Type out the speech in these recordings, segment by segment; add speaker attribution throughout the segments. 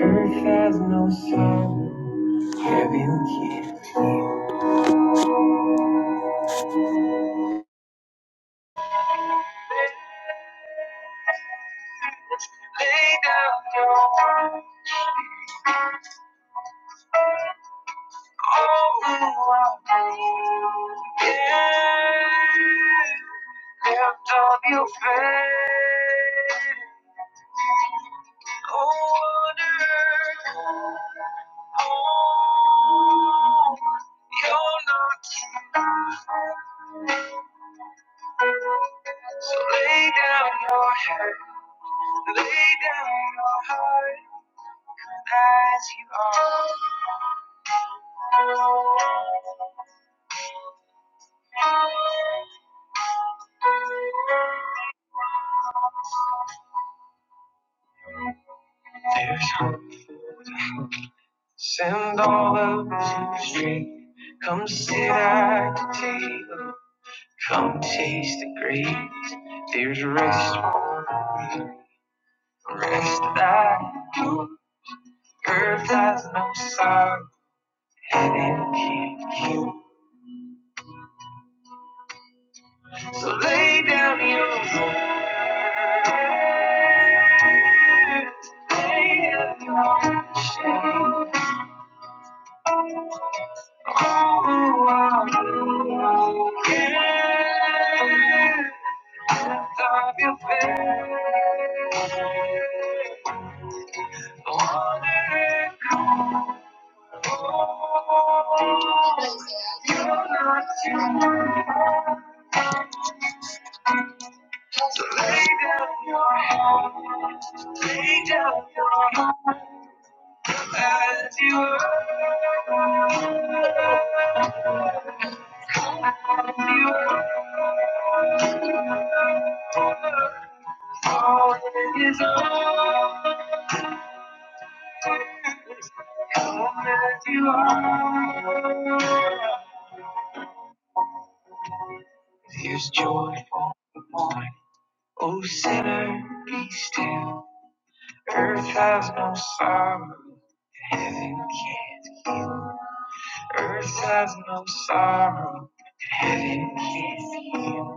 Speaker 1: Earth has no sorrow, heaven can't heal. Lay down your burden, all who are dead. Lift up your faith. Oh, wonder, oh, you're not too far. So lay down your head. Lay down your heart as you are. Send all those who stray. Come sit at the table. Come taste the grace. There's rest, rest that you. Earth has no sorrow. Heaven can't heal. So lay down your heart. So Lay down your head, Lay down your heart. As you are, as you are, all that is ours. Come as you are. There's joy for the morning. O sinner, be still. Earth has no sorrow. that Heaven can't. heal. Earth has no sorrow. that Heaven can't. heal.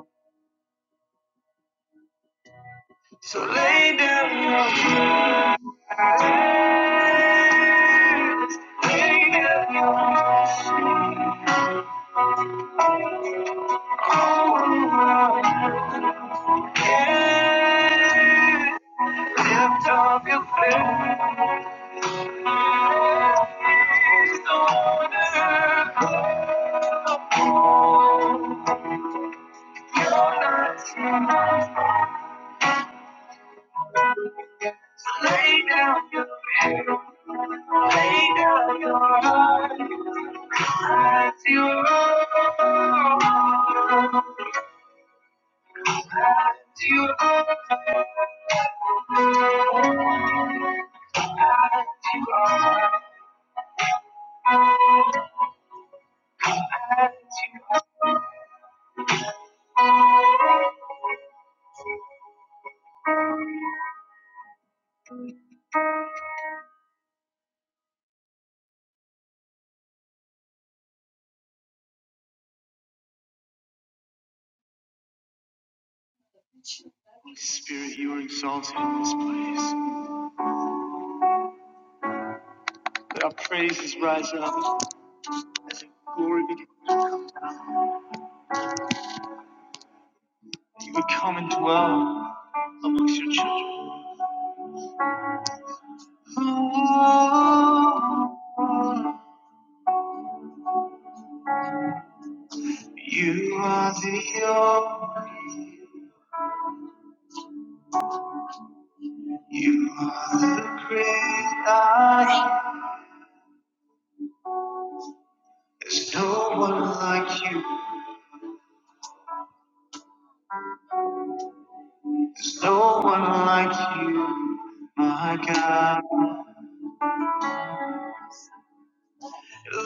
Speaker 1: So lay down your crowns, lay down your shame. Oh, my head, lift up your face. Don't ever go. You're not too much. So lay down your head, lay down your heart, as you are, as you are, as you are, as Spirit, you are exalted in this place. Let our praises rise up as a glory begin. You would come and dwell amongst your children. Oh, You are the only You are the great I. There's no one like you. There's no one like you, my God.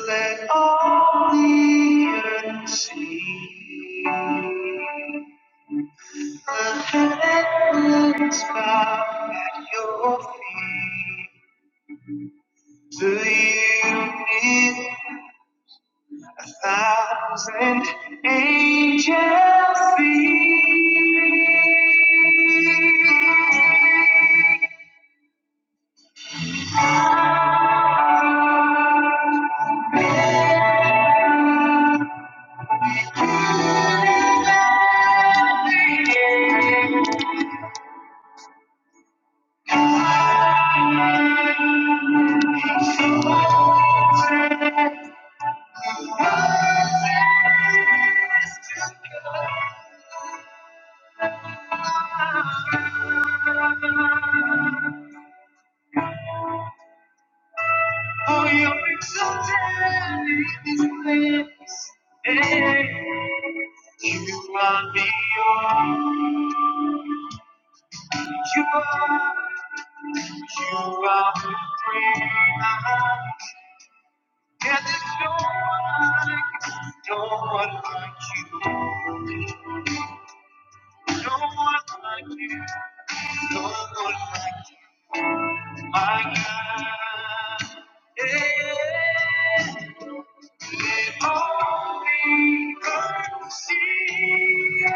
Speaker 1: Let all the earth see. the us at your feet. To you need a thousand angels sing. Oh, you're exalted in this place. Hey, you are the all. You are, you are the great I am. Yeah, there's no one like you, no one like you, no one like you, no one like you. My God. Yeah. If only I could see. it.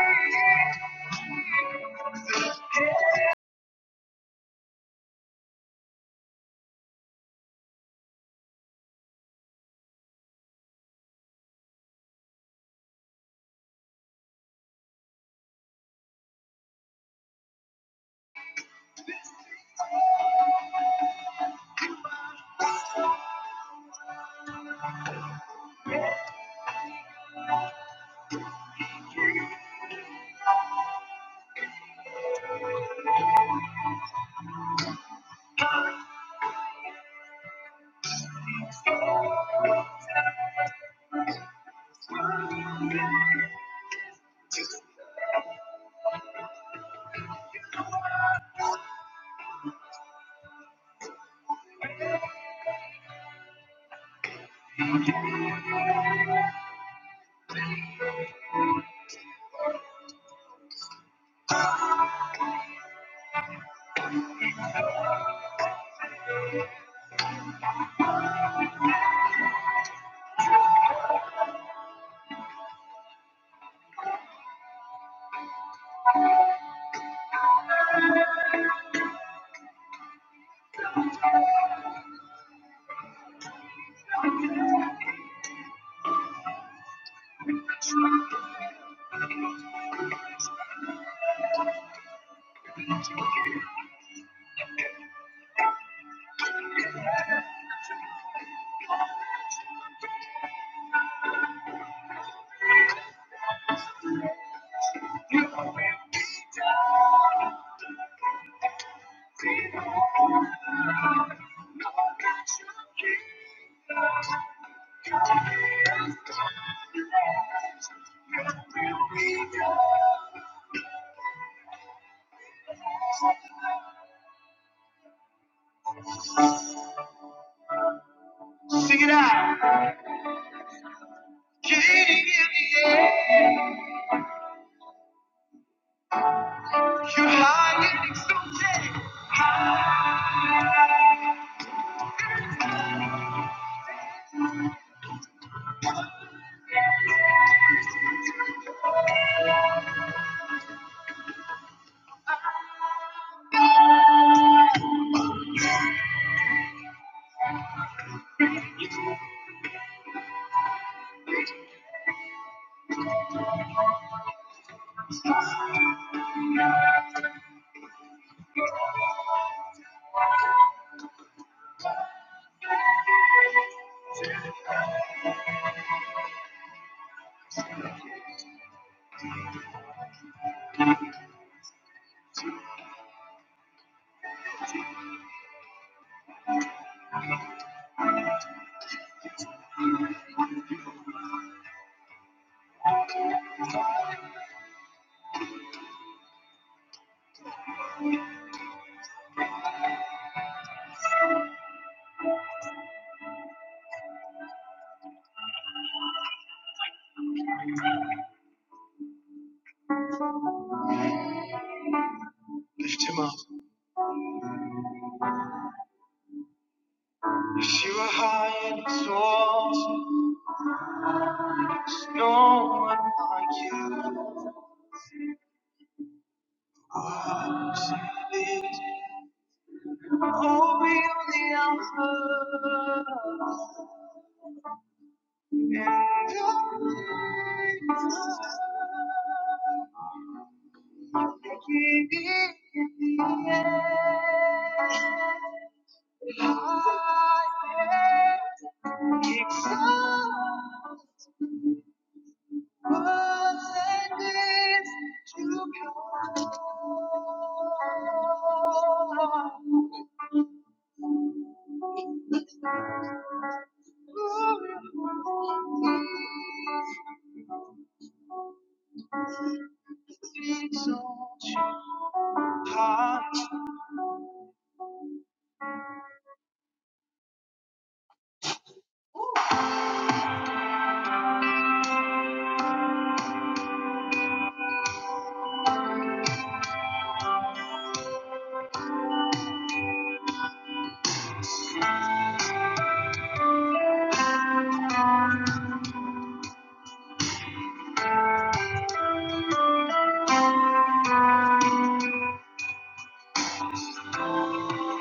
Speaker 1: Sing it out. King in the air. You're high and exalted. Lift him up. Yes, You are high and exalted like you. Oh, you on the Alpha and Omega.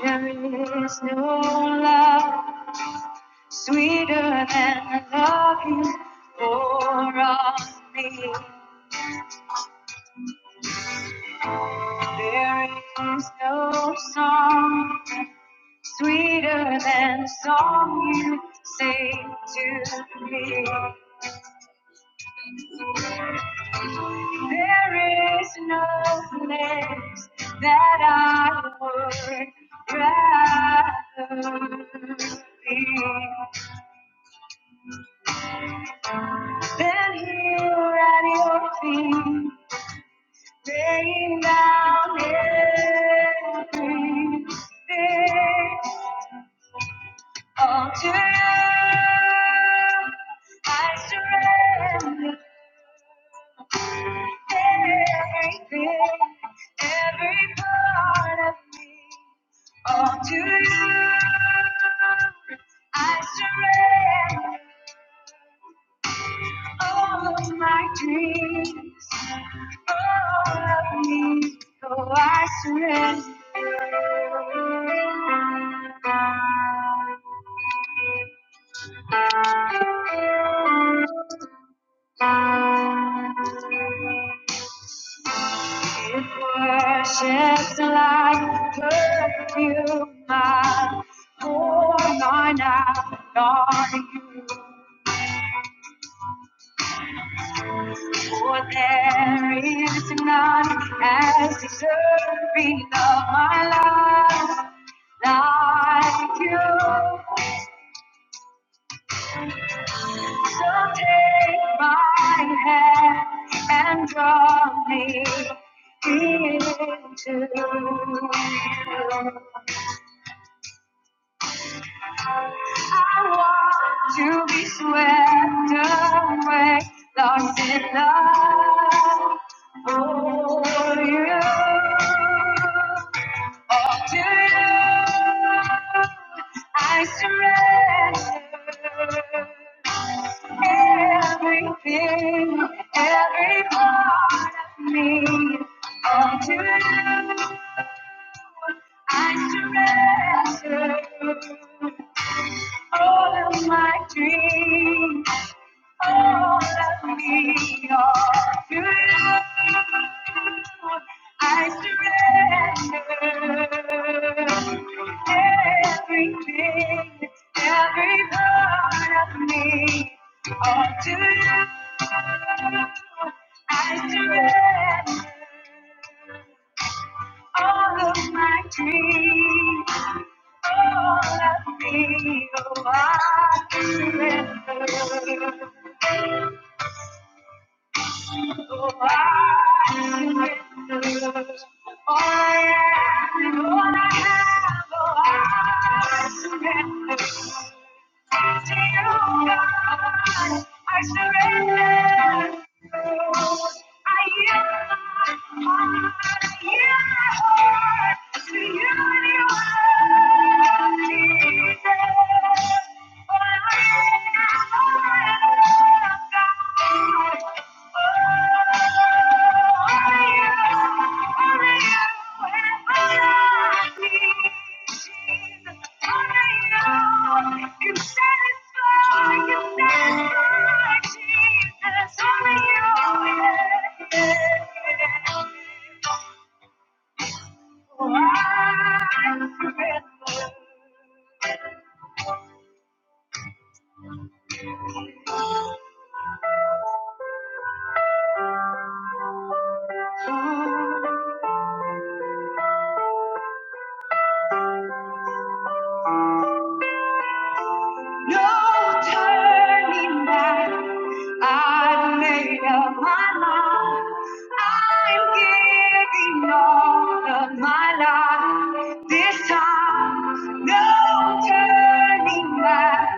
Speaker 1: There is no love. Sweeter than love you pour on me. There is no song sweeter than the song you sing to me. There is no place that I would rather be than here at your feet. Laying down everything all to you. I surrender everything, every part of me, all to you. I surrender all of my dreams, all of me. So I surrender. It worships like perfume, my poor mine out on you. For there is none as deserving of my life like you. So take my hand and draw me into you. I want to be swept away, lost in love for you. To you, I surrender everything, every part of me. All to you, I surrender all of my dreams. All of me, all to you. I surrender everything, every part of me, all to you. I surrender all of my dreams, all of me, oh, I surrender. Thank you. Thank you. No turning back. I've made up my mind. I'm giving all of my life this time. No turning back.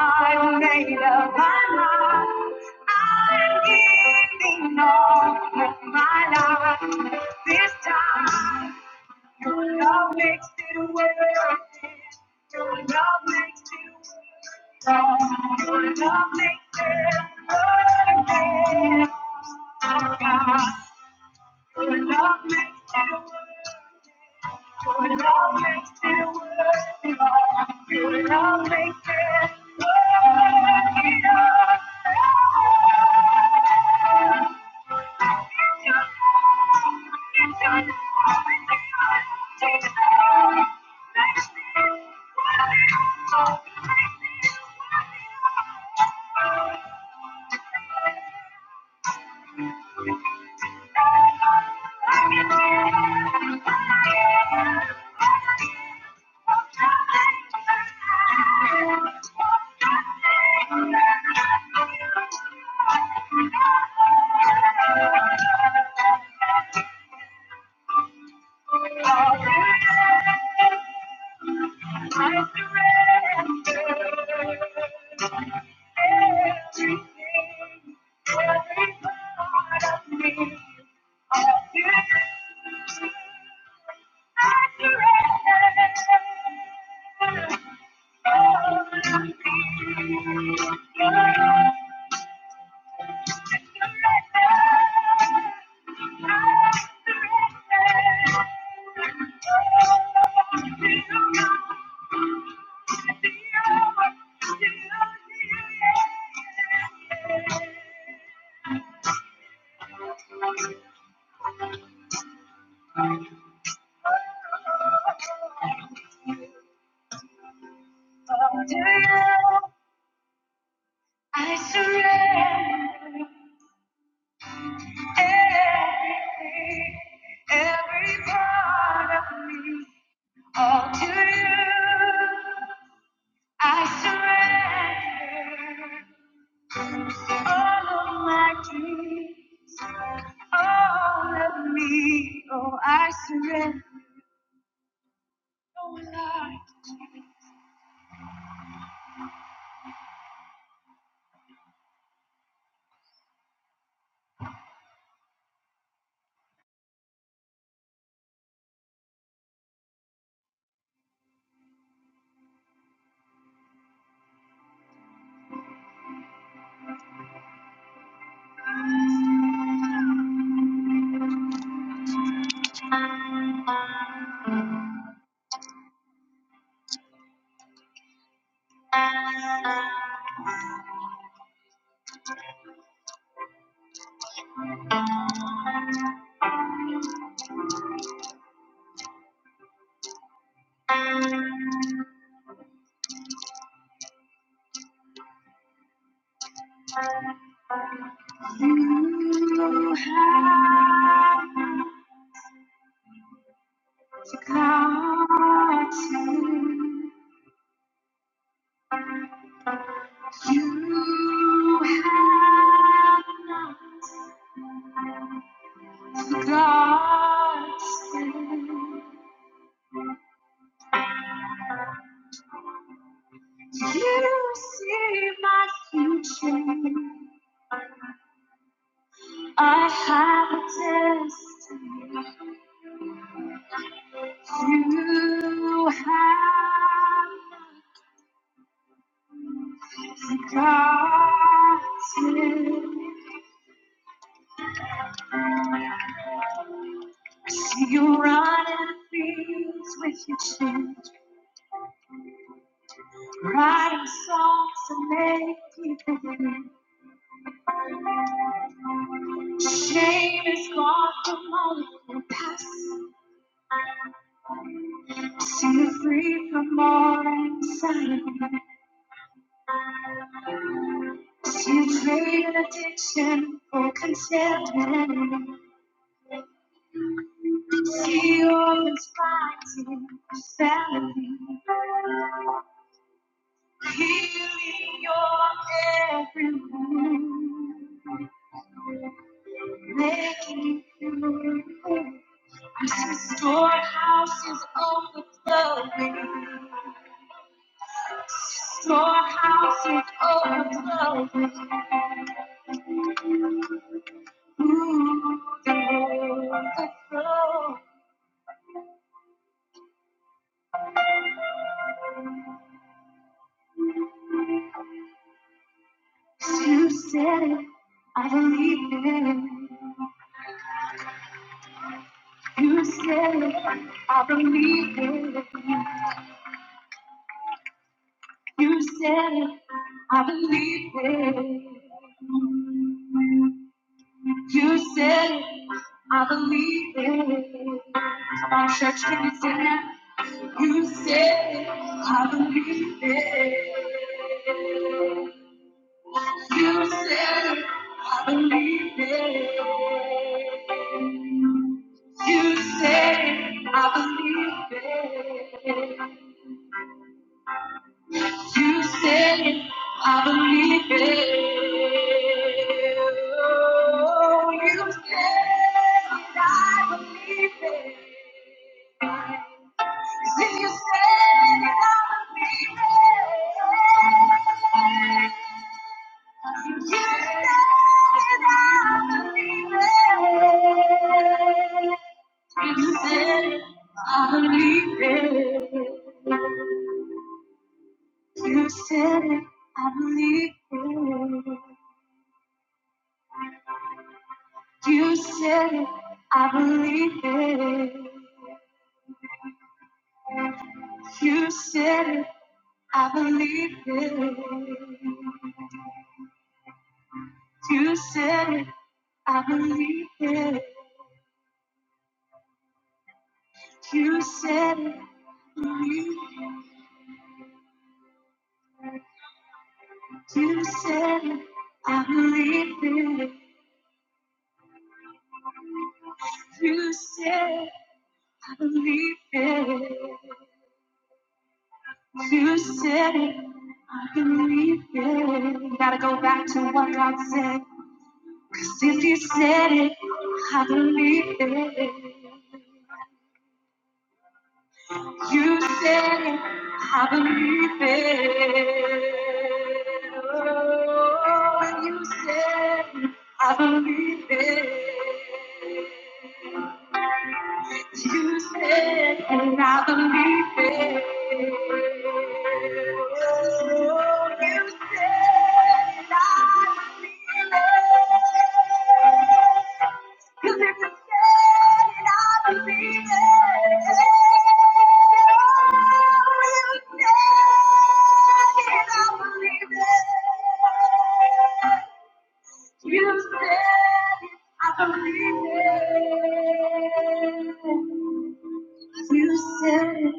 Speaker 1: I've made up my mind. I'm giving all of my life this time. Your love makes it worth it. Your love makes it worth it. Thank you. I surrender everything, every part of me, all to you. I surrender all of my dreams, all of me. Oh, I surrender. Oh, Lord, you have to come to. You have not God You see my future. I have a destiny. You have God said, I see you running fields with your chin, writing songs to make people win. Shame is gone from all of your past. Set free from all anxiety. You trade addiction for contentment. See orphans fighting for family. Healing your every wound. Making you whole. This storehouse is overflowing. Storehouse is overflowing. You did the flow. You said it, I believe it. You said it, I believe it. You said it, I believe it. You said it, I believe it. Come on, church, can you sing that? You said it, I believe it. You said, it, I believe it. You said, it, I believe it. You said, it, I believe it. Oh, you said, it, I believe it. See, you said, it, I believe it. You said I believe it. You said it, I believe it. You said it, I believe it. You said it, I believe it. You said it, I believe it. You said it. You said it, I believe it. You said it, I believe it. You said it, I believe it. Gotta go back to what God said. 'Cause if you said it, I believe it. You said it, I believe it. Oh, when you said it, I believe it. You said, and I believe it. Oh, you said, and I believe it. You said, you said, and I believe it. Oh, you said, and I believe it. You said, I believe it. You said.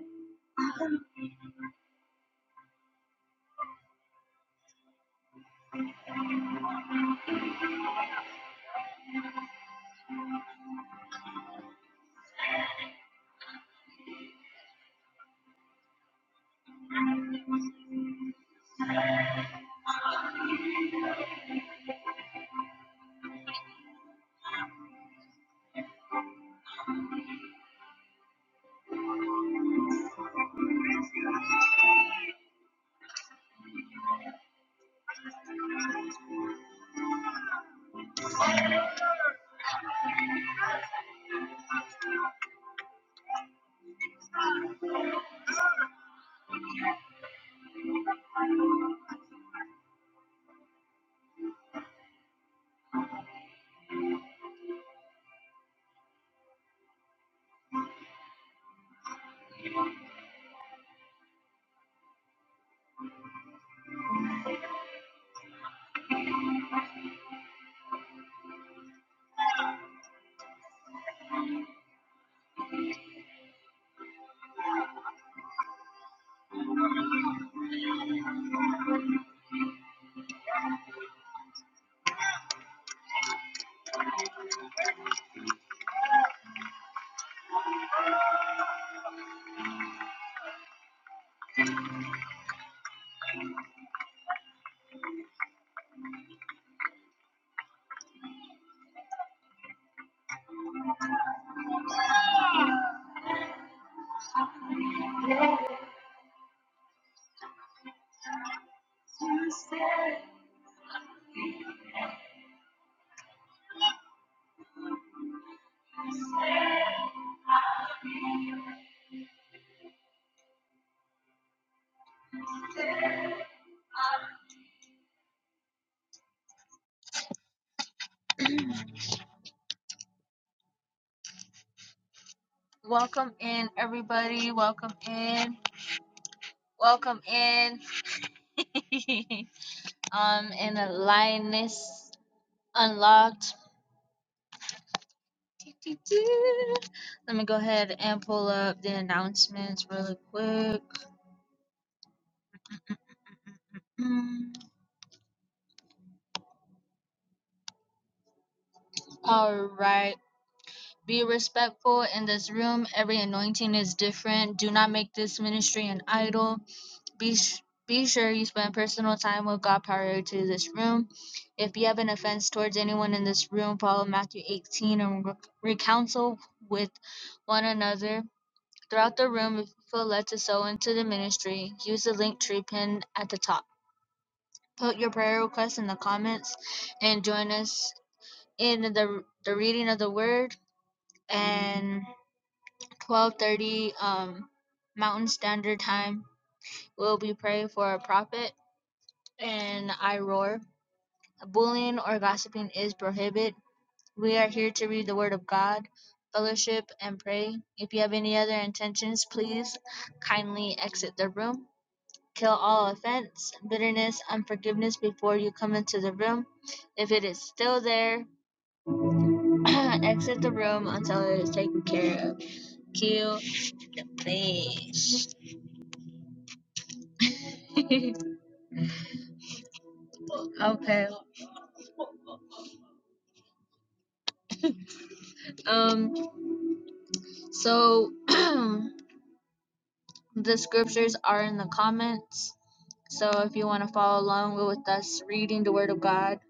Speaker 1: Welcome in, everybody. Welcome in. Welcome in. I'm in a lioness unlocked. Let me go ahead and pull up the announcements really quick. Mm, All right. Be respectful in this room. Every anointing is different. Do not make this ministry an idol. Be sh- be sure you spend personal time with God prior to this room. If you have an offense towards anyone in this room, follow Matthew 18 and re- recounsel with one another. Throughout the room, if you feel led to sow into the ministry, use the link tree pin at the top. Put your prayer request in the comments and join us in the, the reading of the word. And 12:30 um Mountain Standard Time will be prayed for a prophet and I roar. Bullying or gossiping is prohibited. We are here to read the word of God, fellowship and pray. If you have any other intentions, please kindly exit the room. Kill all offense, bitterness, unforgiveness before you come into the room. If it is still there, exit the room until it is taken care of. Kill, please. okay, Um, so the scriptures are in the comments. So if you want to follow along with us reading the Word of God,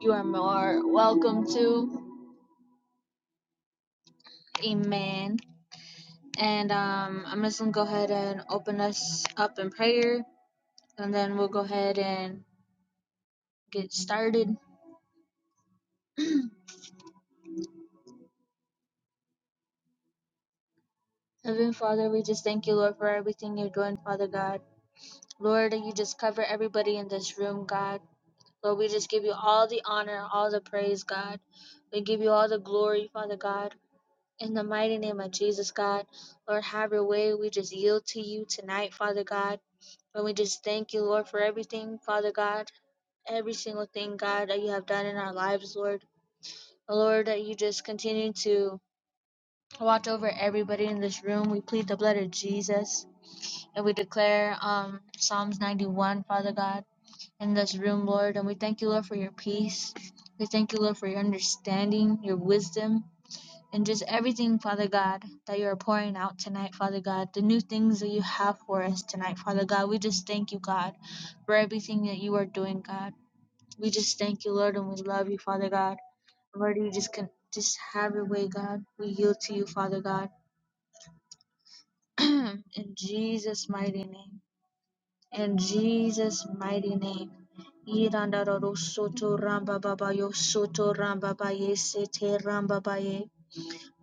Speaker 1: you are more welcome to. Amen. And um, I'm just going to go ahead and open us up in prayer, and then we'll go ahead and get started. Heavenly Father, we just thank you, Lord, for everything you're doing, Father God. Lord, you just cover everybody in this room, God. Lord, we just give you all the honor, all the praise, God. We give you all the glory, Father God. In the mighty name of Jesus, God. Lord, have your way. We just yield to you tonight, Father God. And we just thank you, Lord, for everything, Father God every single thing, God, that you have done in our lives, Lord. Lord, that you just continue to watch over everybody in this room. We plead the blood of Jesus. And we declare um, Psalms 91, Father God, in this room, Lord. And we thank you, Lord, for your peace. We thank you, Lord, for your understanding, your wisdom, and just everything, Father God, that you are pouring out tonight, Father God. The new things that you have for us tonight, Father God. We just thank you, God, for everything that you are doing, God. We just thank you, Lord, and we love you, Father God. Lord, you just can just have your way, God. We yield to you, Father God. In Jesus' mighty name. In Jesus' mighty name. Irandararo soto ramba babayo soto ramba baye sete ramba baye.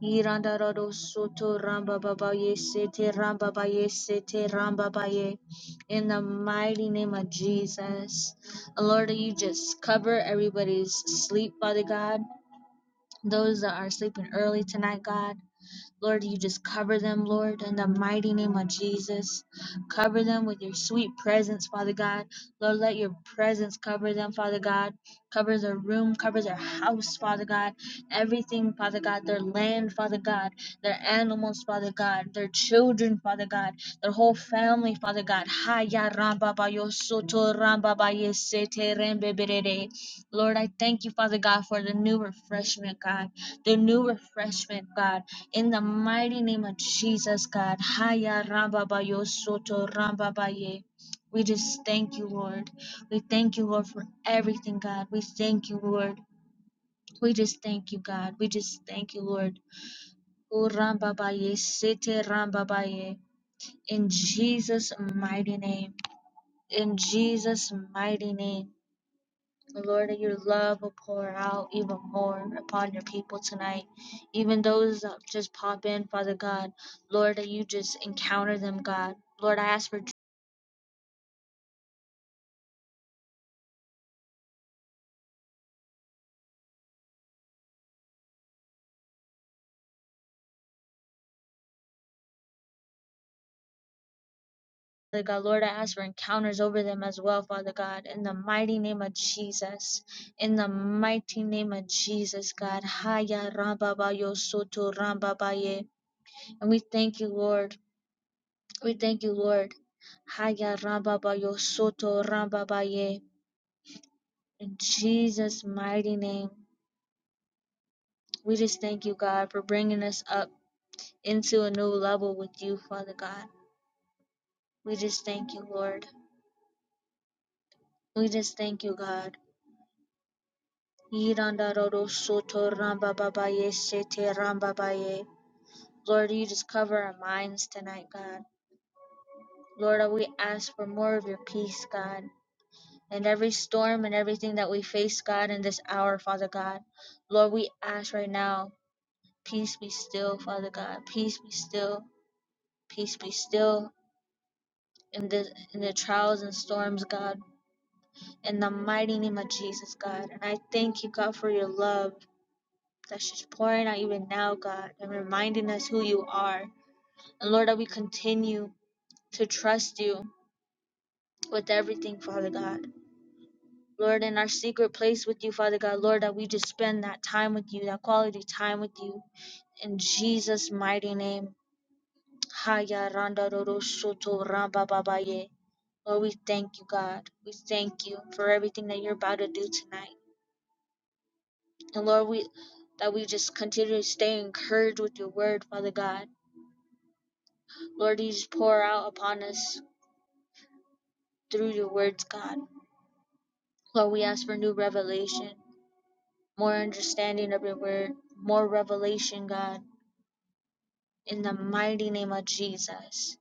Speaker 1: Irandararo soto ramba babaye sete ramba baye sete ramba baye. In the mighty name of Jesus. Lord, you just cover everybody's sleep, Father God. Those that are sleeping early tonight, God. Lord, you just cover them, Lord, in the mighty name of Jesus. Cover them with your sweet presence, Father God. Lord, let your presence cover them, Father God. Cover their room, cover their house, Father God. Everything, Father God. Their land, Father God. Their animals, Father God. Their children, Father God. Their whole family, Father God. Haya ramba ba yo soto ramba ba ye sete rembe berere. Lord, I thank you, Father God, for the new refreshment, God. The new refreshment, God. In the mighty name of Jesus, God. Haya ramba ba yo soto ramba ba ye. We just thank you, Lord. We thank you, Lord, for everything, God. We thank you, Lord. We just thank you, God. We just thank you, Lord. O Rambabaye, Sete Rambabaye. In Jesus' mighty name. In Jesus' mighty name. Lord, that your love will pour out even more upon your people tonight. Even those that just pop in, Father God. Lord, that you just encounter them, God. Lord, I ask for Father God. Lord, I ask for encounters over them as well, Father God, in the mighty name of Jesus. In the mighty name of Jesus, God. Haya rambaba soto rambaba And we thank you, Lord. We thank you, Lord. Haya rambaba soto rambaba In Jesus' mighty name, we just thank you, God, for bringing us up into a new level with you, Father God. We just thank you, Lord. We just thank you, God. Yiranda rodo soto ramba babaye sete ramba baye. Lord, you just cover our minds tonight, God. Lord, we ask for more of your peace, God. and every storm and everything that we face, God, in this hour, Father God. Lord, we ask right now, peace be still, Father God. Peace be still. Peace be still in the in the trials and storms, God. In the mighty name of Jesus, God. And I thank you, God, for your love. That's just pouring out even now, God, and reminding us who you are. And Lord, that we continue to trust you with everything, Father God. Lord, in our secret place with you, Father God, Lord, that we just spend that time with you, that quality time with you. In Jesus' mighty name. Haya randa roro soto ramba babaye. Lord, we thank you, God. We thank you for everything that you're about to do tonight. And Lord, we that we just continue to stay encouraged with your word, Father God. Lord, these pour out upon us through your words, God. Lord, we ask for new revelation, more understanding of your word, more revelation, God. In the mighty name of Jesus.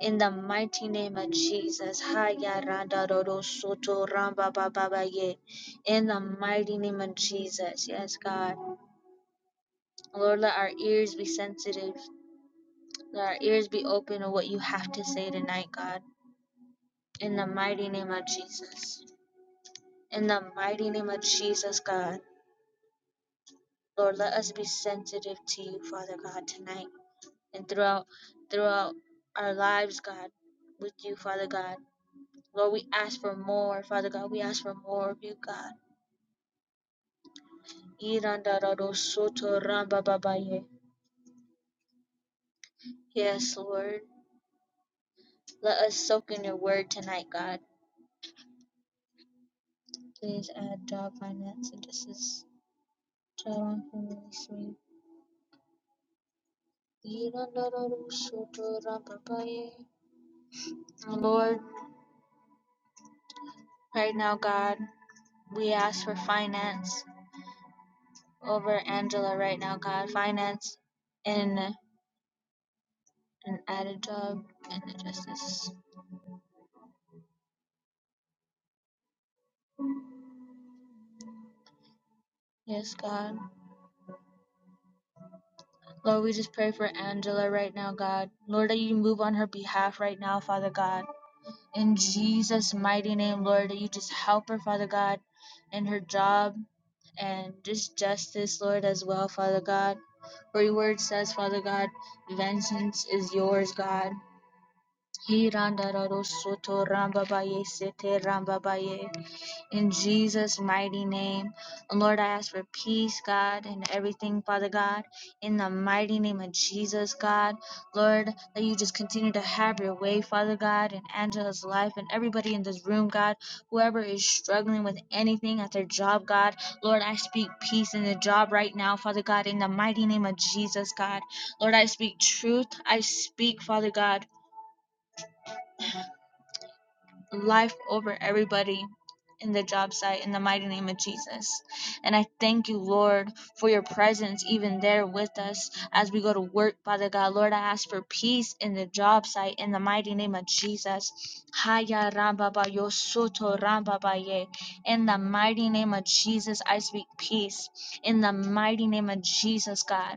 Speaker 1: In the mighty name of Jesus. Haya randa roro soto ramba Baba ba ye. In the mighty name of Jesus. Yes, God. Lord, let our ears be sensitive. Let our ears be open to what you have to say tonight, God. In the mighty name of Jesus. In the mighty name of Jesus, God, Lord, let us be sensitive to you, Father God, tonight and throughout throughout our lives, God, with you, Father God. Lord, we ask for more, Father God. We ask for more of you, God. Irandarodosotorambababaye. Yes, Lord. Let us soak in your word tonight, God. Please add job finance and this is child and family suite. Irandarodosotorambabaye. Lord, right now, God. we ask for finance over Angela right now, God. Finance in an added job in the justice. Yes, God. Lord, we just pray for Angela right now, God. Lord, that you move on her behalf right now, Father God. In Jesus' mighty name, Lord, that you just help her, Father God, in her job and just justice, Lord, as well, Father God. For your word says, Father God, vengeance is yours, God. Hirandarosoto rambabaye sete rambabaye. In Jesus' mighty name. Lord, I ask for peace, God, in everything, Father God. In the mighty name of Jesus, God. Lord, that you just continue to have your way, Father God, in Angela's life and everybody in this room, God. Whoever is struggling with anything at their job, God. Lord, I speak peace in the job right now, Father God, in the mighty name of Jesus, God. Lord, I speak truth. I speak, Father God. life over everybody in the job site in the mighty name of Jesus. And I thank you, Lord, for your presence even there with us as we go to work, Father God. Lord, I ask for peace in the job site in the mighty name of Jesus. Haya ramba ba yo soto ramba ba ye. In the mighty name of Jesus, I speak peace. In the mighty name of Jesus, God.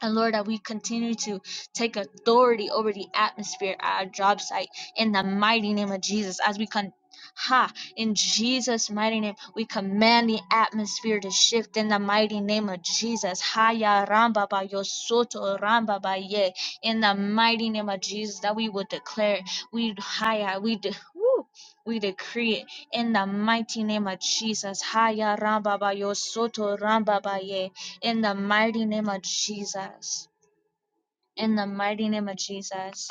Speaker 1: And Lord, that we continue to take authority over the atmosphere at our job site in the mighty name of Jesus. As we con ha in Jesus' mighty name, we command the atmosphere to shift in the mighty name of Jesus. Haya ramba ba yo soto ramba ba ye in the mighty name of Jesus that we will declare. We haya we do. We decree it in the mighty name of Jesus. Haya rambabayo soto rambabaye. In the mighty name of Jesus. In the mighty name of Jesus.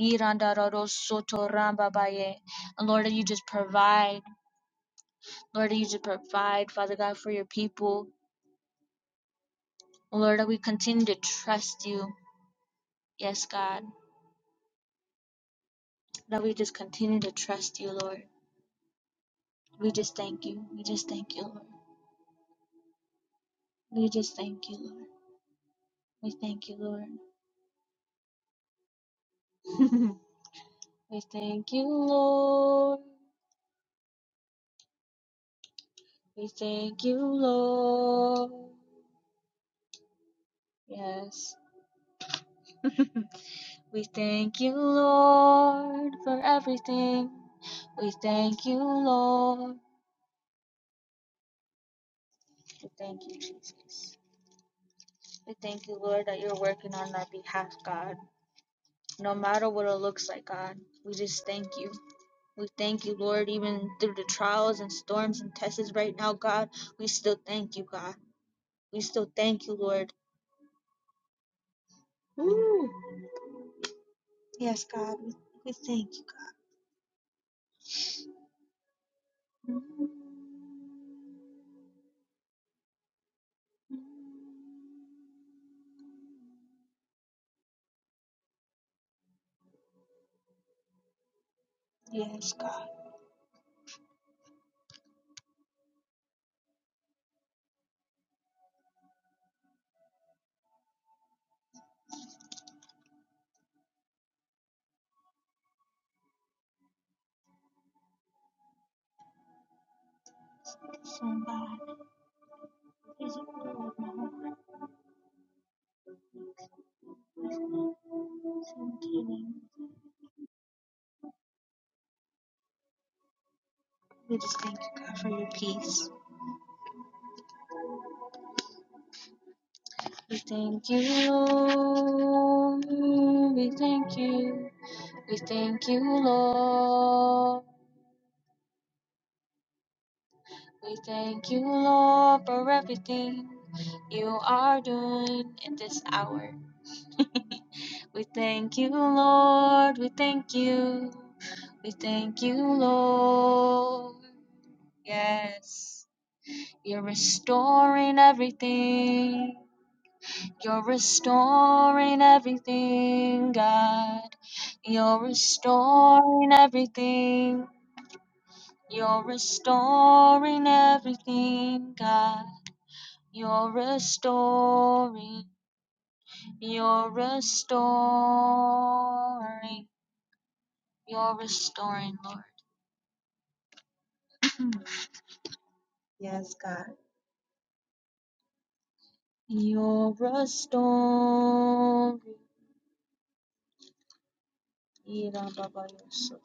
Speaker 1: Yirandararo soto rambabaye. And Lord, that you just provide. Lord, that you just provide, Father God, for your people. Lord, that we continue to trust you. Yes, God. That we just continue to trust you, Lord. We just thank you. We just thank you, Lord. We just thank you, Lord. We thank you, Lord. We thank you, Lord. We thank you, Lord. Yes. We thank you, Lord, for everything. We thank you, Lord. We thank you, Jesus. We thank you, Lord, that you're working on our behalf, God. No matter what it looks like, God, we just thank you. We thank you, Lord, even through the trials and storms and tests right now, God. We still thank you, God. We still thank you, Lord. Woo! Yes, God, we, we thank you, God. Mhm. Yes, God. Somebody is Lord, my heart is emptying. We just thank you, God, for your peace. We thank you, Lord. We thank you. We thank you, Lord. We thank you, Lord, for everything you are doing in this hour. We thank you, Lord. We thank you. We thank you, Lord. Yes. You're restoring everything. You're restoring everything, God. You're restoring everything. You're restoring everything, God. You're restoring. You're restoring. You're restoring, Lord. Yes, God. You're restoring. Ira Baba Yosef.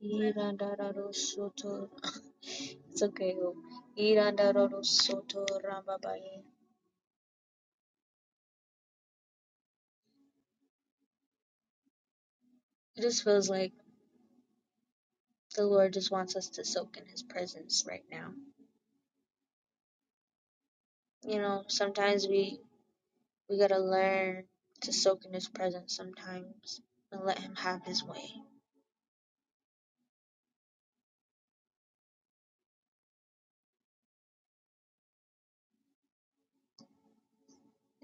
Speaker 1: Irandararu Soto. It's okay. yo. Irandararu Soto Rambabaye. It just feels like the Lord just wants us to soak in His presence right now. You know, sometimes we we gotta learn to soak in His presence sometimes and let Him have His way.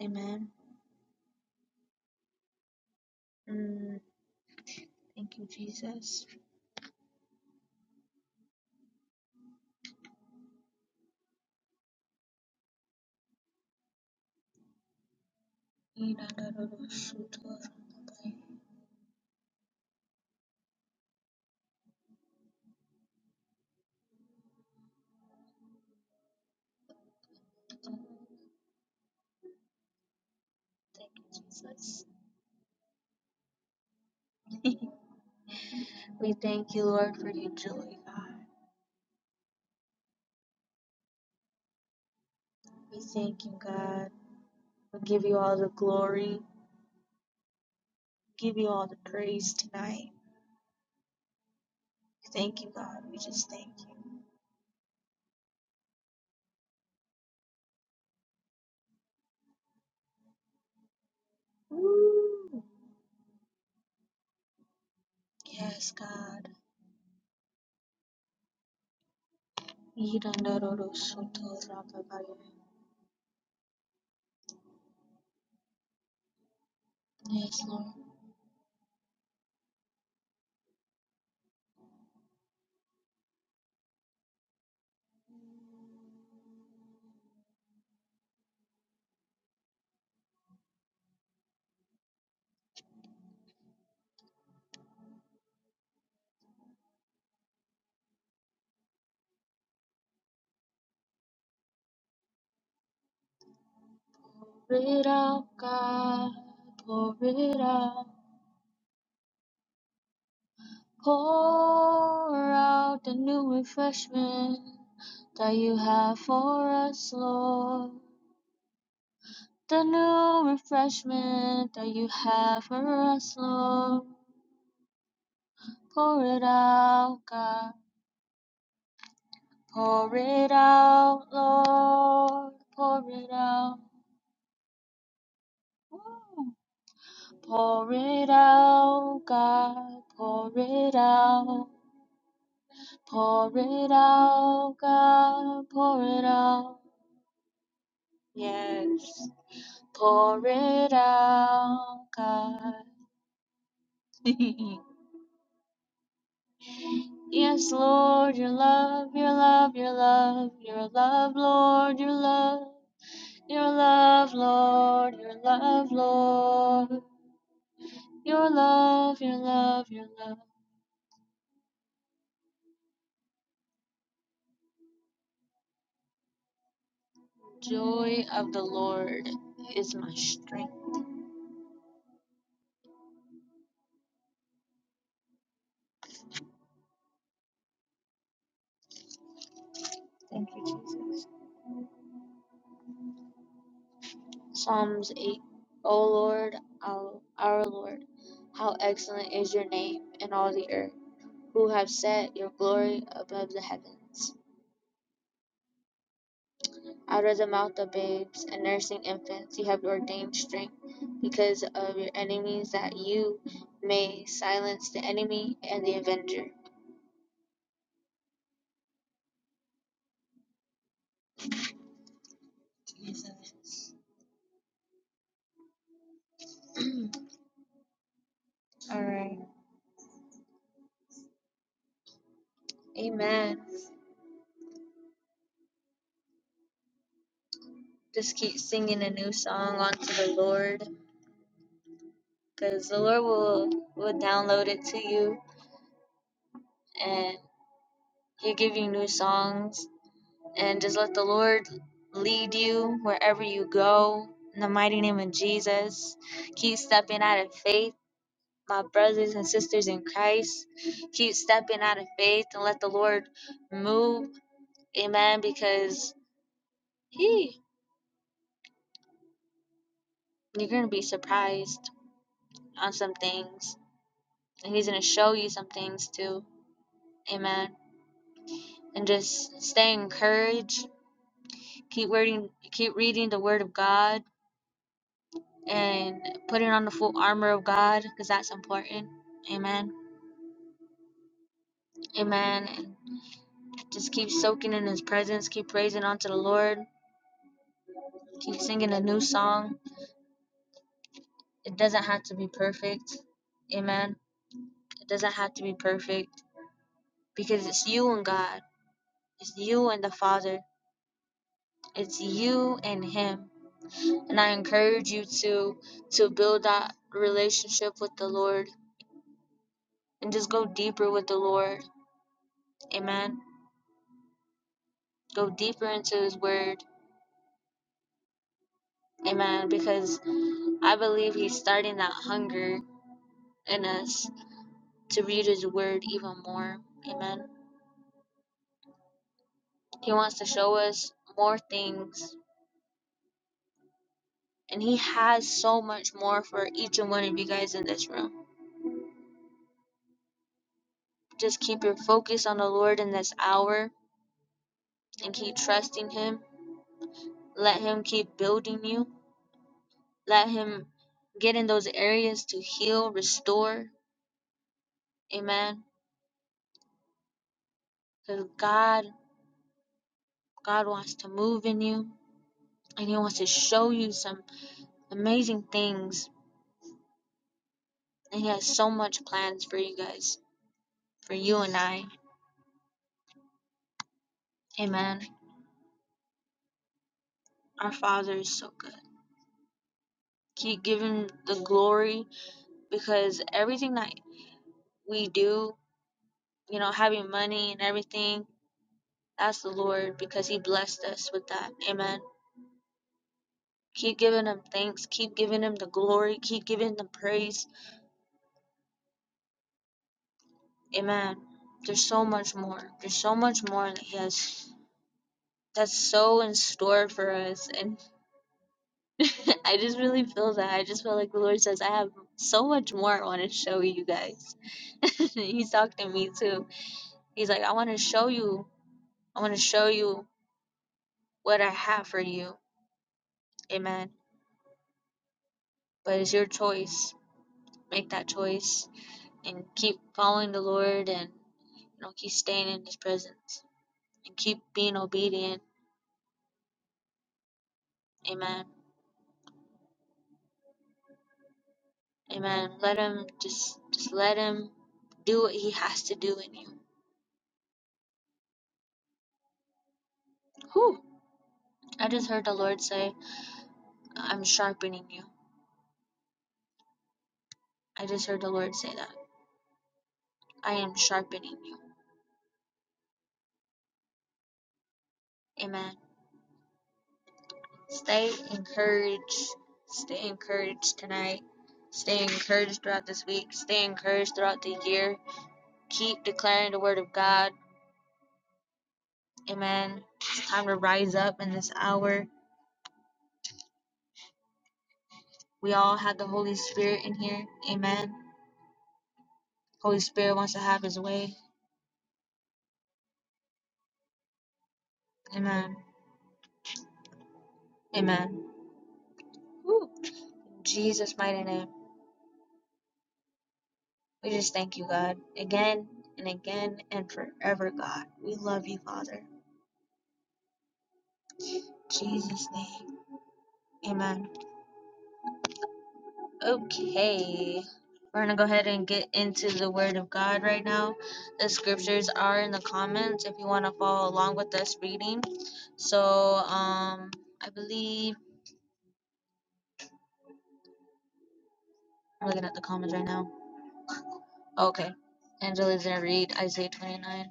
Speaker 1: Amen. Mm, thank you, Jesus. Irandararu Soto Rambabaye. Thank you, Jesus. we thank you, Lord, for your joy, God. We thank you, God. We give you all the glory. give you all the praise tonight. Thank you, God. We just thank you. Woo. Yes, God. Yes, Lord. Pour it out, God. Pour it out. Pour out the new refreshment that you have for us, Lord. The new refreshment that you have for us, Lord. Pour it out, God. Pour it out, Lord. Pour it out. Woo. Pour it out, God. Pour it out. Pour it out, God. Pour it out. Yes. Pour it out, God. Yes, Lord, your love, your love, your love, your love, Lord, your love, your love, Lord, your love, Lord. Your love, your love, your love. Joy of the Lord is my strength. Thank you, Jesus. Psalms 8. O Lord, our, Lord, how excellent is your name in all the earth, who have set your glory above the heavens. Out of the mouth of babes and nursing infants, you have ordained strength because of your enemies, that you may silence the enemy and the avenger. Jesus. All right. Amen. Just keep singing a new song onto the Lord because the Lord will, will download it to you and He'll give you new songs. And just let the Lord lead you wherever you go. In the mighty name of Jesus, keep stepping out of faith, my brothers and sisters in Christ. Keep stepping out of faith and let the Lord move. Amen. Because He, you're going to be surprised on some things. and he's going to show you some things too amen and just stay encouraged keep reading keep reading the word of god and putting on the full armor of god because that's important amen amen and just keep soaking in his presence keep praising unto the lord keep singing a new song it doesn't have to be perfect amen it doesn't have to be perfect because it's you and god it's you and the father it's you and him and I encourage you to to build that relationship with the Lord and just go deeper with the Lord. Amen. Go deeper into his word. Amen. Because I believe he's starting that hunger in us to read his word even more. Amen. He wants to show us more things and he has so much more for each and one of you guys in this room. Just keep your focus on the Lord in this hour and keep trusting him. Let him keep building you Let him get in those areas to heal, restore. Amen. Because God, God wants to move in you and He wants to show you some amazing things. And He has so much plans for you guys, for you and I. Amen. Our Father is so good. Keep giving the glory because everything that we do, you know, having money and everything, that's the Lord because He blessed us with that. Amen. Keep giving him thanks. Keep giving him the glory. Keep giving the praise. Amen. There's so much more. There's so much more that he has that's so in store for us. And I just really feel that. I just feel like the Lord says, I have so much more I want to show you guys. He's talking to me too. He's like, I want to show you. I want to show you what I have for you. Amen. But it's your choice. Make that choice and keep following the Lord and Don't keep staying in His presence and keep being obedient. Amen. Amen. Let Him just just let Him do what He has to do in you. Whew. I just heard the Lord say, "I'm sharpening you." I just heard the Lord say that. I am sharpening you. Amen. Stay encouraged. Stay encouraged tonight. Stay encouraged throughout this week. Stay encouraged throughout the year. Keep declaring the word of God. Amen. It's time to rise up in this hour We all have the Holy Spirit in here. Amen. Holy Spirit wants to have his way. Amen. Amen. Woo. In Jesus' mighty name. We just thank you, God, again and again and forever, God. We love you, Father. In Jesus' name. Amen. Okay. We're going to go ahead and get into the Word of God right now. The scriptures are in the comments if you want to follow along with us reading. So, um, I believe I'm looking at the comments right now. Okay. Angela's gonna read Isaiah 29.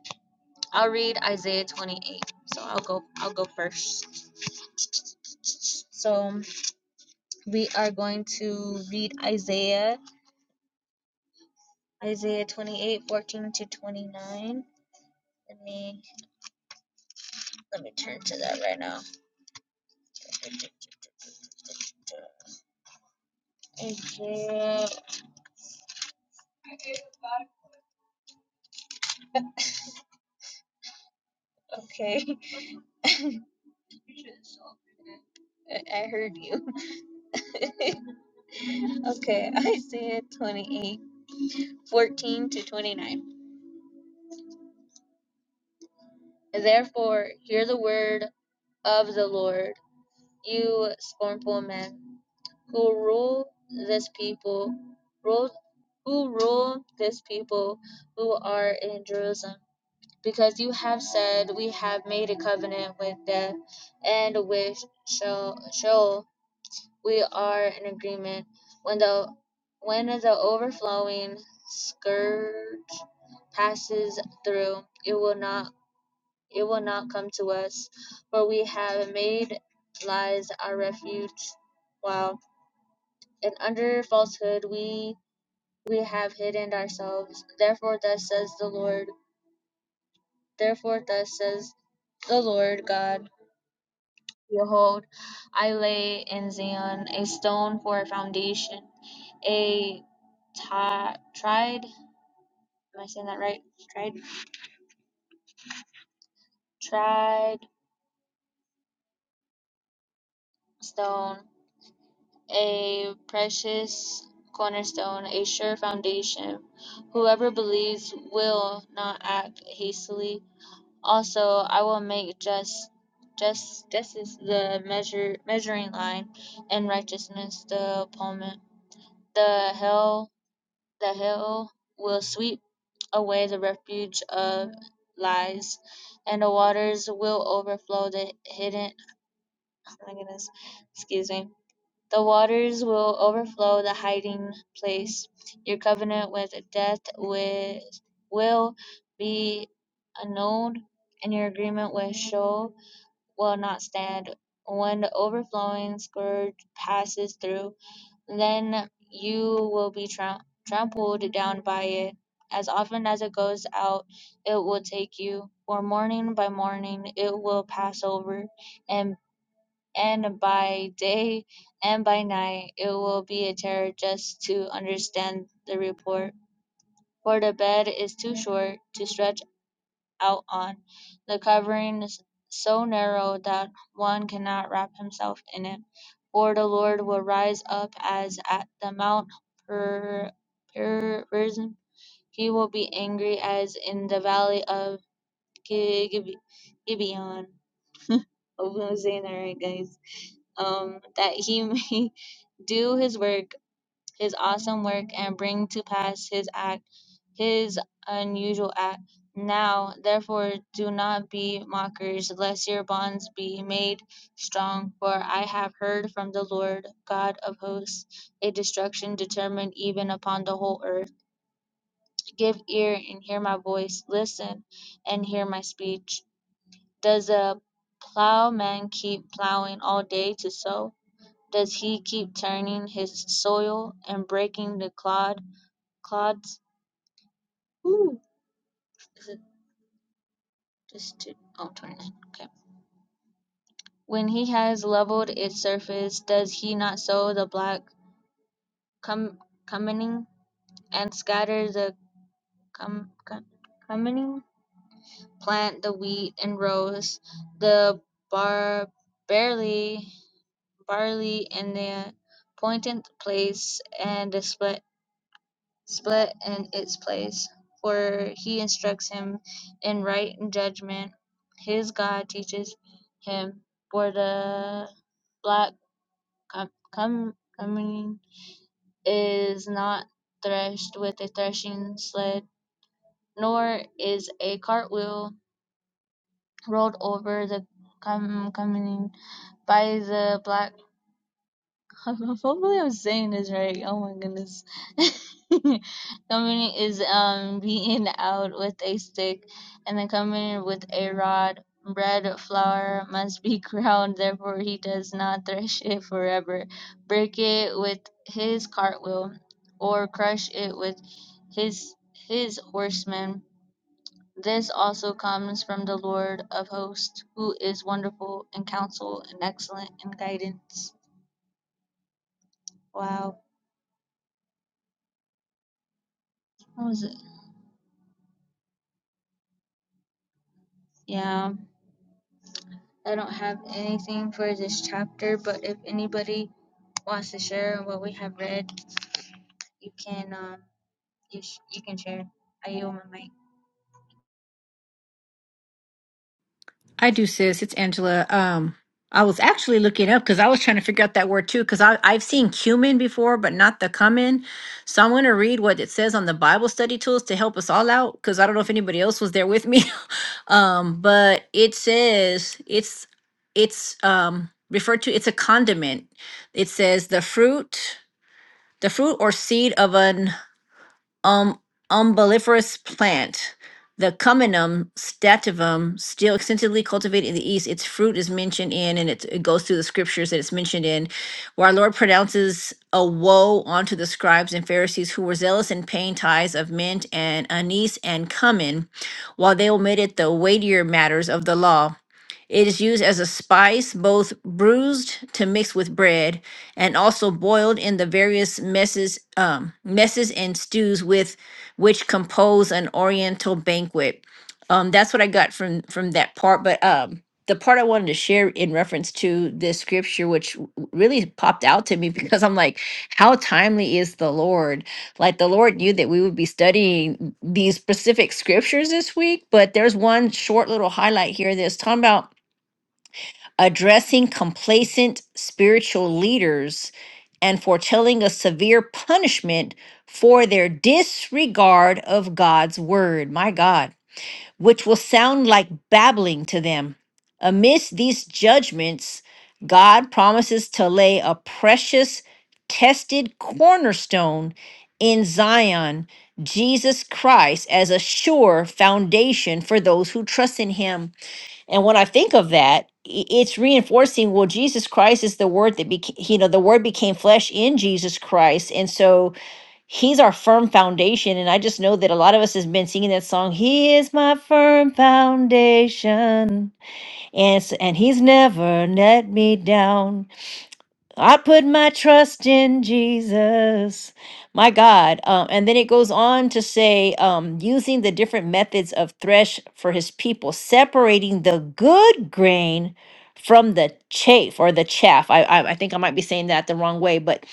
Speaker 1: I'll read Isaiah 28. So I'll go I'll go first. So we are going to read Isaiah Isaiah 28 14 to 29. Let me let me turn to that right now. Isaiah okay. I heard you. okay, Isaiah 28 14 to 29. Therefore, hear the word of the Lord. You scornful man, who rule this people, rule, who rule this people who are in Jerusalem, because you have said, We have made a covenant with death, and with Sheol, Sheol we are in agreement. When the when the overflowing scourge passes through, it will not it will not come to us, for we have made lies our refuge. while And under falsehood we we have hidden ourselves. Therefore thus says the Lord. Therefore thus says the Lord God. Behold, I lay in Zion a stone for a foundation, a ti- tried, am I saying that right? Tried? Tried stone a precious cornerstone, a sure foundation. Whoever believes will not act hastily. Also, I will make just just justice the measure measuring line, and righteousness the palment. The hell the hell will sweep away the refuge of lies, and the waters will overflow the hidden. Oh my goodness, excuse me the waters will overflow the hiding place. Your covenant with death with, will be annulled, and your agreement with Sheol will not stand. When the overflowing scourge passes through, then you will be tram- trampled down by it. As often as it goes out, it will take you, for morning by morning it will pass over, and and by day and by night it will be a terror just to understand the report. For the bed is too short to stretch out on, the covering is so narrow that one cannot wrap himself in it. For the Lord will rise up as at the Mount per, per, Perizim. He will be angry as in the valley of Gib- Gibeon of Hosanna, right, guys? Um, that he may do his work, his awesome work, and bring to pass his act, his unusual act. Now, therefore, do not be mockers, lest your bonds be made strong. For I have heard from the Lord God of hosts a destruction determined even upon the whole earth. Give ear and hear my voice, listen and hear my speech. Does a plowman keep plowing all day to sow? Does he keep turning his soil and breaking the clod clods? Ooh, is it just two? Oh, 29. Okay. When he has leveled its surface, does he not sow the black cum cumining and scatter the cum cum cumining? Plant the wheat and rows the bar barley barley in the appointed place and the split, split in its place. For he instructs him in right judgment. His God teaches him. For the black com- com- coming is not threshed with a threshing sled, nor is a cartwheel rolled over the com- coming by the black Hopefully I'm saying this right. Oh my goodness. Coming is um beaten out with a stick, and then coming with a rod. Bread flour must be ground, therefore he does not thresh it forever. Break it with his cartwheel, or crush it with his his horsemen. This also comes from the Lord of hosts, who is wonderful in counsel and excellent in guidance. Wow. what was it? Yeah, I don't have anything for this chapter, but if anybody wants to share what we have read, you can um you sh- you can share. I yield my mic.
Speaker 2: I do, sis. It's Angela. Um, I was actually looking up because I was trying to figure out that word too. Because I I've seen cumin before, but not the cumin. So I'm going to read what it says on the Bible study tools to help us all out. Because I don't know if anybody else was there with me, um, but it says it's it's um referred to. It's a condiment. It says the fruit, the fruit or seed of an um, umbelliferous plant. The Cuminum stativum, still extensively cultivated in the East, its fruit is mentioned in, and it, it goes through the scriptures that it's mentioned in, where our Lord pronounces a woe onto the scribes and Pharisees who were zealous in paying tithes of mint and anise and cumin, while they omitted the weightier matters of the law. It is used as a spice, both bruised to mix with bread and also boiled in the various messes, um, messes and stews with which compose an oriental banquet. Um, that's what I got from from that part. But um, the part I wanted to share in reference to this scripture, which w- really popped out to me because I'm like, how timely is the Lord? Like the Lord knew that we would be studying these specific scriptures this week, but there's one short little highlight here that's talking about addressing complacent spiritual leaders and foretelling a severe punishment for their disregard of God's word, my God, which will sound like babbling to them. Amidst these judgments, God promises to lay a precious, tested cornerstone in Zion, Jesus Christ, as a sure foundation for those who trust in Him. And when I think of that, i- it's reinforcing, well, Jesus Christ is the word that became, you know, the word became flesh in Jesus Christ. And so he's our firm foundation. And I just know that a lot of us has been singing that song, He is my firm foundation. And, s- and he's never let me down. I put my trust in Jesus, my God. Um, and then it goes on to say, um, using the different methods of thresh for his people, separating the good grain from the chaff or the chaff. I, I, I think I might be saying that the wrong way, but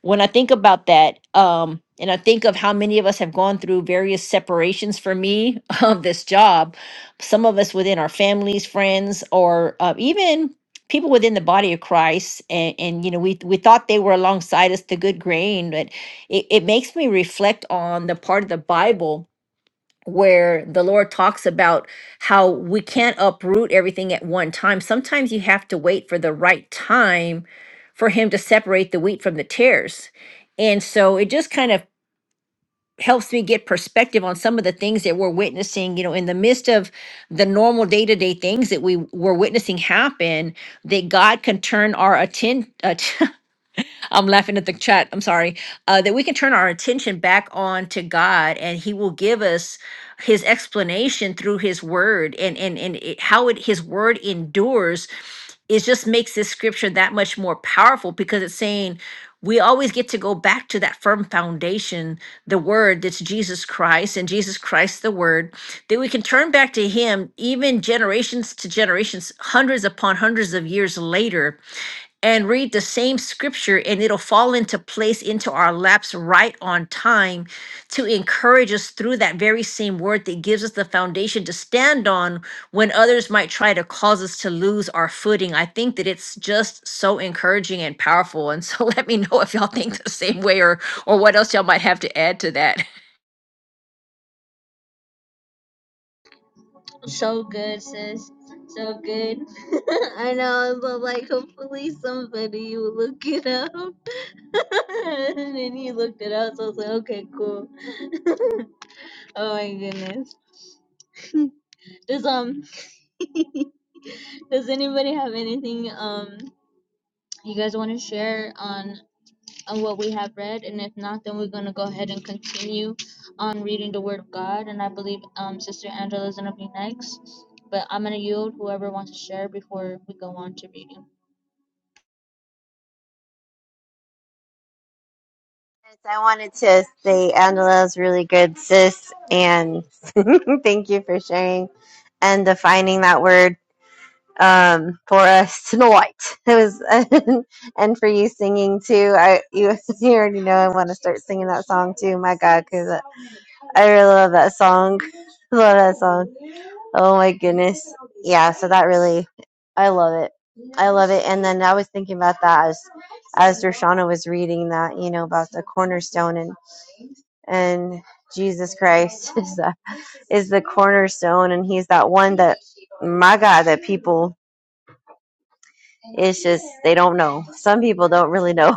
Speaker 2: when I think about that, um, and I think of how many of us have gone through various separations for me of this job, some of us within our families, friends, or uh, even people within the body of Christ, and, and you know, we we thought they were alongside us, the good grain, but it, it makes me reflect on the part of the Bible where the Lord talks about how we can't uproot everything at one time. Sometimes you have to wait for the right time for Him to separate the wheat from the tares. And so it just kind of helps me get perspective on some of the things that we're witnessing you know in the midst of the normal day-to-day things that we were witnessing happen that god can turn our attention I'm laughing at the chat. I'm sorry. Uh, that we can turn our attention back on to God, and He will give us His explanation through His Word, and and and it, how it His Word endures. It just makes this scripture that much more powerful because it's saying we always get to go back to that firm foundation, the Word that's Jesus Christ, and Jesus Christ the Word that we can turn back to him even generations to generations hundreds upon hundreds of years later and read the same scripture and it'll fall into place into our laps right on time to encourage us through that very same word that gives us the foundation to stand on when others might try to cause us to lose our footing i think that it's just so encouraging and powerful and so let me know if y'all think the same way or or what else y'all might have to add to that
Speaker 1: So good, sis. So good. I know, but like, hopefully somebody will look it up. and then he looked it up, so I was like, okay, cool. Oh my goodness. Does um, does anybody have anything um you guys want to share on on what we have read, and if not, then we're going to go ahead and continue on reading the Word of God. And I believe um, Sister Angela is going to be next, but I'm going to yield whoever wants to share before we go on to reading.
Speaker 3: Yes, I wanted to say Angela's really good, sis, and thank you for sharing and defining that word um, for us tonight. It was, and for you singing too. I you, you already know I want to start singing that song too. My God, because I really love that song. love that song. Oh my goodness, yeah. So that really, I love it. I love it. And then I was thinking about that as as Roshana was reading that, you know, about the cornerstone and Jesus Christ is the is the cornerstone, and He's that one that my God that people it's just they don't know. Some people don't really know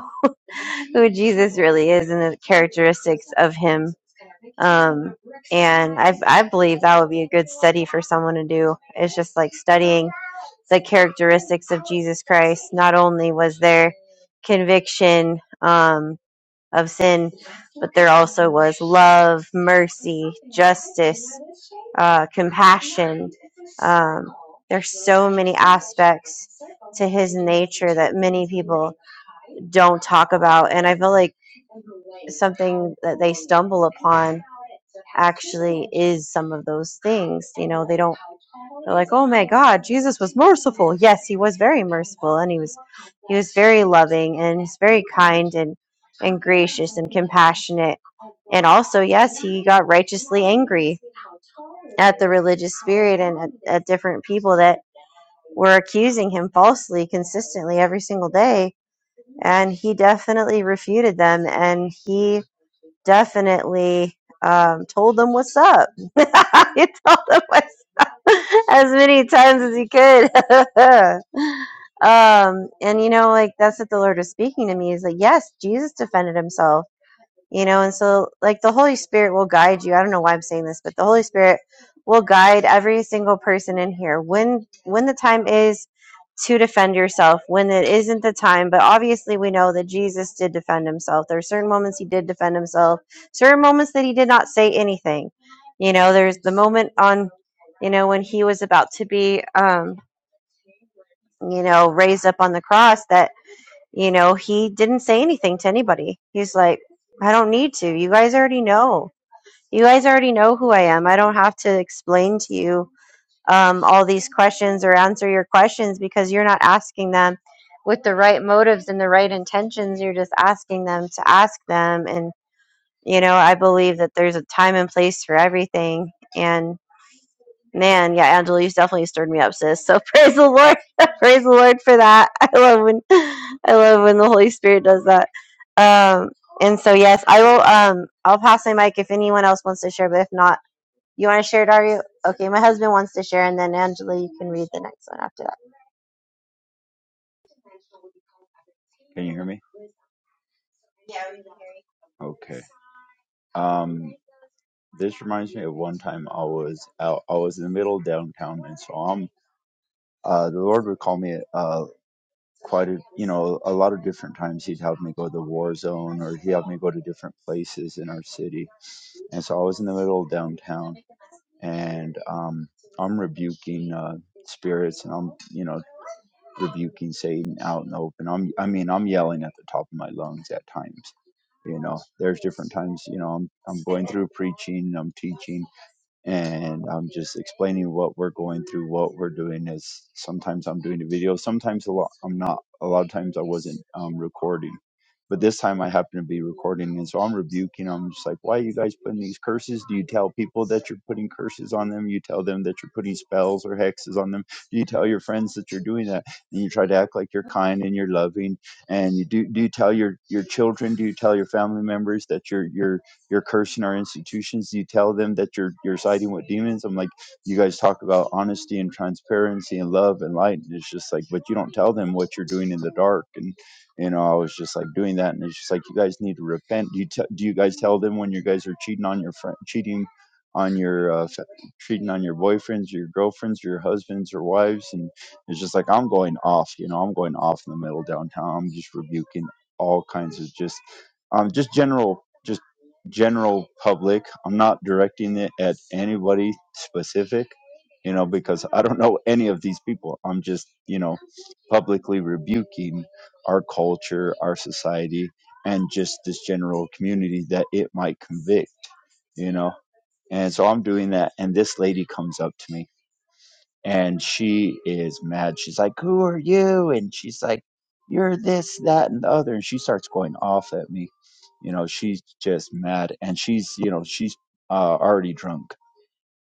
Speaker 3: who Jesus really is and the characteristics of Him. Um, and I I believe that would be a good study for someone to do. It's just like studying the characteristics of Jesus Christ. Not only was there conviction um, of sin, but there also was love, mercy, justice uh, compassion. Um, there's so many aspects to his nature that many people don't talk about, and I feel like something that they stumble upon actually is some of those things. You know, they don't. They're like, "Oh my God, Jesus was merciful." Yes, he was very merciful, and he was he was very loving, and he's very kind and and gracious and compassionate. And also, yes, he got righteously angry at the religious spirit and at, at different people that were accusing him falsely consistently every single day. And he definitely refuted them and he definitely um, told them what's up. he told them what's up as many times as he could. um, and you know, like that's what the Lord was speaking to me is like, yes, Jesus defended himself you know and so like the holy spirit will guide you i don't know why i'm saying this but the holy spirit will guide every single person in here when when the time is to defend yourself when it isn't the time but obviously we know that jesus did defend himself there are certain moments he did defend himself certain moments that he did not say anything you know there's the moment on you know when he was about to be um you know raised up on the cross that you know, he didn't say anything to anybody. He's like, I don't need to. You guys already know. You guys already know who I am. I don't have to explain to you um, all these questions or answer your questions because you're not asking them with the right motives and the right intentions. You're just asking them to ask them. And, you know, I believe that there's a time and place for everything. and. Man, yeah, Angela, you've definitely stirred me up, sis. So praise the Lord. praise the Lord for that. I love when I love when the Holy Spirit does that. Um and so yes, I will um I'll pass my mic if anyone else wants to share, but if not, you want to share it, are you? Okay, my husband wants to share and then Angela, you can read the next one after that.
Speaker 4: Can you hear me? Okay. Um, this reminds me of one time I was out. I was in the middle of downtown, and so I'm. Uh, the Lord would call me uh, quite a, you know, a lot of different times. He'd have me go to the war zone, or he'd have me go to different places in our city. And so I was in the middle of downtown and um, I'm rebuking uh, spirits and I'm, you know, rebuking Satan out in the open. I'm, I mean, I'm yelling at the top of my lungs at times. You know, there's different times, you know, I'm, I'm going through preaching, I'm teaching, and I'm just explaining what we're going through, what we're doing. Is sometimes I'm doing a video, sometimes a lot I'm not. A lot of times I wasn't um, recording, but this time I happen to be recording, and so I'm rebuking. I'm just like, why are you guys putting these curses? Do you tell people that you're putting curses on them? You tell them that you're putting spells or hexes on them? Do you tell your friends that you're doing that? And you try to act like you're kind and you're loving, and you do. Do you tell your your children? Do you tell your family members that you're you're you're cursing our institutions. You tell them that you're you're siding with demons. I'm like, you guys talk about honesty and transparency and love and light, and it's just like, but you don't tell them what you're doing in the dark. And you know, I was just like doing that, and it's just like, you guys need to repent. Do you te- do you guys tell them when you guys are cheating on your friend, cheating on your uh, f- cheating on your boyfriends, your girlfriends, your husbands, or wives, and it's just like I'm going off. You know, I'm going off in the middle of downtown. I'm just rebuking all kinds of just um just general general public. I'm not directing it at anybody specific, you know, because I don't know any of these people. I'm just, you know, publicly rebuking our culture, our society, and just this general community that it might convict, you know. And so I'm doing that, and this lady comes up to me and she is mad. She's like, "Who are you?" And she's like, "You're this, that, and the other." And she starts going off at me. You know, she's just mad, and she's you know she's uh, already drunk,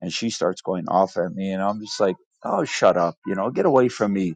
Speaker 4: and she starts going off at me, and I'm just like, "Oh, shut up! You know, get away from me!"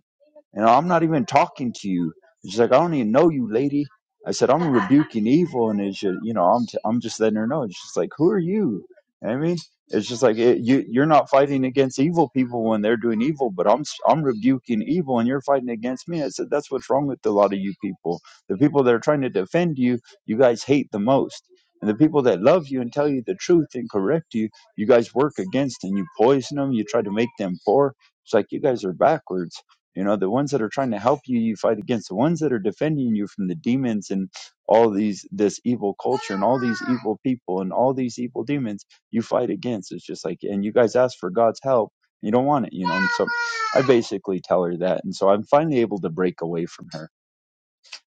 Speaker 4: And I'm not even talking to you. And she's like, I don't even know you, lady. I said, I'm rebuking evil. And it's just, you know, I'm, t- I'm just letting her know. And she's like, who are you? I mean, it's just like it, you, you're not fighting against evil people when they're doing evil, but I'm s- I'm rebuking evil, and you're fighting against me. I said that's what's wrong with a lot of you people. The people that are trying to defend you, you guys hate the most, and the people that love you and tell you the truth and correct you, you guys work against and you poison them. You try to make them poor. It's like you guys are backwards you know, the ones that are trying to help you, you fight against. The ones that are defending you from the demons and all these, this evil culture and all these evil people and all these evil demons, you fight against. It's just like, and you guys ask for God's help. You don't want it, you know. And so I basically tell her that. And so I'm finally able to break away from her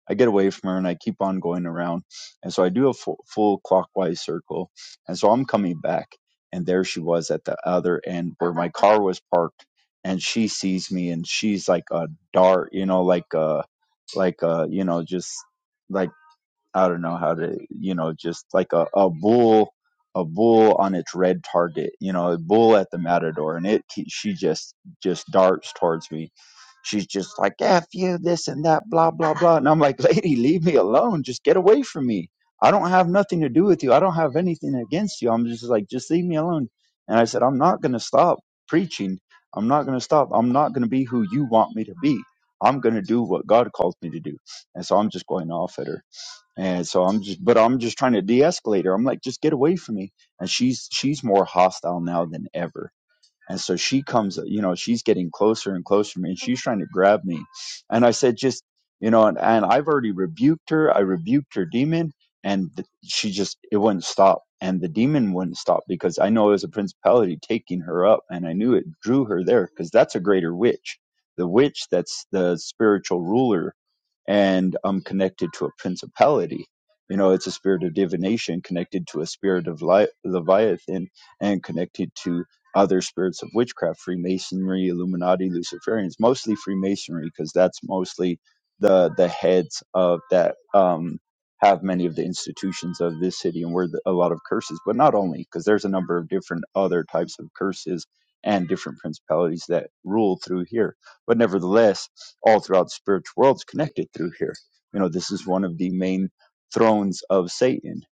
Speaker 4: I get away from her and I keep on going around. And so I do a full, full clockwise circle. And so I'm coming back and there she was at the other end where my car was parked and she sees me and she's like a dart, you know, like a, like a, you know, just like I don't know how to, you know, just like a, a bull, a bull on its red target, you know, a bull at the matador, and it she just just darts towards me. She's just like, "F you, this and that, blah blah blah," and I'm like, "Lady, leave me alone. Just get away from me. I don't have nothing to do with you. I don't have anything against you. I'm just like, just leave me alone." And I said, "I'm not gonna stop preaching. I'm not gonna stop. I'm not gonna be who you want me to be. I'm gonna do what God calls me to do." And so I'm just going off at her and so I'm just, but I'm just trying to de-escalate her. I'm like, just get away from me. And she's, she's more hostile now than ever. And so she comes, you know, she's getting closer and closer to me and she's trying to grab me. And I said, just, you know, and, and I've already rebuked her. I rebuked her demon and th- she just, it wouldn't stop. And the demon wouldn't stop because I know it was a principality taking her up and I knew it drew her there because that's a greater witch. The witch that's the spiritual ruler and I'm connected to a principality. You know, it's a spirit of divination connected to a spirit of li- Leviathan and connected to other spirits of witchcraft, Freemasonry, Illuminati, Luciferians, mostly Freemasonry, because that's mostly the the heads of that um, have many of the institutions of this city and where the, a lot of curses, but not only, because there's a number of different other types of curses and different principalities that rule through here but nevertheless, all throughout the spiritual world is connected through here. You know, this is one of the main thrones of Satan.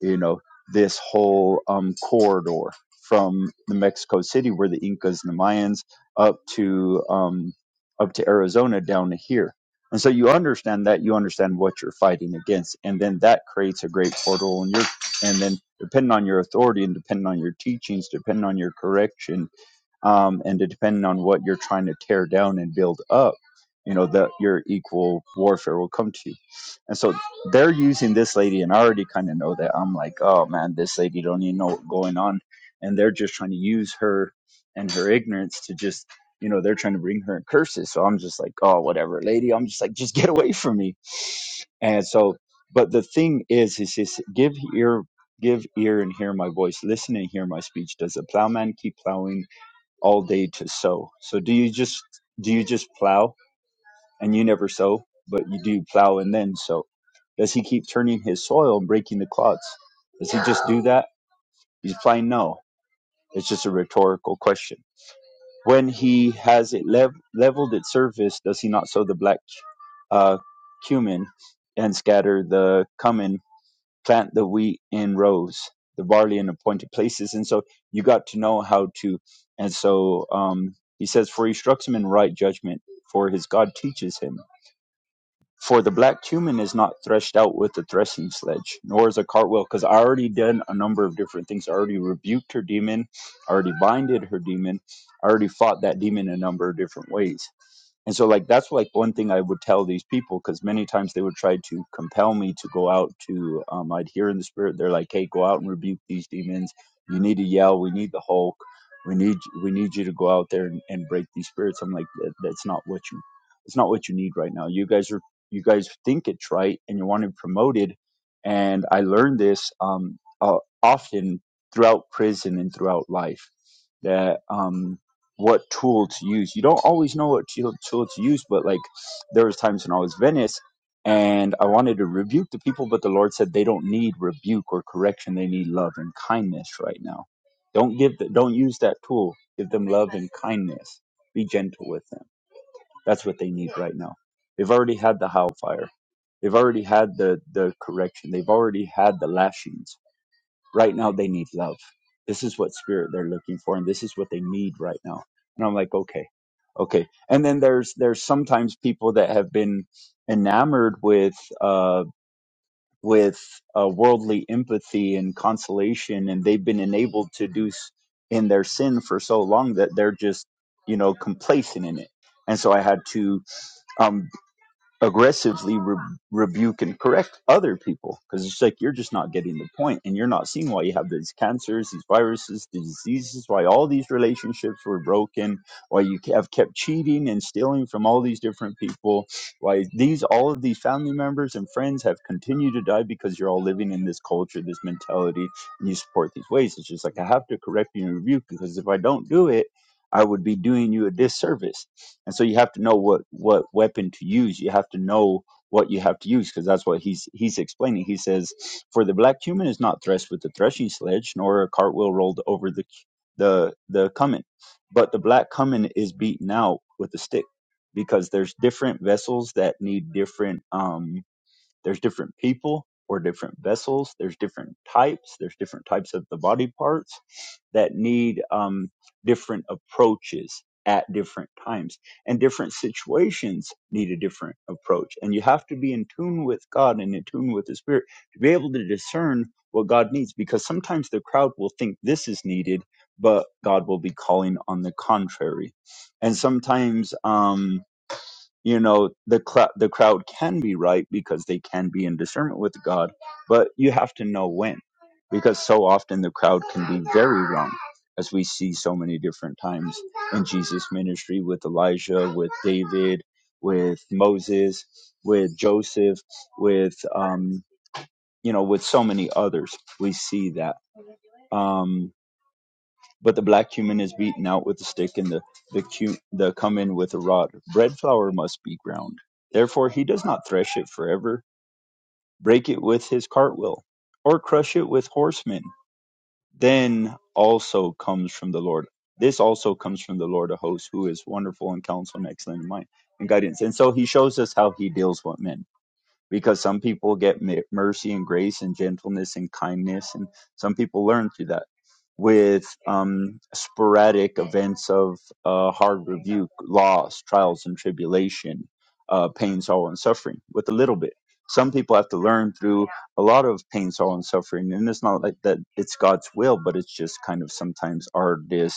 Speaker 4: You know, this whole um, corridor from the Mexico City where the Incas and the Mayans up to um, up to Arizona down to here. And so you understand that you understand what you're fighting against, and then that creates a great portal. And your and then depending on your authority and depending on your teachings, depending on your correction, um, and depending on what you're trying to tear down and build up you know that your equal warfare will come to you and so they're using this lady and i already kind of know that i'm like oh man this lady don't even know what's going on and they're just trying to use her and her ignorance to just you know they're trying to bring her in curses so i'm just like oh whatever lady i'm just like just get away from me and so but the thing is is just give ear give ear and hear my voice listen and hear my speech does the plowman keep plowing all day to sow. So do you just do you just plow and you never sow, but you do plow and then sow? Does he keep turning his soil and breaking the clods? Does he just do that? He's playing no. It's just a rhetorical question. When he has it lev- leveled its surface, does he not sow the black uh, cumin and scatter the cumin plant the wheat in rows, the barley in appointed places. And so you got to know how to. And so um, he says, For he instructs him in right judgment, for his God teaches him. For the black cumin is not threshed out with a threshing sledge, nor is a cartwheel, because I already done a number of different things. I already rebuked her demon, I already binded her demon, I already fought that demon a number of different ways. And so, like, that's like one thing I would tell these people because many times they would try to compel me to go out to, um, I'd hear in the spirit, they're like, hey, go out and rebuke these demons. You need to yell. We need the Hulk. We need, we need you to go out there and, and break these spirits. I'm like, that, that's not what you, it's not what you need right now. You guys are you guys think it's right and you want to promote it and i learned this um, uh, often throughout prison and throughout life that um, what tool to use you don't always know what tool tool to use but like there was times when i was venice and i wanted to rebuke the people but the lord said they don't need rebuke or correction they need love and kindness right now don't give the, don't use that tool give them love and kindness be gentle with them that's what they need right now. They've already had the hellfire. They've already had the, the correction. They've already had the lashings. Right now, they need love. This is what spirit they're looking for, and this is what they need right now. And I'm like, okay, okay. And then there's there's sometimes people that have been enamored with uh, with uh, worldly empathy and consolation, and they've been enabled to do s- in their sin for so long that they're just you know complacent in it. And so I had to. um aggressively re- rebuke and correct other people because it's like you're just not getting the point and you're not seeing why you have these cancers these viruses the diseases why all these relationships were broken why you have kept cheating and stealing from all these different people why these all of these family members and friends have continued to die because you're all living in this culture this mentality and you support these ways it's just like i have to correct you and rebuke because if i don't do it I would be doing you a disservice. And so you have to know what what weapon to use. You have to know what you have to use because that's what he's he's explaining. He says, "For the black human is not threshed with the threshing sledge, nor a cartwheel rolled over the the the cumin, but the black cumin is beaten out with a stick, because there's different vessels that need different um there's different people or different vessels. There's different types. There's different types of the body parts that need um, different approaches at different times. And different situations need a different approach. And you have to be in tune with God and in tune with the Spirit to be able to discern what God needs because sometimes the crowd will think this is needed, but God will be calling on the contrary. And sometimes, um, you know the cl- the crowd can be right because they can be in discernment with God, but you have to know when, because so often the crowd can be very wrong, as we see so many different times in Jesus' ministry with Elijah, with David, with Moses, with Joseph, with um, you know, with so many others. We see that. Um, but the black cumin is beaten out with a stick, and the the, cu- the cumin with a rod. Bread flour must be ground. Therefore he does not thresh it forever. Break it with his cartwheel, or crush it with horsemen. Then also comes from the Lord. This also comes from the Lord of hosts, who is wonderful in counsel and excellent in mind and guidance. And so he shows us how he deals with men because some people get mercy and grace and gentleness and kindness, and some people learn through that. With um, sporadic events of uh, hard rebuke, loss, trials and tribulation, uh, pain, sorrow, and suffering, with a little bit. Some people have to learn through a lot of pain, sorrow, and suffering, and it's not like that. It's God's will, but it's just kind of sometimes our dis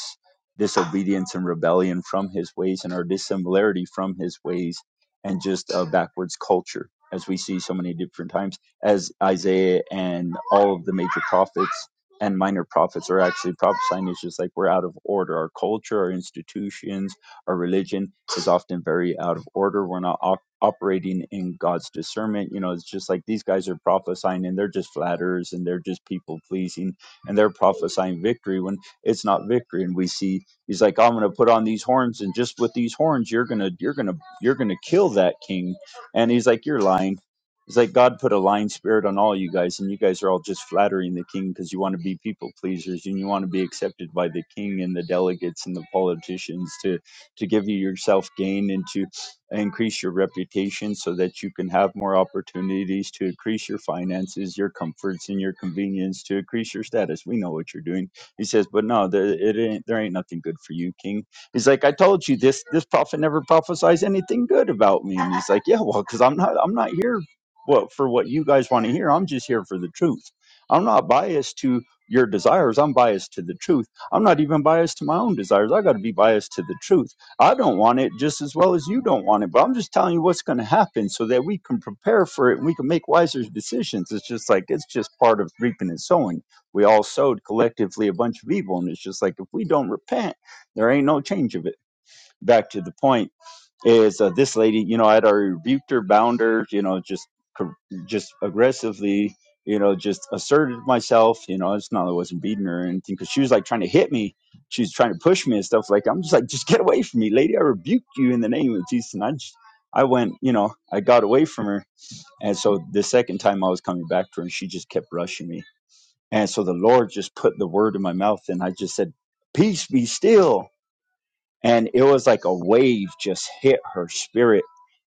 Speaker 4: disobedience and rebellion from His ways, and our dissimilarity from His ways, and just a backwards culture as we see so many different times, as Isaiah and all of the major prophets and minor prophets are actually prophesying. It's just like we're out of order. Our culture, our institutions, our religion is often very out of order. We're not op- operating in God's discernment. You know, it's just like these guys are prophesying and they're just flatterers and they're just people pleasing and they're prophesying victory when it's not victory. And we see he's like, I'm going to put on these horns and just with these horns, you're going to, you're going to, you're going to kill that king and he's like, You're lying. He's like, God put a lying spirit on all you guys, and you guys are all just flattering the king because you want to be people pleasers and you want to be accepted by the king and the delegates and the politicians to, to give you yourself gain and to increase your reputation so that you can have more opportunities to increase your finances, your comforts, and your convenience to increase your status. We know what you're doing. He says, But no, there, it ain't, there ain't nothing good for you, king He's like, I told you this this prophet never prophesies anything good about me. And he's like, Yeah, well, because I'm not I'm not here what for what you guys want to hear. I'm just here for the truth. I'm not biased to your desires. I'm biased to the truth. I'm not even biased to my own desires. I got to be biased to the truth. I don't want it just as well as you don't want it, but I'm just telling you what's going to happen so that we can prepare for it and we can make wiser decisions. It's just like it's just part of reaping and sowing. We all sowed collectively a bunch of evil, and it's just like if we don't repent there ain't no change of it. Back to the point is uh, this lady, you know, I'd already rebuked her, bound her, you know, just cor- just aggressively, you know, just asserted myself. You know, it's not that I wasn't beating her or anything because she was like trying to hit me. She was trying to push me and stuff like I'm just like, just get away from me, lady. I rebuked you in the name of Jesus. And I just, I went, you know, I got away from her. And so the second time I was coming back to her and she just kept rushing me. And so the Lord just put the word in my mouth and I just said, Peace be still and it was like a wave just hit her spirit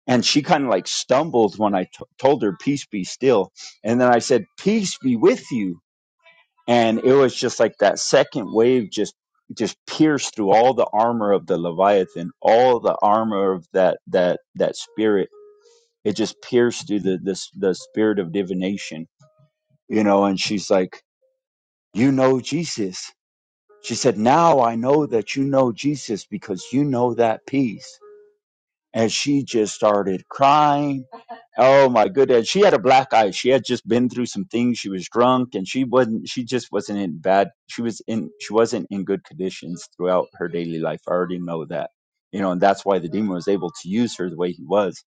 Speaker 4: and she kind of like stumbled when I t- told her peace be still and then i said peace be with you and it was just like that second wave just just pierced through all the armor of the leviathan all the armor of that that that spirit it just pierced through the this the spirit of divination you know and she's like you know jesus she said now i know that you know jesus because you know that peace And she just started crying. Oh my goodness. She had a black eye. She had just been through some things. She was drunk and she wasn't she just wasn't in bad she was in she wasn't in good conditions throughout her daily life. I already know that. You know, and that's why the demon was able to use her the way he was.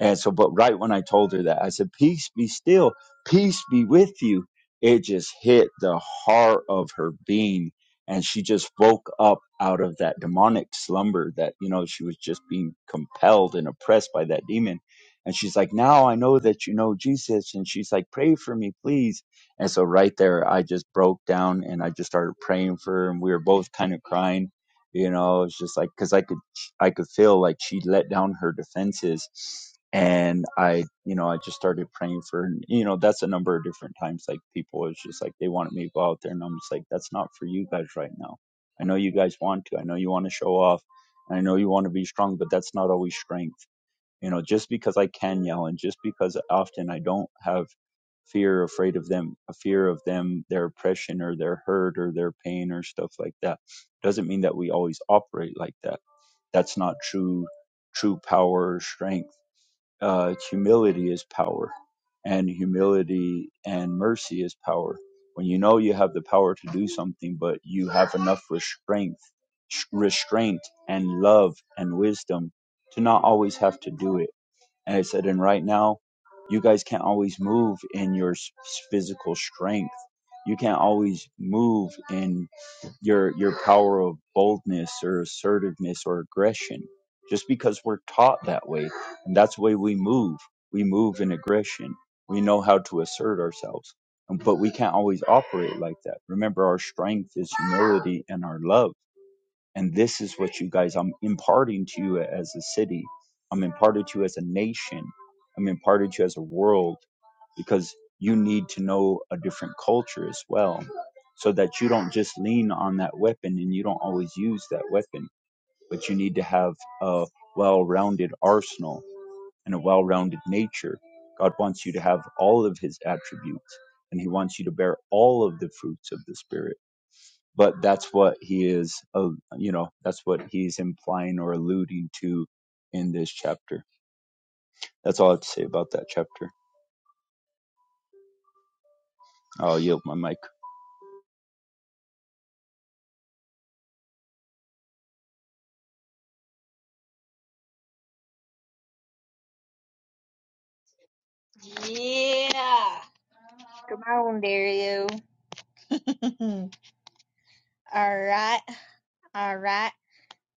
Speaker 4: And so but right when I told her that, I said, Peace be still, peace be with you. It just hit the heart of her being. And she just woke up out of that demonic slumber that, you know, she was just being compelled and oppressed by that demon and she's like, now I know that you know Jesus. And she's like, pray for me, please. And so right there, I just broke down and I just started praying for her. And we were both kind of crying, you know, it's just like, cause I could, I could feel like she let down her defenses. And I, you know, I just started praying for, her. And, you know, that's a number of different times. Like people, it's just like, they wanted me to go out there. And I'm just like, that's not for you guys right now. I know you guys want to. I know you want to show off. I know you want to be strong, but that's not always strength you know just because i can yell and just because often i don't have fear afraid of them a fear of them their oppression or their hurt or their pain or stuff like that doesn't mean that we always operate like that that's not true true power or strength uh, humility is power and humility and mercy is power when you know you have the power to do something but you have enough restraint restraint and love and wisdom to not always have to do it and I said, and right now, you guys can't always move in your s- physical strength. You can't always move in your your power of boldness or assertiveness or aggression, just because we're taught that way, and that's the way we move. We move in aggression. We know how to assert ourselves, but we can't always operate like that. Remember, our strength is humility and our love and this is what you guys, I'm imparting to you as a city. I'm imparted to you as a nation. I'm imparted to you as a world because you need to know a different culture as well so that you don't just lean on that weapon and you don't always use that weapon, but you need to have a well rounded arsenal and a well rounded nature. God wants you to have all of his attributes and he wants you to bear all of the fruits of the Spirit but that's what he is uh, you know that's what he's implying or alluding to in this chapter that's all i have to say about that chapter i'll yield my mic
Speaker 1: Yeah. Come on, Dario. all right. All right.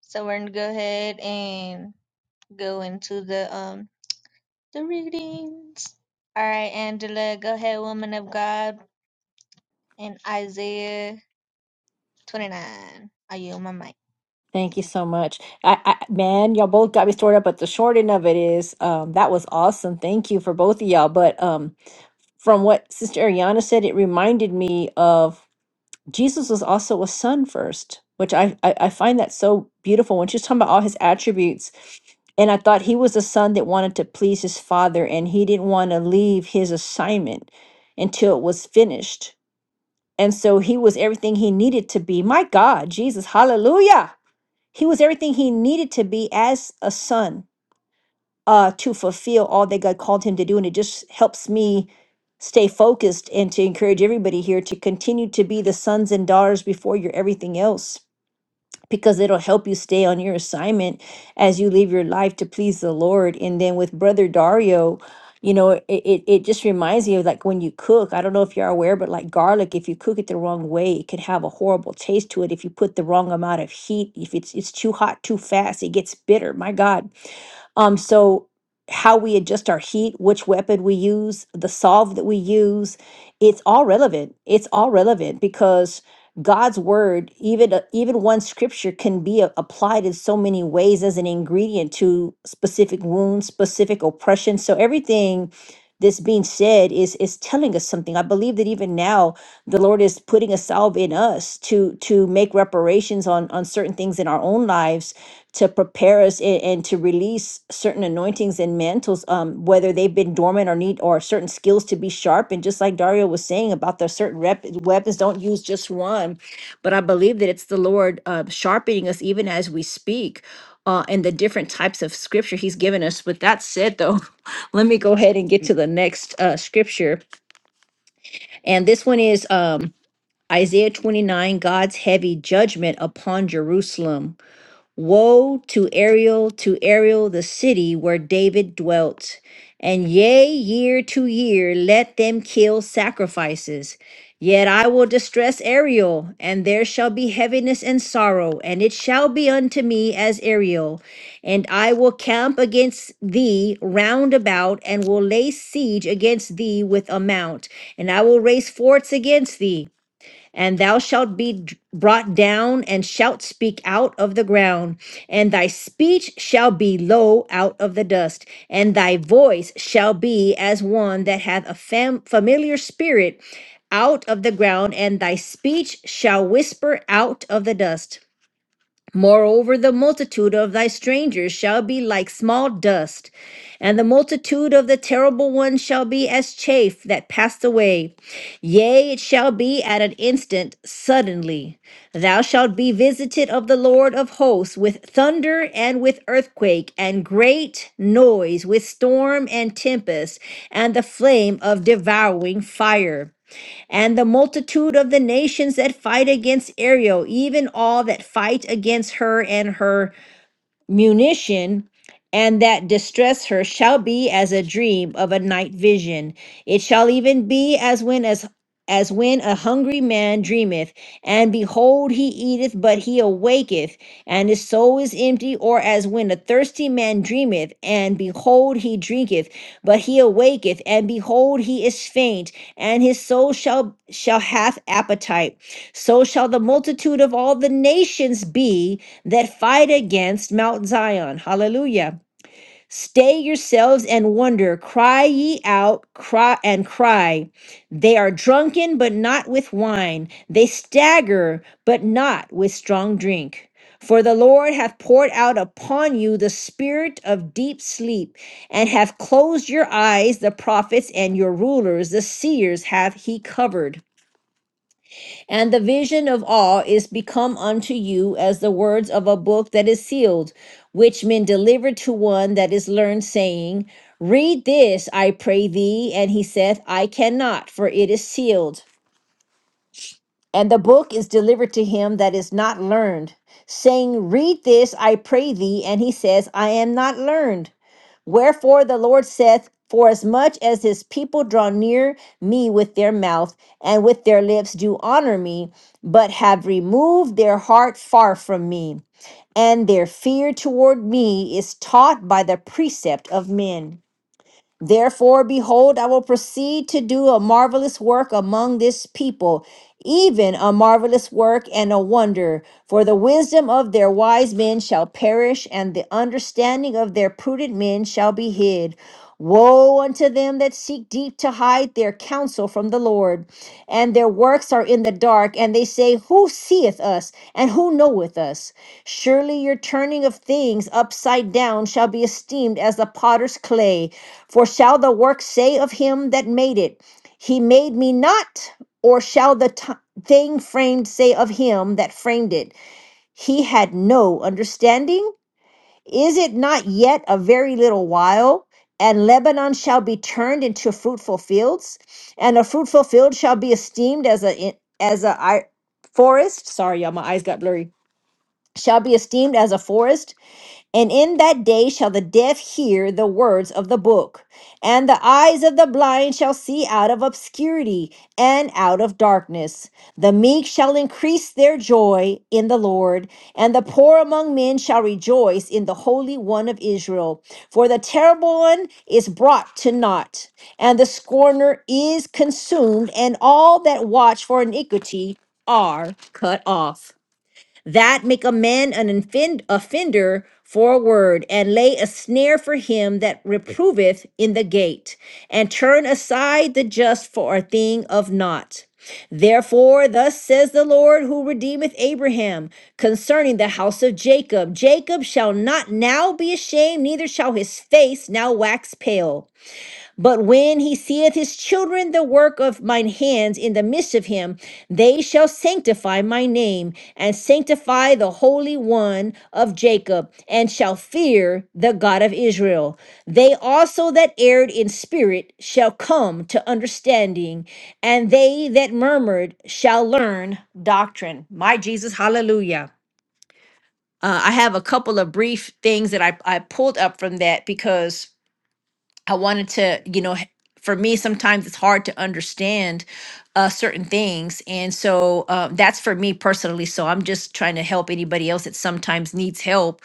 Speaker 1: So we're gonna go ahead and go into the um the readings. All right, Angela, go ahead, woman of God, in Isaiah 29. Are you on my mic?
Speaker 2: Thank you so much. I, I, man, y'all both got me stored up, but the short end of it is um, that was awesome. Thank you for both of y'all. But um, from what Sister Ariana said, it reminded me of Jesus was also a son first, which I, I, I find that so beautiful when she's talking about all his attributes. And I thought he was a son that wanted to please his father and he didn't want to leave his assignment until it was finished. And so he was everything he needed to be. My God, Jesus, hallelujah. He was everything he needed to be as a son uh, to fulfill all that God called him to do. And it just helps me stay focused and to encourage everybody here to continue to be the sons and daughters before you're everything else because it'll help you stay on your assignment as you live your life to please the Lord. And then with Brother Dario, you know, it, it, it just reminds me of like when you cook. I don't know if you're aware, but like garlic, if you cook it the wrong way, it can have a horrible taste to it. If you put the wrong amount of heat, if it's it's too hot too fast, it gets bitter. My God. Um, so how we adjust our heat, which weapon we use, the solve that we use, it's all relevant. It's all relevant because God's word, even uh, even one scripture can be a- applied in so many ways as an ingredient to specific wounds, specific oppression. So everything that's being said is is telling us something. I believe that even now the Lord is putting a salve in us to to make reparations on on certain things in our own lives to prepare us and, and to release certain anointings and mantles, um, whether they've been dormant or need or certain skills to be sharp. And just like Dario was saying about the certain rep, weapons, don't use just one. But I believe that it's the Lord uh, sharpening us even as we speak. Uh, and the different types of scripture he's given us. With that said, though, let me go ahead and get to the next uh, scripture. And this one is um, Isaiah 29, God's heavy judgment upon Jerusalem. Woe to Ariel, to Ariel, the city where David dwelt. And yea, year to year, let them kill sacrifices. Yet I will distress Ariel, and there shall be heaviness and sorrow, and it shall be unto me as Ariel. And I will camp against thee round about, and will lay siege against thee with a mount, and I will raise forts against thee and thou shalt be d- brought down and shalt speak out of the ground, and thy speech shall be low out of the dust, and thy voice shall be as one that hath a fam- familiar spirit out of the ground, and thy speech shall whisper out of the dust. Moreover, the multitude of thy strangers shall be like small dust, and the multitude of the terrible ones shall be as chaff that passed away. Yea, it shall be at an instant, suddenly. Thou shalt be visited of the Lord of hosts with thunder and with earthquake, and great noise, with storm and tempest, and the flame of devouring fire and the multitude of the nations that fight against Ariel, even all that fight against her and her munition and that distress her shall be as a dream of a night vision it shall even be as when as as when a hungry man dreameth and behold he eateth but he awaketh and his soul is empty or as when a thirsty man dreameth and behold he drinketh but he awaketh and behold he is faint and his soul shall shall hath appetite so shall the multitude of all the nations be that fight against Mount Zion. Hallelujah. Stay yourselves and wonder. Cry ye out, cry and cry. They are drunken, but not with wine. They stagger, but not with strong drink. For the Lord hath poured out upon you the spirit of deep sleep, and hath closed your eyes, the prophets and your rulers, the seers hath he covered. And the vision of all is become unto you as the words of a book that is sealed, which men deliver to one that is learned, saying, Read this, I pray thee. And he saith, I cannot, for it is sealed. And the book is delivered to him that is not learned, saying, Read this, I pray thee. And he says, I am not learned. Wherefore the Lord saith, Forasmuch as his people draw near me with their mouth and with their lips do honor me, but have removed their heart far from me, and their fear toward me is taught by the precept of men. Therefore, behold, I will proceed to do a marvelous work among this people, even a marvelous work and a wonder. For the wisdom of their wise men shall perish, and the understanding of their prudent men shall be hid. Woe unto them that seek deep to hide their counsel from the Lord, and their works are in the dark, and they say, Who seeth us, and who knoweth us? Surely your turning of things upside down shall be esteemed as the potter's clay for shall the work say of him that made it, He made me not? Or shall the t- thing framed say of him that framed it, He had no understanding? Is it not yet a very little while? And Lebanon shall be turned into fruitful fields, and a fruitful field shall be esteemed as a as a i- forest. Sorry, y'all, my eyes got blurry. Shall be esteemed as a forest, and in that day shall the deaf hear the words of the book, and the eyes of the blind shall see out of obscurity and out of darkness. The meek shall increase their joy in the Lord, and the poor among men shall rejoice in the Holy One of Israel. For the terrible one is brought to naught, and the scorner is consumed, and all that watch for iniquity are cut off that make a man an offend, offender for a word, and lay a snare for him that reproveth in the gate, and turn aside the just for a thing of naught. Therefore, thus says the Lord who redeemeth Abraham concerning the house of Jacob Jacob shall not now be ashamed, neither shall his face now wax pale. But when he seeth his children the work of mine hands in the midst of him, they shall sanctify my name, and sanctify the Holy One of Jacob, and shall fear the God of Israel. They also that erred in spirit shall come to understanding, and they that murmured shall learn doctrine. My Jesus, hallelujah. Uh, I have a couple of brief things that I, I pulled up from that because I wanted to, you know, h- for me, sometimes it's hard to understand uh, certain things. And so uh, that's for me personally. So I'm just trying to help anybody else that sometimes needs help.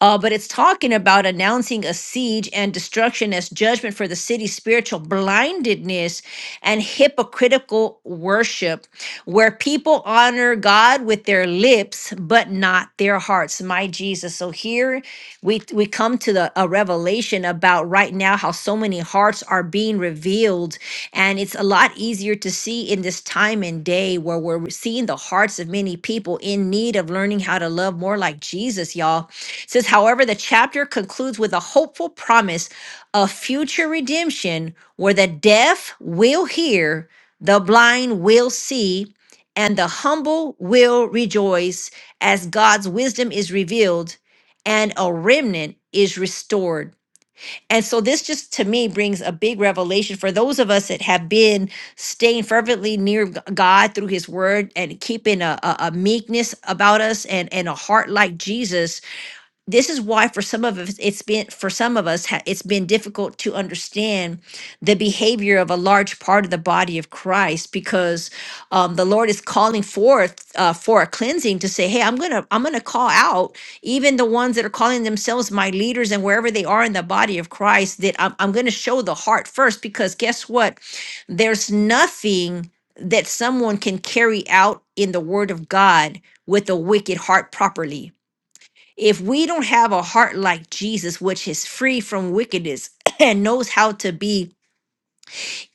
Speaker 2: Uh, but it's talking about announcing a siege and destruction as judgment for the city's spiritual blindedness and hypocritical worship, where people honor God with their lips, but not their hearts. That's my Jesus. So here we we come to the a revelation about right now how so many hearts are being revealed and it's a lot easier to see in this time and day where we're seeing the hearts of many people in need of learning how to love more like Jesus, y'all. It says, however, the chapter concludes with a hopeful promise of future redemption where the deaf will hear, the blind will see, and the humble will rejoice as God's wisdom is revealed and a remnant is restored. And so, this just to me brings a big revelation for those of us that have been staying fervently near G- God through His Word and keeping a, a, a meekness about us and, and a heart like Jesus this is why for some of us it's been for some of us ha- it's been difficult to understand the behavior of a large part of the body of christ because um, the lord is calling forth uh, for a cleansing to say hey i'm gonna i'm gonna call out even the ones that are calling themselves my leaders and wherever they are in the body of christ that i'm, I'm gonna show the heart first because guess what there's nothing that someone can carry out in the word of god with a wicked heart properly if we don't have a heart like Jesus, which is free from wickedness and knows how to be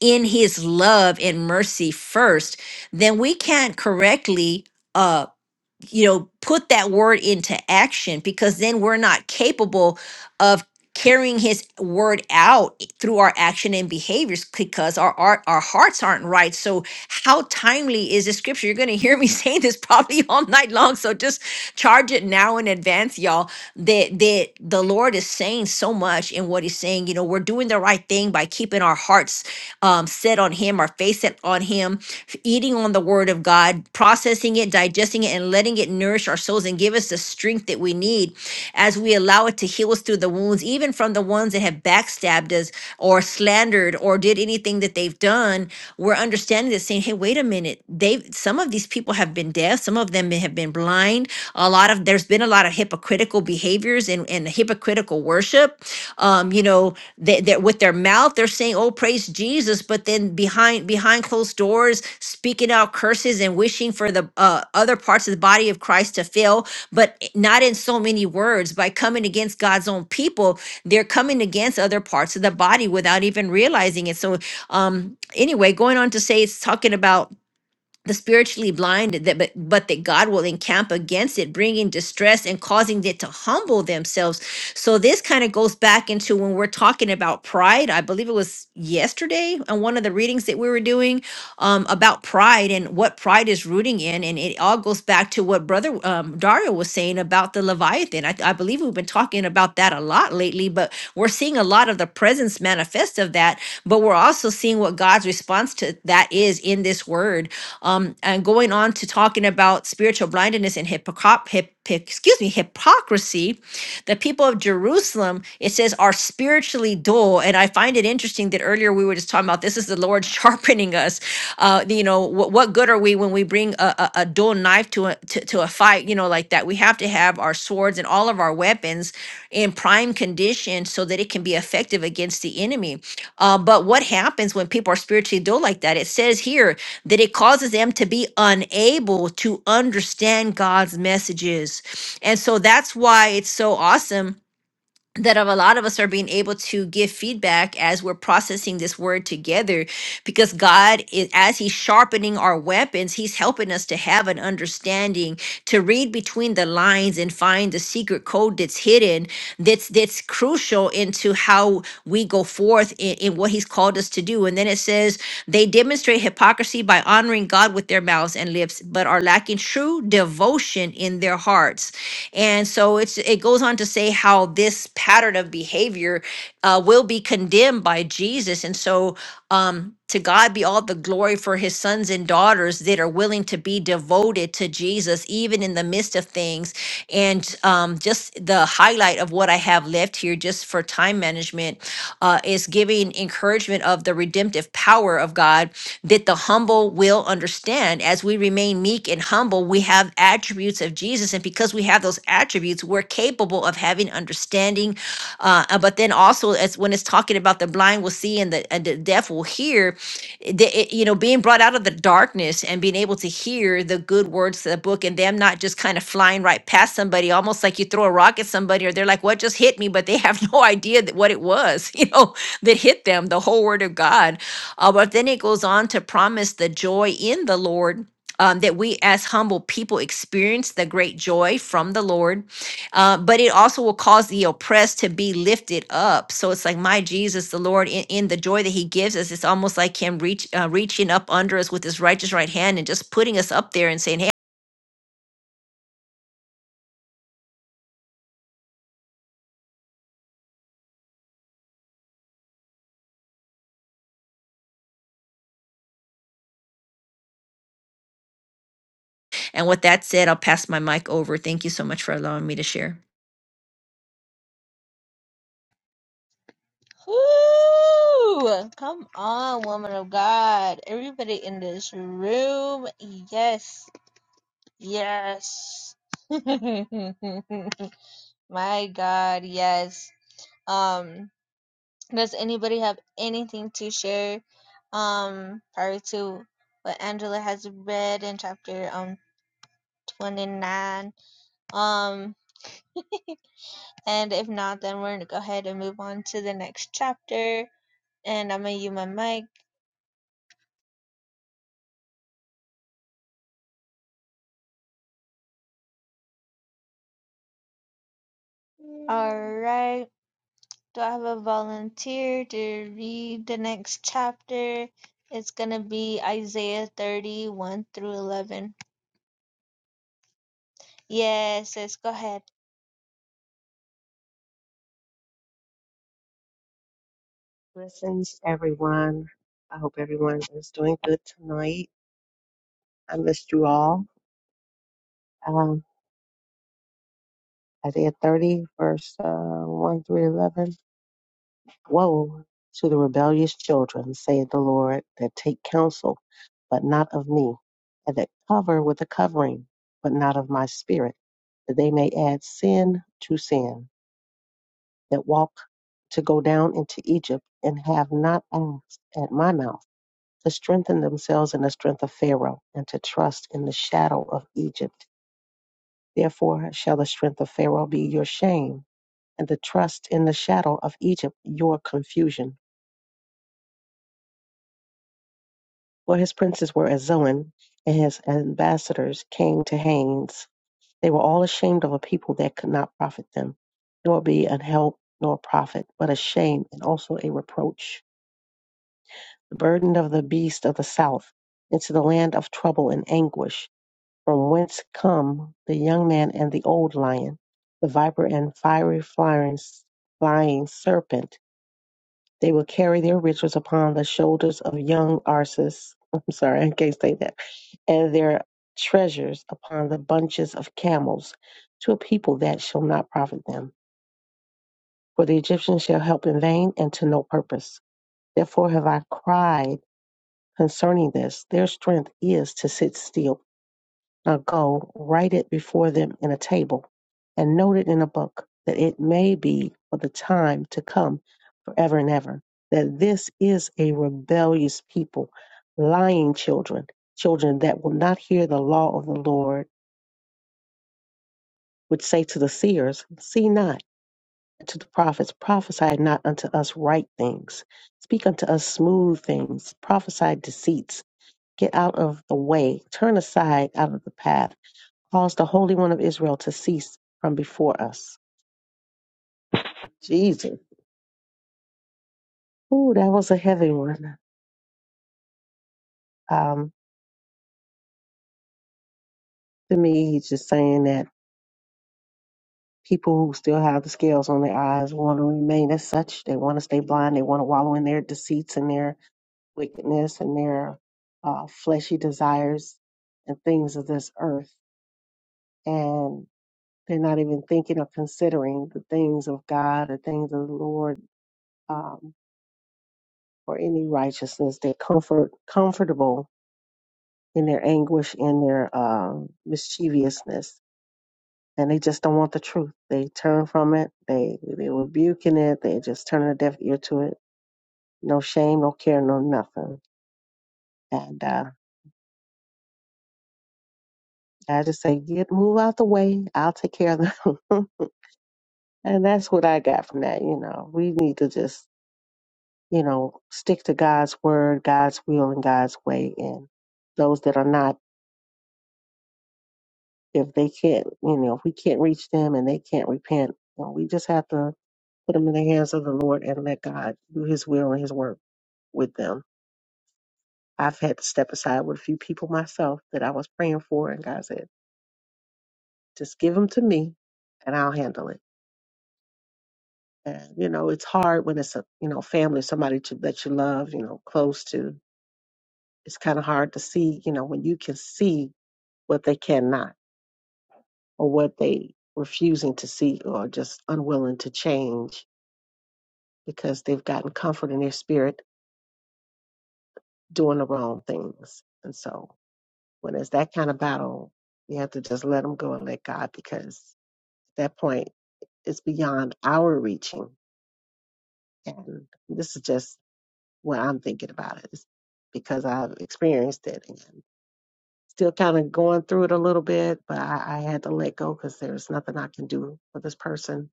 Speaker 2: in his love and mercy first, then we can't correctly uh you know put that word into action because then we're not capable of carrying his word out i- through our action and behaviors because our our, our hearts aren't right so how timely is this scripture you're going to hear me saying this probably all night long so just Charge it now in advance, y'all. That that the Lord is saying so much in what He's saying. You know, we're doing the right thing by keeping our hearts um, set on Him, our face set on Him, f- eating on the Word of God, processing it, digesting it, and letting it nourish our souls and give us the strength that we need as we allow it to heal us through the wounds, even from the ones that have backstabbed us or slandered or did anything that they've done. We're understanding this, saying, "Hey, wait a minute! They have some of these people have been." been deaf. Some of them have been blind. A lot of there's been a lot of hypocritical behaviors and, and hypocritical worship. Um, you know, that that with their mouth they're saying, "Oh, praise Jesus," but then behind behind closed doors, speaking out curses and wishing for the uh, other parts of the body of Christ to fail, but i- not in so many words. By coming against God's own people, they're coming against other parts of the body without even realizing it. So, um, anyway, going on to say, it's talking about the spiritually blind that but, but that god will encamp against it bringing distress and causing it to humble themselves so this kind of goes back into when we're talking about pride i believe it was yesterday on one of the readings that we were doing um, about pride and what pride is rooting in and it all goes back to what brother um, dario was saying about the leviathan I, I believe we've been talking about that a lot lately but we're seeing a lot of the presence manifest of that but we're also seeing what God's response to that is in this word. Um, and going on to talking about spiritual blindness and hypocr- hip, hip- excuse me, hypocrisy, the people of Jerusalem, it says, are spiritually dull. And I find it interesting that earlier we were just talking about this is the Lord sharpening us. Uh, you know, what, what good are we when we bring a, a, a dull knife to a, to, to a fight, you know, like that? We have to have our swords and all of our weapons in prime condition so that it can be effective against the enemy uh, but what happens when people are spiritually dull like that? It says here that it causes them to be unable to understand God's messages. And so that's why it's so awesome that a lot of us are being able to give feedback as we're processing this word together because God is as he's sharpening our weapons he's helping us to have an understanding to read between the lines and find the secret code that's hidden that's that's crucial into how we go forth in, in what he's called us to do and then it says they demonstrate hypocrisy by honoring God with their mouths and lips but are lacking true devotion in their hearts and so it's it goes on to say how this pattern of behavior uh, will be condemned by Jesus. And so um, to God be all the glory for his sons and daughters that are willing to be devoted to Jesus, even in the midst of things. And um, just the highlight of what I have left here, just for time management, uh, is giving encouragement of the redemptive power of God that the humble will understand. As we remain meek and humble, we have attributes of of Jesus. And because we have those attributes, we're capable of having understanding. Uh, uh, but then also, as when it's talking about the blind will see and the, and the deaf will hear, it- the- it- you know, being brought out of the darkness and being able to hear the good words of the book and them not just kind of flying right past somebody, almost like you throw a rock at somebody or they're like, what just hit me? But they have no idea that what it was, you know, that hit them, the whole word of God. Uh, but then it goes on to promise the joy in the Lord um, that we as humble people experience the great joy from the Lord, uh, but it also will cause the oppressed to be lifted up. So it's like my Jesus, the Lord, in, in the joy that He gives us, it's almost like Him reach uh, reaching up under us with His righteous right hand and just putting us up there and saying, "Hey." And with that said, I'll pass my mic over. Thank you so much for allowing me to share.
Speaker 1: Woo! Come on, woman of God. Everybody in this room. Yes. Yes. My God, yes. Um, does anybody have anything to share? Um, prior to what Angela has read in chapter um 29. Um, and if not, then we're gonna go ahead and move on to the next chapter. And I'm gonna use my mic. All right. Do I have a volunteer to read the next chapter? It's going to be Isaiah 31 through 11. Yes, sis, go ahead.
Speaker 5: Blessings, everyone. I hope everyone is doing good tonight. I missed you all. Um, Isaiah 30, verse uh, 1 through 11. Woe to the rebellious children, saith the Lord, that take counsel, but not of me, and that cover with a covering, but not of my spirit, that they may add sin to sin, that walk to go down into Egypt and have not asked at my mouth to strengthen themselves in the strength of Pharaoh, and to trust in the shadow of Egypt. Therefore shall the strength of Pharaoh be your shame, and the trust in the shadow of Egypt your confusion. For his princes were as Zoan, and his ambassadors came to Hanes. They were all ashamed of a people that could not profit them, nor be an help nor profit, but a shame and also a reproach. The burden of the beast of the south into the land of trouble and anguish from whence come the young man and the old lion, the viper and fiery flying, flying serpent. They will carry their riches upon the shoulders of young Arsus. I'm sorry, I can't say that. And their treasures upon the bunches of camels to a people that shall not profit them. For the Egyptians shall help in vain and to no purpose. Therefore have I cried concerning this. Their strength is to sit still Now go, write it before them in a table, and note it in a book, that it may be for the time to come forever and ever, that this is a rebellious people, lying children, children that will not hear the law of the Lord, which say to the seers, See not, and to the prophets, prophesy not unto us right things, speak unto us smooth things, prophesy deceits, get out of the way, turn aside out of the path Cause the Holy One of Israel to cease from before us. Jesus. Ooh, that was a heavy one. Um, to me, he's just saying that people who still have the scales on their eyes want to remain as such. They want to stay blind. They want to wallow in their deceits and their wickedness and their uh, fleshy desires and things of this earth. And they're not even thinking or considering the things of God or things of the Lord um, or any righteousness. They're comfort, comfortable in their anguish, in their um, mischievousness, and they just don't want the truth. They turn from it. They they rebuking it. They just turn a deaf ear to it. No shame, no care, no nothing. And uh, I just say, get move out the way. I'll take care of them. and that's what I got from that. You know, we need to just you know stick to God's word, God's will, and God's way. And those that are not, if they can't, you know, if we can't reach them and they can't repent, you know, we just have to put them in the hands of the Lord and let God do his will and his work with them. I've had to step aside with a few people myself that I was praying for, and God said, just give them to me and I'll handle it. And, you know, it's hard when it's a, you know, family, somebody to, that you love, you know, close to. It's kind of hard to see, you know, when you can see what they cannot or what they refusing to see or just unwilling to change because they've gotten comfort in their spirit doing the wrong things. And so When it's that kind of battle, you have to just let them go and let God because at that point it's beyond our reaching. And this is just what I'm thinking about it is because I've experienced it and still kind of going through it a little bit, but I, I had to let go because there's nothing I can do for this person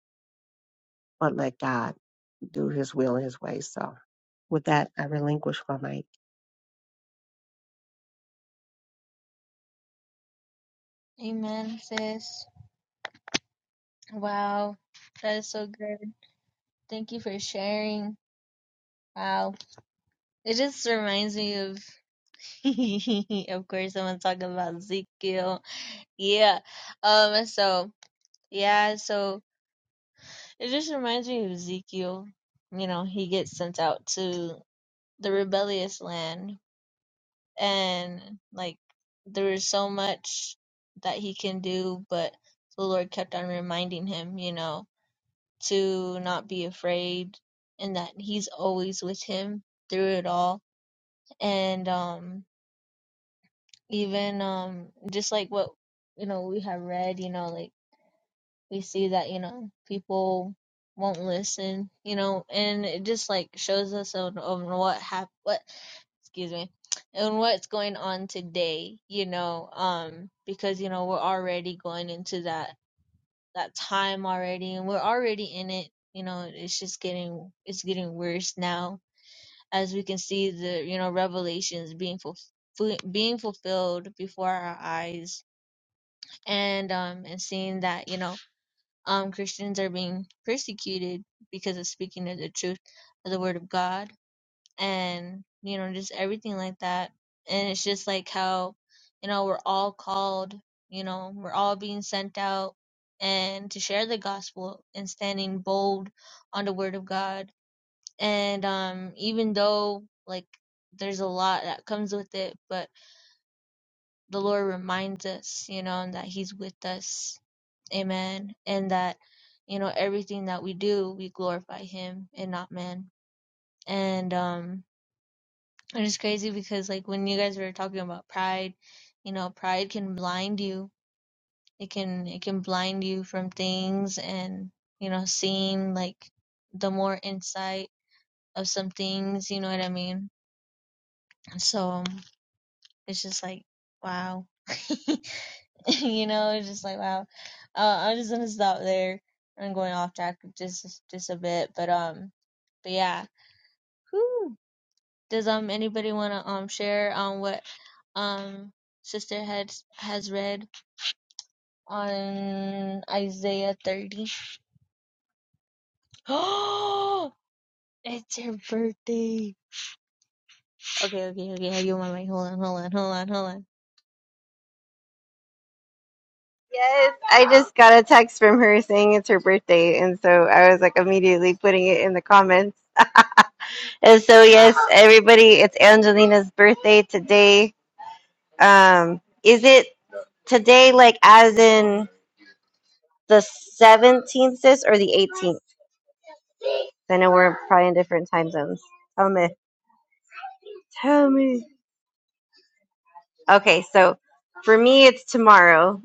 Speaker 5: but let God do his will and his way. So with that, I relinquish my mic.
Speaker 1: Amen, sis. Wow, that is so good. Thank you for sharing. Wow. It just reminds me of, of course, someone talking about Ezekiel. Yeah. Um. So, yeah, so it just reminds me of Ezekiel. You know, he gets sent out to the rebellious land and like there is so much that he can do, but the Lord kept on reminding him, you know, to not be afraid and that he's always with him through it all. And um even um just like what you know we have read, you know, like we see that, you know, people won't listen, you know, and it just like shows us on, on what happened excuse me, and what's going on today, you know, um, because you know we're already going into that that time already, and we're already in it. You know, it's just getting it's getting worse now, as we can see the you know revelations being fulfilled being fulfilled before our eyes, and um and seeing that you know um Christians are being persecuted because of speaking of the truth of the word of God and you know just everything like that and it's just like how you know we're all called you know we're all being sent out and to share the gospel and standing bold on the word of god and um even though like there's a lot that comes with it but the lord reminds us you know and that he's with us amen and that you know everything that we do we glorify him and not man and um And it's crazy because like when you guys were talking about pride, you know, pride can blind you. It can it can blind you from things and, you know, seeing like the more insight of some things, you know what I mean? So um, it's just like wow. you know, it's just like wow. Uh, I'm just gonna stop there. I'm going off track just just a bit, but um, but yeah. Whew. Does um anybody want to um share on what um sister had has read on Isaiah 30? Oh, it's her birthday. Okay, okay, okay. I give my mic. Hold on, hold on, hold on, hold on.
Speaker 3: Yes, I just got a text from her saying it's her birthday and so I was like immediately putting it in the comments. And so yes, everybody, it's Angelina's birthday today. Um is it today, like as in the seventeenth, sis, or the eighteenth? I know we're probably in different time zones. Tell me. Tell me. Okay, so for me, it's tomorrow.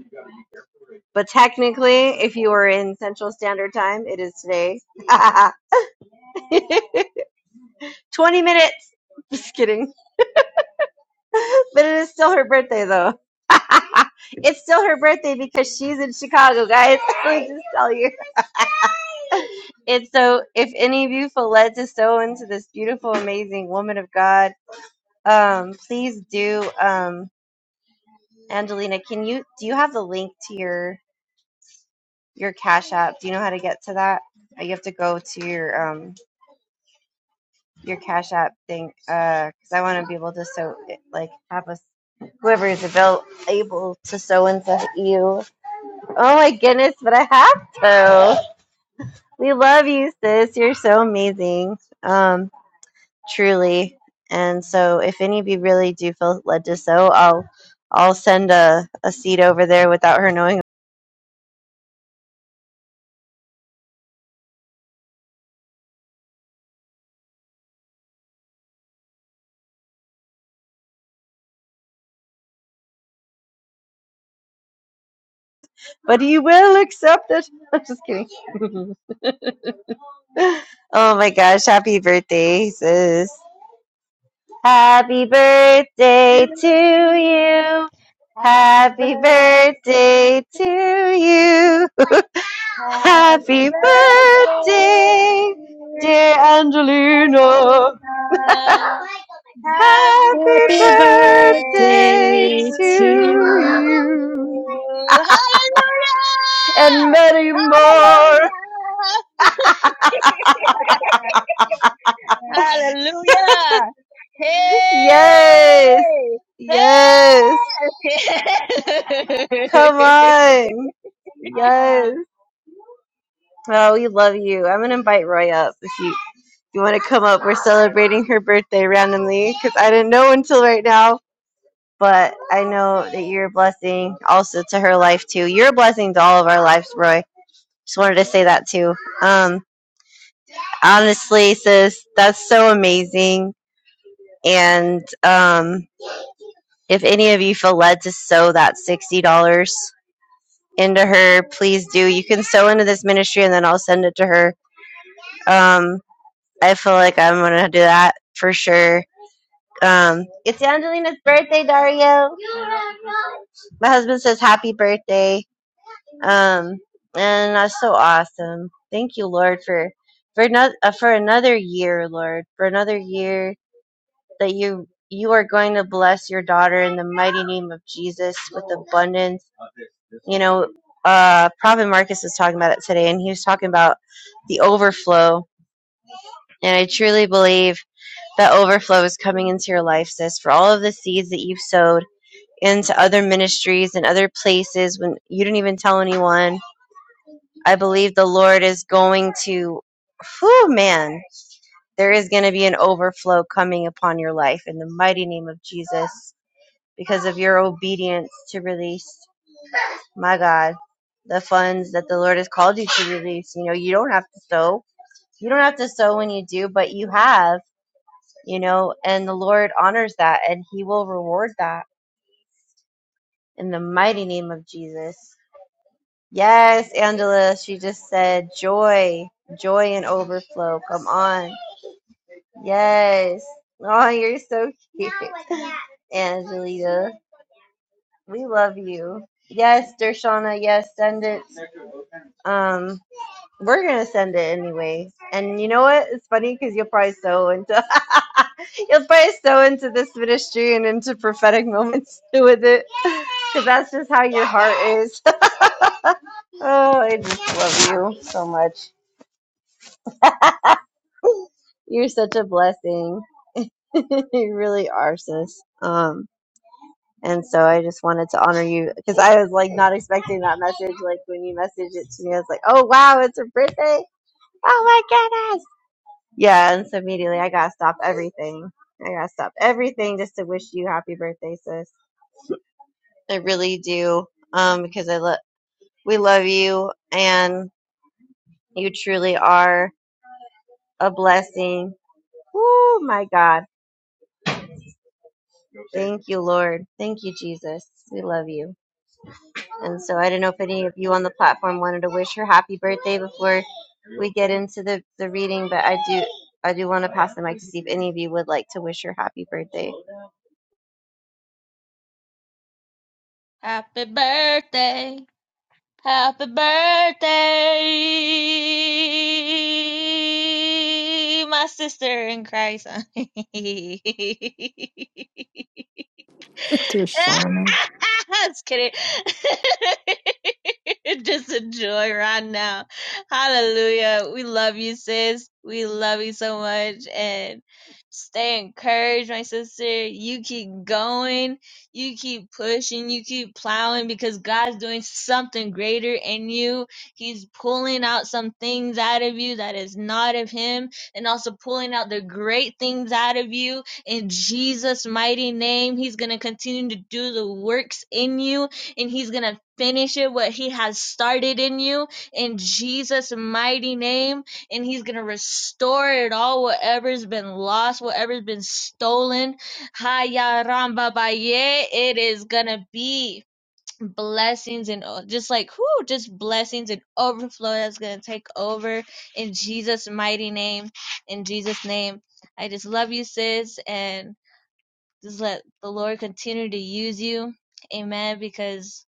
Speaker 3: But technically, if you are in Central Standard Time, it is today. Twenty minutes. Just kidding. but it is still her birthday though. it's still her birthday because she's in Chicago, guys. Let me just tell you. it's so if any of you feel led to sow into this beautiful, amazing woman of God, um, please do. Um, Angelina, can you do you have the link to your your Cash App? Do you know how to get to that? Uh, You have to go to your um your Cash App thing, uh, because I want to be able to sow like have us. whoever is avail- able to sow into you. Oh my goodness, but I have to. We love you, sis. You're so amazing. Um, truly. And so if any of you really do feel led to sow, I'll I'll send a, a seed over there without her knowing. But you will accept it. I'm just kidding. Oh my gosh, happy birthday, sis. Happy birthday to you. Happy birthday to you.
Speaker 1: Happy
Speaker 3: Happy
Speaker 1: birthday,
Speaker 3: birthday,
Speaker 1: dear
Speaker 3: dear
Speaker 1: Sarah.
Speaker 3: Angelina.
Speaker 1: Happy
Speaker 3: Happy
Speaker 2: Happy
Speaker 1: birthday to
Speaker 3: birthday
Speaker 2: birthday
Speaker 3: to
Speaker 1: you.
Speaker 2: to.
Speaker 3: you.
Speaker 1: Hallelujah!
Speaker 3: And many more.
Speaker 1: Hallelujah! Hallelujah!
Speaker 3: Yes.
Speaker 1: Hey!
Speaker 3: Yes.
Speaker 1: Hey!
Speaker 3: Come on. Yes. Oh, we love you. I'm gonna invite Roy up. if you. you want to come up? We're celebrating her birthday randomly because I didn't know until right now. But I know that you're a blessing also to her life too. You're a blessing to all of our lives, Roy. Just wanted to say that too. Um, honestly, sis, that's so amazing. And um, if any of you feel led to sow that sixty dollars into her, please do. You can sow into this ministry, and then I'll send it to her. Um, I feel like I'm gonna do that for sure Um, it's Angelina's birthday, Dario. My husband says happy birthday. Um, and that's so awesome. Thank you, Lord, for for not uh, for another year, Lord, for another year that you you are going to bless your daughter in the mighty name of Jesus with abundance. You know, uh, Prophet Marcus was talking about it today, and he was talking about the overflow. And I truly believe that overflow is coming into your life, sis, for all of the seeds that you've sowed into other ministries and other places when you didn't even tell anyone. I believe the Lord is going to, whew, man, there is going to be an overflow coming upon your life in the mighty name of Jesus because of your obedience to release, my God, the funds that the Lord has called you to release. You know, you don't have to sow. You don't have to sow when you do, but you have, you know, and the Lord honors that and He will reward that in the mighty name of Jesus. Yes, Angela, she just said joy, joy and overflow. Come on. Yes. Oh, you're so cute. Angelita, we love you. Yes, Dershana, yes, send it. Um, we're gonna send it anyway. And you know what? It's funny because you'll probably sew into you'll probably sew into this ministry and into prophetic moments with it. Because that's just how your heart is. Oh, I just love you so much. You're such a blessing. you really are, sis. Um, and so I just wanted to honor you because I was like not expecting that message. Like when you messaged it to me, I was like, "Oh wow, it's her birthday! Oh my goodness!" Yeah, and so immediately I gotta stop everything. I gotta stop everything just to wish you happy birthday, sis. I really do. Um, because I love we love you, and you truly are a blessing. Oh my God! Thank you, Lord. Thank you, Jesus. We love you. And so I don't know if any of you on the platform wanted to wish her happy birthday before we get into the, the reading, but I do I do want to pass the mic to see if any of you would like to wish her happy birthday.
Speaker 1: Happy birthday! Happy birthday, my sister in Christ.
Speaker 6: Victor Steiner.
Speaker 1: Just kidding. Just enjoy right now. Hallelujah. We love you, sis. We love you so much. And stay encouraged, my sister. You keep going. You keep pushing. You keep plowing because God's doing something greater in you. He's pulling out some things out of you that is not of Him and also pulling out the great things out of you in Jesus' mighty name. He's going to continue to do the works in you and he's going to finish it what he has started in you in Jesus' mighty name. And he's going to restore it all, whatever's been lost, whatever's been stolen. Haya Ramba Baye, it is going to be blessings and o- just like whoo, just blessings and overflow that's gonna take over in Jesus' mighty name. In Jesus' name, I just love you, sis, and just let the Lord continue to use you. Amen. Because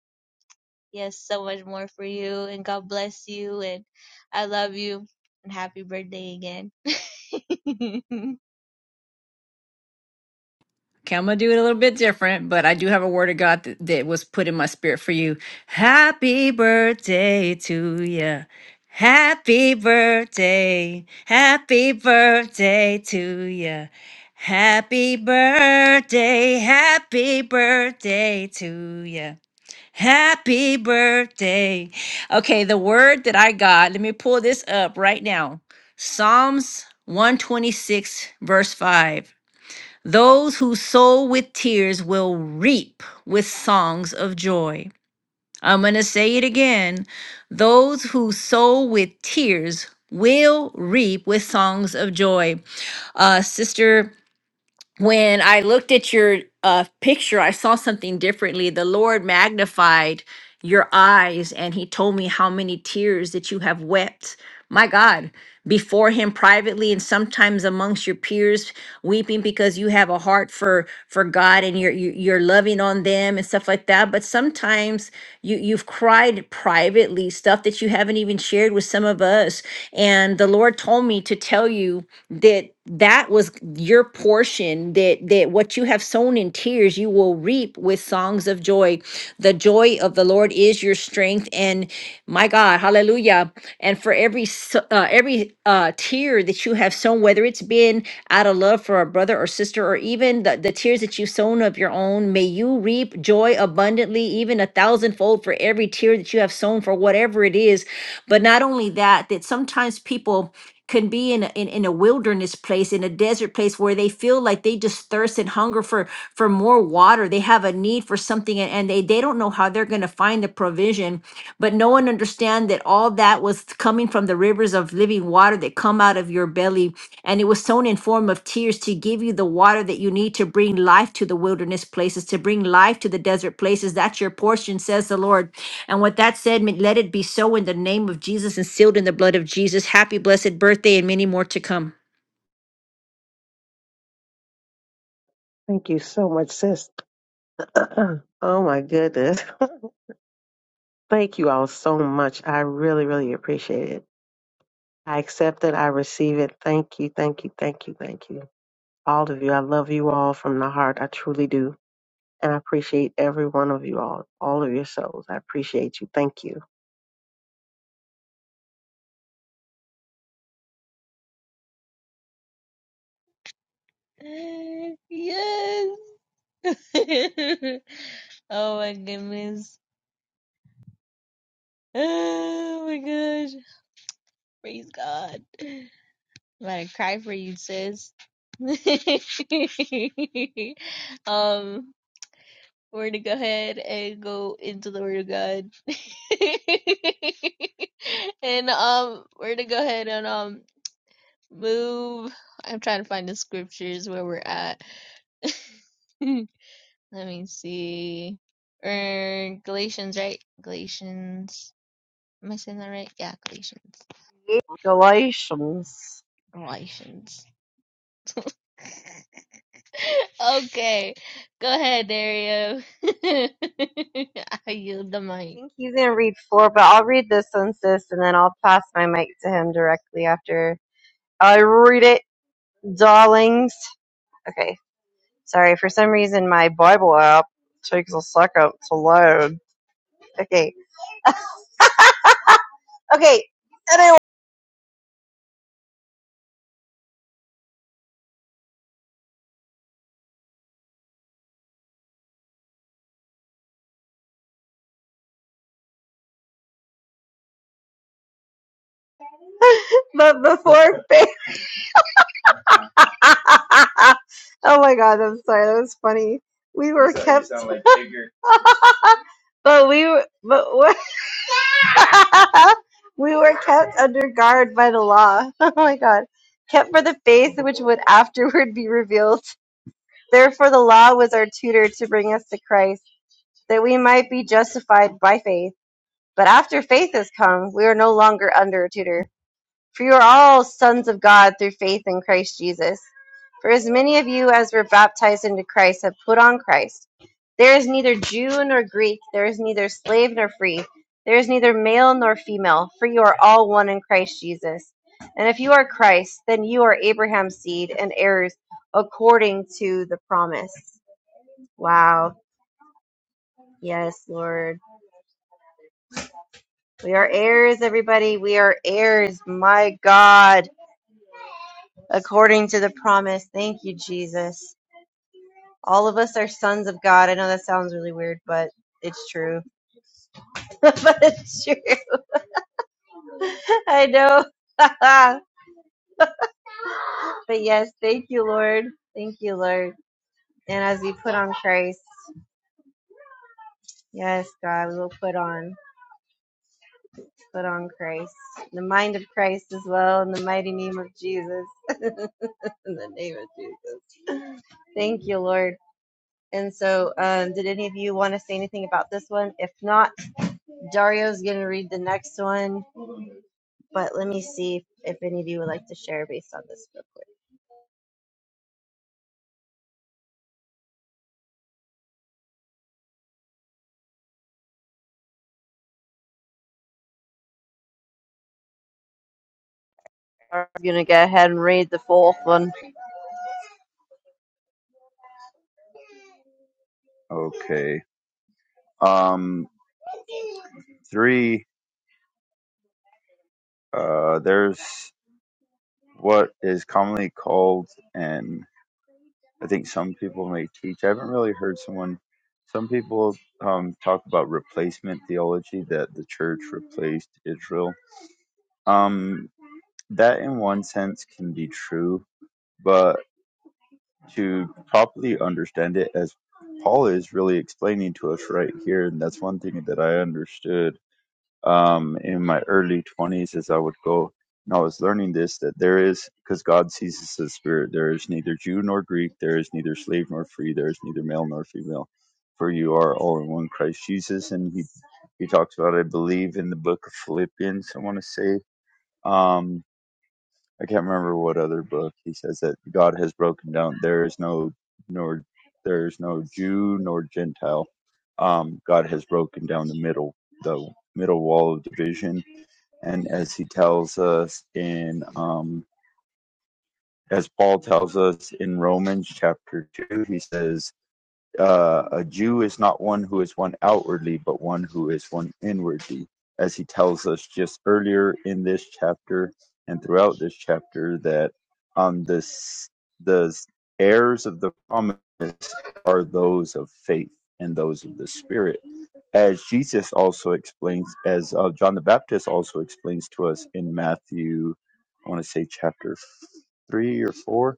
Speaker 1: He has so much more for you, and God bless you, and I love you, and happy birthday again.
Speaker 2: Okay, I'm gonna do it a little bit different, but I do have a word of God that, that was put in my spirit for you. Happy birthday to you. Happy birthday. Happy birthday to you. Happy birthday. Happy birthday to you. Happy birthday. Okay, the word that I got, let me pull this up right now Psalms 126, verse 5. Those who sow with tears will reap with songs of joy. I'm going to say it again. Those who sow with tears will reap with songs of joy. Uh, Sister when I looked at your uh, picture, I saw something differently. The Lord magnified your eyes, and He told me how many tears that you have wept. My God, before Him privately, and sometimes amongst your peers, weeping because you have a heart for for God and you're you- you're loving on them and stuff like that. But sometimes you you've cried privately, stuff that you haven't even shared with some of us. And the Lord told me to tell you that that was your portion that that what you have sown in tears you will reap with songs of joy the joy of the lord is your strength and my god hallelujah and for every s- uh, every uh tear that you have sown whether it's been out of love for a brother or sister or even the, the tears that you've sown of your own may you reap joy abundantly even a thousandfold for every tear that you have sown for whatever it is but not only that that sometimes people can be in a, in, in a wilderness place in a desert place where they feel like they just thirst and hunger for for more water they have a need for something and, and they they don't know how they're going to find the provision but no one understand that all that was coming from the rivers of living water that come out of your of your belly, and it was sown in form of tears to give you the water that you need to bring life to the wilderness places, to bring life to the desert places. That's your portion, says the Lord. And what that said, may- let it be so in the name of Jesus and sealed in the blood of Jesus. Happy, blessed birthday, and many more to come.
Speaker 5: Thank you so much, sis. oh my goodness. Thank you all so much. I really, really appreciate it. I accept it. I receive it. Thank you. Thank you. Thank you. Thank you. All of you. I love you all from the heart. I truly do. And I appreciate every one of you all, all of your souls. I appreciate you. Thank you.
Speaker 1: yes. oh my goodness. Oh my gosh. Praise God. I'm gonna cry for you, sis. um, we're gonna go ahead and go into the Word of God, and um, we're gonna go ahead and um move. I'm trying to find the scriptures where we're at. Let me see. Er, Galatians, right? Galatians. Am I saying that right? Yeah, Galatians.
Speaker 3: Galatians.
Speaker 1: Galatians. Okay, go ahead, Dario. I yield the mic.
Speaker 3: I think he's gonna read four, but I'll read this one, sis, and then I'll pass my mic to him directly after I read it, darlings. Okay. Sorry, for some reason my Bible app takes a second to load. Okay. Okay. Anyway, but before faith. oh my god, I'm sorry. That was funny. We were Sorry, you kept. sound like Jigger. but we were, but we we were kept under guard by the law. Oh my god. Kept for the faith which would afterward be revealed. Therefore, the law was our tutor to bring us to Christ, that we might be justified by faith. But after faith has come, we are no longer under a tutor. For you are all sons of God through faith in Christ Jesus. For as many of you as were baptized into Christ have put on Christ. There is neither Jew nor Greek, there is neither slave nor free, there is neither male nor female, for you are all one in Christ Jesus. And if you are Christ, then you are Abraham's seed and heirs according to the promise. Wow. Yes, Lord. We are heirs, everybody. We are heirs. My God. according to the promise. Thank you, Jesus. All of us are sons of God. I know that sounds really weird, but it's true. but it's true. I know. but yes, thank you, Lord. Thank you, Lord. And as we put on Christ, yes, God, we will put on, put on Christ, the mind of Christ as well, in the mighty name of Jesus. in the name of Jesus. Thank you, Lord. And so, um, did any of you want to say anything about this one? If not, Dario's going to read the next one, but let me see if any of you would like to share based on this real quick. I'm going to go ahead and read the fourth one.
Speaker 4: okay um three uh there's what is commonly called and i think some people may teach i haven't really heard someone some people um, talk about replacement theology that the church replaced israel um that in one sense can be true but to properly understand it as Paul is really explaining to us right here. And that's one thing that I understood um, in my early 20s as I would go and I was learning this that there is, because God sees us as spirit, there is neither Jew nor Greek, there is neither slave nor free, there is neither male nor female, for you are all in one Christ Jesus. And he, he talks about, I believe, in the book of Philippians, I want to say. Um, I can't remember what other book he says that God has broken down. There is no nor there is no Jew nor Gentile. Um, God has broken down the middle, the middle wall of division, and as he tells us in um, as Paul tells us in Romans chapter two, he says uh, a Jew is not one who is one outwardly, but one who is one inwardly, as he tells us just earlier in this chapter and throughout this chapter that um, the the heirs of the promise are those of faith and those of the Spirit, as Jesus also explains, as uh, John the Baptist also explains to us in Matthew, I want to say chapter three or four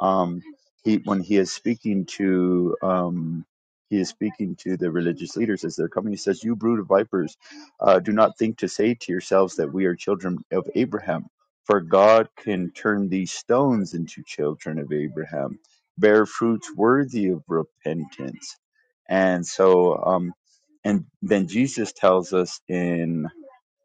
Speaker 4: um, he when he is speaking to um, he is speaking to the religious leaders as they're coming. He says, "You brood of vipers, uh, do not think to say to yourselves that we are children of Abraham, for God can turn these stones into children of Abraham. Bear fruits worthy of repentance." And so, um, and then Jesus tells us in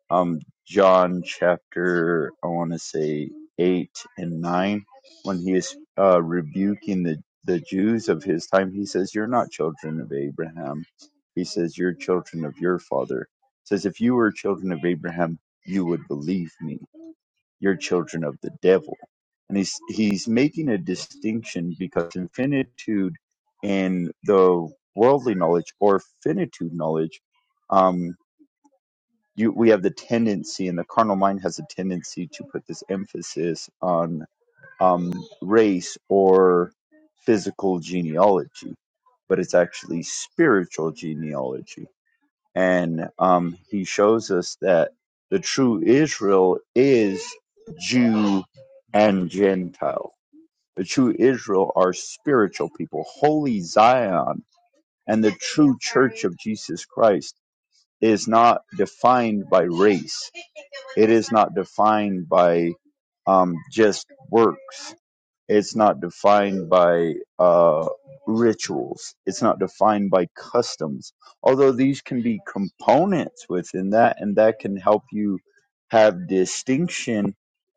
Speaker 4: um John chapter I want to say eight and nine when he is uh, rebuking the the Jews of his time. He says, "You're not children of Abraham." He says, "You're children of your father." He says, "If you were children of Abraham, you would believe me. You're children of the devil." And he's he's making a distinction because infinitude in the worldly knowledge or finitude knowledge um you we have the tendency and the carnal mind has a tendency to put this emphasis on um, race or physical genealogy but it's actually spiritual genealogy and um, he shows us that the true israel is jew and gentile the true israel are spiritual people holy zion and the true church of jesus christ is not defined by race it is not defined by um, just works. It's not defined by uh, rituals. It's not defined by customs. Although these can be components within that, and that can help you have distinction,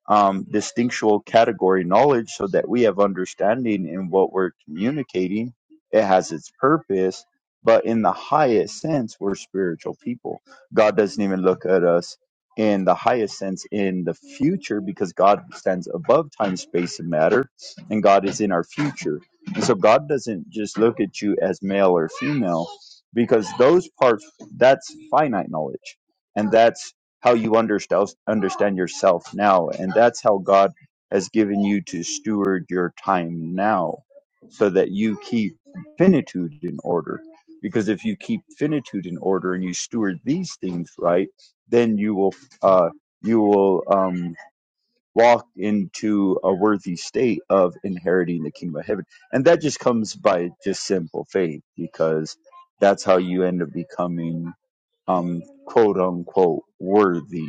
Speaker 4: um, distinctual category knowledge, so that we have understanding in what we're communicating. It has its purpose, but in the highest sense, we're spiritual people. God doesn't even look at us in the highest sense in the future because God stands above time, space, and matter and God is in our future. And so God doesn't just look at you as male or female because those parts that's finite knowledge and that's how you understand understand yourself now and that's how God has given you to steward your time now so that you keep finitude in order because if you keep finitude in order and you steward these things right then you will uh you will um walked into a worthy state of inheriting the kingdom of heaven. And that just comes by just simple faith because that's how you end up becoming um quote unquote worthy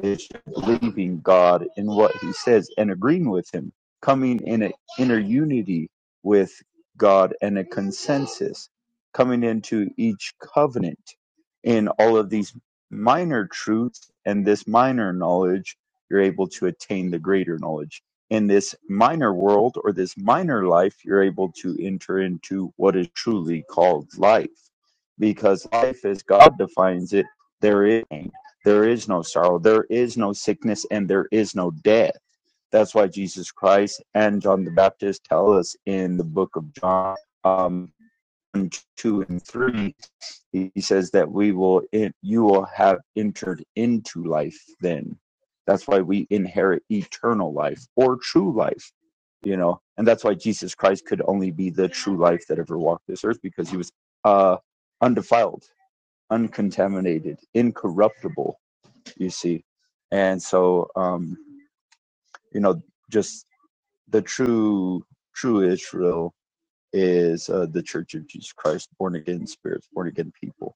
Speaker 4: is believing God in what He says and agreeing with Him, coming in an inner unity with God and a consensus, coming into each covenant in all of these minor truths and this minor knowledge, you're able to attain the greater knowledge. In this minor world or this minor life, you're able to enter into what is truly called life because life as God defines it, there is. There is no sorrow, there is no sickness, and there is no death. That's why Jesus Christ and John the Baptist tell us in the book of John um, 1, 2, and 3, he says that we will, you will have entered into life then. That's why we inherit eternal life or true life, you know, and that's why Jesus Christ could only be the true life that ever walked this earth because he was uh, undefiled, uncontaminated, incorruptible you see and so um you know just the true true israel is uh, the church of jesus christ born again spirits born again people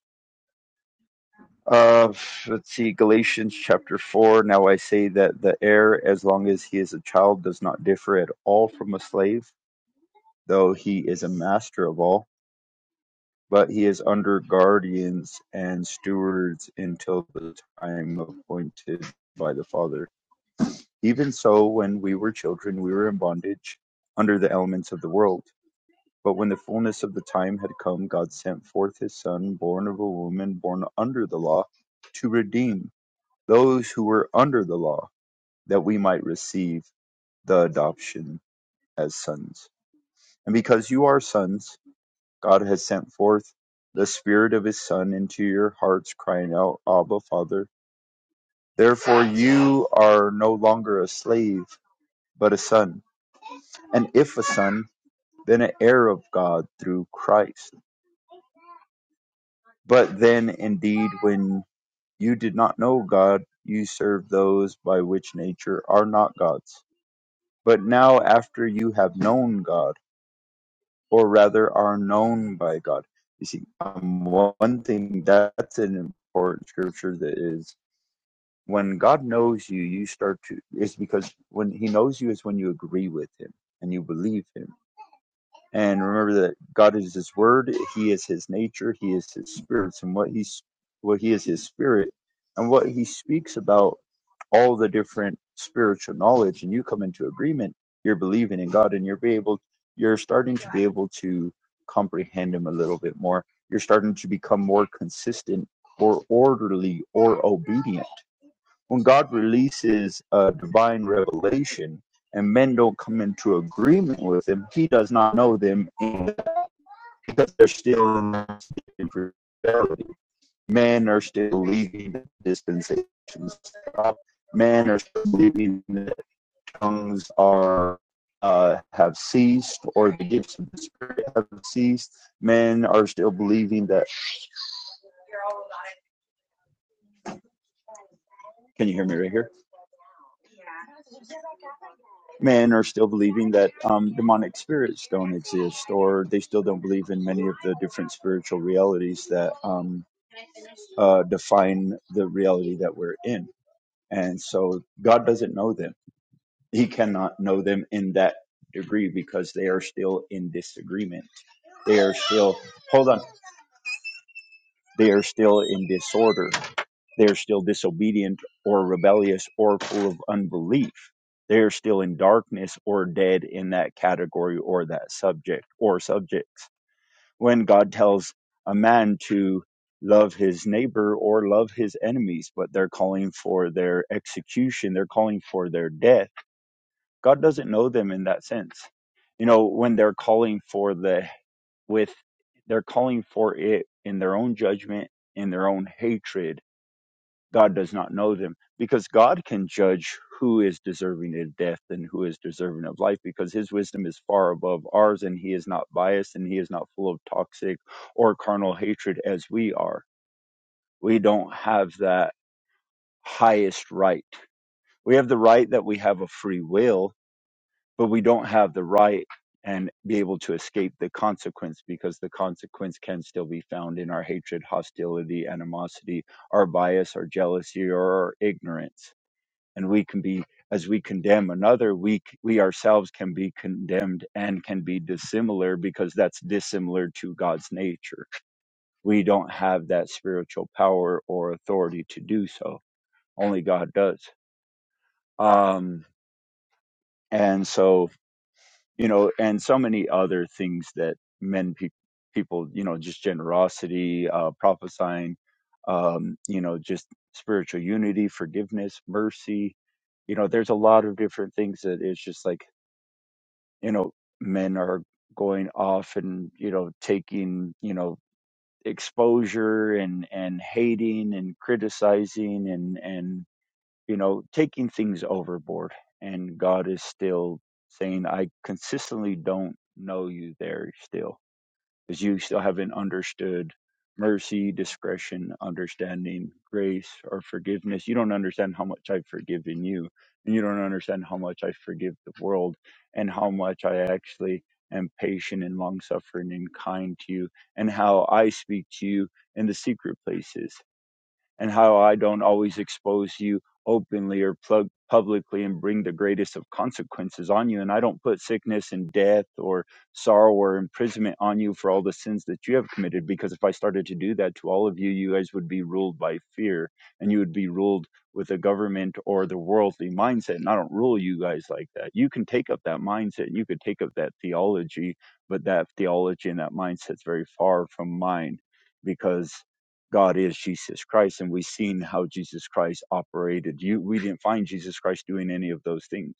Speaker 4: uh let's see galatians chapter 4 now i say that the heir as long as he is a child does not differ at all from a slave though he is a master of all but he is under guardians and stewards until the time appointed by the father Even so, when we were children, we were in bondage under the elements of the world. But when the fullness of the time had come, God sent forth his Son, born of a woman, born under the law, to redeem those who were under the law, that we might receive the adoption as sons. And because you are sons, God has sent forth the Spirit of his Son into your hearts, crying out, Abba, Father. Therefore, you are no longer a slave but a son. And if a son, then an heir of God through Christ. But then indeed, when you did not know God, you served those by which nature are not God's. But now, after you have known God, or rather are known by God, you see, um, one thing that's an important scripture that is when God knows you, you start to, it's because when He knows you is when you agree with Him and you believe Him and remember that God is His Word. He is His nature. He is His spirits, and what He's what He is His Spirit, and what He speaks about all the different spiritual knowledge. And you come into agreement. You're believing in God, and you're be able. You're starting to be able to comprehend Him a little bit more. You're starting to become more consistent, or orderly, or obedient. When God releases a divine revelation, and men don't come into agreement with him, he does not know them in because they're still not speaking for Men are still leaving the dispensations. Men are still believing that tongues are uh, have ceased, or the gifts of the spirit have ceased. Men are still believing that. Can you hear me right here? Men are still believing that um, demonic spirits don't exist, or they still don't believe in many of the different spiritual realities that um, uh, define the reality that we're in. And so God doesn't know them He cannot know them in that degree because they are still in disagreement. They are still, hold on, they are still in disorder. They are still disobedient or rebellious or full of unbelief. They are still in darkness or dead in that category or that subject or subjects. When God tells a man to love his neighbor or love his enemies, but they're calling for their execution, they're calling for their death God doesn't know them in that sense. You know, when they're calling for the with they're calling for it in their own judgment, in their own hatred, God does not know them because God can judge who is deserving of death and who is deserving of life because his wisdom is far above ours and he is not biased and he is not full of toxic or carnal hatred as we are. We don't have that highest right. We have the right that we have a free will but we don't have the right and be able to escape the consequence because the consequence can still be found in our hatred, hostility, animosity, our bias, our jealousy, or our ignorance. And we can be, as we condemn another, we, c- we ourselves can be condemned and can be dissimilar because that's dissimilar to God's nature. We don't have that spiritual power or authority to do so. Only God does. Um, and so, you know, and so many other things that men pe- people, you know, just generosity, uh, prophesying, um, you know, just spiritual unity, forgiveness, mercy. You know, there's a lot of different things that it's just like, you know, men are going off and, you know, taking, you know, exposure and and hating and criticizing and and you know, taking things overboard. And God is still saying, I consistently don't know you there still, because you still haven't understood mercy, discretion, understanding, grace, or forgiveness. You don't understand how much I've forgiven you. And you don't understand how much I forgive the world and how much I actually am patient and long suffering and kind to you and how I speak to you in the secret places and how I don't always expose you openly or plug publicly and bring the greatest of consequences on you. And I don't put sickness and death or sorrow or imprisonment on you for all the sins that you have committed, because if I started to do that to all of you, you guys would be ruled by fear and you would be ruled with a government or the worldly mindset. And I don't rule you guys like that. You can take up that mindset and you could take up that theology, but that theology and that mindset's very far from mine because God is Jesus Christ, and we've seen how Jesus Christ operated. You, we didn't find Jesus Christ doing any of those things.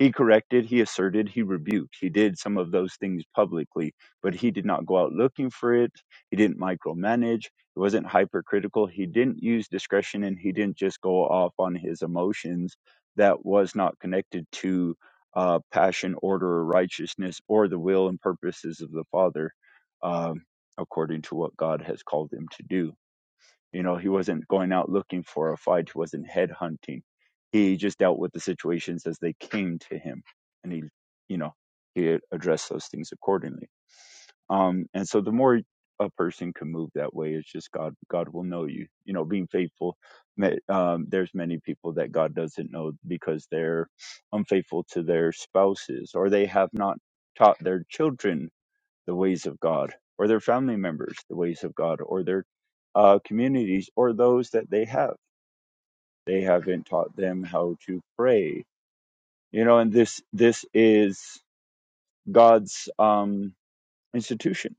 Speaker 4: He corrected, he asserted, he rebuked. He did some of those things publicly, but he did not go out looking for it. He didn't micromanage. He wasn't hypercritical. He didn't use discretion, and he didn't just go off on his emotions that was not connected to uh, passion, order, or righteousness, or the will and purposes of the Father, um, according to what God has called him to do you know, he wasn't going out looking for a fight. He wasn't headhunting. He just dealt with the situations as they came to him, and he, you know, he addressed those things accordingly. Um, and so the more a person can move that way, it's just God. God will know you. You know, being faithful. Um, there's many people that God doesn't know because they're unfaithful to their spouses or they have not taught their children the ways of God, or their family members, the ways of God, or their uh, communities, or those that they have. They haven't taught them how to pray, you know. And this this is God's um, institution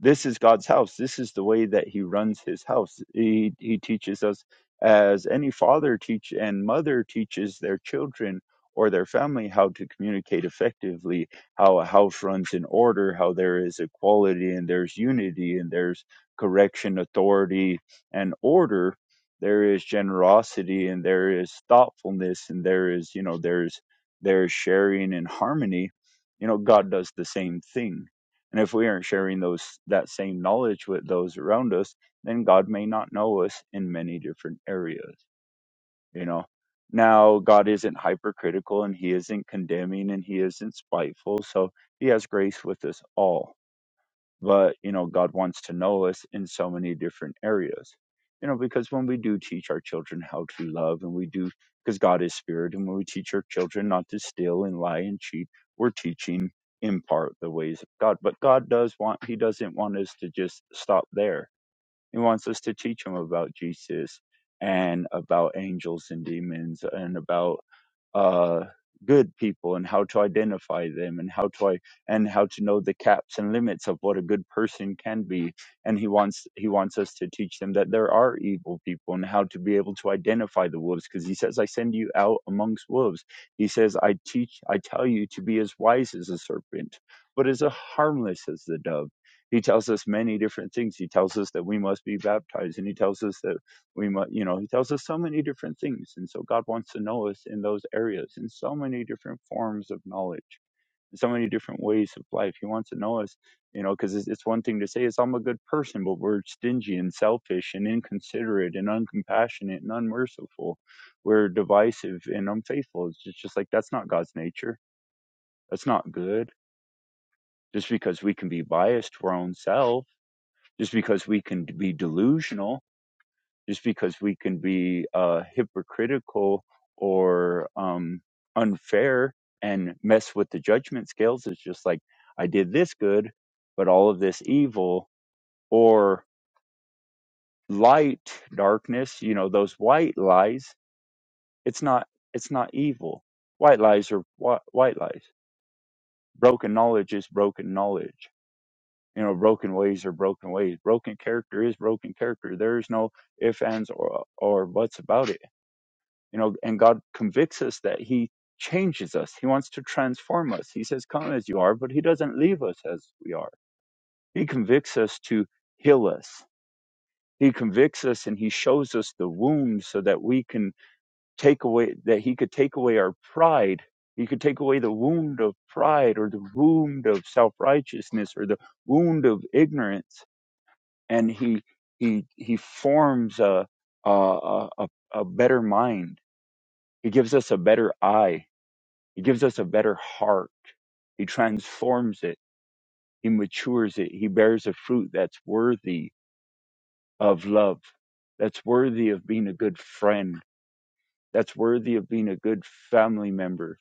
Speaker 4: this is God's house. This is the way that He runs His house. He He teaches us, as any father teach and mother teaches their children or their family how to communicate effectively, how a house runs in order, how there is equality and there's unity and there's correction, authority, and order. There is generosity and there is thoughtfulness and there is you know there's there's sharing and harmony. You know God does the same thing and if we aren't sharing those that same knowledge with those around us, then God may not know us in many different areas, you know. Now, God isn't hypercritical and he isn't condemning and he isn't spiteful, so he has grace with us all but you know god wants to know us in so many different areas you know because when we do teach our children how to love and we do because god is spirit and when we teach our children not to steal and lie and cheat we're teaching in part the ways of god but god does want he doesn't want us to just stop there he wants us to teach him about jesus and about angels and demons and about uh, good people and how to identify them and how to I, and how to know the caps and limits of what a good person can be and he wants he wants us to teach them that there are evil people and how to be able to identify the wolves because he says I send you out amongst wolves he says I teach I tell you to be as wise as a serpent but as a harmless as the dove he tells us many different things he tells us that we must be baptized and he tells us that we mu you know he tells us so many different things and so god wants to know us in those areas in so many different forms of knowledge in so many different ways of life he wants to know us you know because it's, it's one thing to say is i'm a good person but we're stingy and selfish and inconsiderate and uncompassionate and unmerciful we're divisive and unfaithful it's just, just like that's not god's nature that's not good just because we can be biased to our own self just because we can be delusional just because we can be uh, hypocritical or um, unfair and mess with the judgment scales. It's just like, I did this good, but all of this evil, or light, darkness, you know, those white lies, it's not, it's not evil. White lies are whi- white lies. Broken knowledge is broken knowledge. You know, broken ways are broken ways. Broken character is broken character. There is no ifs, ands, or, or buts about it you know and god convicts us that he changes us he wants to transform us he says come as you are but he doesn't leave us as we are he convicts us to heal us he convicts us and he shows us the wounds so that we can take away that he could take away our pride he could take away the wound of pride or the wound of self-righteousness or the wound of ignorance and he he he forms a a a, a a better mind he gives us a better eye He gives us a better heart. He transforms it. He matures it. He bears a fruit that's worthy of love, that's worthy of being a good friend, that's worthy of being a good family member,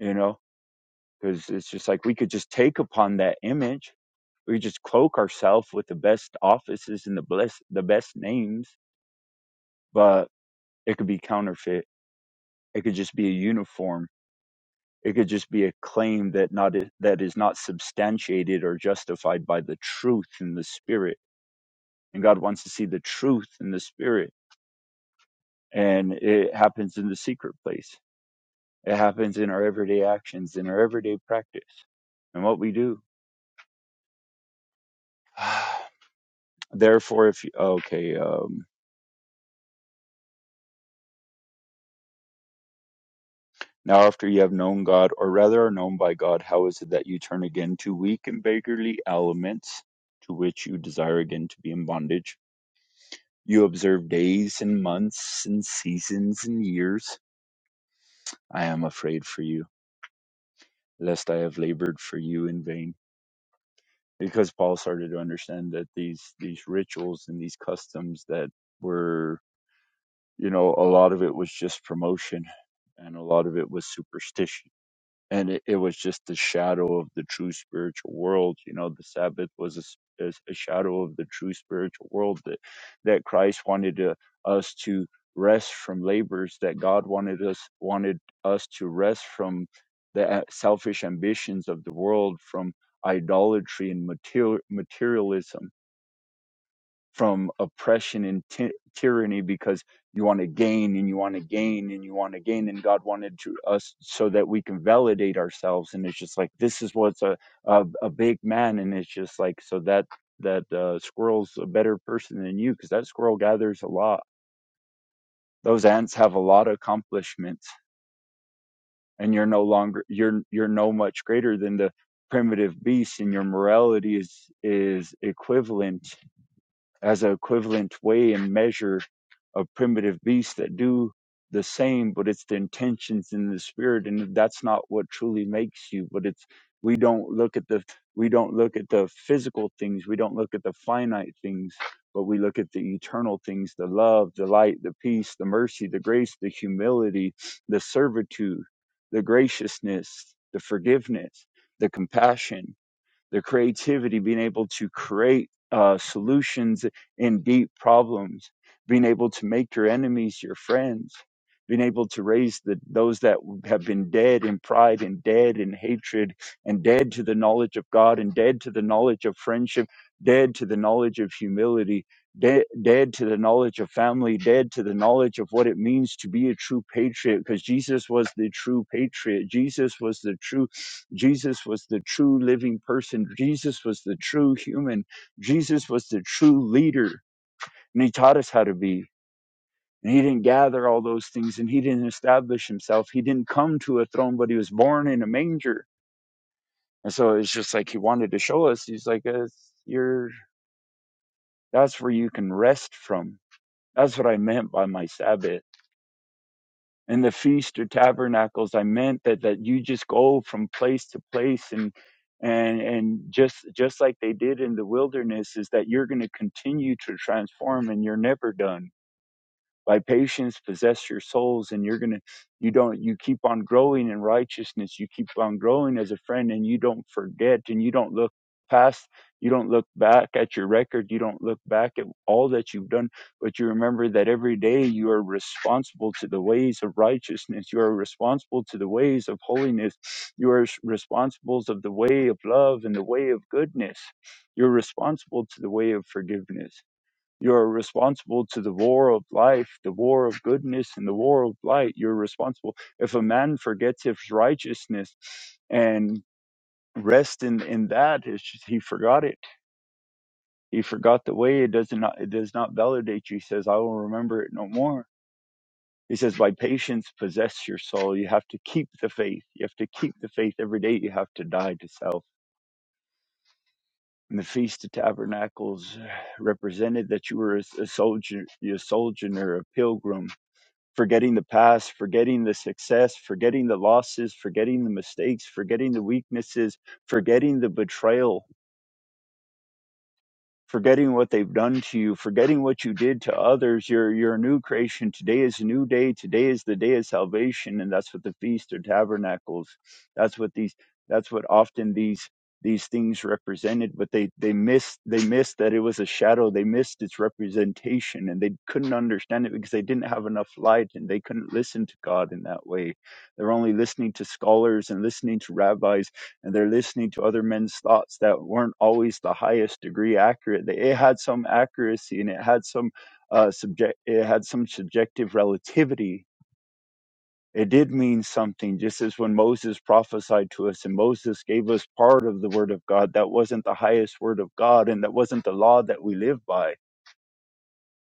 Speaker 4: you know? Because it's just like we could just take upon that image. We just cloak ourselves with the best offices and the bless the best names, but it could be counterfeit. It could just be a uniform It could just be a claim that not that is not substantiated or justified by the truth in the spirit. And God wants to see the truth in the spirit, and it happens in the secret place. It happens in our everyday actions, in our everyday practice, and what we do. Therefore, if you, okay, um, now after you have known God, or rather are known by God, how is it that you turn again to weak and beggarly elements, to which you desire again to be in bondage? You observe days and months and seasons and years. I am afraid for you, lest I have labored for you in vain. Because Paul started to understand that these, these rituals and these customs that were, you know, a lot of it was just promotion and a lot of it was superstition and it, it was just the shadow of the true spiritual world you know the sabbath was a, s- is a shadow of the true spiritual world that that christ wanted to, us to rest from labors that god wanted us wanted us to rest from the a- selfish ambitions of the world from idolatry and material, materialism from oppression and ty- tyranny because you want to gain and you want to gain and you want to gain and god wanted to us so that we can validate ourselves and it's just like this is what's a a, a big man and it's just like so that that uh, squirrel's a better person than you because that squirrel gathers a lot those ants have a lot of accomplishments and you're no longer you're you're no much greater than the primitive beast and your morality is is equivalent as an equivalent way and measure of primitive beasts that do the same, but it's the intentions in the spirit, and that's not what truly makes you. But it's we don't look at the we don't look at the physical things, we don't look at the finite things, but we look at the eternal things, the love, the light, the peace, the mercy, the grace, the humility, the servitude, the graciousness, the forgiveness, the compassion their creativity, being able to create uh, solutions in deep problems, being able to make your enemies your friends, being able to raise the, those that have been dead in pride and dead in hatred and dead to the knowledge of God and dead to the knowledge of friendship, dead to the knowledge of humility. Dead, dead to the knowledge of family, dead to the knowledge of what it means to be a true patriot, because Jesus was the true patriot. Jesus was the true Jesus was the true living person. Jesus was the true human. Jesus was the true leader. And he taught us how to be. And he didn't gather all those things and he didn't establish himself. He didn't come to a throne, but he was born in a manger. And so it's just like he wanted to show us. He's like, uh, you're, that's where you can rest from. That's what I meant by my Sabbath. in the feast or tabernacles i meant that that you just go from place to place and and and just just like they did in the wilderness is that you're going to continue to transform and you're never done by patience possess your souls and you're gonna you don't you keep on growing in righteousness you keep on growing as a friend and you don't forget and you don't look past you don't look back at your record you don't look back at all that you've done but you remember that every day you are responsible to the ways of righteousness you are responsible to the ways of holiness you are s- responsible of the way of love and the way of goodness you're responsible to the way of forgiveness you're responsible to the war of life, the war of goodness, and the war of light. You're responsible. If a man forgets his righteousness and rest in, in that, it's just, he forgot it. He forgot the way. It does not it does not validate you. He says, I will remember it no more. He says, by patience possess your soul. You have to keep the faith. You have to keep the faith every day. You have to die to self. And the Feast of Tabernacles represented that you were a, a soldier, a sojourner, a pilgrim, forgetting the past, forgetting the success, forgetting the losses, forgetting the mistakes, forgetting the weaknesses, forgetting the betrayal, forgetting what they've done to you, forgetting what you did to others. You're you're a new creation. Today is a new day. Today is the day of salvation, and that's what the feast of tabernacles. That's what these. That's what often these these things represented. But they they missed they missed that it was a shadow. They missed its representation, and they couldn't understand it because they didn't have enough light, and they couldn't listen to God in that way. They're only listening to scholars and listening to rabbis and they're listening to other men's thoughts that weren't always the highest degree accurate. It had some accuracy and it had some uh, subject. It had some subjective relativity. It did mean something, just as when Moses prophesied to us and Moses gave us part of the word of God. That wasn't the highest word of God, and that wasn't the law that we live by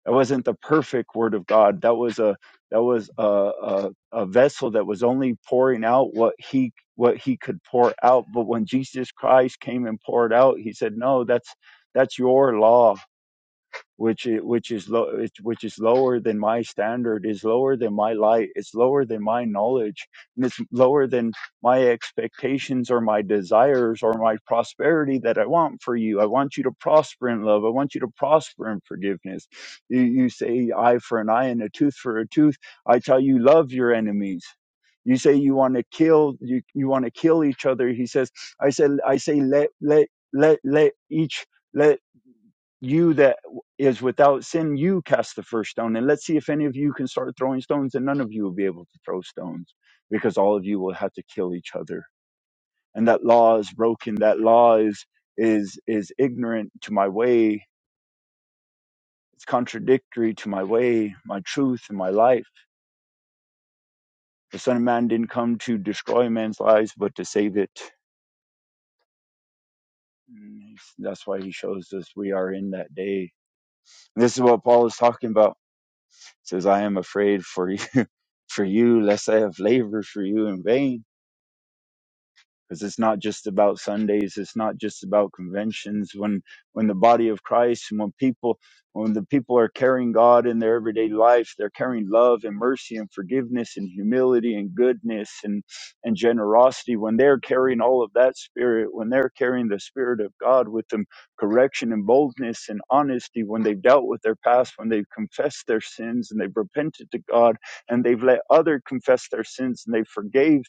Speaker 4: that wasn't the perfect word of god that was a that was a, a a vessel that was only pouring out what he what he could pour out but when jesus christ came and poured out he said no that's that's your law which is, which is low which is lower than my standard is lower than my light it's lower than my knowledge and it's lower than my expectations or my desires or my prosperity that I want for you I want you to prosper in love I want you to prosper in forgiveness you, you say eye for an eye and a tooth for a tooth I tell you love your enemies you say you want to kill you, you want to kill each other he says I said I say let let let let each let you that is without sin, you cast the first stone. And let's see if any of you can start throwing stones, and none of you will be able to throw stones because all of you will have to kill each other. And that law is broken. That law is is is ignorant to my way. It's contradictory to my way, my truth, and my life. The Son of Man didn't come to destroy man's lives, but to save it. And That's why he shows us we are in that day. And This is what Paul is talking about. He says, I am afraid for you for you, let's say, have labored for you in vain because it's not just about Sundays. It's not just about conventions. When when the body of Christ and when people when the people are carrying God in their everyday life, they're carrying love and mercy and forgiveness and humility and goodness and and generosity. When they're carrying all of that spirit, when they're carrying the spirit of God with them, correction and boldness and honesty. When they've dealt with their past, when they've confessed their sins and they've repented to God and they've let other confess their sins and they forgave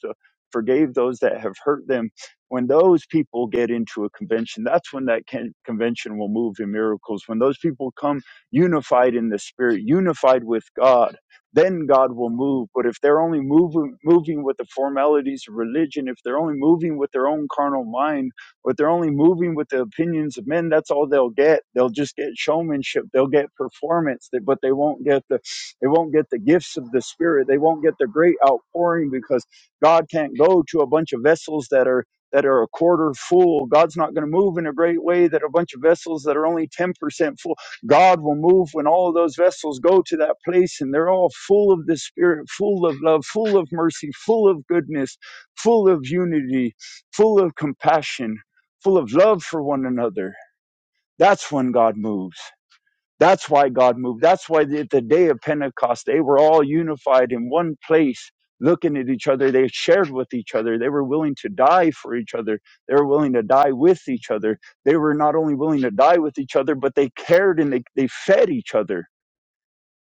Speaker 4: forgave those that have hurt them. When those people get into a convention, that's when that can, convention will move in miracles. When those people come unified in the Spirit, unified with God, then God will move. But if they're only moving, moving with the formalities of religion, if they're only moving with their own carnal mind, if they're only moving with the opinions of men, that's all they'll get. They'll just get showmanship, they'll get performance, but they won't get the they won't get the gifts of the Spirit. They won't get the great outpouring because God can't go to a bunch of vessels that are that are a quarter full. God's not going to move in a great way that a bunch of vessels that are only 10% full. God will move when all of those vessels go to that place and they're all full of the spirit, full of love, full of mercy, full of goodness, full of unity, full of compassion, full of love for one another. That's when God moves. That's why God moved. That's why at the day of Pentecost, they were all unified in one place, looking at each other. They shared with each other. They were willing to die for each other. They were willing to die with each other. They were not only willing to die with each other, but they cared and they, they fed each other.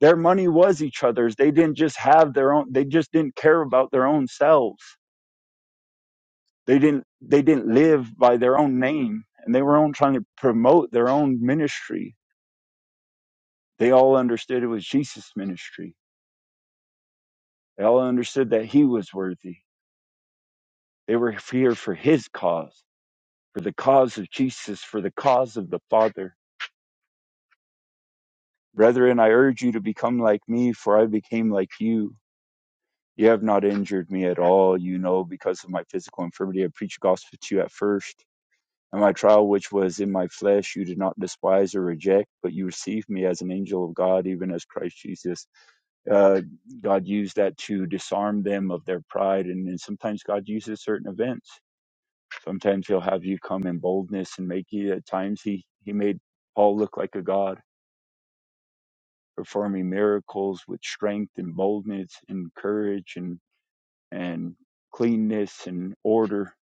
Speaker 4: Their money was each other's. They didn't just have their own, they just didn't care about their own selves. They didn't, they didn't live by their own name and they were all trying to promote their own ministry. They all understood it was Jesus' ministry They all understood that he was worthy. They were here for his cause, for the cause of Jesus, for the cause of the Father. Brethren, I urge you to become like me, for I became like you. You have not injured me at all, you know, because of my physical infirmity. I preached the gospel to you at first. And my trial, which was in my flesh, you did not despise or reject, but you received me as an angel of God, even as Christ Jesus. Uh, God used that to disarm them of their pride. And, and sometimes God uses certain events Sometimes he'll have you come in boldness and make you. At times he he made Paul look like a god, performing miracles with strength and boldness and courage and and cleanness and order.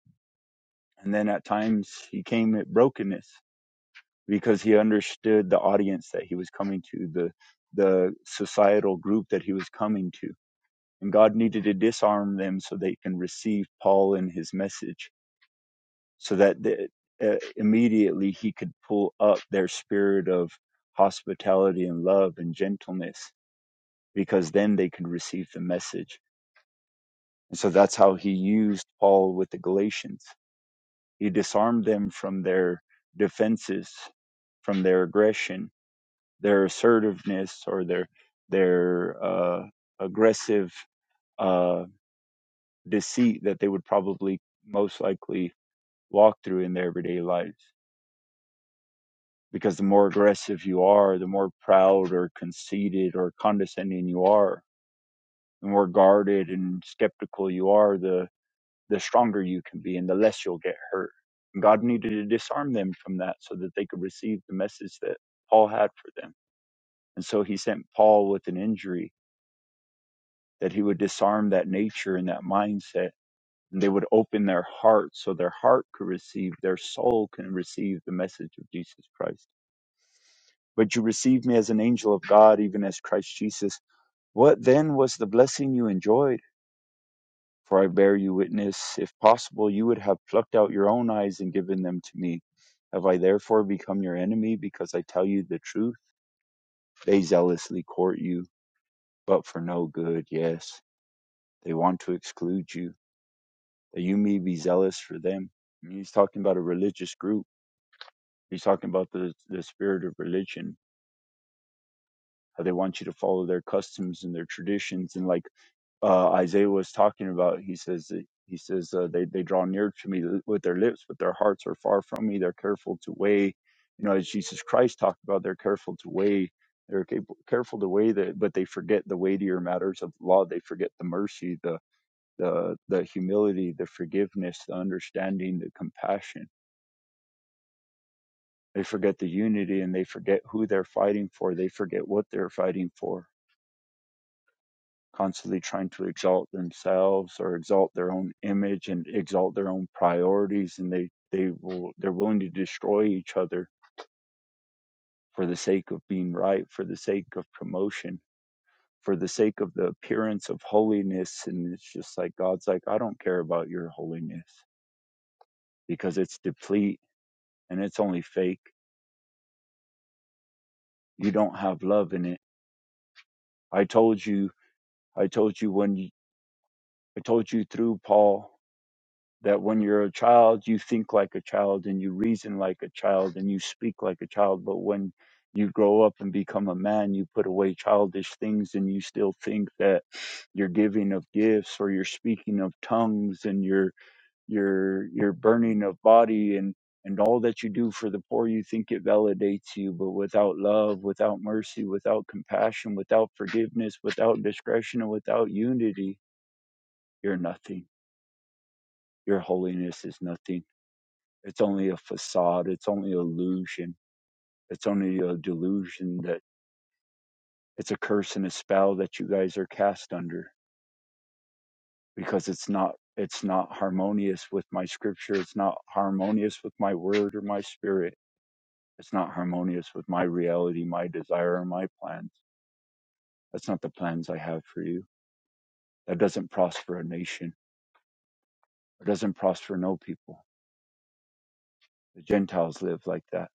Speaker 4: And then at times he came at brokenness because he understood the audience that he was coming to, the the societal group that he was coming to. And God needed to disarm them so they can receive Paul and his message so that the, uh, immediately he could pull up their spirit of hospitality and love and gentleness because then they could receive the message and so that's how he used paul with the galatians he disarmed them from their defenses from their aggression their assertiveness or their their uh, aggressive uh, deceit that they would probably most likely walk through in their everyday lives because the more aggressive you are, the more proud or conceited or condescending you are, the more guarded and skeptical you are, the the stronger you can be and the less you'll get hurt. And God needed to disarm them from that so that they could receive the message that Paul had for them. And so he sent Paul with an injury that he would disarm that nature and that mindset and they would open their heart so their heart could receive, their soul can receive the message of Jesus Christ but you received me as an angel of God, even as Christ Jesus. What then was the blessing you enjoyed? For I bear you witness, if possible, you would have plucked out your own eyes and given them to me. Have I therefore become your enemy because I tell you the truth? They zealously court you, but for no good, yes. They want to exclude you, that you may be zealous for them. And he's talking about a religious group. He's talking about the, the spirit of religion, how they want you to follow their customs and their traditions. And like uh, Isaiah was talking about. He says that, he says uh, they they draw near to me with their lips, but their hearts are far from me. They're careful to weigh, you know, as Jesus Christ talked about. They're careful to weigh. They're cap- careful to weigh that, but they forget the weightier matters of law. They forget the mercy, the the the humility, the forgiveness, the understanding, the compassion. They forget the unity, and they forget who they're fighting for. They forget what they're fighting for constantly trying to exalt themselves or exalt their own image and exalt their own priorities and they they will they're willing to destroy each other for the sake of being right for the sake of promotion for the sake of the appearance of holiness and it's just like god's like i don't care about your holiness because it's deplete and it's only fake you don't have love in it i told you i told you when you, i told you through paul that when you're a child, you think like a child and you reason like a child and you speak like a child. But when you grow up and become a man, you put away childish things and you still think that your giving of gifts or your speaking of tongues and your your your burning of body and and all that you do for the poor you think it validates you but without love without mercy without compassion without forgiveness without discretion and without unity you're nothing your holiness is nothing it's only a facade. It's only illusion. It's only a delusion that it's a curse and a spell that you guys are cast under because it's not it's not harmonious with my scripture. It's not harmonious with my word or my spirit. It's not harmonious with my reality, my desire, or my plans. That's not the plans I have for you. That doesn't prosper a nation. It doesn't prosper no people. The Gentiles live like that.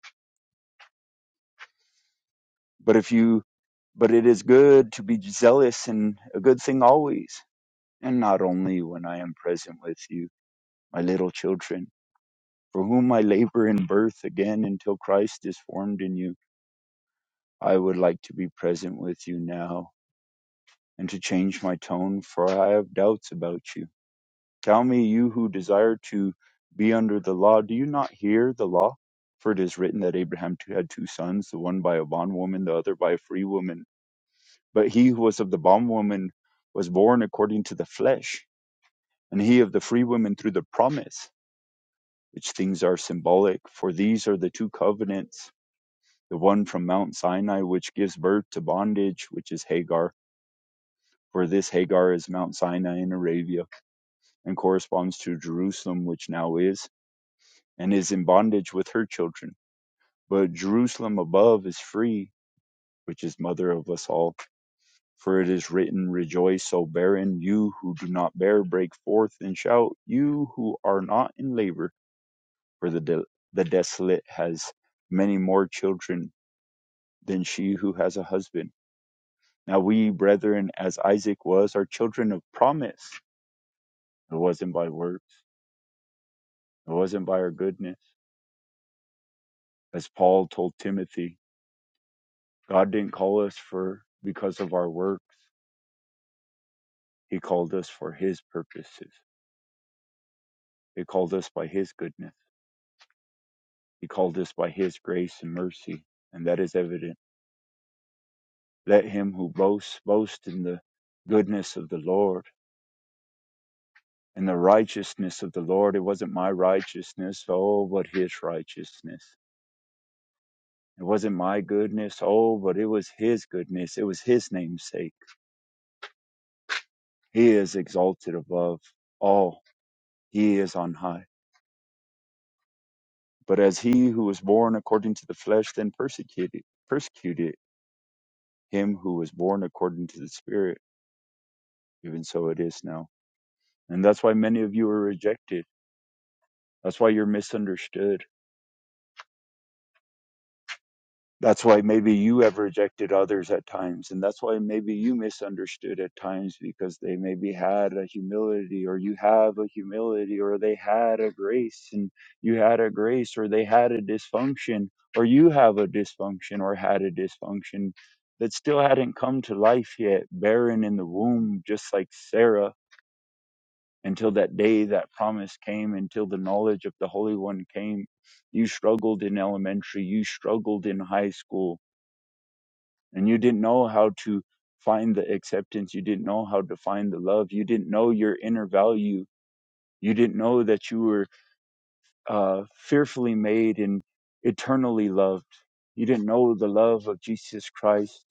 Speaker 4: But if you but it is good to be zealous and a good thing always. and not only when I am present with you, my little children, for whom I labor in birth again until Christ is formed in you. I would like to be present with you now, and to change my tone, for I have doubts about you. Tell me, you who desire to be under the law, do you not hear the law? For it is written that Abraham too had two sons, the one by a bondwoman, the other by a free woman. But he who was of the bondwoman was born according to the flesh, and he of the free woman through the promise. which things are symbolic, for these are the two covenants, the one from Mount Sinai, which gives birth to bondage, which is Hagar, for this Hagar is Mount Sinai in Arabia, and corresponds to Jerusalem, which now is, and is in bondage with her children. But Jerusalem above is free, which is mother of us all. For it is written, Rejoice, O barren, you who do not bear, break forth and shout, you who are not in labor, for the, de- the desolate has many more children than she who has a husband. Now we, brethren, as Isaac was, are children of promise. It wasn't by works, it wasn't by our goodness. As Paul told Timothy, God didn't call us for because of our works. He called us for his purposes. He called us by his goodness. He called us by his grace and mercy. And that is evident. Let him who boasts boast in the goodness of the Lord and the righteousness of the Lord. It wasn't my righteousness, oh, but his righteousness. It wasn't my goodness, oh, but it was His goodness. It was His name's sake. He is exalted above all. He is on high. But as he who was born according to the flesh then persecuted, persecuted him who was born according to the Spirit, even so it is now. And that's why many of you are rejected. That's why you're misunderstood. That's why maybe you have rejected others at times. And that's why maybe you misunderstood at times because they maybe had a humility or you have a humility or they had a grace and you had a grace or they had a dysfunction or you have a dysfunction or had a dysfunction that still hadn't come to life yet, barren in the womb, just like Sarah, until that day that promise came, until the knowledge of the Holy One came. You struggled in elementary, you struggled in high school and you didn't know how to find the acceptance you didn't know how to find the love you didn't know your inner value you didn't know that you were uh, fearfully made and eternally loved you didn't know the love of jesus christ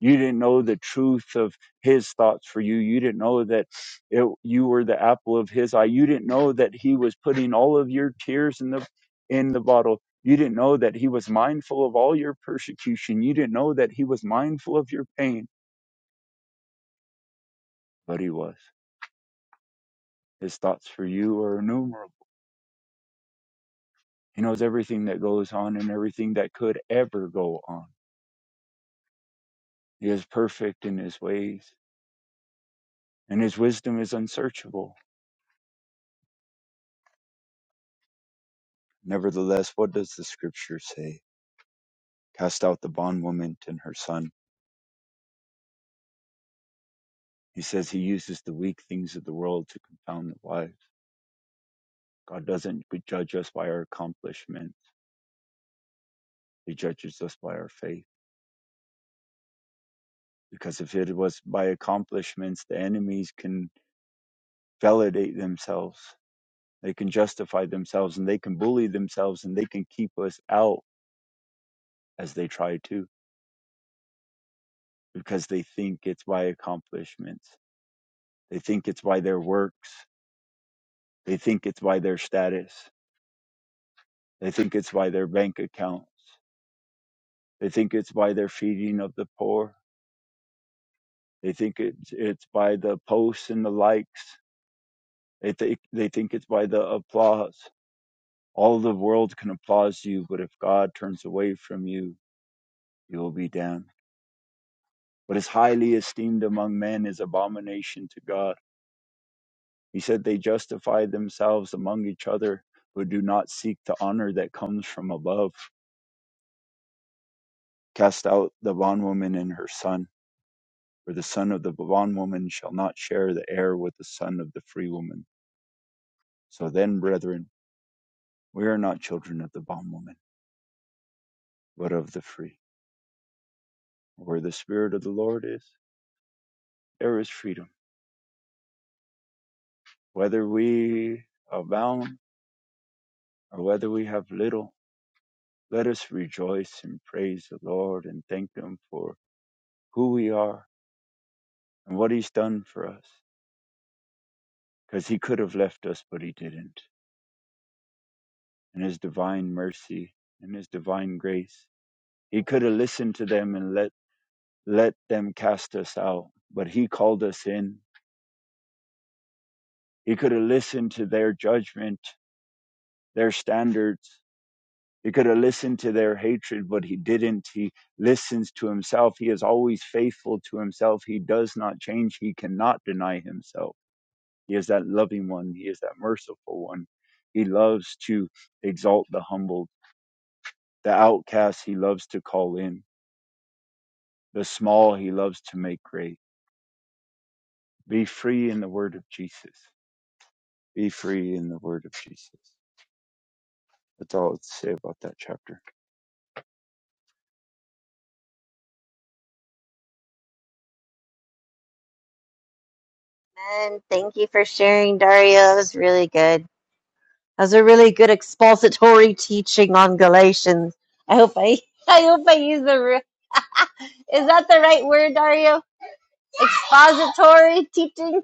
Speaker 4: you didn't know the truth of his thoughts for you you didn't know that it, you were the apple of his eye you didn't know that he was putting all of your tears in the in the bottle you didn't know that he was mindful of all your persecution you didn't know that he was mindful of your pain But he was. His thoughts for you are innumerable. He knows everything that goes on and everything that could ever go on. He is perfect in his ways, and his wisdom is unsearchable. Nevertheless, what does the scripture say? Cast out the bondwoman and her son. He says he uses the weak things of the world to confound the wise. God doesn't judge us by our accomplishments, he judges us by our faith. Because if it was by accomplishments, the enemies can validate themselves They can justify themselves and they can bully themselves and they can keep us out as they try to because they think it's by accomplishments. They think it's by their works. They think it's by their status. They think it's by their bank accounts. They think it's by their feeding of the poor. They think it's, it's by the posts and the likes. They, think they think it's by the applause. All the world can applaud you, but if God turns away from you, you will be damned. What is highly esteemed among men is abomination to God. He said they justify themselves among each other, but do not seek the honor that comes from above. Cast out the bondwoman and her son, for the son of the bondwoman shall not share the heir with the son of the free woman. So then, brethren, we are not children of the bondwoman, but of the free. Where the Spirit of the Lord is, there is freedom. Whether we abound or whether we have little, Let us rejoice and praise the Lord and thank Him for who we are and what He's done for us. Because He could have left us, but He didn't. In His divine mercy and His divine grace, He could have listened to them and let, let them cast us out, but He called us in. He could have listened to their judgment, their standards. He could have listened to their hatred, but He didn't. He listens to Himself. He is always faithful to Himself. He does not change. He cannot deny Himself. He is that loving one. He is that merciful one. He loves to exalt the humbled. The outcast he loves to call in. The small he loves to make great. Be free in the word of Jesus. Be free in the word of Jesus. That's all I'd say about that chapter.
Speaker 3: And thank you for sharing, Dario. That was really good. That was a really good expository teaching on Galatians. I hope I, I hope I use the, re- is that the right word, Dario? Expository teaching?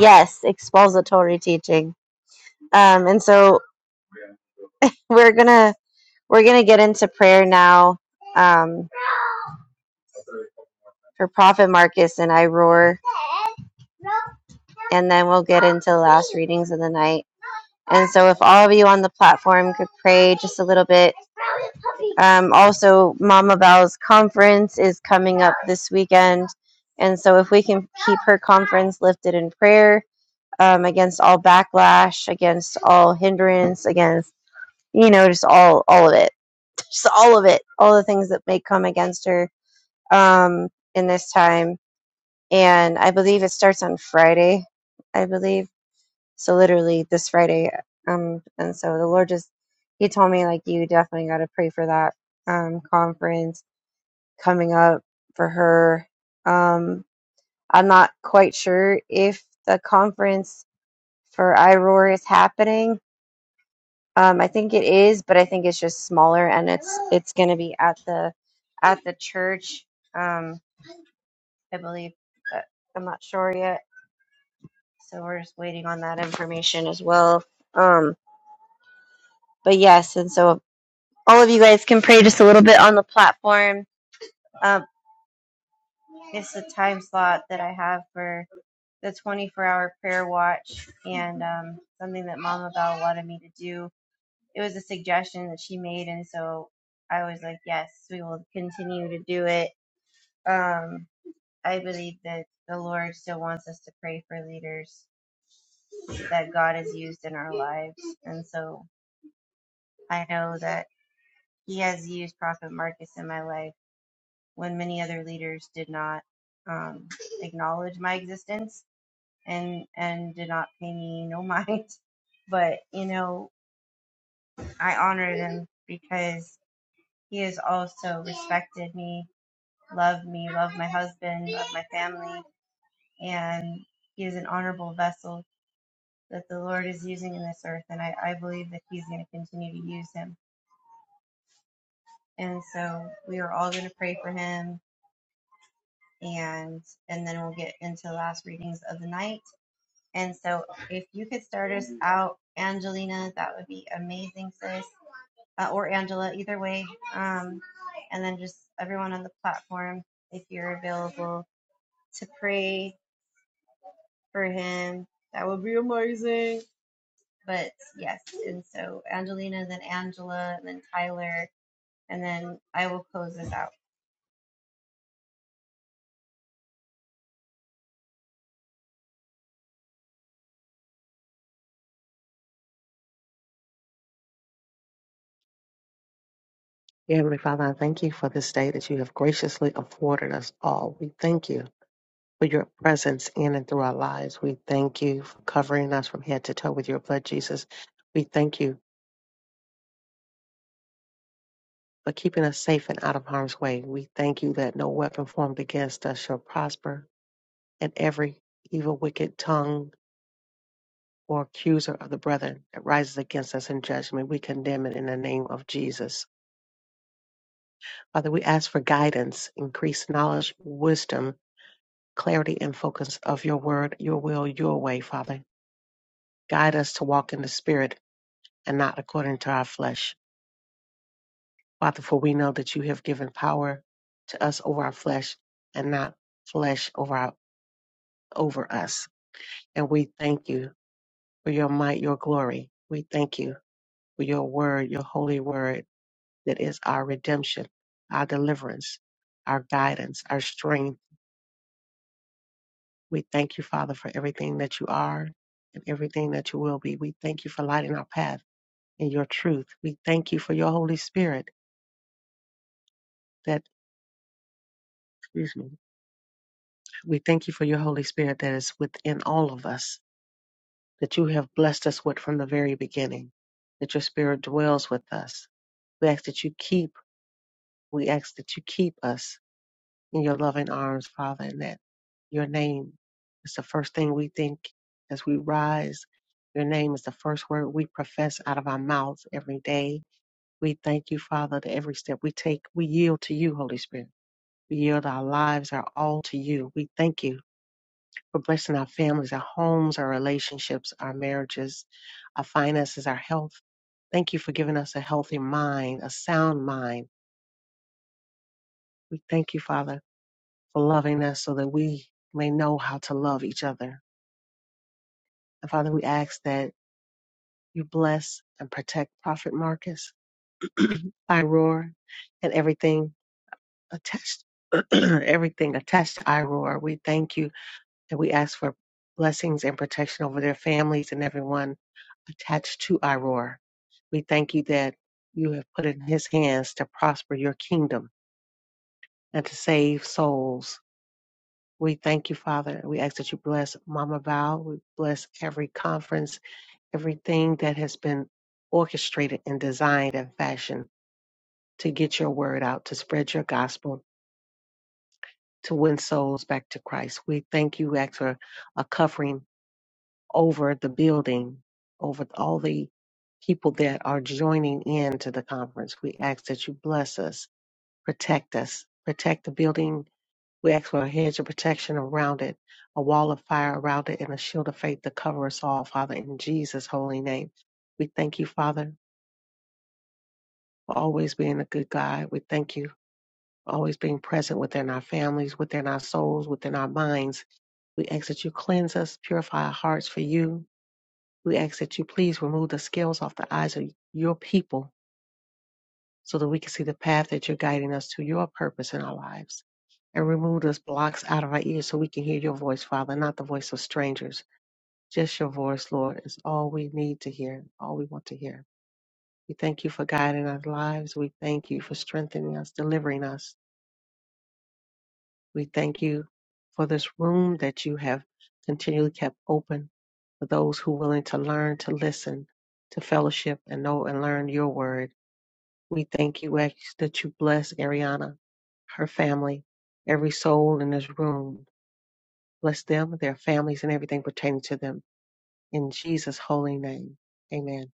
Speaker 3: Yes, expository teaching. Um, and so we're gonna, we're gonna get into prayer now. Um, for Prophet Marcus and I roar, and then we'll get into the last readings of the night. And so, if all of you on the platform could pray just a little bit. Um, also, Mama Val's conference is coming up this weekend. And so, if we can keep her conference lifted in prayer um, against all backlash, against all hindrance, against, you know, just all, all of it, just all of it, all the things that may come against her um, in this time and I believe it starts on Friday. I believe so. Literally this Friday. Um, and so the Lord just He told me like you definitely got to pray for that um conference coming up for her. Um, I'm not quite sure if the conference for iRoar is happening. Um, I think it is, but I think it's just smaller, and it's it's going to be at the at the church. Um, I believe. but I'm not sure yet So we're just waiting on that information as well. Um, but yes, and so all of you guys can pray just a little bit on the platform. Um, it's the time slot that I have for the 24 hour prayer watch and um, something that Mama Val wanted me to do. It was a suggestion that she made, and so I was like, yes, we will continue to do it. Um, I believe that the Lord still wants us to pray for leaders that God has used in our lives, and so I know that He has used Prophet Marcus in my life when many other leaders did not um, acknowledge my existence and and did not pay me no mind. But you know, I honored him because he has also respected me, loved me, loved my husband, loved my family, and he is an honorable vessel that the Lord is using in this earth, and I, I believe that He's going to continue to use him. And so we are all going to pray for him and and then we'll get into the last readings of the night. And so, if you could start us out, Angelina, that would be amazing, sis, uh, or Angela, either way. Um, and then just everyone on the platform, if you're available to pray for him, that would be amazing. But yes, and so Angelina, then Angela, and then Tyler, and then I will close this out.
Speaker 5: Dear Heavenly Father, I thank you for this day that you have graciously afforded us all. We thank you for your presence in and through our lives. We thank you for covering us from head to toe with your blood, Jesus. We thank you for keeping us safe and out of harm's way. We thank you that no weapon formed against us shall prosper, and every evil, wicked tongue or accuser of the brethren that rises against us in judgment, we condemn it in the name of Jesus. Father, we ask for guidance, increased knowledge, wisdom, clarity, and focus of your word, your will, your way, Father. Guide us to walk in the Spirit and not according to our flesh. Father, for we know that you have given power to us over our flesh and not flesh over our over us. And we thank you for your might, your glory. We thank you for your word, your holy word that is our redemption, our deliverance, our guidance, our strength. We thank you, Father, for everything that you are and everything that you will be. We thank you for lighting our path in your truth. We thank you for your Holy Spirit that, excuse me, we thank you for your Holy Spirit that is within all of us, that you have blessed us with from the very beginning, that your Spirit dwells with us. We ask that you keep We ask that you keep us in your loving arms, Father, and that your name is the first thing we think as we rise. Your name is the first word we profess out of our mouths every day. We thank you, Father, that every step we take, we yield to you, Holy Spirit. We yield our lives, our all to you. We thank you for blessing our families, our homes, our relationships, our marriages, our finances, our health. Thank you for giving us a healthy mind, a sound mind. We thank you, Father for loving us so that we may know how to love each other. And Father, we ask that you bless and protect Prophet Marcus, Iroar, and everything attached, everything attached to Iroar. We thank you and we ask for blessings and protection over their families and everyone attached to Iroar. We thank you that you have put in his hands to prosper your kingdom and to save souls We thank you, Father. We ask that you bless Mama Val. We bless every conference, everything that has been orchestrated and designed and fashioned to get your word out, to spread your gospel, to win souls back to Christ. We thank you, we ask for a covering over the building, over all the people that are joining in to the conference. We ask that you bless us, protect us, protect the building We ask for a hedge of protection around it, a wall of fire around it, and a shield of faith to cover us all, Father, in Jesus' holy name. We thank you, Father, for always being a good God. We thank you for always being present within our families, within our souls, within our minds. We ask that you cleanse us, purify our hearts for you. We ask that you please remove the scales off the eyes of your people so that we can see the path that you're guiding us to your purpose in our lives. And remove those blocks out of our ears so we can hear your voice, Father, not the voice of strangers Just your voice, Lord, is all we need to hear, all we want to hear. We thank you for guiding our lives. We thank you for strengthening us, delivering us. We thank you for this room that you have continually kept open for those who are willing to learn, to listen, to fellowship, and know and learn your word. We thank you ask that you bless Ariana, her family, every soul in this room. Bless them, their families, and everything pertaining to them. In Jesus' holy name, amen.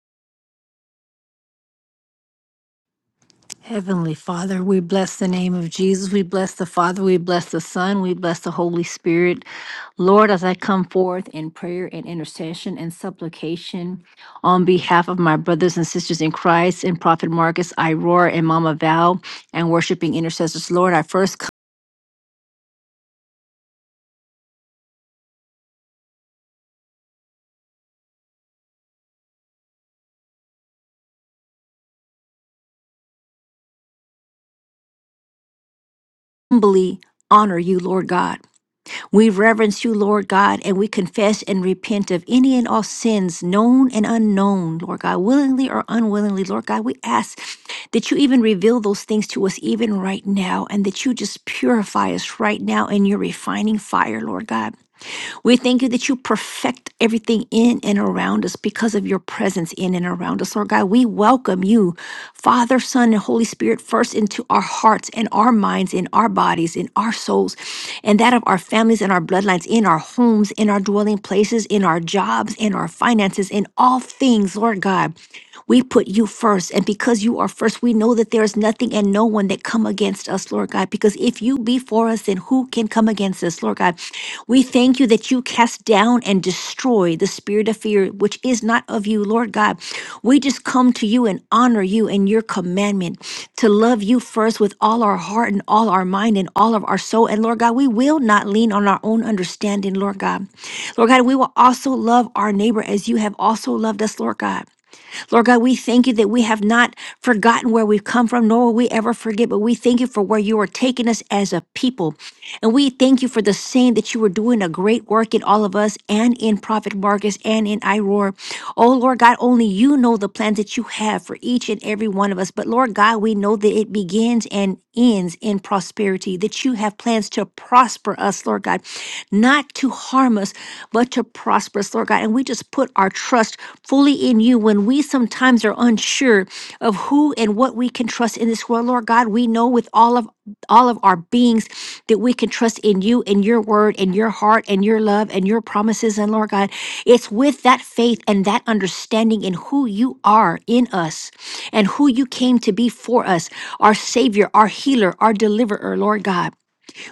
Speaker 2: Heavenly Father, we bless the name of Jesus. We bless the Father. We bless the Son. We bless the Holy Spirit. Lord, as I come forth in prayer and intercession and supplication on behalf of my brothers and sisters in Christ and Prophet Marcus, Iroar, and Mama Val, and worshiping intercessors, Lord, I first humbly honor you, Lord God. We reverence you, Lord God, and we confess and repent of any and all sins, known and unknown, Lord God, willingly or unwillingly. Lord God, we ask that you even reveal those things to us even right now and that you just purify us right now in your refining fire, Lord God. We thank you that you perfect everything in and around us because of your presence in and around us. Lord God, we welcome you, Father, Son, and Holy Spirit, first into our hearts and our minds, in our bodies, in our souls, and that of our families and our bloodlines, in our homes, in our dwelling places, in our jobs, in our finances, in all things, Lord God. We put you first, and because you are first, we know that there is nothing and no one that come against against us, Lord God, because if you be for us, then who can come against us, Lord God? We thank you that you cast down and destroy the spirit of fear, which is not of you, Lord God. We just come to you and honor you and your commandment to love you first with all our heart and all our mind and all of our soul. And Lord God, we will not lean on our own understanding, Lord God. Lord God, we will also love our neighbor as you have also loved us, Lord God. Lord God, we thank you that we have not forgotten where we've come from, nor will we ever forget, but we thank you for where you are taking us as a people. And we thank you for the saying that you are doing a great work in all of us and in Prophet Marcus and in Iroar. Oh, Lord God, only you know the plans that you have for each and every one of us. But Lord God, we know that it begins and ends in prosperity, that you have plans to prosper us, Lord God, not to harm us but to prosper us, Lord God. And we just put our trust fully in you when we sometimes are unsure of who and what we can trust in this world, Lord God. We know with all of all of our beings that we can trust in you and your word and your heart and your love and your promises. And Lord God, it's with that faith and that understanding in who you are in us and who you came to be for us, our Savior, our healer, our deliverer, Lord God.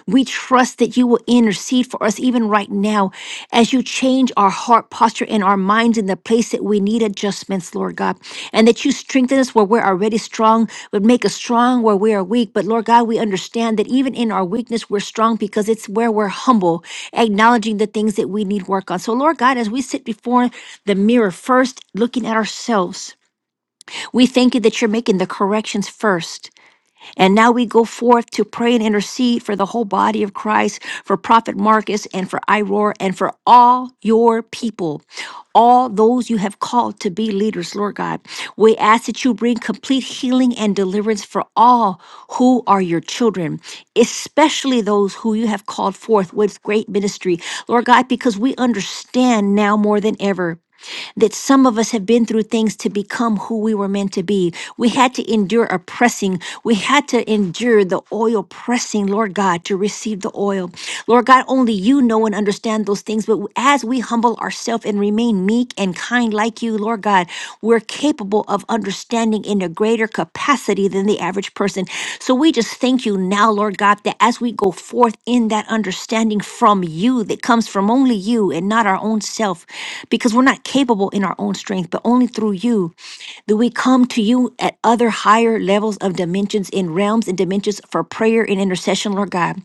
Speaker 2: We trust that you will intercede for us even right now as you change our heart posture and our minds in the place that we need adjustments, Lord God. And that you strengthen us where we're already strong, but make us strong where we are weak. But Lord God, we understand that even in our weakness, we're strong because it's where we're humble, acknowledging the things that we need work on. So, Lord God, as we sit before the mirror first, looking at ourselves, we thank you that you're making the corrections first. And now we go forth to pray and intercede for the whole body of Christ, for Prophet Marcus and for Iroar and for all your people, all those you have called to be leaders, Lord God. We ask that you bring complete healing and deliverance for all who are your children, especially those who you have called forth with great ministry, Lord God, because we understand now more than ever that some of us have been through things to become who we were meant to be. We had to endure a pressing. We had to endure the oil pressing, Lord God, to receive the oil. Lord God, only you know and understand those things. But as we humble ourselves and remain meek and kind like you, Lord God, God, we're capable of understanding in a greater capacity than the average person. So we just thank you now, Lord God, that as we go forth in that understanding from you that comes from only you and not our own self, because we're not capable in our own strength, but only through you that we come to you at other higher levels of dimensions in realms and dimensions for prayer and intercession, Lord God.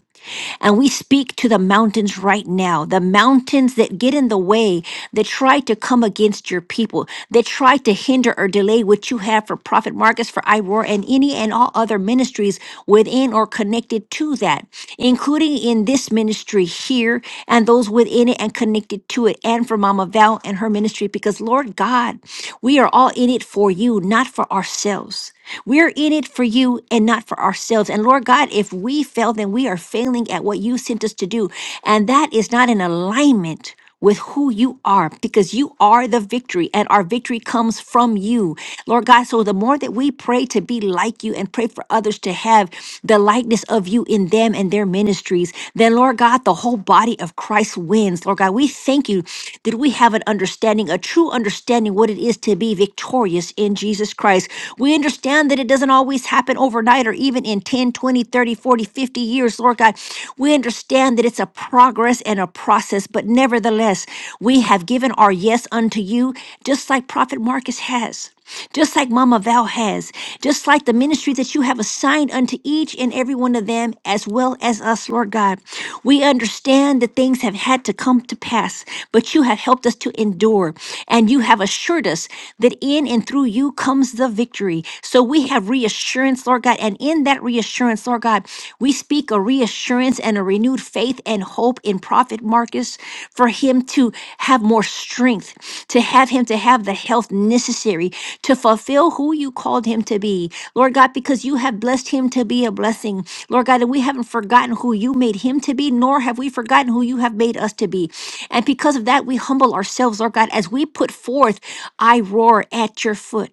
Speaker 2: And we speak to the mountains right now, the mountains that get in the way, that try to come against your people, that try to hinder or delay what you have for Prophet Marcus, for IROAR, and any and all other ministries within or connected to that, including in this ministry here and those within it and connected to it, and for Mama Val and her ministry, because Lord God, we are all in it for you, not for ourselves. We're in it for you and not for ourselves. And Lord God, if we fail, then we are failing at what you sent us to do. And that is not in alignment with who you are because you are the victory and our victory comes from you. Lord God, so the more that we pray to be like you and pray for others to have the likeness of you in them and their ministries, then Lord God, the whole body of Christ wins. Lord God, we thank you that we have an understanding, a true understanding what it is to be victorious victorious in Jesus Christ. We understand that it doesn't always happen overnight or even in ten, twenty, thirty, forty, fifty years, Lord God. We understand that it's a progress and a process, but nevertheless, we have given our yes unto you, just like Prophet Marcus has just like Mama Val has, just like the ministry that you have assigned unto each and every one of them, as well as us, Lord God. We understand that things have had to come to pass, but you have helped us to endure, and you have assured us that in and through you comes the victory. So we have reassurance, Lord God, and in that reassurance, Lord God, God. We speak a reassurance and a renewed faith and hope in Prophet Marcus for him to have more strength, to have him to have the health necessary to fulfill who you called him to be. Lord God, because you have blessed him to be a blessing. Lord God, and we haven't forgotten who you made him to be, nor have we forgotten who you have made us to be. And because of that, we humble ourselves, Lord God, as we put forth, I roar at your foot,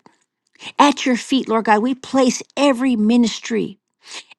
Speaker 2: at your feet, Lord God. We place every ministry.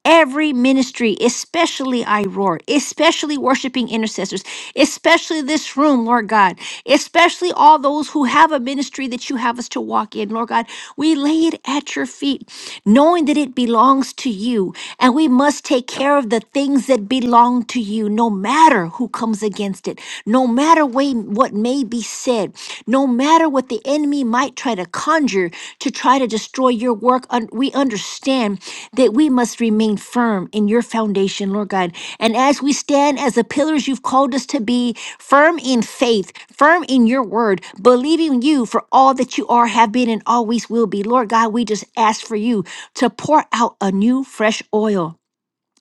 Speaker 2: Every ministry, especially I Roar, especially worshiping intercessors, especially this room, Lord God, especially all those who have a ministry that you have us to walk in, Lord God, we lay it at your feet, knowing that it belongs to you. And we must take care of the things that belong to you, no matter who comes against it, no matter way, what may be said. No matter what the enemy might try to conjure to try to destroy your work, un- we understand that we must remain firm in your foundation, Lord God. And as we stand as the pillars you've called us to be, firm in faith, firm in your word, believing you for all that you are, have been, and always will be, Lord God, we just ask for you to pour out a new, fresh oil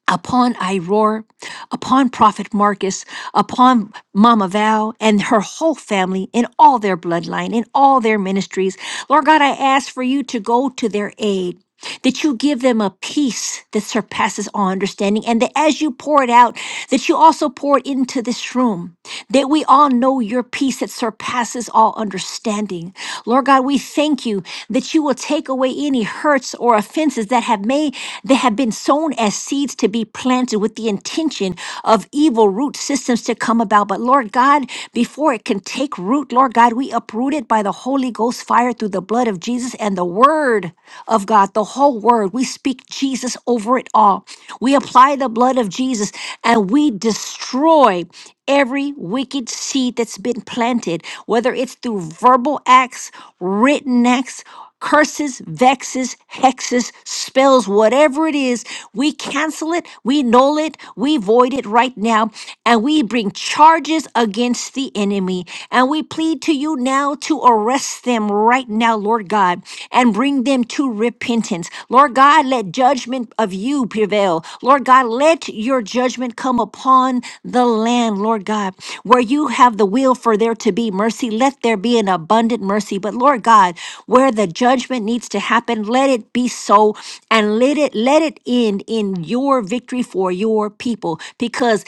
Speaker 2: upon Iroar, upon Prophet Marcus, upon Mama Val and her whole family in all their bloodline, in all their ministries. Lord God, I ask for you to go to their aid that you give them a peace that surpasses all understanding, and that as you pour it out, that you also pour it into this room, that we all know your peace that surpasses all understanding. Lord God, we thank you that you will take away any hurts or offenses that have made that have been sown as seeds to be planted with the intention of evil root systems to come about. But Lord God, before it can take root, Lord God, we uproot it by the Holy Holy Ghost fire through the blood of Jesus and the word of God, the whole word. We speak Jesus over it all. We apply the blood of Jesus and we destroy every wicked seed that's been planted, whether it's through verbal acts, written acts curses, vexes, hexes, spells, whatever it is, we cancel it, we null it, we void it right now, and we bring charges against the enemy. And we plead to you now to arrest them right now, Lord God, and bring them to repentance. Lord God, let judgment of you prevail. Lord God, let your judgment come upon the land, Lord God, where you have the will for there to be mercy. Let there be an abundant mercy but Lord God, where the judgment needs to happen, let it be so and let it let it end in your victory for your people because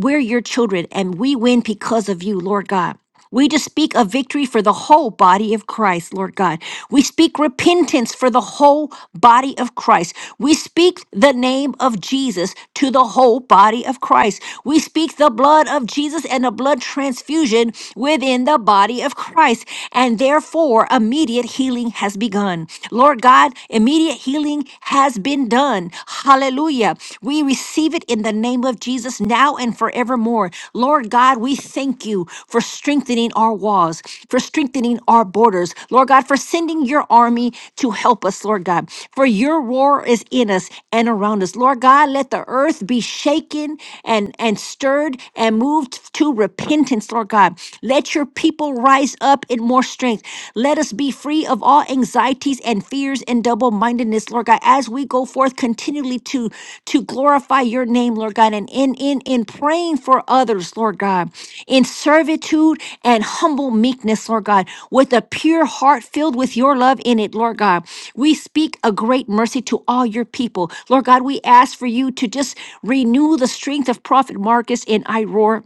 Speaker 2: we're your children and we win because of you, Lord God. We just speak a victory for the whole body of Christ, Lord God. We speak repentance for the whole body of Christ. We speak the name of Jesus to the whole body of Christ. We speak the blood of Jesus and a blood transfusion within the body body of Christ, and therefore immediate healing has begun. Lord God, immediate healing has been done. Hallelujah. We receive it in the name of Jesus now and forevermore. Lord God, we thank you for strengthening our walls, for strengthening our borders. Lord God, for sending your army to help us, Lord God. For your roar is in us and around us. Lord God, let the earth be shaken and, and stirred and moved to repentance, Lord God. Lord God. Let your people rise up in more strength. Let us be free of all anxieties and fears and double mindedness, Lord God, as we go forth continually to, to glorify your name, Lord God, and in, in, in praying for others, Lord God, in servitude and humble meekness, Lord God, with a pure heart filled with your love in it, Lord God. We speak a great mercy to all your people. Lord God, we ask for you to just renew the strength of Prophet Marcus in Iroar.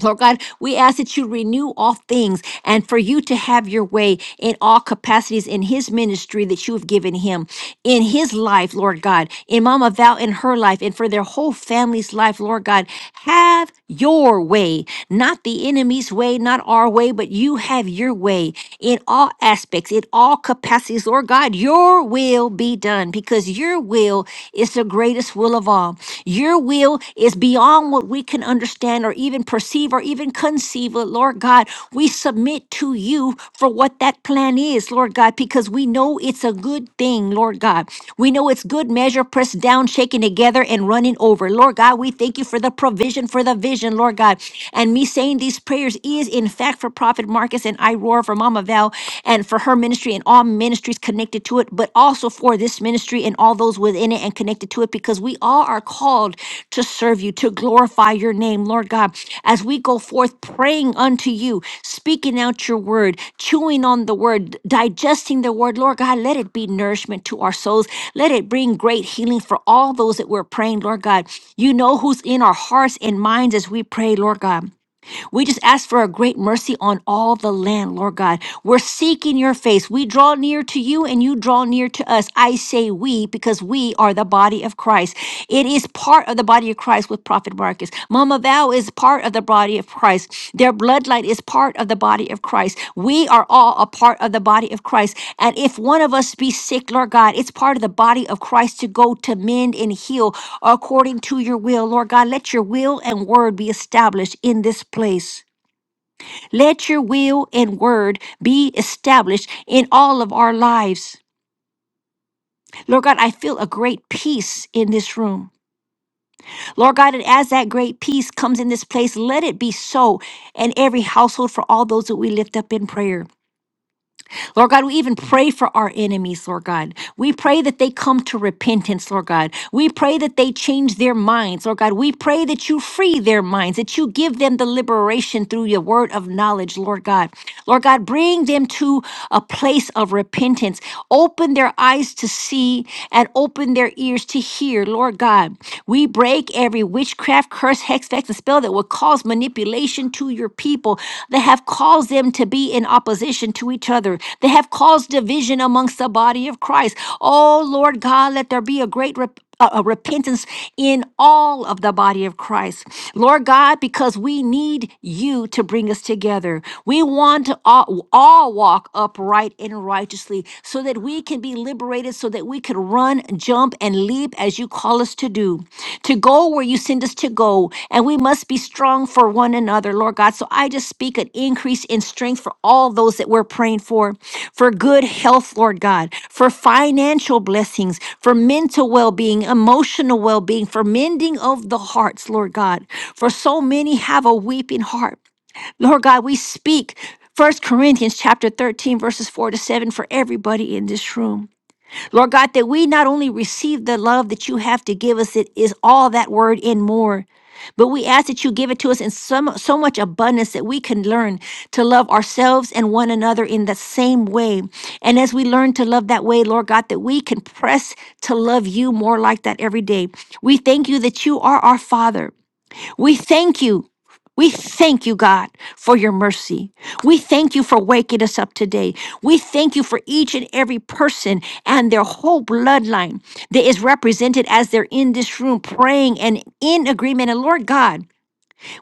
Speaker 2: Lord God, we ask that you renew all things and for you to have your way in all capacities in his ministry that you have given him, in his life, Lord God, in Mama Val, in her life, and for their whole family's life, Lord God. Have your way, not the enemy's way, not our way, but you have your way in all aspects, in all capacities, Lord God. Your will be done because your will is the the greatest will of all. Your will is beyond what we can understand or even perceive or even conceive. But Lord God, we submit to you for what that plan is, Lord God, because we know it's a good thing, Lord God. We know it's good measure, pressed down, shaken together, and running over. Lord God, we thank you for the provision, for the vision, Lord God. And me saying these prayers is, in fact, for Prophet Marcus and I roar for Mama Val and for her her ministry and all ministries connected to it, but also for this ministry and all those within it and connected to it, because we all are called to serve you, to glorify your name, Lord God, as we go forth praying unto you, speaking out your word, chewing on the word, digesting the word, Lord God, let it be nourishment to our souls. Let it bring great healing for all those that we're praying, Lord God. You know who's in our hearts and minds as we pray, Lord God. We just ask for a great mercy on all the land, Lord God. We're seeking your face. We draw near to you and you draw near to us. I say we because we are the body of Christ. It is part of the body of Christ with Prophet Marcus. Mama Val is part of the body of Christ. Their bloodline is part of the body of Christ. We are all a part of the body of Christ. And if one of us be sick, Lord God, it's part of the body of Christ to go to mend and heal according to your will. Lord God, let your will and word be established in this place. Let your will and word be established in all of our lives. Lord God, I feel a great peace in this room. Lord God, and as that great peace comes in this place, let it be so in every household for all those that we lift up in prayer. Lord God, we even pray for our enemies, Lord God. We pray that they come to repentance, Lord God. We pray that they change their minds, Lord God. We pray that you free their minds, that you give them the liberation through your word of knowledge, Lord God. Lord God, bring them to a place of repentance. Open their eyes to see and open their ears to hear, Lord God. We break every witchcraft, curse, hex, effects a spell that will cause manipulation to your people, that have caused them to be in opposition to each other, that have caused division amongst the body of Christ. Oh, Lord God, let there be a great rep- a a repentance in all of the body of Christ. Lord God, because we need you to bring us together. We want to all, all walk upright and righteously so that we can be liberated liberated so that we could run, jump, and leap as you call us to do, to go where you send us to go. And we must be strong for one another, Lord God. So I just speak an increase in strength for all those that we're praying for, for good health, Lord God, for financial blessings, for mental well being, emotional well being, for mending of the hearts, Lord God. For so many have a weeping heart. Lord God, we speak. First Corinthians chapter 13 verses 4 to 7 for everybody in this room. Lord God, that we not only receive the love that you have to give us, it is all that word and more. But we ask that you give it to us in some, so much abundance that we can learn to love ourselves and one another in the same way. And as we learn to love that way, Lord God, that we can press to love you more like that every day. We thank you that you are our Father. We thank you. We thank you, God, for your mercy. We thank you for waking us up today. We thank you for each and every person and their whole bloodline that is represented as they're in this room praying and in agreement. And Lord God,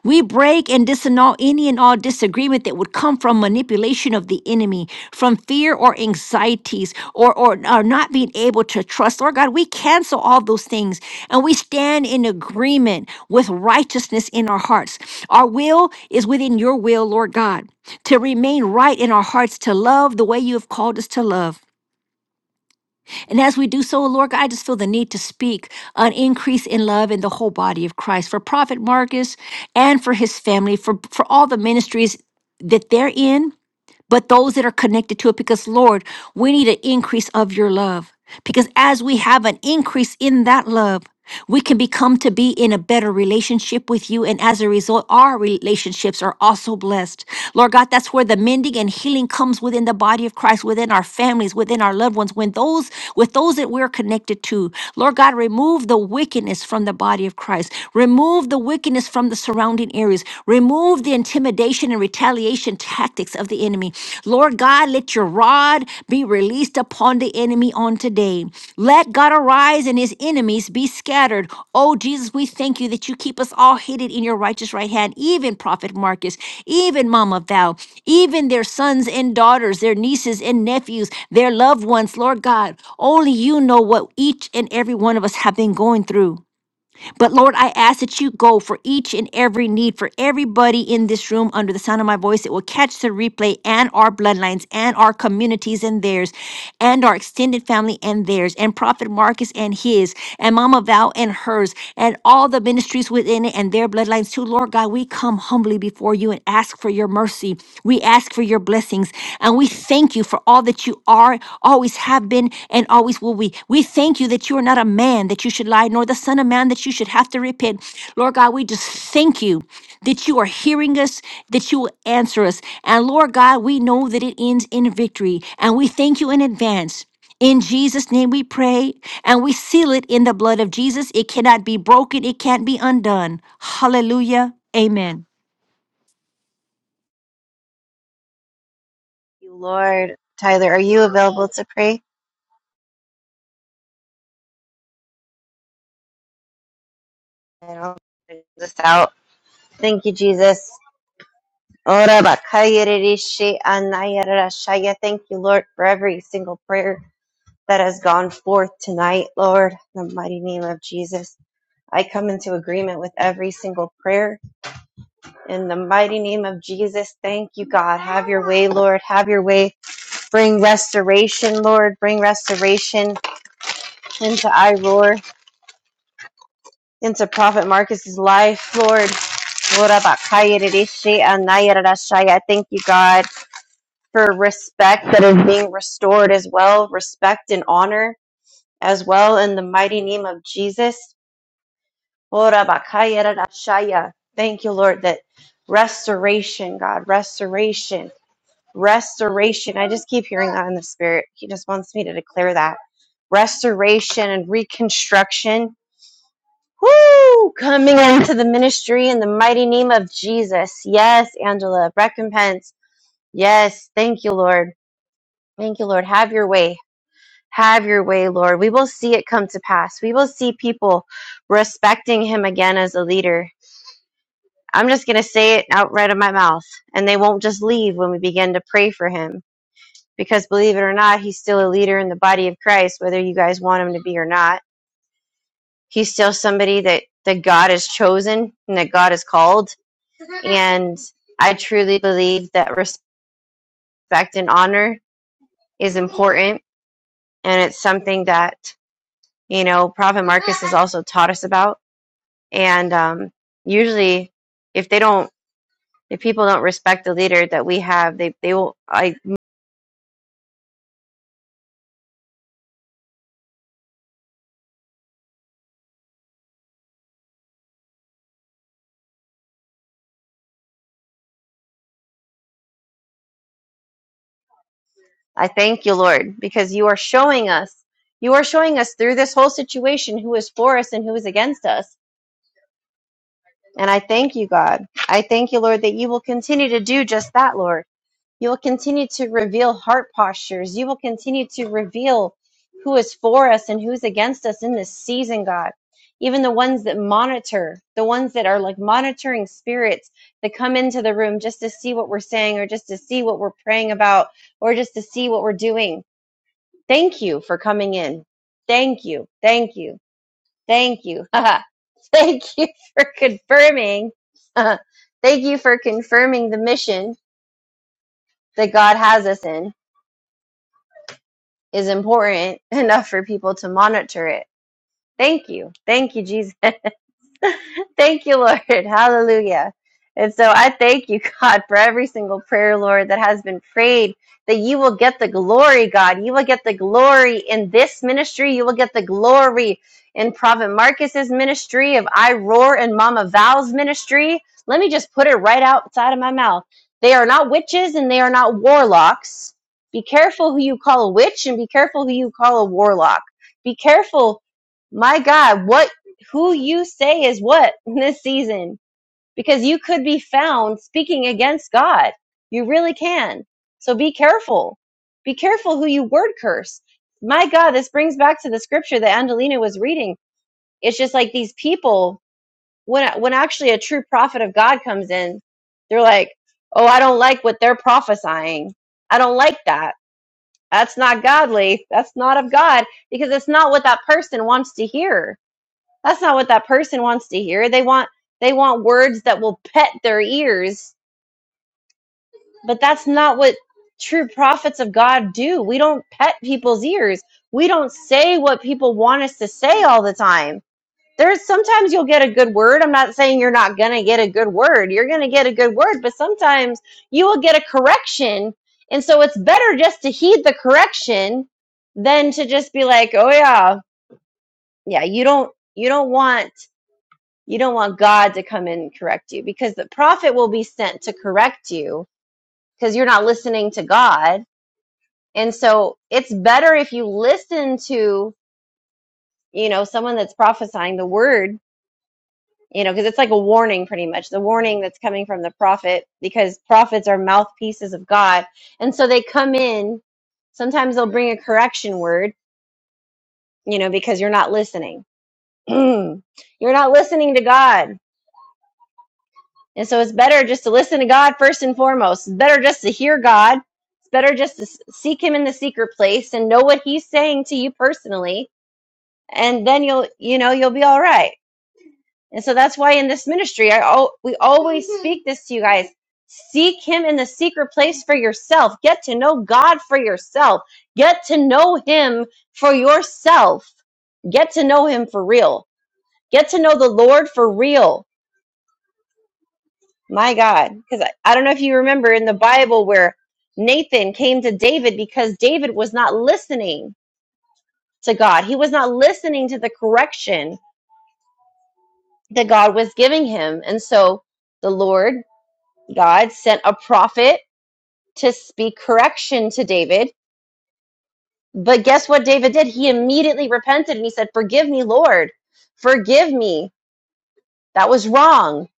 Speaker 2: we break and disannul any and all disagreement that would come from manipulation of the enemy, from fear or anxieties, or, or, or not being able to trust. Lord God, we cancel all those things and we stand in agreement with righteousness in our hearts. Our will is within your will, Lord God, to remain right in our hearts, to love the way you have called us to love and as we do so, Lord God, I just feel the need to speak an increase in love in the whole body of Christ for Prophet Marcus and for his family, for, for all the ministries that they're in but those that are connected to it. Because, Lord, we need an increase of your love. Because as we have an increase in that love, we can become to be in a better relationship with you. And as a result, our relationships are also blessed. Lord God, that's where the mending and healing comes within the body of Christ, within our families, within our loved ones, when those with those that we're connected to. Lord God, remove the wickedness from the body of Christ. Remove the wickedness from the surrounding areas. Remove the intimidation and retaliation tactics of the enemy enemy. Lord God, let your rod be released upon the enemy on today. Let God arise and his enemies be scattered. Oh, Jesus, we thank you that you keep us all hidden in your righteous right hand, even Prophet Marcus, even Mama Val, even their sons and daughters, their nieces and nephews, their loved ones. Lord God, only you know what each and every one of us have been going through. But Lord, I ask that you go for each and every need for everybody in this room under the sound of my voice that will catch the replay and our bloodlines and our communities and theirs and our extended family and theirs and Prophet Marcus and his and Mama Val and hers and all the ministries within it and their bloodlines too. Lord God, we come humbly before you and ask for your mercy. We ask for your blessings and we thank you for all that you are are, always have been, and always will be. We thank you that you are not a man that you should lie, nor the son of man that you should have to repent. Lord God, we just thank you that you are hearing us, that you will answer us. And Lord God, we know that it ends in victory. And we thank you in advance. In Jesus' name we pray and we seal it in the blood of Jesus. It cannot be broken, it can't be undone. Hallelujah. Amen.
Speaker 3: You Lord, Tyler, are you available to pray? And I'll close this out. Thank you, Jesus. Ora bakaya rishi anaya rashaya. Thank you, Lord, for every single prayer that has gone forth tonight, Lord, in the mighty name of Jesus. I come into agreement with every single prayer in the mighty name of Jesus. Thank you, God. Have your way, Lord. Have your way. Bring restoration, Lord. Bring restoration into I into Prophet Marcus's life, Lord. Ora bakaya rishi anaya rashaya. Thank you, God. for respect that is being restored as well, respect and honor as well in the mighty name of Jesus. Ora bakaya rara shaya. Thank you, Lord, that restoration, God, restoration, restoration. I just keep hearing that in the spirit. He just wants me to declare that. Restoration and reconstruction. Woo! Coming into the ministry in the mighty name of Jesus. Yes, Angela. Recompense. Yes. Thank you, Lord. Thank you, Lord. Have your way Have your way, Lord. We will see it come to pass. We will see people respecting him again as a leader. I'm just going to say it out right of my mouth, and they won't just leave when we begin to pray for him. Because believe it or not, he's still a leader in the body of Christ, whether you guys want him to be or not. He's still somebody that, that God has chosen and that God has called. And I truly believe that respect and honor is important. And it's something that, you know, Prophet Marcus has also taught us about And um, usually, if they don't, if people don't respect the leader that we have, they they will. I I thank you, Lord, because you are showing us, you are showing us through this whole situation who is for us and who is against us. And I thank you, God. I thank you, Lord, that you will continue to do just that, Lord. You will continue to reveal heart postures. You will continue to reveal who is for us and who's against us in this season, God. Even the ones that monitor, the ones that are like monitoring spirits that come into the room just to see what we're saying or just to see what we're praying about or just to see what we're doing. Thank you for coming in. Thank you. Thank you. Thank you. Thank you for confirming. Thank you for confirming the mission that God has us in. is important enough for people to monitor it. Thank you. Thank you, Jesus. Thank you, Lord. Hallelujah. And so I thank you, God, for every single prayer, Lord, that has been prayed, that you will get the glory, God. You will get the glory in this ministry. You will get the glory in Prophet Marcus's ministry, of I Roar and Mama Val's ministry. Let me just put it right outside of my mouth. They are not witches and they are not warlocks. Be careful who you call a witch and be careful who you call a warlock. Be careful my God, what who you say is what in this season because you could be found speaking against God. You really can. So be careful. Be careful who you word curse. My God, this brings back to the scripture that Angelina was reading. It's just like these people when when actually a true prophet of God comes in, they're like, "Oh, I don't like what they're prophesying. I don't like that. That's not godly. That's not of God because it's not what that person wants to hear." That's not what that person wants to hear. They want they want words that will pet their ears, but that's not what true prophets of God do. We don't pet people's ears. We don't say what people want us to say all the time. There's sometimes you'll get a good word. I'm not saying you're not going to get a good word. You're going to get a good word, but sometimes you will get a correction. And so it's better just to heed the correction than to just be like, "Oh yeah, yeah, you don't you don't want You don't want God to come in and correct you because the prophet will be sent to correct you because you're not listening to God. And so it's better if you listen to, you know, someone that's prophesying the word, you know, because it's like a warning pretty much, the warning that's coming from the prophet because prophets are mouthpieces of God. And so they come in, sometimes they'll bring a correction word, you know, because you're not listening. you're not listening to God And so it's better just to listen to God first and foremost. It's better just to hear God. It's better just to s- seek him in the secret place and know what he's saying to you personally. And then you'll, you know, you'll be all right. And so that's why in this ministry, I al- we always speak this to you guys. Seek him in the secret place for yourself. Get to know God for yourself. Get to know him for yourself. Get to know him for real. Get to know the Lord for real My God. Because I, I don't know if you remember in the Bible where Nathan came to David because David was not listening to God. He was not listening to the correction that God was giving him. And so the Lord, God, sent a prophet to speak correction to David. But guess what David did? He immediately repented and he said, Forgive me, Lord. Forgive me. That was wrong.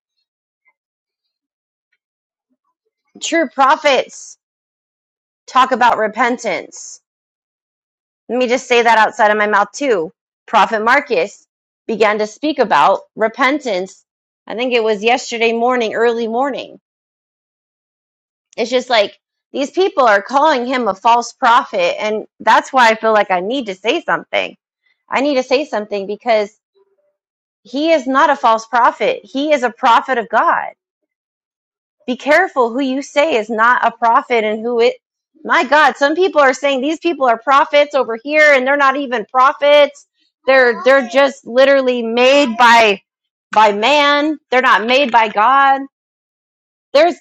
Speaker 3: True prophets talk about repentance Let me just say that outside of my mouth too. Prophet Marcus began to speak about repentance. I think it was yesterday morning, early morning. It's just like these people are calling him a false prophet. And that's why I feel like I need to say something. I need to say something because he is not a false prophet. He is a prophet of God Be careful who you say is not a prophet and who it. My God, some people are saying these people are prophets over here, and they're not even prophets. They're they're just literally made by by man. They're not made by God. There's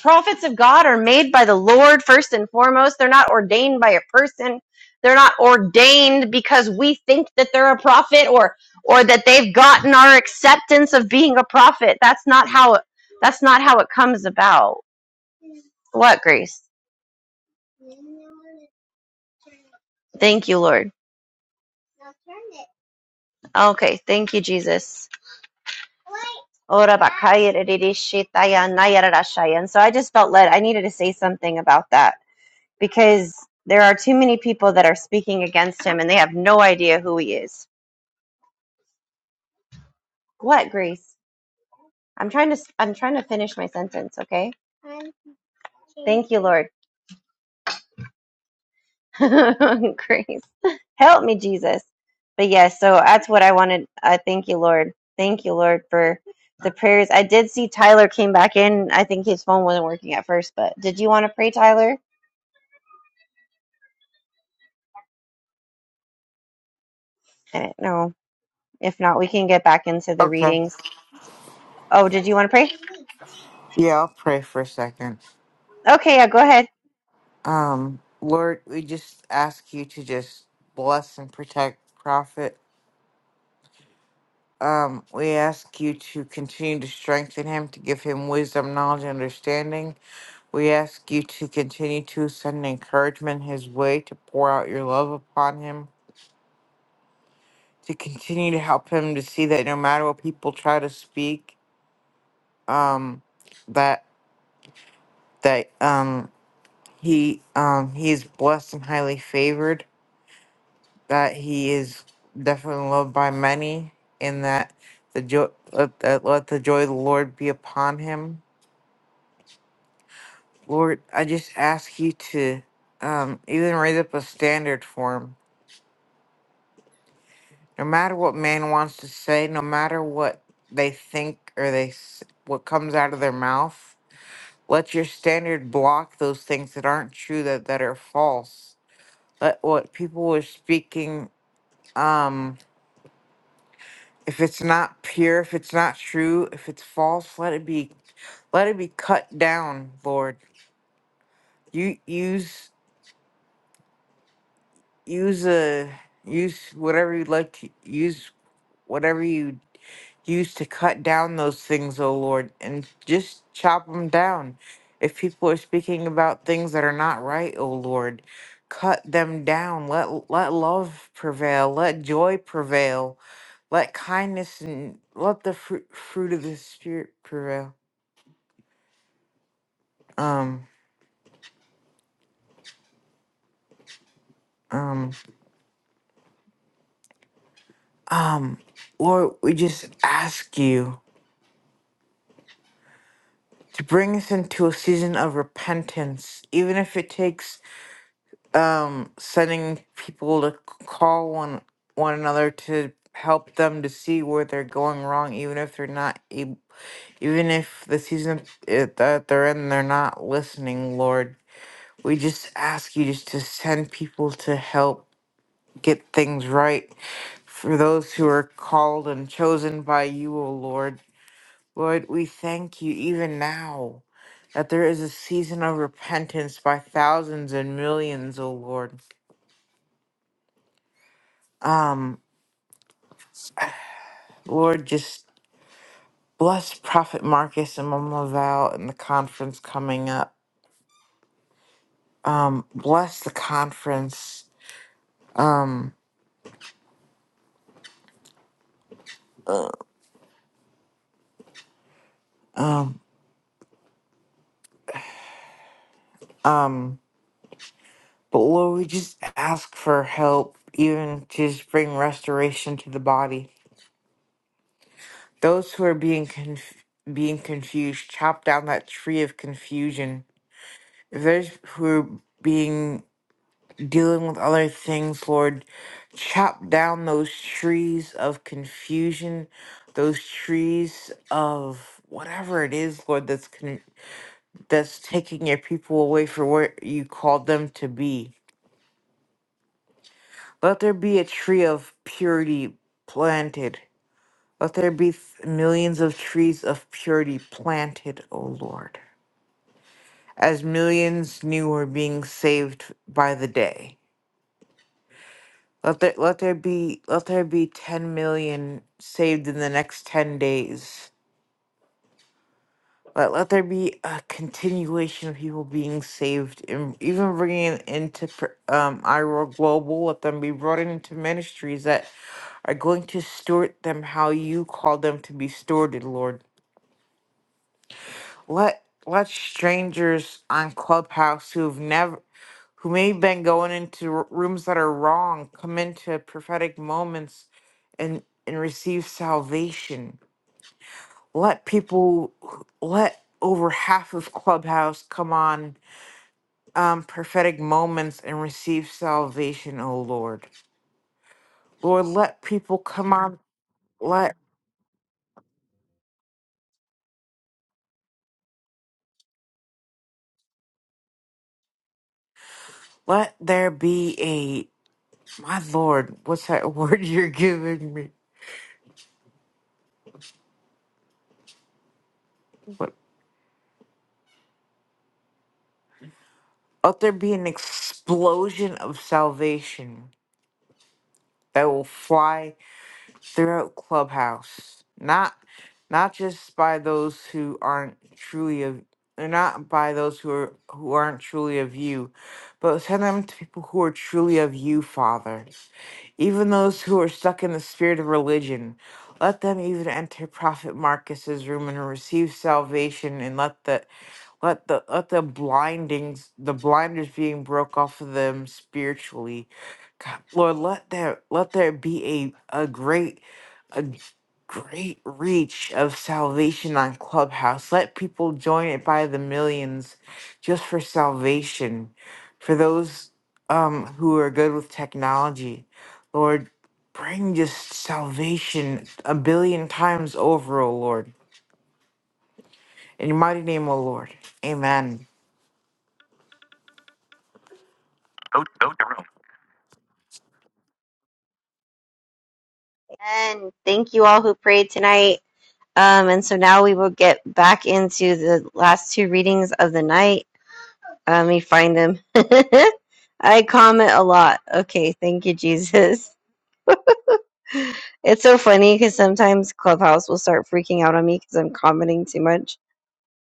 Speaker 3: prophets of God are made by the Lord first and foremost. They're not ordained by a person. They're not ordained because we think that they're a prophet or or that they've gotten our acceptance of being a prophet. That's not how that's not how it comes about. What grace? Thank you, Lord. Okay, thank you, Jesus. Ora bakaya rerere shetaya And so I just felt led, I needed to say something about that because there are too many people that are speaking against him and they have no idea who he is. What grace? I'm trying to I'm trying to finish my sentence, okay? Thank you, Lord. Grace. Help me, Jesus. But yes, yeah, so that's what I wanted. I thank you, Lord. Thank you, Lord, for the prayers. I did see Tyler came back in. I think his phone wasn't working at first, but did you want to pray, Tyler? Uh, no. If not, we can get back into the
Speaker 7: Okay.
Speaker 3: readings. Oh, did you want to pray?
Speaker 7: Yeah, I'll pray for a second.
Speaker 3: Okay, yeah, go ahead.
Speaker 7: Um, Lord, we just ask you to just bless and protect Prophet. Um, we ask you to continue to strengthen him, to give him wisdom, knowledge, and understanding. We ask you to continue to send encouragement his way, to pour out your love upon him, to continue to help him to see that no matter what people try to speak, um, that that um he um he is blessed and highly favored. that he is definitely loved by many, and that the joy let, that let the joy of the Lord be upon him. Lord, I just ask you to um, even raise up a standard for him. No matter what man wants to say, no matter what they think or they s- what comes out of their mouth, let your standard block those things that aren't true that that are false. Let what people are speaking. Um, If it's not pure, if it's not true, if it's false, let it be let it be cut down, Lord. You use use a use whatever you like to use whatever you use to cut down those things, O Lord, and just chop them down. If people are speaking about things that are not right, O Lord, cut them down. Let let love prevail. Let joy prevail. Let kindness and let the fruit fruit of the spirit prevail. um, um, um, Lord, we just ask you to bring us into a season of repentance, even if it takes um sending people to c- call one one another to help them to see where they're going wrong, even if they're not able, even if the season it, that they're in, they're not listening, Lord. We just ask you just to send people to help get things right for those who are called and chosen by you, O Lord. Lord, we thank you even now that there is a season of repentance by thousands and millions, O Lord. Lord, just bless Prophet Marcus and Mama Val and the conference coming up. Um, bless the conference. But Lord, we just ask for help, even to just bring restoration to the body. Those who are being conf- being confused, chop down that tree of confusion. If there's who are being dealing with other things, Lord. Chop down those trees of confusion, those trees of whatever it is, Lord, that's con- that's taking your people away from where you called them to be. Let there be a tree of purity planted. Let there be th- millions of trees of purity planted, O Lord, as millions new are being saved by the day. Let there let there be let there be ten million saved in the next ten days. Let let there be a continuation of people being saved, and even bringing it into pr- um Iro Global. Let them be brought into ministries that are going to steward them how you call them to be stewarded, Lord. let let strangers on Clubhouse who've never who may have been going into r- rooms that are wrong come into prophetic moments and and receive salvation. Let people let over half of Clubhouse come on um, prophetic moments and receive salvation, O Lord. Lord, let people come on let let there be a my Lord, what's that word you're giving me? What. Let there be an explosion of salvation that will fly throughout Clubhouse, not not just by those who aren't truly of or not by those who are who aren't truly of you, but send them to people who are truly of you, Father. Even those who are stuck in the spirit of religion, let them even enter Prophet Marcus's room and receive salvation, and let the let the let the blindings the blinders being broke off of them spiritually God, Lord, let there let there be a, a great a great reach of salvation on Clubhouse. Let people join it by the millions just for salvation, for those um, who are good with technology. Lord, bring just salvation a billion times over, O Lord. In your mighty name, O Lord. Amen.
Speaker 3: And thank you all who prayed tonight. Um, and so now we will get back into the last two readings of the night. Let me find them. I comment a lot. Okay, thank you, Jesus. It's so funny because sometimes Clubhouse will start freaking out on me because I'm commenting too much.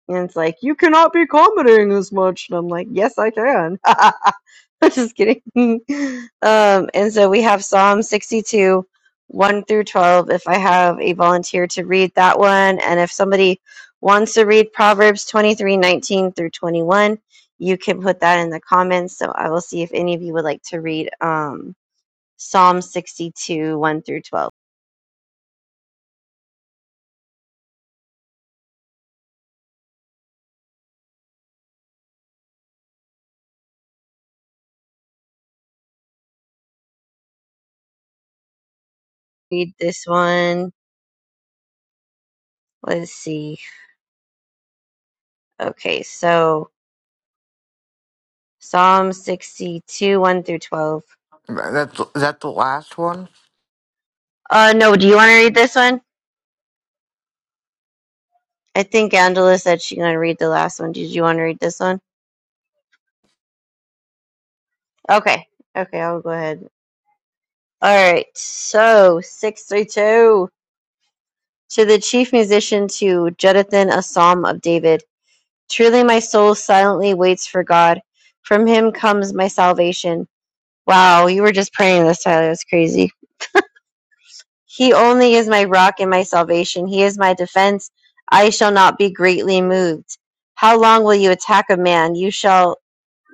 Speaker 3: And it's like, you cannot be commenting this much. And I'm like, yes, I can. I'm just kidding. Um, and so we have Psalm 62, 1 through 12. If I have a volunteer to read that one, and if somebody wants to read Proverbs 23, 19 through 21, you can put that in the comments. So I will see if any of you would like to read um, Psalm 62, 1 through 12. Read this one. Let's see. Okay, so Psalm 62, 1 through 12.
Speaker 7: That's, is that the last one?
Speaker 3: Uh, no, do you want to read this one? I think Angela said she's going to read the last one. Did you want to read this one? Okay. Okay, I'll go ahead. All right. So, 632. To the chief musician, to Jeduthun, a psalm of David. Truly my soul silently waits for God. From him comes my salvation. Wow, you were just praying this, Tyler. That's crazy. He only is my rock and my salvation. He is my defense. I shall not be greatly moved. How long will you attack a man? You shall.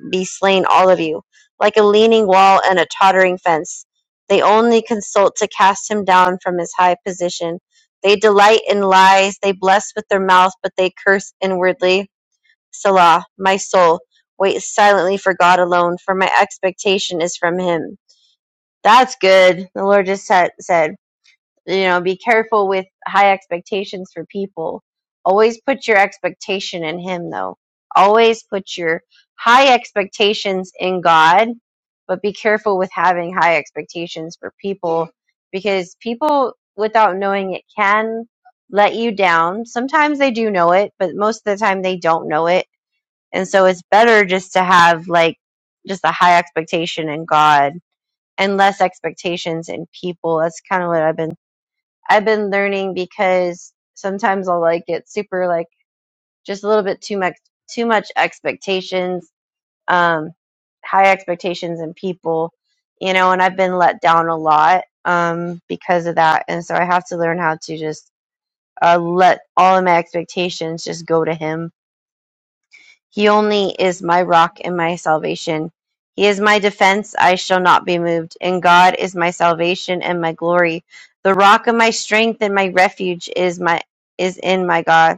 Speaker 3: be slain all of you, like a leaning wall and a tottering fence. They only consult to cast him down from his high position. They delight in lies, they bless with their mouth, but they curse inwardly. Selah, my soul, wait silently for God alone, for my expectation is from him. That's good, the Lord just said. said you know be careful with high expectations for people always put your expectation in him though always put your high expectations in god but be careful with having high expectations for people because people without knowing it can let you down sometimes they do know it but most of the time they don't know it and so it's better just to have like just a high expectation in god and less expectations in people that's kind of what i've been I've been learning because sometimes I'll like get super like just a little bit too much too much expectations, um, high expectations in people, you know, and I've been let down a lot um, because of that, and so I have to learn how to just uh, let all of my expectations just go to Him he only is my rock and my salvation. He is my defense, I shall not be moved. And God is my salvation and my glory. The rock of my strength and my refuge is my is in my God.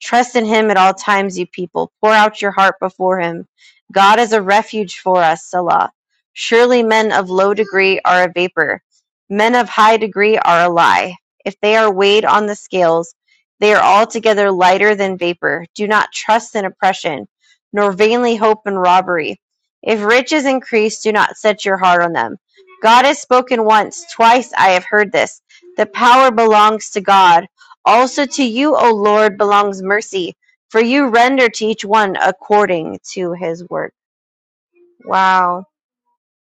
Speaker 3: Trust in him at all times, you people. Pour out your heart before him. God is a refuge for us, Selah. Surely men of low degree are a vapor. Men of high degree are a lie. If they are weighed on the scales, they are altogether lighter than vapor. Do not trust in oppression, nor vainly hope in robbery. If riches increase, do not set your heart on them. God has spoken once, twice I have heard this. The power belongs to God. Also to you, O Lord, belongs mercy, for you render to each one according to his work. Wow.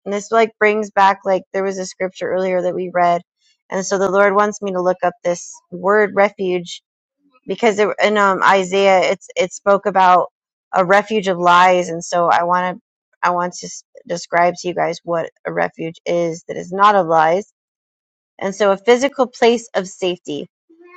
Speaker 3: And this like brings back like there was a scripture earlier that we read, and so the Lord wants me to look up this word refuge because it, in um, Isaiah it's it spoke about a refuge of lies, and so I want to I want to s- describe to you guys what a refuge is that is not of lies and so a physical place of safety,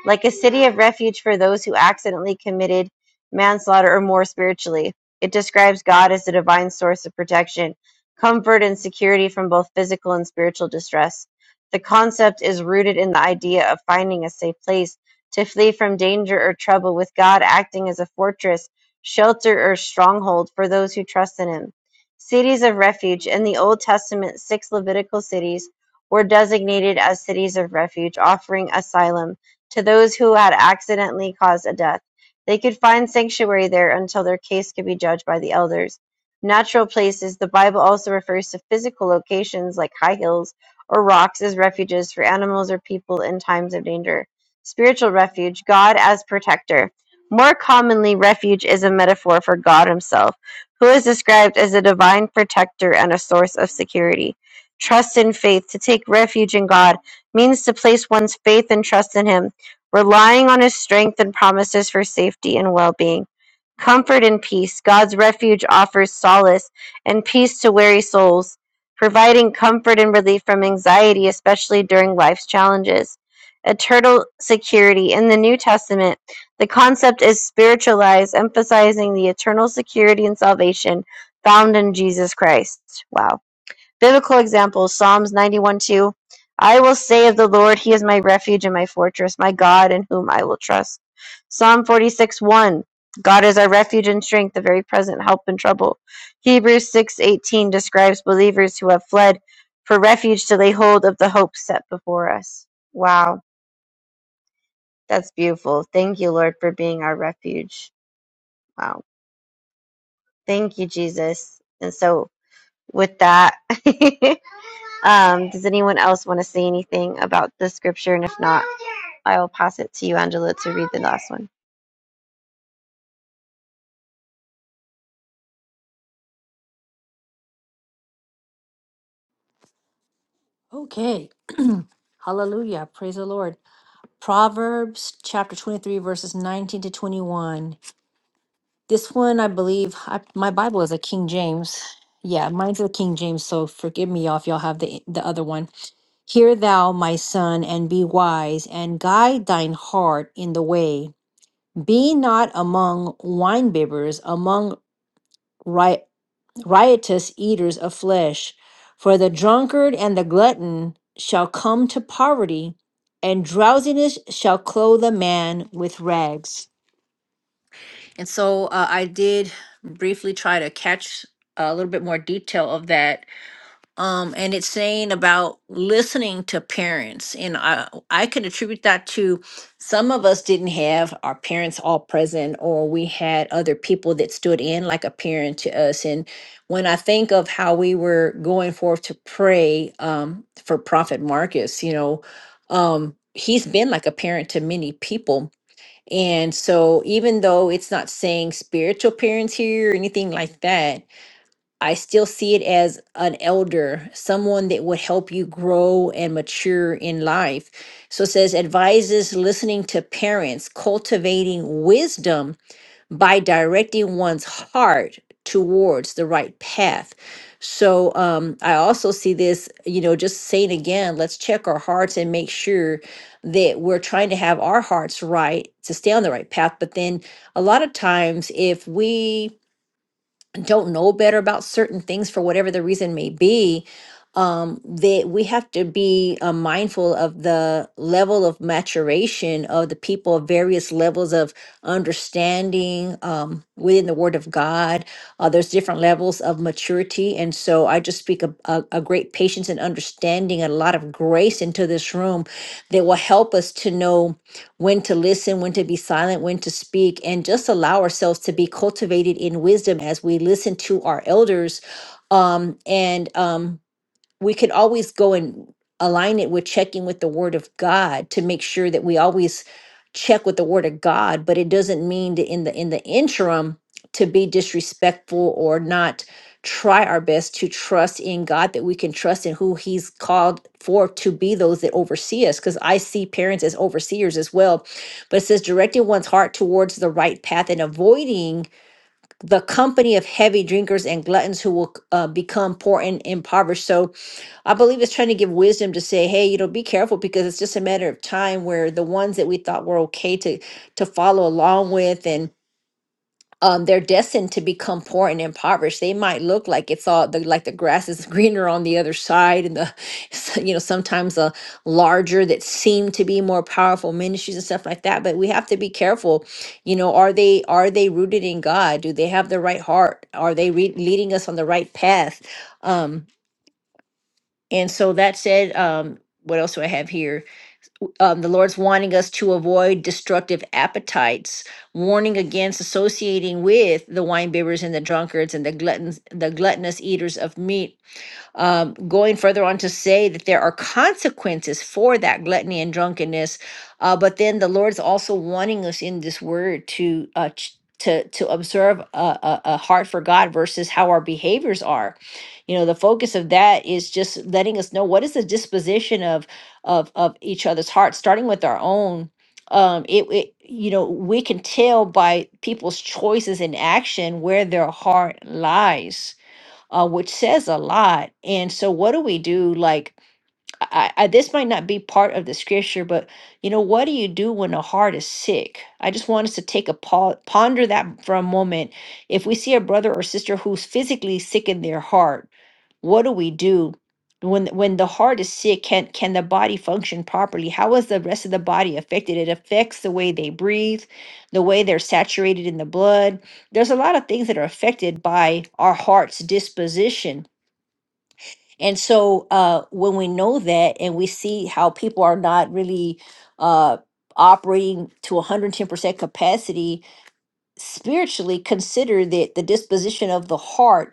Speaker 3: like a city of refuge for those who accidentally committed manslaughter or more spiritually. It describes God as the divine source of protection, comfort, and security from both physical and spiritual distress. The concept is rooted in the idea of finding a safe place to flee from danger or trouble, with God acting as a fortress, shelter, or stronghold for those who trust in Him. Cities of refuge. In the Old Testament, six Levitical cities were designated as cities of refuge, offering asylum to those who had accidentally caused a death. They could find sanctuary there until their case could be judged by the elders. Natural places, the Bible also refers to physical locations like high hills or rocks as refuges for animals or people in times of danger. Spiritual refuge, God as protector. More commonly, refuge is a metaphor for God Himself, who is described as a divine protector and a source of security trust in faith, to take refuge in God, means to place one's faith and trust in Him, relying on His strength and promises for safety and well being. Comfort and peace. God's refuge offers solace and peace to weary souls, providing comfort and relief from anxiety, especially during life's challenges. Eternal security. In the New Testament, the concept is spiritualized, emphasizing the eternal security and salvation found in Jesus Christ. Wow Biblical examples Psalms 91 2. I will say of the Lord, He is my refuge and my fortress, my God in whom I will trust. Psalm 46 1. God is our refuge and strength, a very present help in trouble. Hebrews six eighteen describes believers who have fled for refuge to lay hold of the hope set before us. Wow, that's beautiful. Thank you, Lord, for being our refuge. Wow. Thank you, Jesus. And so with that. um, does anyone else want to say anything about the scripture? And if not, I will pass it to you, Angela, to read the last one.
Speaker 2: Okay. Hallelujah. Praise the Lord. Proverbs chapter 23, verses 19 to 21. This one, I believe, I, my Bible is a King James. Yeah, mine's a King James, so forgive me y'all if y'all have the, the other one. Hear thou, my son, and be wise, and guide thine heart in the way. Be not among winebibbers, among ri- riotous eaters of flesh. For the drunkard and the glutton shall come to poverty, and drowsiness shall clothe a man with rags. And so uh, I did briefly try to catch a little bit more detail of that um, and it's saying about listening to parents and I, I could attribute that to some of us didn't have our parents all present or we had other people that stood in like a parent to us and when i think of how we were going forth to pray um, for prophet marcus you know um, he's been like a parent to many people and so even though it's not saying spiritual parents here or anything like that I still see it as an elder, someone that would help you grow and mature in life. So it says advises listening to parents, cultivating wisdom by directing one's heart towards the right path. So um, I also see this, you know, just saying again, let's check our hearts and make sure that we're trying to have our hearts right to stay on the right path. But then a lot of times, if we don't know better about certain things for whatever the reason may be um that we have to be uh, mindful of the level of maturation of the people of various levels of understanding um within the word of god uh, there's different levels of maturity and so i just speak a, a, a great patience and understanding and a lot of grace into this room that will help us to know when to listen, when to be silent, when to speak, and just allow ourselves to be cultivated in wisdom as we listen to our elders um, and um, we could always go and align it with checking with the word of god to make sure that we always check with the word of god but it doesn't mean to in the in the interim to be disrespectful or not try our best to trust in god that we can trust in who he's called for to be those that oversee us because i see parents as overseers as well but it says directing one's heart towards the right path and avoiding the company of heavy drinkers and gluttons who will uh, become poor and impoverished so I believe it's trying to give wisdom to say, hey, you know, be careful because it's just a matter of time where the ones that we thought were okay to to follow along with and um, they're destined to become poor and impoverished. They might look like it's all the, like the grass is greener on the other side, and the so, you know sometimes a larger that seem to be more powerful ministries and stuff like that. But we have to be careful. You know, are they are they rooted in God? Do they have the right heart? Are they re- leading us on the right path? Um, and so that said, um, what else do I have here? Um, the Lord's wanting us to avoid destructive appetites, warning against associating with the wine bibbers and the drunkards and the gluttons, the gluttonous eaters of meat um, going further on to say that there are consequences for that gluttony and drunkenness, uh, but then the Lord's also wanting us in this word to uh, ch- to to observe a, a, a heart for God versus how our behaviors are. You know, the focus of that is just letting us know what is the disposition of of of each other's hearts, starting with our own um it, it you know we can tell by people's choices in action where their heart lies uh, which says a lot. And so, what do we do? Like, I, I, this might not be part of the scripture, but you know, what do you do when a heart is sick? I just want us to take a pause, ponder that for a moment. If we see a brother or sister who's physically sick in their heart, what do we do when when the heart is sick can can the body function properly how is the rest of the body affected it affects the way they breathe the way they're saturated in the blood there's a lot of things that are affected by our heart's disposition and so uh when we know that and we see how people are not really uh operating to 110% capacity spiritually consider that the disposition of the heart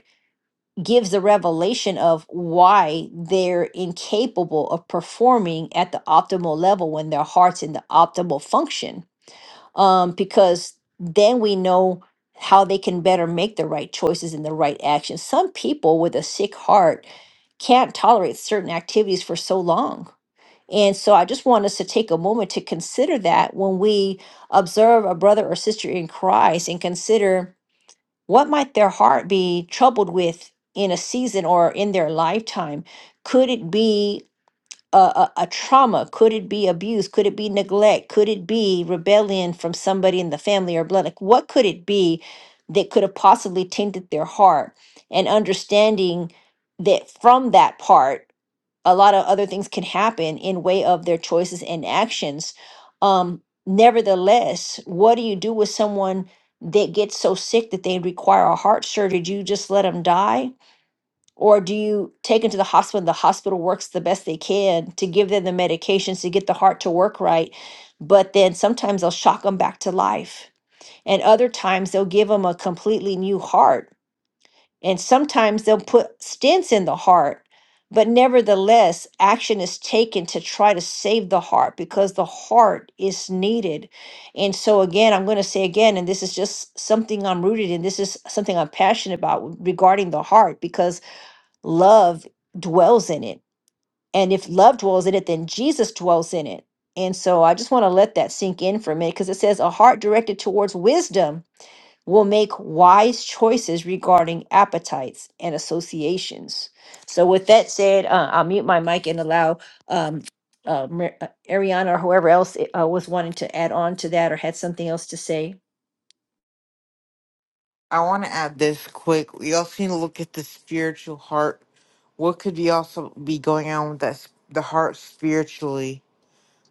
Speaker 2: gives a revelation of why they're incapable of performing at the optimal level when their heart's in the optimal function. Um, because then we know how they can better make the right choices and the right actions. Some people with a sick heart can't tolerate certain activities for so long. And so I just want us to take a moment to consider that when we observe a brother or sister in Christ and consider what might their heart be troubled with in a season or in their lifetime? Could it be a, a, a trauma? Could it be abuse? Could it be neglect? Could it be rebellion from somebody in the family or blood? Like, what could it be that could have possibly tainted their heart? And understanding that from that part, a lot of other things can happen in way of their choices and actions um nevertheless what do you do with someone that gets so sick that they require a heart surgery do you just let them die or do you take them to the hospital and the hospital works the best they can to give them the medications to get the heart to work right but then sometimes they'll shock them back to life and other times they'll give them a completely new heart and sometimes they'll put stents in the heart, but nevertheless, action is taken to try to save the heart because the heart is needed. And so, again, I'm going to say again, and this is just something I'm rooted in, this is something I'm passionate about regarding the heart because love dwells in it. And if love dwells in it, then Jesus dwells in it. And so I just want to let that sink in for a minute because it says a heart directed towards wisdom will make wise choices regarding appetites and associations. So, with that said, uh, I'll mute my mic and allow um, uh, Mar- uh, Ariana or whoever else uh, was wanting to add on to that or had something else to say.
Speaker 7: I want to add this quick. We also need to look at the spiritual heart. What could be also be going on with that s- the heart spiritually?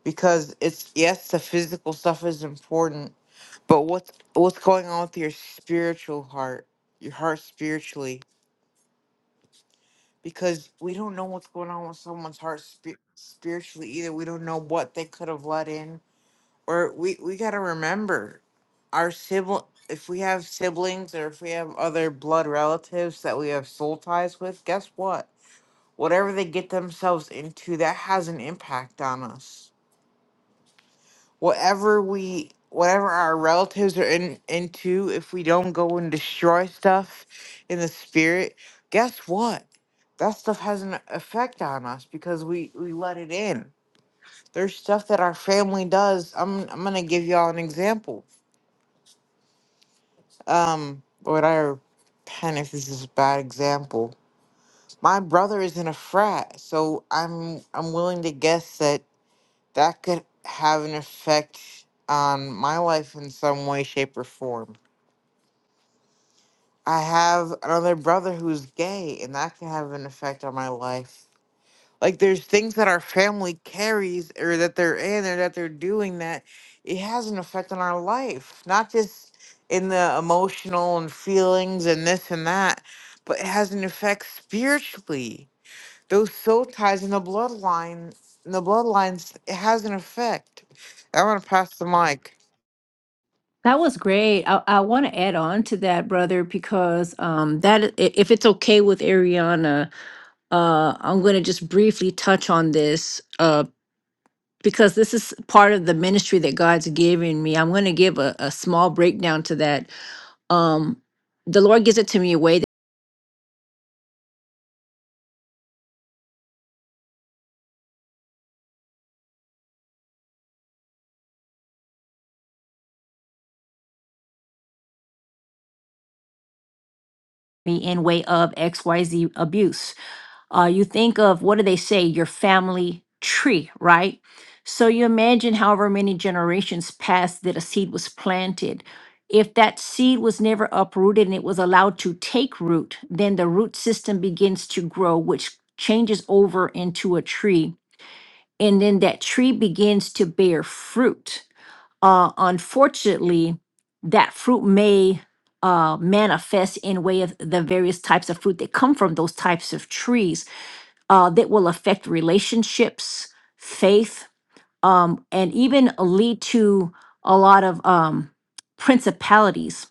Speaker 7: Because it's yes, the physical stuff is important, but what's what's going on with your spiritual heart? Your heart spiritually, because we don't know what's going on with someone's heart spi- spiritually either. We don't know what they could have let in or we we gotta remember our sibling. If we have siblings or if we have other blood relatives that we have soul ties with, guess what? Whatever they get themselves into, that has an impact on us. Whatever we, whatever our relatives are in into, if we don't go and destroy stuff in the spirit, guess what? That stuff has an effect on us because we we let it in. There's stuff that our family does. I'm I'm gonna give y'all an example um what I pen if this is a bad example. My brother is in a frat, so I'm I'm willing to guess that that could have an effect on my life in some way, shape, or form. I have another brother who's gay, and that can have an effect on my life. Like there's things that our family carries or that they're in or that they're doing that it has an effect on our life, not just in the emotional and feelings and this and that, but it has an effect spiritually. Those soul ties in the bloodline, in the bloodlines, it has an effect. I want to pass the mic.
Speaker 2: That was great. I, I want to add on to that, brother, because um, that i- if it's okay with Ariana, uh, I'm going to just briefly touch on this because this is part of the ministry that God's giving me. I'm going to give a, a small breakdown to that. Um, the Lord gives it to me a way that me in way of XYZ abuse. Uh, you think of what do they say? Your family tree, right? So you imagine however many generations passed that a seed was planted. If that seed was never uprooted and it was allowed to take root, then the root system begins to grow, which changes over into a tree and then that tree begins to bear fruit. Uh, unfortunately, that fruit may uh, manifest in way of the various types of fruit that come from those types of trees uh, that will affect relationships, faith, um, and even lead to a lot of um, principalities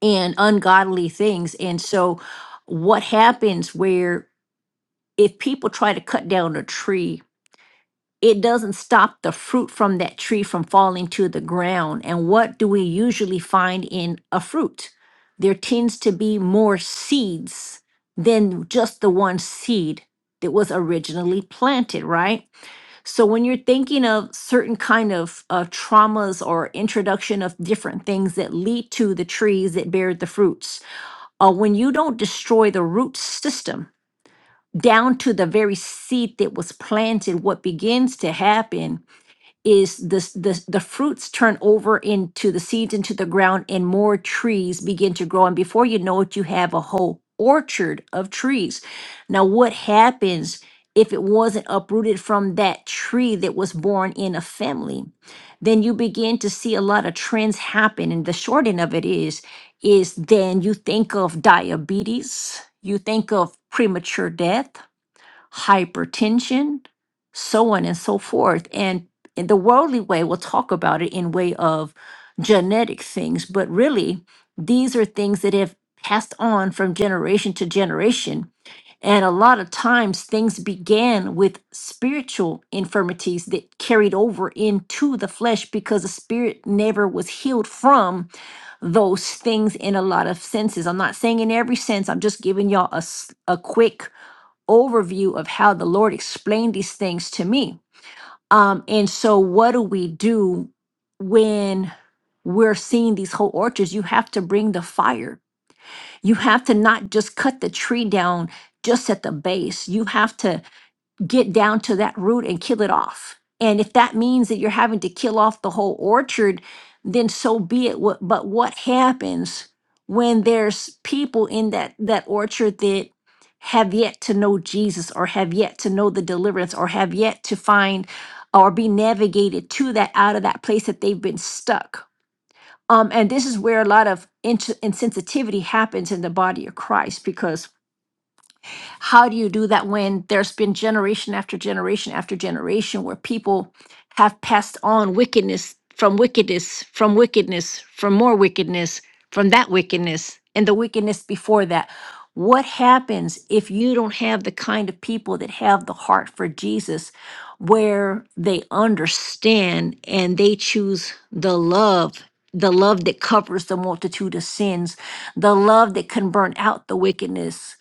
Speaker 2: and ungodly things. And so, what happens where if people try to cut down a tree it doesn't stop the fruit from that tree from falling to the ground. And what do we usually find in a fruit? There tends to be more seeds than just the one seed that was originally planted, right? So when you're thinking of certain kind of uh, traumas or introduction of different things that lead to the trees that bear the fruits, uh, when you don't destroy the root system down to the very seed that was planted, what begins to happen is this the, the fruits turn over into the seeds into the ground and more trees begin to grow and before you know it you have a whole orchard of trees now what happens if it wasn't uprooted from that tree that was born in a family then you begin to see a lot of trends happen and the short end of it is is then you think of diabetes you think of premature death hypertension, so on and so forth. And in the worldly way, we'll talk about it in way of genetic things, but really, these are things that have passed on from generation to generation. And a lot of times, things began with spiritual infirmities that carried over into the flesh because the spirit never was healed from those things in a lot of senses. I'm not saying in every sense, I'm just giving y'all a, s- a quick overview of how the Lord explained these things to me. Um, and so, what do we do when we're seeing these whole orchards? You have to bring the fire. You have to not just cut the tree down just at the base. You have to get down to that root and kill it off. And if that means that you're having to kill off the whole orchard, then so be it. What- But what happens when there's people in that that orchard that have yet to know Jesus or have yet to know the deliverance or have yet to find or be navigated to that out of that place that they've been stuck. Um, and this is where a lot of ins- insensitivity happens in the body of Christ because how do you do that when there's been generation after generation after generation where people have passed on wickedness from wickedness from wickedness from more wickedness from that wickedness and the wickedness before that what happens if you don't have the kind of people that have the heart for Jesus where they understand and they choose the love the love that covers the multitude of sins the love that can burn out the wickedness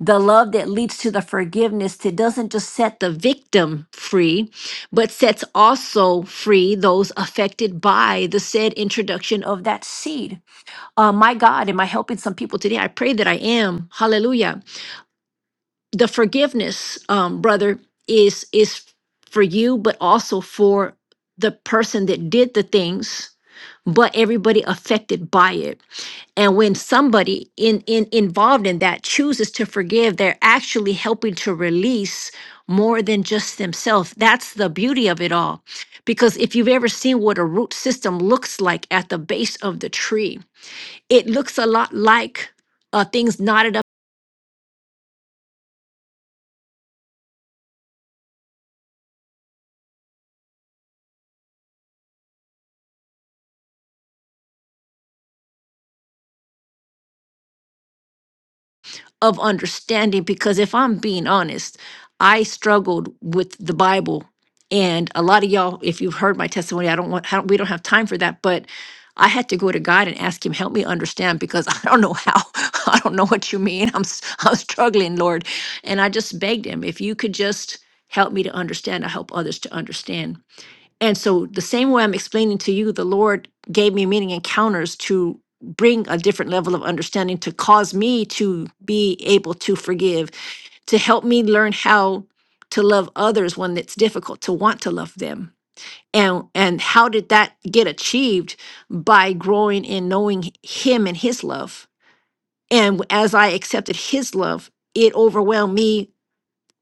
Speaker 2: the love that leads to the forgiveness it doesn't just set the victim free but sets also free those affected by the said introduction of that seed uh, my god am i helping some people today i pray that i am hallelujah the forgiveness um, brother is is for you but also for the person that did the things but everybody affected by it and when somebody in, in involved in that chooses to forgive they're actually helping to release more than just themselves that's the beauty of it all because if you've ever seen what a root system looks like at the base of the tree it looks a lot like uh, things knotted up of understanding because if I'm being honest, I struggled with the Bible. And a lot of y'all, if you've heard my testimony, I don't want, I don't- we don't have time for that, but I had to go to God and ask Him, help me understand because I don't know how. I don't know what you mean. I'm, s- I'm struggling, Lord. And I just begged Him, if you could just help me to understand, I help others to understand and so, the same way I'm explaining to you, the Lord gave me many encounters to bring a different level of understanding, to cause me to be able to forgive, to help me learn how to love others when it's difficult, to want to love them. And, and how did that get achieved by growing in knowing him and his love and as i accepted his love it overwhelmed me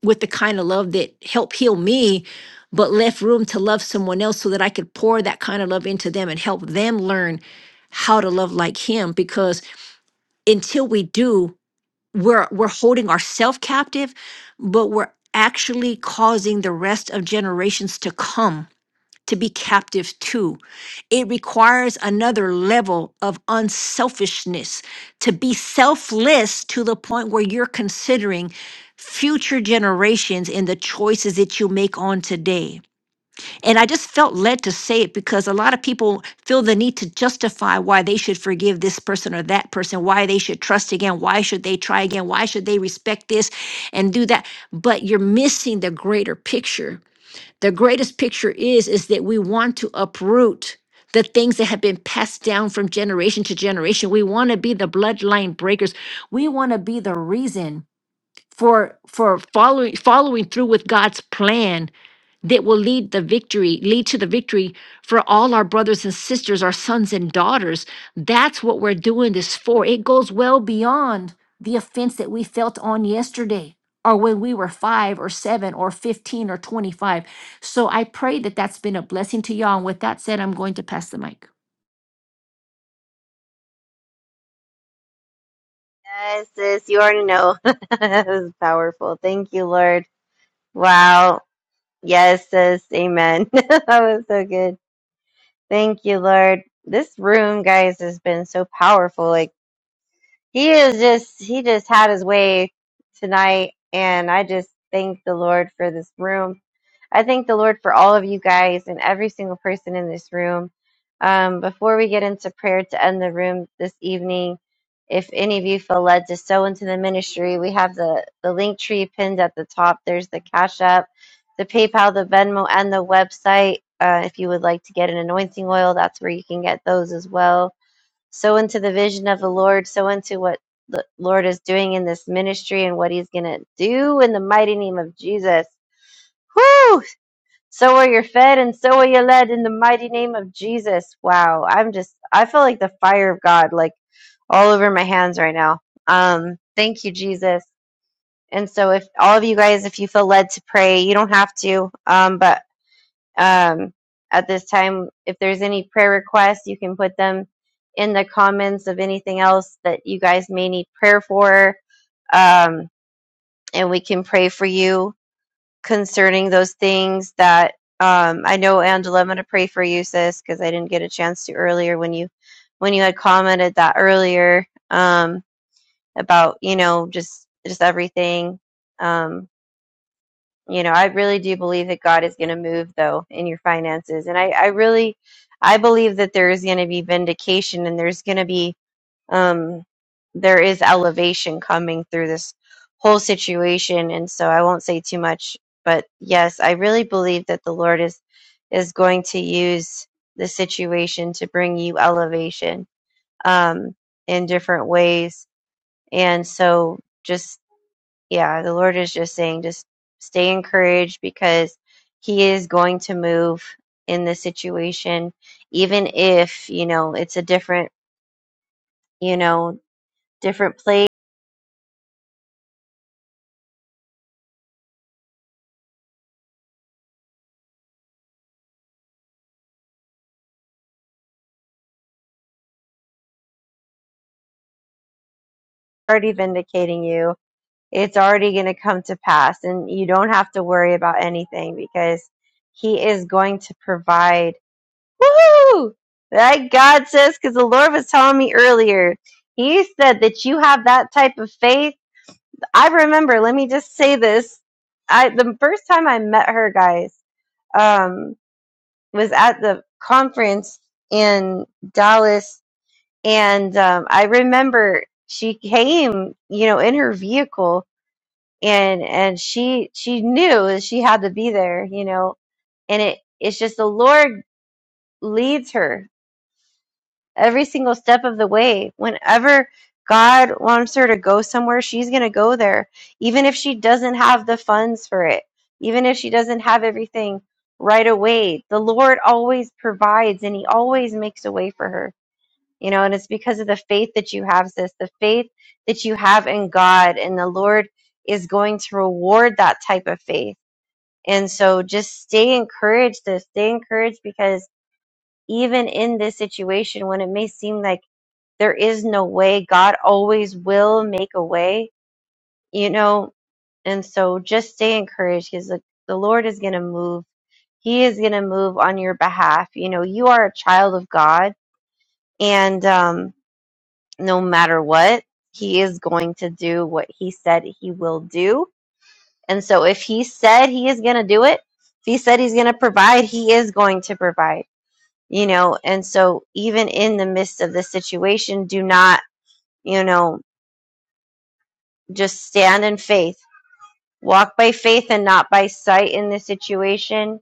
Speaker 2: with the kind of love that helped heal me, but left room to love someone else so that I could pour that kind of love into them and help them learn how to love like him. Because until we do, we're we're holding ourselves captive, but we're actually causing the rest of generations to come to be captive to. It requires another level of unselfishness to be selfless to the point where you're considering future generations and the choices that you make on today. And I just felt led to say it because a lot of people feel the need to justify why they should forgive this person or that person, why they should trust again, why should they try again, why should they respect this and do that. But you're missing the greater picture the greatest picture is is that we want to uproot the things that have been passed down from generation to generation we want to be the bloodline breakers we want to be the reason for for following following through with god's plan that will lead the victory lead to the victory for all our brothers and sisters our sons and daughters that's what we're doing this for it goes well beyond the offense that we felt on yesterday or when we were 5 or 7 or 15 or 25 so i pray that that's been a blessing to y'all and with that said i'm going to pass the mic
Speaker 3: Yes, sis, you already know. it was powerful. Thank you, Lord. Wow. Yes, sis. Amen. that was so good. Thank you, Lord. This room, guys, has been so powerful. Like, he is just he just had his way tonight and i just thank the lord for this room i thank the lord for all of you guys and every single person in this room um, before we get into prayer to end the room this evening if any of you feel led to sow into the ministry we have the the link tree pinned at the top there's the cash app the paypal the venmo and the website uh, if you would like to get an anointing oil that's where you can get those as well so into the vision of the Lord, so into what the Lord is doing in this ministry and what He's going to do in the mighty name of Jesus. Woo! So are you fed and so are you led in the mighty name of Jesus. Wow. I'm just, I feel like the fire of God, like all over my hands right now. Um, thank you, Jesus. And so if all of you guys, if you feel led to pray, you don't have to. Um, but um, at this time. If there's any prayer requests, you can put them in the comments of anything else that you guys may need prayer for, um, and we can pray for you concerning those things that um, I know. Angela, I'm going to pray for you, sis, because I didn't get a chance to earlier when you when you had commented that earlier um, about you know just just everything. Um, you know, I really do believe that God is going to move though in your finances. And I, I really, I believe that there is going to be vindication and there's going to be, um, there is elevation coming through this whole situation. And so I won't say too much, but yes, I really believe that the Lord is, is going to use the situation to bring you elevation, um, in different ways. And so just yeah, the Lord is just saying, just stay encouraged because He is going to move in this situation, even if, you know, it's a different, you know, different place already vindicating you. It's already going to come to pass, and you don't have to worry about anything because He is going to provide. Woohoo! That God says, because the Lord was telling me earlier, He said that you have that type of faith I remember, let me just say this. I the first time I met her guys um was at the conference in Dallas and um I remember she came, you know, in her vehicle and and she she knew that she had to be there, you know, and it it's just the Lord leads her every single step of the way. Whenever God wants her to go somewhere, she's going to go there, even if she doesn't have the funds for it, even if she doesn't have everything right away. The Lord always provides and He always makes a way for her, you know, and it's because of the faith that you have, sis, the faith that you have in God, and the Lord is going to reward that type of faith. And so just stay encouraged, sis. Stay encouraged because even in this situation, when it may seem like there is no way. God always will make a way, you know? And so just stay encouraged because the, the Lord is going to move. He is going to move on your behalf. You know, you are a child of God and, um, no matter what, he is going to do what he said he will do. And so if he said he is going to do it, if he said he's going to provide, he is going to provide, you know? And so even in the midst of this situation, do not, you know, Just stand in faith. Walk by faith and not by sight in this situation.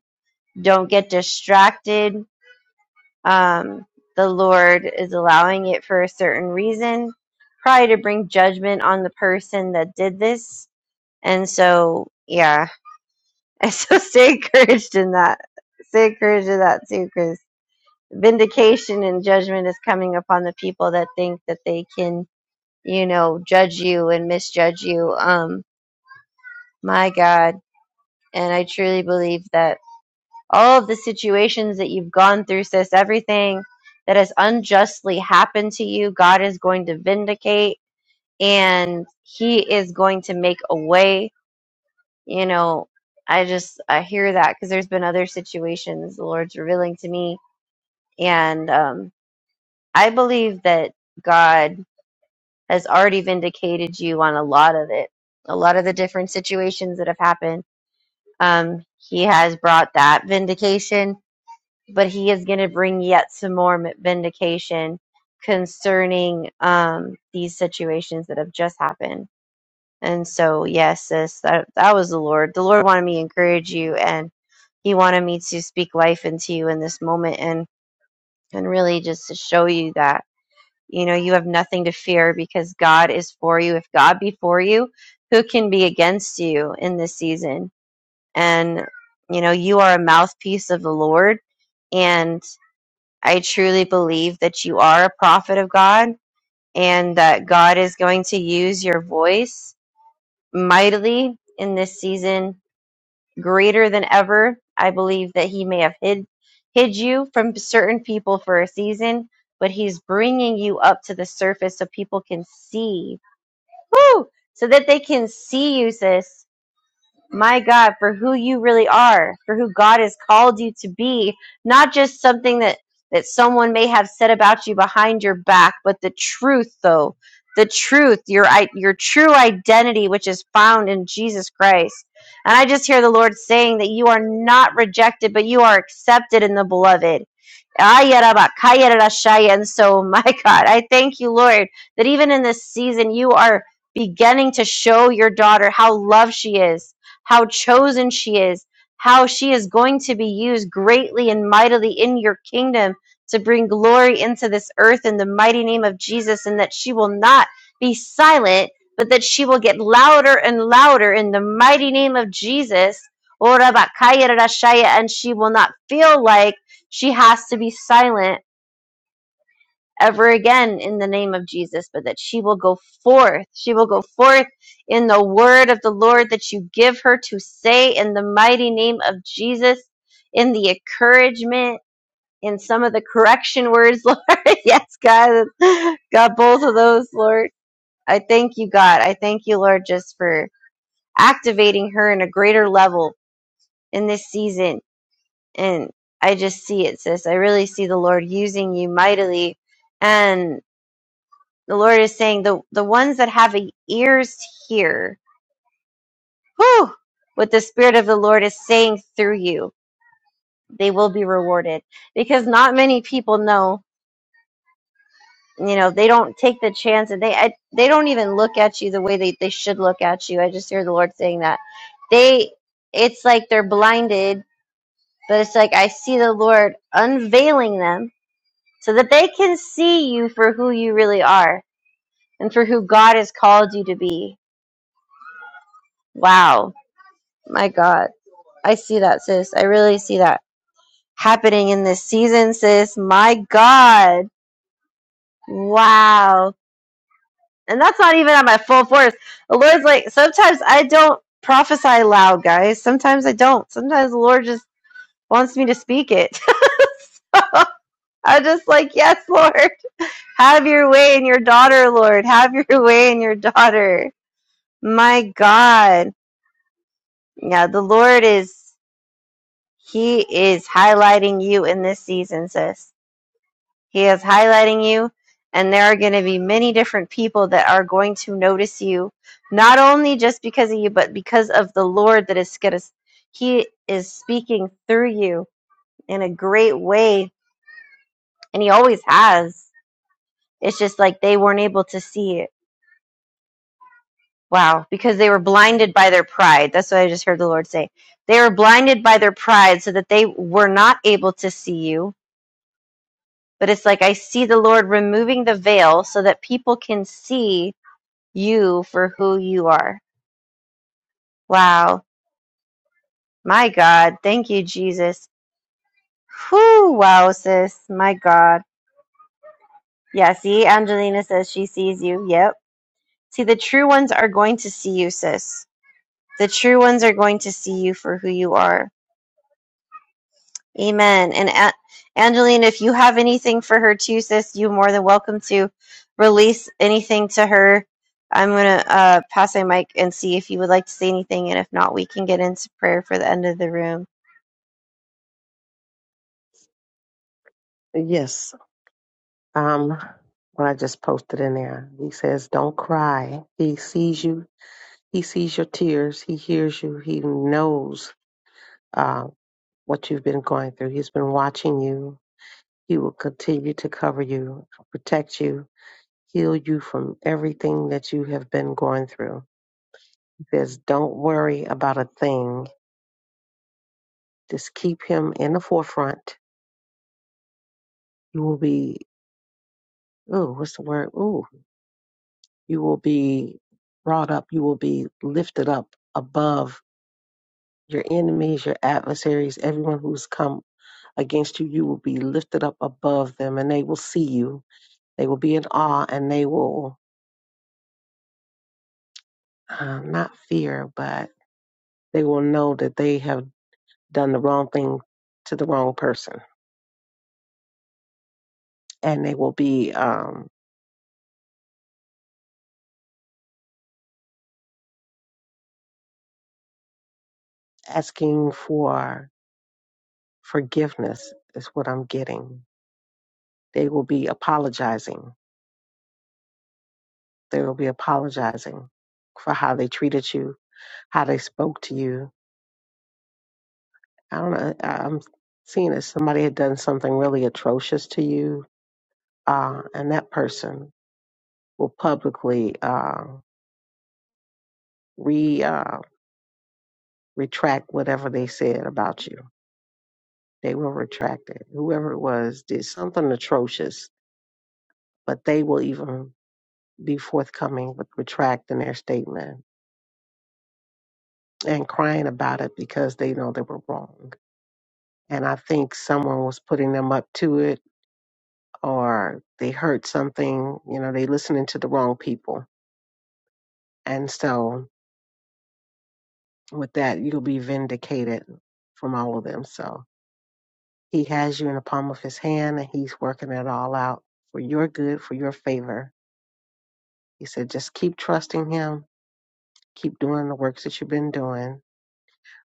Speaker 3: Don't get distracted. Um, the Lord is allowing it for a certain reason, probably to bring judgment on the person that did this. And so, yeah. And so stay encouraged in that. Stay encouraged in that too, because vindication and judgment is coming upon the people that think that they can, you know, judge you and misjudge you. Um, my God And I truly believe that all of the situations that you've gone through, sis, everything that has unjustly happened to you, God is going to vindicate and He is going to make a way. You know, I just, I hear that because there's been other situations the Lord's revealing to me. And um, I believe that God has already vindicated you on a lot of it, a lot of the different situations that have happened. Um, he has brought that vindication but he is going to bring yet some more vindication concerning um, these situations that have just happened. And so, yes, sis, that that was the Lord. The Lord wanted me to encourage you, and He wanted me to speak life into you in this moment, and and really just to show you that you know you have nothing to fear because God is for you. If God be for you, who can be against you in this season? And you know you are a mouthpiece of the Lord, and I truly believe that you are a prophet of God and that God is going to use your voice mightily in this season, greater than ever. I believe that He may have hid hid you from certain people for a season, but He's bringing you up to the surface so people can see. Woo! So that they can see you, sis my God, for who you really are, for who God has called you to be, not just something that that someone may have said about you behind your back, but the truth, though, the truth, your i- your true identity, which is found in Jesus Christ. And I just hear the Lord saying that you are not rejected, but you are accepted in the Beloved. Ayarabakayarashaya. And so, my God, I thank you, Lord, that even in this season, you are beginning to show your daughter how loved she is how chosen she is, how she is going to be used greatly and mightily in your kingdom to bring glory into this earth in the mighty name of Jesus, and that she will not be silent, but that she will get louder and louder in the mighty name of Jesus. Ora bakaya rarashaya, And she will not feel like she has to be silent ever again in the name of Jesus, but that she will go forth. She will go forth in the word of the Lord that you give her to say in the mighty name of Jesus, in the encouragement, in some of the correction words, Lord. yes, God, God, both of those, Lord. I thank you, God. I thank you, Lord, just for activating her in a greater level in this season. And I just see it, sis. I really see the Lord using you mightily. And the Lord is saying the, the ones that have ears hear whew, what the Spirit of the Lord is saying through you. They will be rewarded because not many people know. You know, they don't take the chance and they I, they don't even look at you the way they, they should look at you. I just hear the Lord saying that. They it's like they're blinded, but it's like I see the Lord unveiling them so that they can see you for who you really are and for who God has called you to be. Wow. My God. I see that, sis. I really see that happening in this season, sis. My God. Wow. And that's not even at my full force. The Lord's like, sometimes I don't prophesy loud, guys. Sometimes I don't. Sometimes the Lord just wants me to speak it. So I'm just like, yes, Lord, have your way in your daughter, Lord. Have your way in your daughter. My God. Yeah, the Lord is, He is highlighting you in this season, sis. He is highlighting you, and there are going to be many different people that are going to notice you, not only just because of you, but because of the Lord that is going to. He is speaking through you in a great way, and He always has. It's just like they weren't able to see it. Wow, because they were blinded by their pride. That's what I just heard the Lord say. They were blinded by their pride so that they were not able to see you. But it's like I see the Lord removing the veil so that people can see you for who you are. Wow. My God. Thank you, Jesus. Whew. Wow, sis. My God. Yeah, see, Angelina says she sees you. Yep. See, the true ones are going to see you, sis. The true ones are going to see you for who you are. Amen. And A- Angelina, if you have anything for her too, sis, you more than welcome to release anything to her. I'm going to uh, pass my mic and see if you would like to say anything. And if not, we can get into prayer for the end of the room.
Speaker 5: Um, what I just posted in there. He says, "Don't cry. He sees you. He sees your tears. He hears you. He knows uh, what you've been going through. He's been watching you. He will continue to cover you, protect you, heal you from everything that you have been going through." He says, "Don't worry about a thing. Just keep him in the forefront. You will be. Oh, what's the word? Ooh, you will be." Brought up, you will be lifted up above your enemies, your adversaries, everyone who's come against you, you will be lifted up above them and they will see you. They will be in awe and they will uh, not fear, but they will know that they have done the wrong thing to the wrong person. And they will be um, asking for forgiveness, is what I'm getting. They will be apologizing. They will be apologizing for how they treated you, how they spoke to you, I don't know. I- I'm seeing as somebody had done something really atrocious to you, uh, and that person will publicly uh, re uh, retract whatever they said about you. They will retract it. Whoever it was did something atrocious, but they will even be forthcoming with retracting their statement and crying about it because they know they were wrong. And I think someone was putting them up to it, or they heard something. You know, they listening to the wrong people And so with that, you'll be vindicated from all of them. So he has you in the palm of his hand and he's working it all out for your good, for your favor. He said, just keep trusting him, keep doing the works that you've been doing,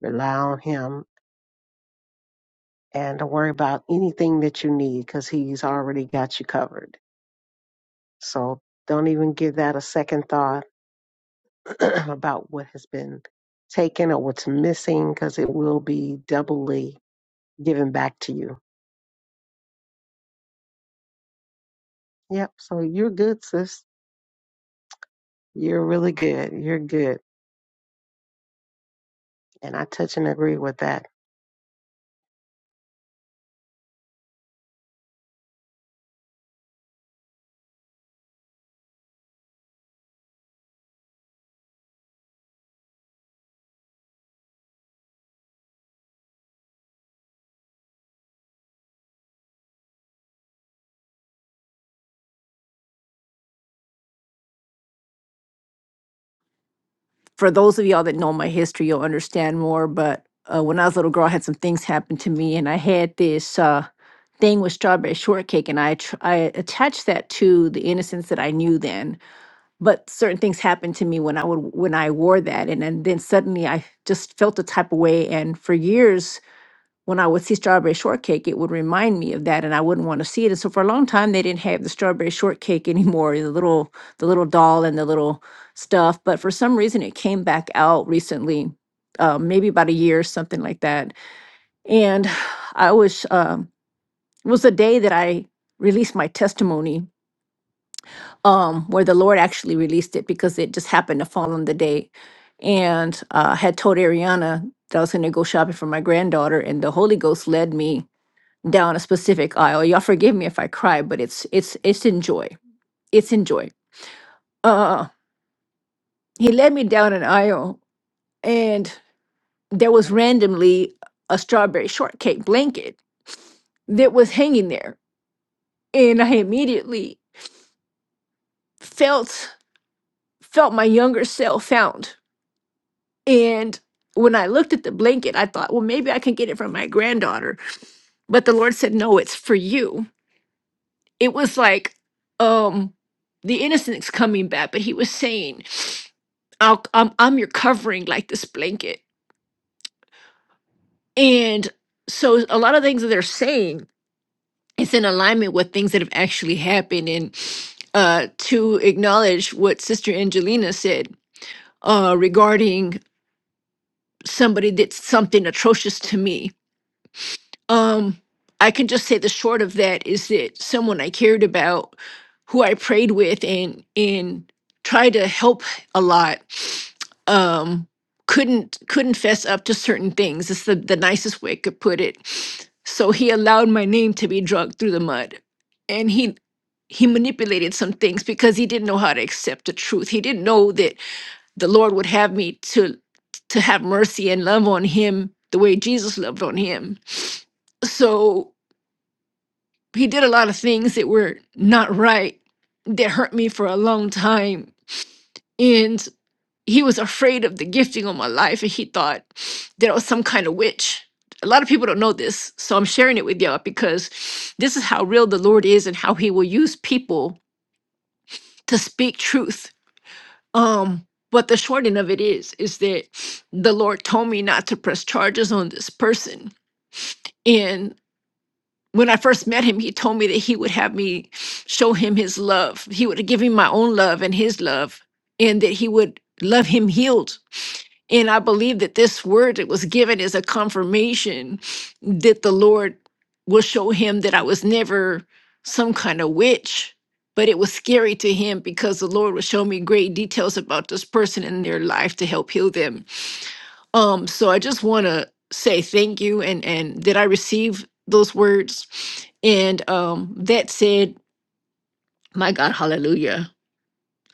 Speaker 5: rely on him, and don't worry about anything that you need because he's already got you covered. So don't even give that a second thought about what has been taken or what's missing because it will be doubly given back to you Yep. So you're good, sis. You're really good. You're good. And I touch and agree with that.
Speaker 2: for those of y'all that know my history, you'll understand more. But uh, when I was a little girl, I had some things happen to me, and I had this uh, thing with strawberry shortcake, and I tr- I attached that to the innocence that I knew then. But certain things happened to me when I would when I wore that, and, and then suddenly I just felt a type of way, and for years when I would see strawberry shortcake, it would remind me of that, and I wouldn't want to see it. And so for a long time, they didn't have the strawberry shortcake anymore, the little the little doll and the little stuff. But for some reason, it came back out recently, um, maybe about a year, something like that. And I was um, it was the day that I released my testimony, um, where the Lord actually released it because it just happened to fall on the day. And uh, I had told Ariana that I was going to go shopping for my granddaughter, and the Holy Ghost led me down a specific aisle. Y'all forgive me if I cry, but it's it's it's in joy. It's in joy. Uh, he led me down an aisle, and there was randomly a strawberry shortcake blanket that was hanging there, and I immediately felt felt my younger self found. And when I looked at the blanket, I thought, well, maybe I can get it from my granddaughter. But the Lord said, no, it's for you it was like um the innocence coming back but he was saying I'll, I'm, I'm your covering like this blanket and so a lot of things that they're saying is in alignment with things that have actually happened and uh to acknowledge what sister angelina said uh regarding somebody did something atrocious to me um i can just say the short of that is that someone i cared about who I prayed with and and tried to help a lot um couldn't couldn't fess up to certain things. It's the, the nicest way I could put it. So he allowed my name to be dragged through the mud. And he he manipulated some things because he didn't know how to accept the truth. He didn't know that the Lord would have me to to have mercy and love on him the way Jesus loved on him. So he did a lot of things that were not right that hurt me for a long time and he was afraid of the gifting on my life and he thought that I was some kind of witch a lot of people don't know this so i'm sharing it with y'all because this is how real the lord is and how he will use people to speak truth um but the short end of it is is that the lord told me not to press charges on this person and. when I first met him, he told me that he would have me show him his love. He would give me my own love and his love, and that he would love him healed. And I believe that this word that was given is a confirmation that the Lord will show him that I was never some kind of witch, but it was scary to him because the Lord would show me great details about this person and their life to help heal them. Um, so I just want to say thank you and and did I receive those words? And um, that said, my God, hallelujah.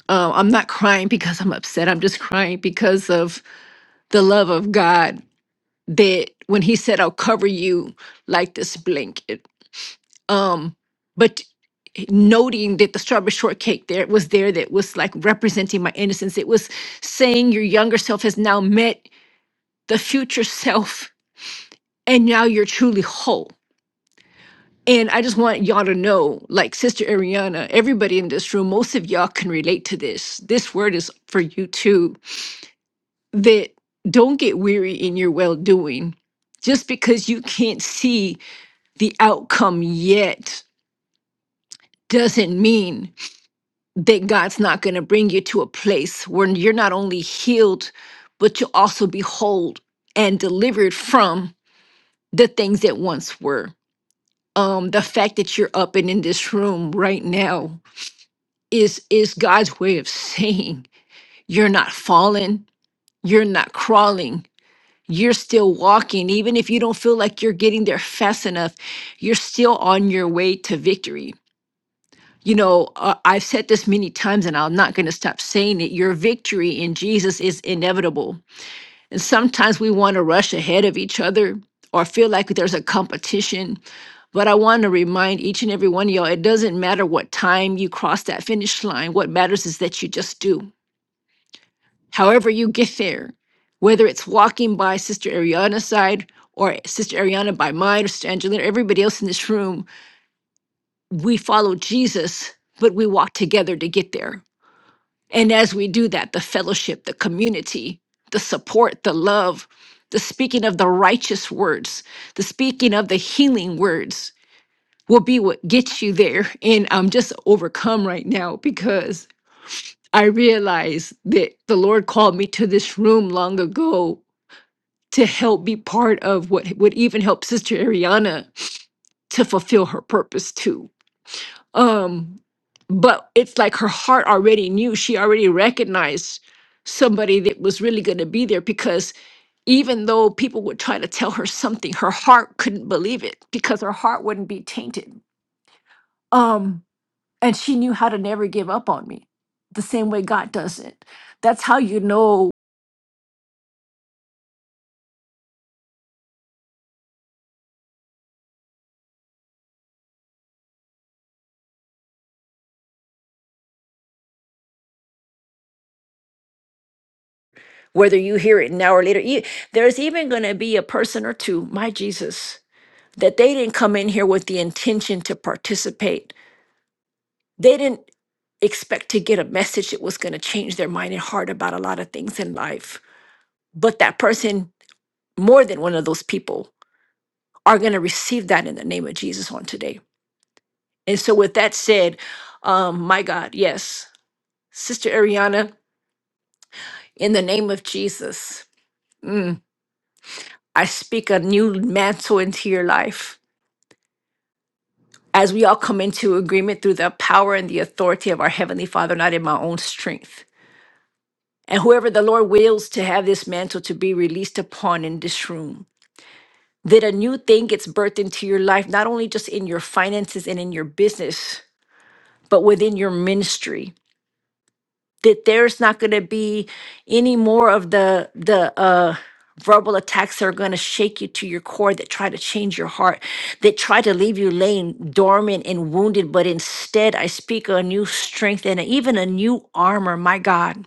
Speaker 2: Um, I'm not crying because I'm upset. I'm just crying because of the love of God that when He said, "I'll cover you like this blanket," um, but noting that the strawberry shortcake there was there that was like representing my innocence. It was saying your younger self has now met the future self, and now you're truly whole And I just want y'all to know, like Sister Ariana, everybody in this room, most of y'all can relate to this. This word is for you too that don't get weary in your well doing. Just because you can't see the outcome yet doesn't mean that God's not going to bring you to a place where you're not only healed, but you'll also be whole and delivered from the things that once were. Um, the fact that you're up and in this room right now is is God's way of saying you're not falling, you're not crawling, you're still walking even if you don't feel like you're getting there fast enough, you're still on your way to victory. You know, uh, I've said this many times and I'm not going to stop saying it. Your victory in Jesus is inevitable. And sometimes we want to rush ahead of each other or feel like there's a competition. But I want to remind each and every one of y'all it doesn't matter what time you cross that finish line. What matters is that you just do. however you get there, whether it's walking by Sister Ariana's side or Sister Ariana by mine or Sister Angelina, everybody else in this room, we follow Jesus, but we walk together to get there. And as we do that, the fellowship, the community, the support, the love, the speaking of the righteous words, the speaking of the healing words will be what gets you there. And I'm just overcome right now because I realize that the Lord called me to this room long ago to help be part of what would even help Sister Ariana to fulfill her purpose too. Um, but it's like her heart already knew, she already recognized somebody that was really going to be there because even though people would try to tell her something, her heart couldn't believe it because her heart wouldn't be tainted. Um, and she knew how to never give up on me the same way God doesn't. That's how you know whether you hear it now or later. E- There's even going to be a person or two, my Jesus, that they didn't come in here with the intention to participate. They didn't expect to get a message that was going to change their mind and heart about a lot of things in life. But that person, more than one of those people, are going to receive that in the name of Jesus on today. And so, with that said, um, my God, yes, Sister Ariana, in the name of Jesus, mm, I speak a new mantle into your life. as we all come into agreement through the power and the authority of our Heavenly Father, not in my own strength. And whoever the Lord wills to have this mantle to be released upon in this room, that a new thing gets birthed into your life, not only just in your finances and in your business, but within your ministry. that there's not going to be any more of the the uh verbal attacks that are going to shake you to your core that try to change your heart that try to leave you laying dormant and wounded but instead i speak a new strength and even a new armor my god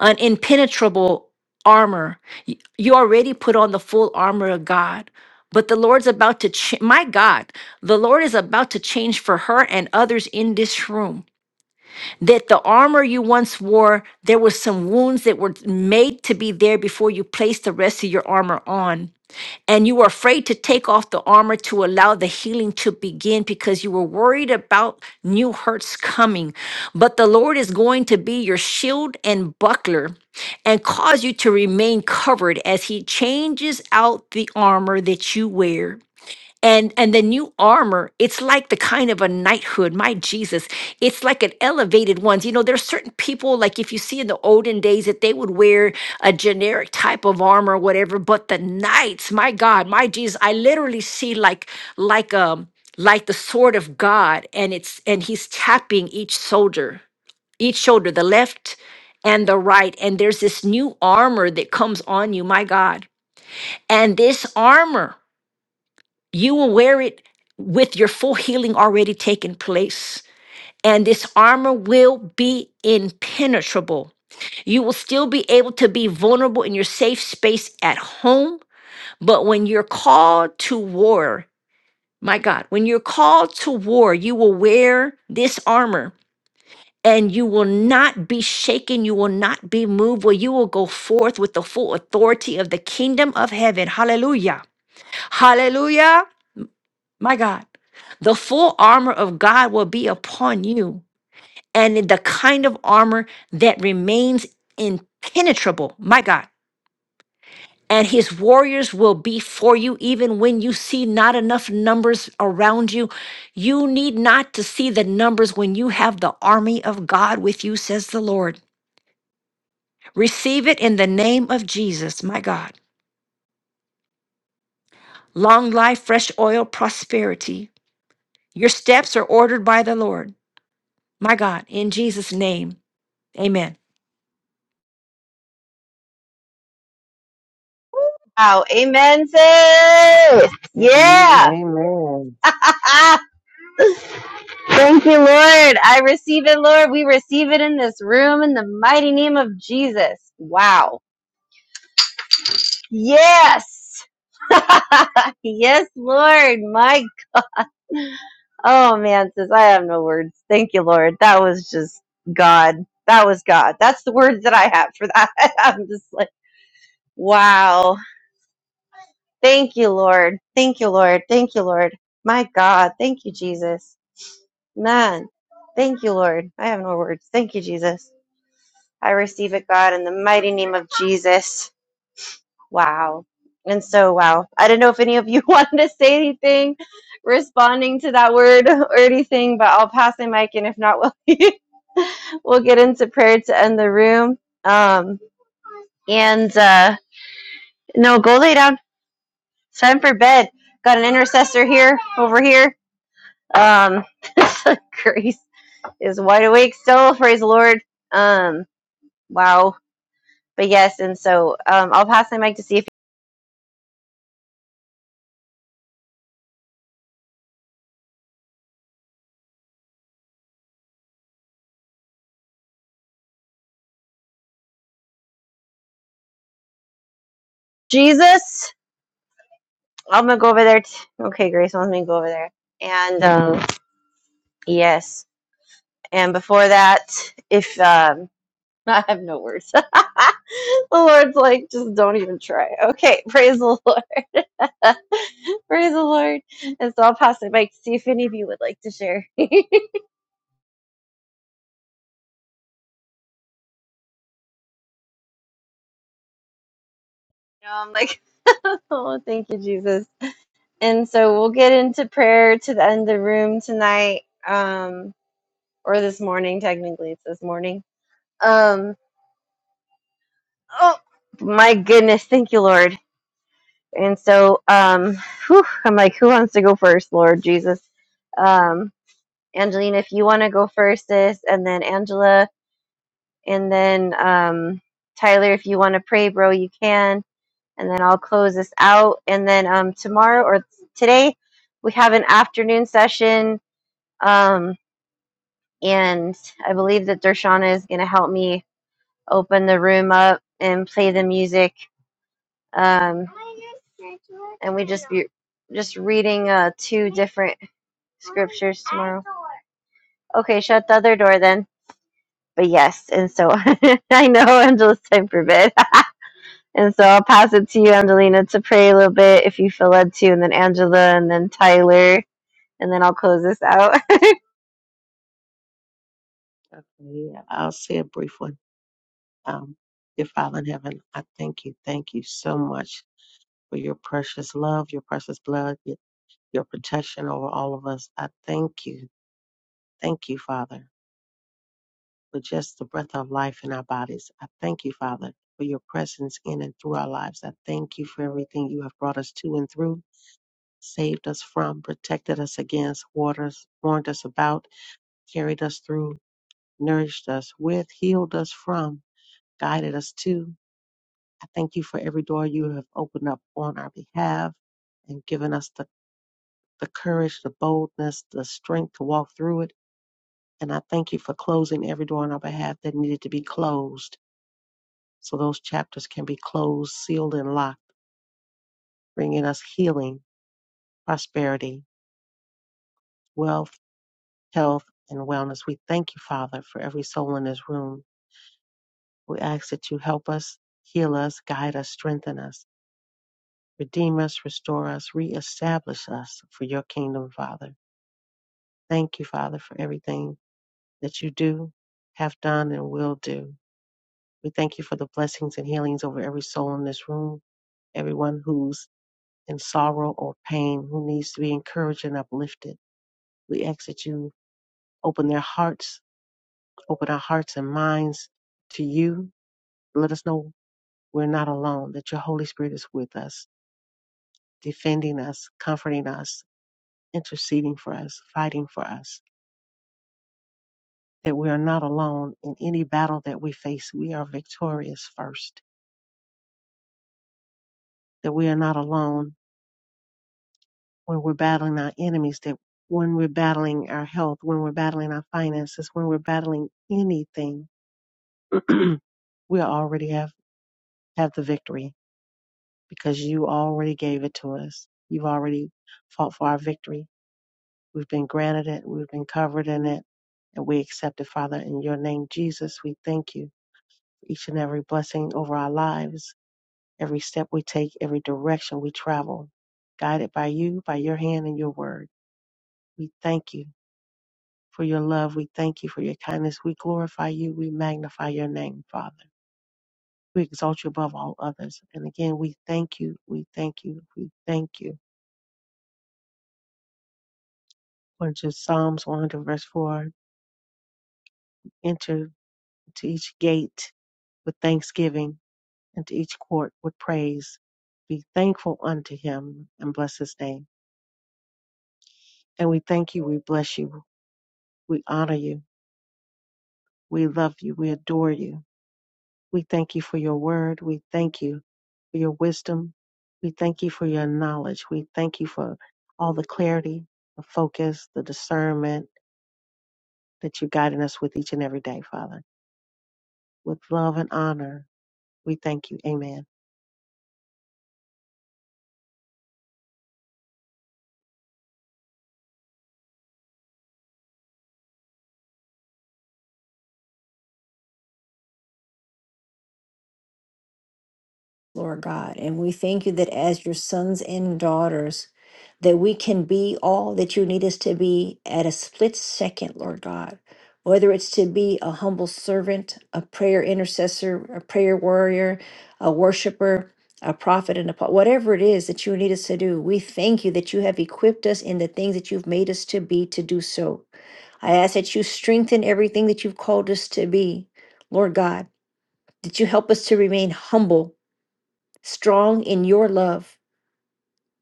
Speaker 2: an impenetrable armor Y- you already put on the full armor of god but the lord's about to ch- my god the lord is about to change for her and others in this room that the armor you once wore, there were some wounds that were made to be there before you placed the rest of your armor on. And you were afraid to take off the armor to allow the healing to begin because you were worried about new hurts coming. But the Lord is going to be your shield and buckler and cause you to remain covered as He changes out the armor that you wear and and the new armor it's like the kind of a knighthood my jesus it's like an elevated ones you know there's certain people like if you see in the olden days that they would wear a generic type of armor or whatever but the knights my god my jesus i literally see like like um like the sword of god and it's and he's tapping each soldier each shoulder the left and the right and there's this new armor that comes on you my god and this armor you will wear it with your full healing already taken place. And this armor will be impenetrable. You will still be able to be vulnerable in your safe space at home. But when you're called to war, my God, when you're called to war, you will wear this armor and you will not be shaken. You will not be moved. Well, you will go forth with the full authority of the kingdom of heaven. Hallelujah. Hallelujah. My God, the full armor of God will be upon you, and the kind of armor that remains impenetrable. My God. And his warriors will be for you even when you see not enough numbers around you. You need not to see the numbers when you have the army of God with you, says the Lord. Receive it in the name of Jesus, my God. Long life, fresh oil, prosperity. Your steps are ordered by the Lord, my God, in Jesus' name. Amen.
Speaker 3: Wow. Amen, sis.
Speaker 5: Amen.
Speaker 3: Yeah.
Speaker 5: Amen.
Speaker 3: Thank you, Lord. I receive it, Lord. We receive it in this room in the mighty name of Jesus. Wow. Yes. yes, Lord. My, oh man, sis, I have no words. Thank you, Lord. That was just God. That was God. That's the words that I have for that. I'm just like, wow. Thank you, Lord. Thank you, Lord. Thank you, Lord. My God. Thank you, Jesus. None. Thank you, Lord. I have no words. Thank you, Jesus. I receive it, God, in the mighty name of Jesus. Wow. And so, wow. I don't know if any of you wanted to say anything responding to that word or anything, but I'll pass the mic. And if not, we'll, we'll get into prayer to end the room. Um, and uh, no, go lay down. It's time for bed. Got an intercessor here, over here. Um, Grace is wide awake still. Praise the Lord. Um, Wow. But yes, and so um, I'll pass my mic to see if Jesus. I'm gonna go over there. T- okay, Grace wants me to go over there. And um, yes, and before that, if um, I have no words, the Lord's like, just don't even try. Okay, praise the Lord, praise the Lord. And so I'll pass my mic to see if any of you would like to share. you know, I'm like, oh, thank you, Jesus. And so we'll get into prayer to the end of the room tonight. Um, or this morning. Technically, it's this morning. Um, oh my goodness, thank you, Lord. And so, um, whew, I'm like, who wants to go first, Lord Jesus? Um, Angelina, if you want to go first, sis, and then Angela, and then um, Tyler, if you want to pray, bro, you can, and then I'll close this out. And then um, tomorrow or today, we have an afternoon session. Um, and I believe that Dershana is going to help me open the room up and play the music. Um, and we just be just reading uh, two different scriptures tomorrow. Okay, shut the other door then. But yes, and so I know Angela's time for bed. and so I'll pass it to you, Angelina, to pray a little bit if you feel led to, and then Angela, and then Tyler, and then I'll close this out.
Speaker 5: Okay. yeah, I'll say a brief one. Um, dear Father in heaven, I thank you. Thank you so much for your precious love, your precious blood, your, your protection over all of us. I thank you. Thank you, Father, for just the breath of life in our bodies. I thank you, Father, for your presence in and through our lives. I thank you for everything you have brought us to and through. saved us from, protected us against, warned us, warned us about, carried us through, nourished us with, healed us from, guided us to. I thank you for every door you have opened up on our behalf and given us the, the courage, the boldness, the strength to walk through it. And I thank you for closing every door on our behalf that needed to be closed so those chapters can be closed, sealed, and locked, bringing us healing, prosperity, wealth health, and wellness. We thank you, Father, for every soul in this room. We ask that you help us, heal us, guide us, strengthen us, redeem us, restore us, reestablish us for your kingdom, Father. Thank you, Father, for everything that you do, have done, and will do. We thank you for the blessings and healings over every soul in this room, everyone who's in sorrow or pain, who needs to be encouraged and uplifted. We ask that you open their hearts, open our hearts and minds to you let us know we're not alone, that your Holy Spirit is with us, defending us, comforting us, interceding for us, fighting for us, that we are not alone in any battle that we face. We are victorious first, that we are not alone when we're battling our enemies, that when we're battling our health, when we're battling our finances, when we're battling anything, we already have, have the victory because you already gave it to us. You've already fought for our victory We've been granted it. We've been covered in it. And we accept it, Father. In your name, Jesus, we thank you for each and every blessing over our lives, every step we take, every direction we travel, guided by you, by your hand and your word. We thank you for your love. We thank you for your kindness. We glorify you. We magnify your name, Father. We exalt you above all others. And again, we thank you. We thank you. We thank you. According to Psalms 100, verse 4, enter to each gate with thanksgiving and to each court with praise. Be thankful unto him and bless his name. And we thank you, we bless you, we honor you, we love you, we adore you. We thank you for your word. We thank you for your wisdom. We thank you for your knowledge. We thank you for all the clarity, the focus, the discernment that you're guiding us with each and every day, Father. With love and honor, we thank you. Amen.
Speaker 2: Lord God. And we thank you that as your sons and daughters, that we can be all that you need us to be at a split second, Lord God. Whether it's to be a humble servant, a prayer intercessor, a prayer warrior, a worshiper, a prophet, and a po- whatever it is that you need us to do, we thank you that you have equipped us in the things that you've made us to be to do so. I ask that you strengthen everything that you've called us to be, Lord God, that you help us to remain humble strong in your love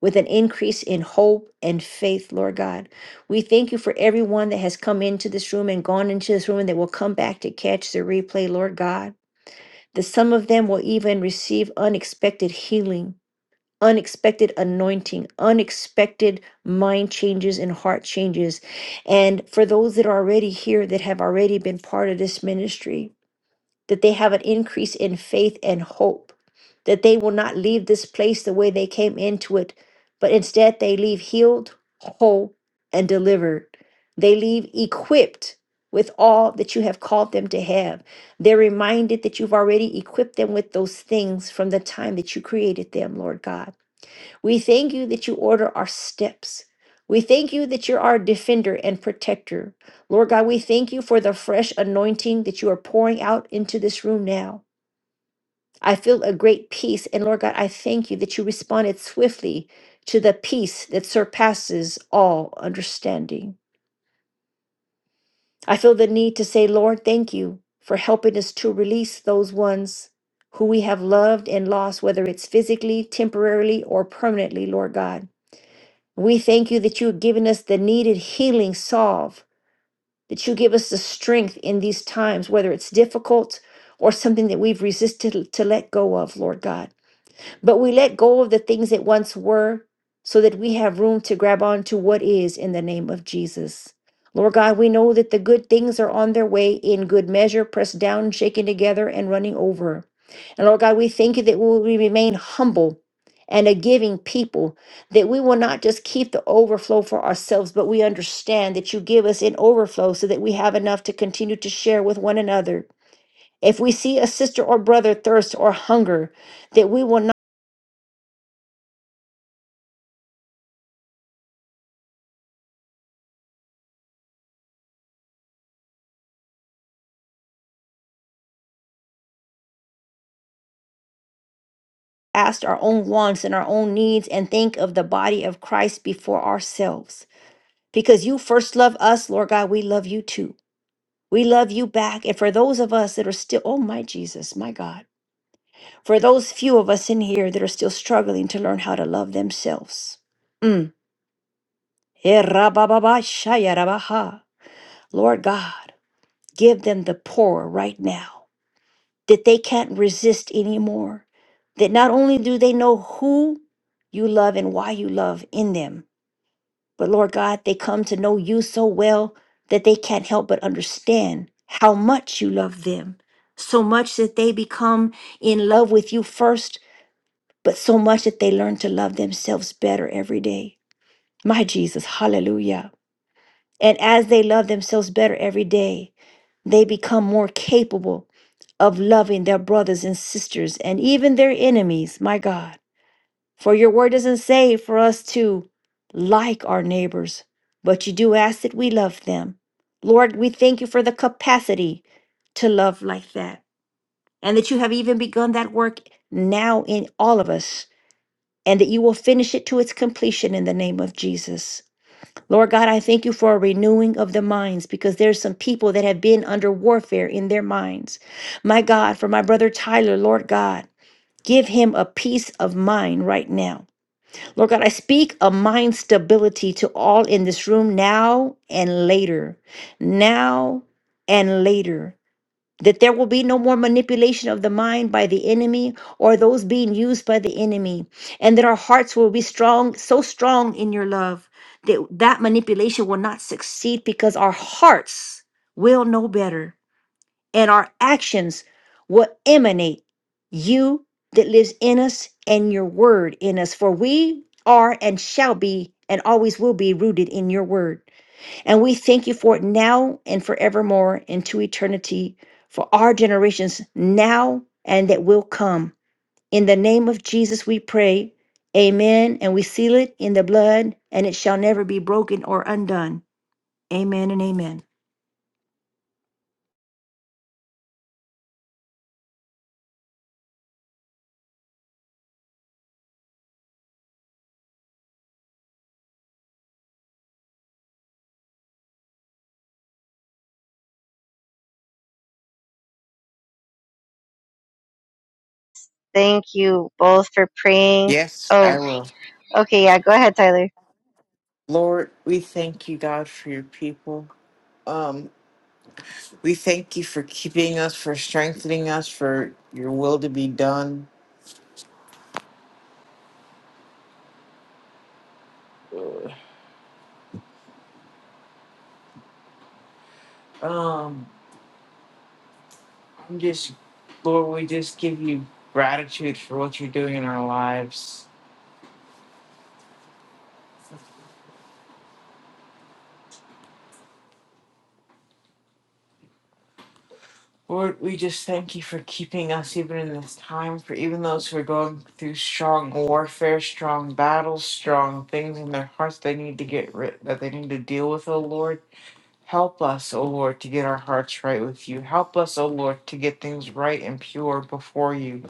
Speaker 2: with an increase in hope and faith, Lord God. We thank you for everyone that has come into this room and gone into this room and that will come back to catch the replay, Lord God. That some of them will even receive unexpected healing, unexpected anointing, unexpected mind changes and heart changes. And for those that are already here that have already been part of this ministry, that they have an increase in faith and hope, that they will not leave this place the way they came into it, but instead they leave healed, whole, and delivered. They leave equipped with all that you have called them to have. They're reminded that you've already equipped them with those things from the time that you created them, Lord God. We thank you that you order our steps. We thank you that you're our defender and protector. Lord God, we thank you for the fresh anointing that you are pouring out into this room now. I feel a great peace. And Lord God, I thank you that you responded swiftly to the peace that surpasses all understanding. I feel the need to say, Lord, thank you for helping us to release those ones who we have loved and lost, whether it's physically, temporarily, or permanently, Lord God. We thank you that you have given us the needed healing salve, that you give us the strength in these times, whether it's difficult or something that we've resisted to let go of, Lord God. But we let go of the things that once were so that we have room to grab on to what is in the name of Jesus. Lord God, we know that the good things are on their way in good measure, pressed down, shaken together, and running over. And Lord God, we thank you that we remain humble and a giving people, that we will not just keep the overflow for ourselves, but we understand that you give us in overflow so that we have enough to continue to share with one another. If we see a sister or brother thirst or hunger, that we will not. ask our own wants and our own needs and think of the body of Christ before ourselves. Because you first love us, Lord God, we love you too. We love you back. And for those of us that are still, oh my Jesus, my God, for those few of us in here that are still struggling to learn how to love themselves. Mm. Eh, rabababa, shaya rabaha. Lord God, give them the power right now that they can't resist anymore. That not only do they know who you love and why you love in them, But Lord God, they come to know you so well that they can't help but understand how much you love them. So much that they become in love with you first, but so much that they learn to love themselves better every day. My Jesus, hallelujah. And as they love themselves better every day, they become more capable of loving their brothers and sisters and even their enemies, my God. For your word doesn't say for us to like our neighbors, but you do ask that we love them. Lord, we thank you for the capacity to love like that, and that you have even begun that work now in all of us, and that you will finish it to its completion in the name of Jesus. Lord God, I thank you for a renewing of the minds because there's some people that have been under warfare in their minds. My God, for my brother Tyler, Lord God, give him a peace of mind right now. Lord God, I speak a mind stability to all in this room now and later, now and later. That there will be no more manipulation of the mind by the enemy or those being used by the enemy. And that our hearts will be strong, so strong in your love that that manipulation will not succeed because our hearts will know better and our actions will emanate you that lives in us and your word in us. For we are and shall be and always will be rooted in your word. And we thank you for it now and forevermore into eternity for our generations now and that will come. In the name of Jesus, we pray. Amen. And we seal it in the blood, and it shall never be broken or undone. Amen and amen.
Speaker 3: Thank you both for praying.
Speaker 7: Yes,
Speaker 3: Oh,
Speaker 7: I will.
Speaker 3: okay, yeah, go ahead, Tyler.
Speaker 7: Lord, we thank you, God, for your people. Um, we thank you for keeping us, for strengthening us, for your will to be done. Um, I'm just, Lord, we just give you gratitude for what you're doing in our lives. Lord, we just thank you for keeping us even in this time, for even those who are going through strong warfare, strong battles, strong things in their hearts they need to get rid that they need to deal with, oh Lord. Help us, oh Lord, to get our hearts right with you. Help us, oh Lord, to get things right and pure before you.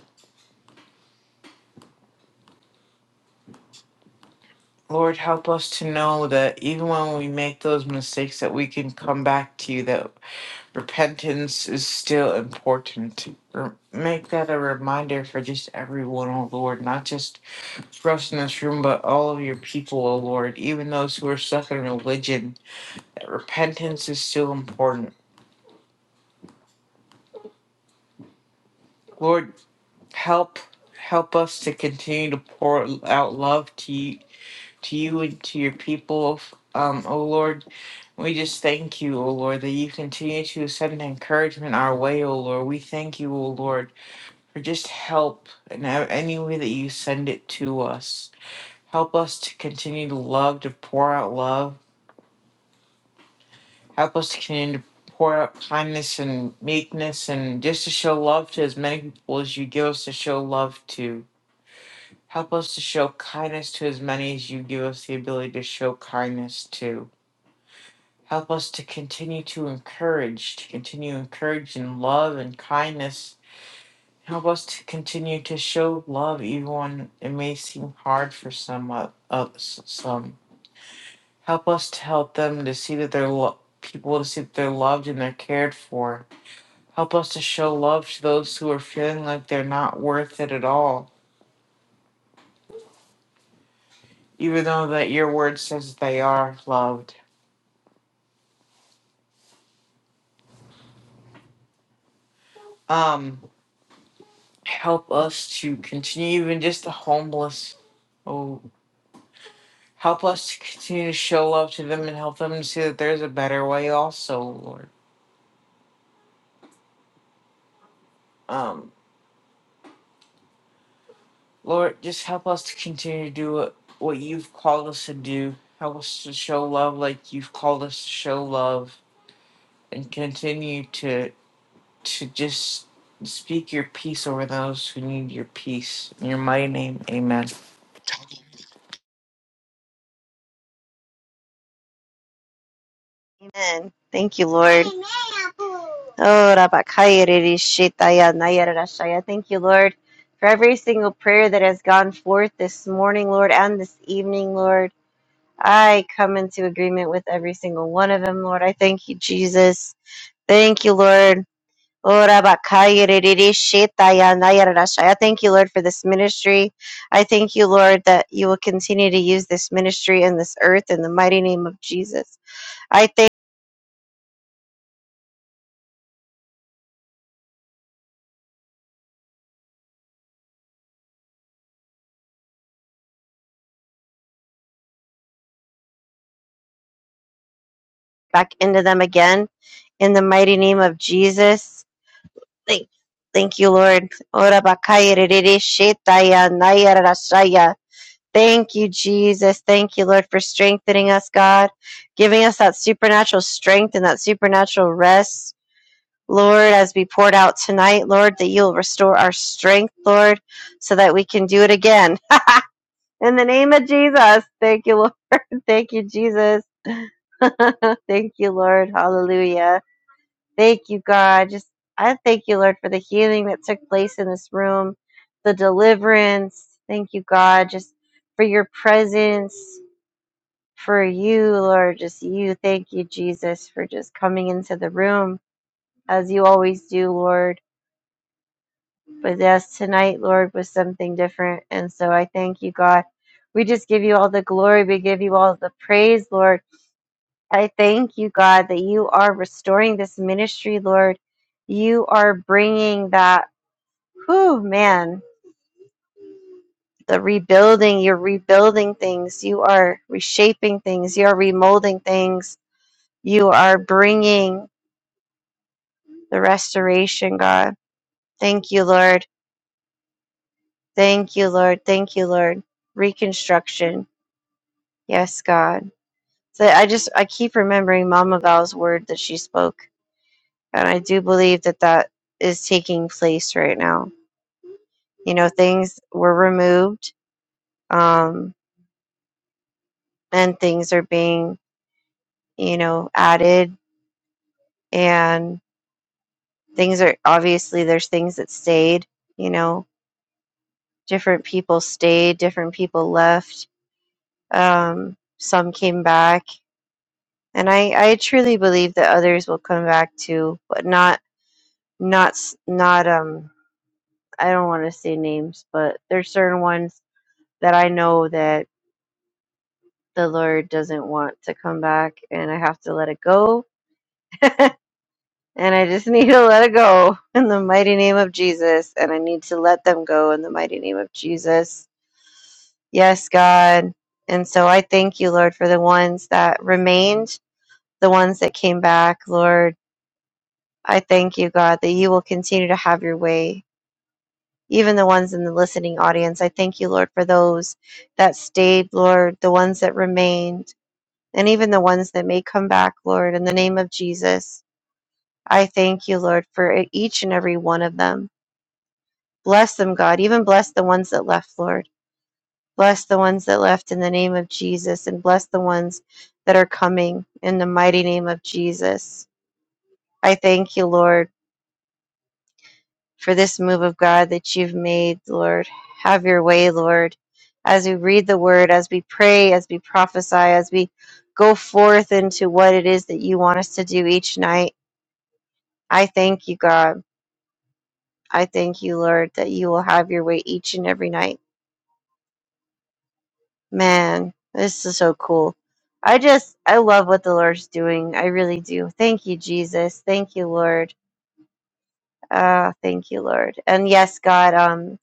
Speaker 7: Lord, help us to know that even when we make those mistakes that we can come back to you, that repentance is still important. R- Make that a reminder for just everyone, O Lord, not just for us in this room, but all of your people, O Lord, even those who are stuck in religion, that repentance is still important. Lord, help help us to continue to pour out love to you, to you and to your people, um, oh Lord. We just thank you, O Lord, that you continue to send encouragement our way, O Lord. We thank you, O Lord Or just help in a- any way that you send it to us. Help us to continue to love, to pour out love. Help us to continue to pour out kindness and meekness and just to show love to as many people as you give us to show love to. Help us to show kindness to as many as you give us the ability to show kindness to. Help us to continue to encourage, to continue to encourage in love and kindness Help us to continue to show love even when it may seem hard for some of us. Some help us to help them to see that they're lo- people to see that they're loved and they're cared for. Help us to show love to those who are feeling like they're not worth it at all, even though that your word says they are loved. Um, help us to continue even just the homeless. Oh, help us to continue to show love to them and help them to see that there's a better way also, Lord. Um Lord, just help us to continue to do what, what you've called us to do. Help us to show love like you've called us to show love and continue to to just speak your peace over those who need your peace. In your mighty name, amen.
Speaker 3: Amen. Thank you, Lord. Oh, Rabakayere Shetaya Nayara Rashaya. Thank you, Lord, for every single prayer that has gone forth this morning, Lord, and this evening, Lord. I come into agreement with every single one of them, Lord. I thank you, Jesus. Thank you, Lord. Oh, Rabakayere Shetaya Nayara Rashaya. I Thank you, Lord, for this ministry. I thank you, Lord, that you will continue to use this ministry and this earth in the mighty name of Jesus. I thank back into them again in the mighty name of Jesus. Thank, thank you, Lord. Thank you, Jesus. Thank you, Lord, for strengthening us, God, giving us that supernatural strength and that supernatural rest. Lord, as we poured out tonight, Lord, that you'll restore our strength, Lord, so that we can do it again. In the name of Jesus. Thank you, Lord. Thank you, Jesus. Thank you, Lord. Hallelujah. Thank you, God. Just I thank you, Lord, for the healing that took place in this room, the deliverance. Thank you, God, just for your presence, for you, Lord, just you. Thank you, Jesus, for just coming into the room as you always do, Lord. But yes, tonight, Lord, was something different. And so I thank you, God. We just give you all the glory. We give you all the praise, Lord. I thank you, God, that you are restoring this ministry, Lord. You are bringing that Whew, man, the rebuilding, you're rebuilding things, you are reshaping things, you are remolding things, you are bringing the restoration, God. Thank you, Lord. Thank you, Lord. Thank you, Lord. Reconstruction. Yes, God. So I just, I keep remembering Mama Val's word that she spoke. And I do believe that that is taking place right now. You know, things were removed um, and things are being, you know, added and things are obviously there's things that stayed you know different people stayed different people left um, some came back and I, I truly believe that others will come back too but not not s- not um i don't want to say names but there's certain ones that i know that the lord doesn't want to come back and i have to let it go and i just need to let it go in the mighty name of jesus and i need to let them go in the mighty name of jesus Yes, God. And so I thank you, Lord, for the ones that remained, the ones that came back, Lord. I thank you, God, that you will continue to have your way. Even the ones in the listening audience, I thank you, Lord, for those that stayed, Lord, the ones that remained, and even the ones that may come back, Lord, in the name of Jesus. I thank you, Lord, for e-, each and every one of them. Bless them, God. Even bless the ones that left, Lord. Bless the ones that left in the name of Jesus, and bless the ones that are coming in the mighty name of Jesus. I thank you, Lord, for this move of God that you've made, Lord. Have your way, Lord. As we read the word, as we pray, as we prophesy, as we go forth into what it is that you want us to do each night, I thank you, God. I thank you, Lord, that you will have your way each and every night. Man, this is so cool. I just, I love what the Lord's doing. I really do. Thank you, Jesus. Thank you, Lord. Ah, thank you, Lord. And yes, God, um,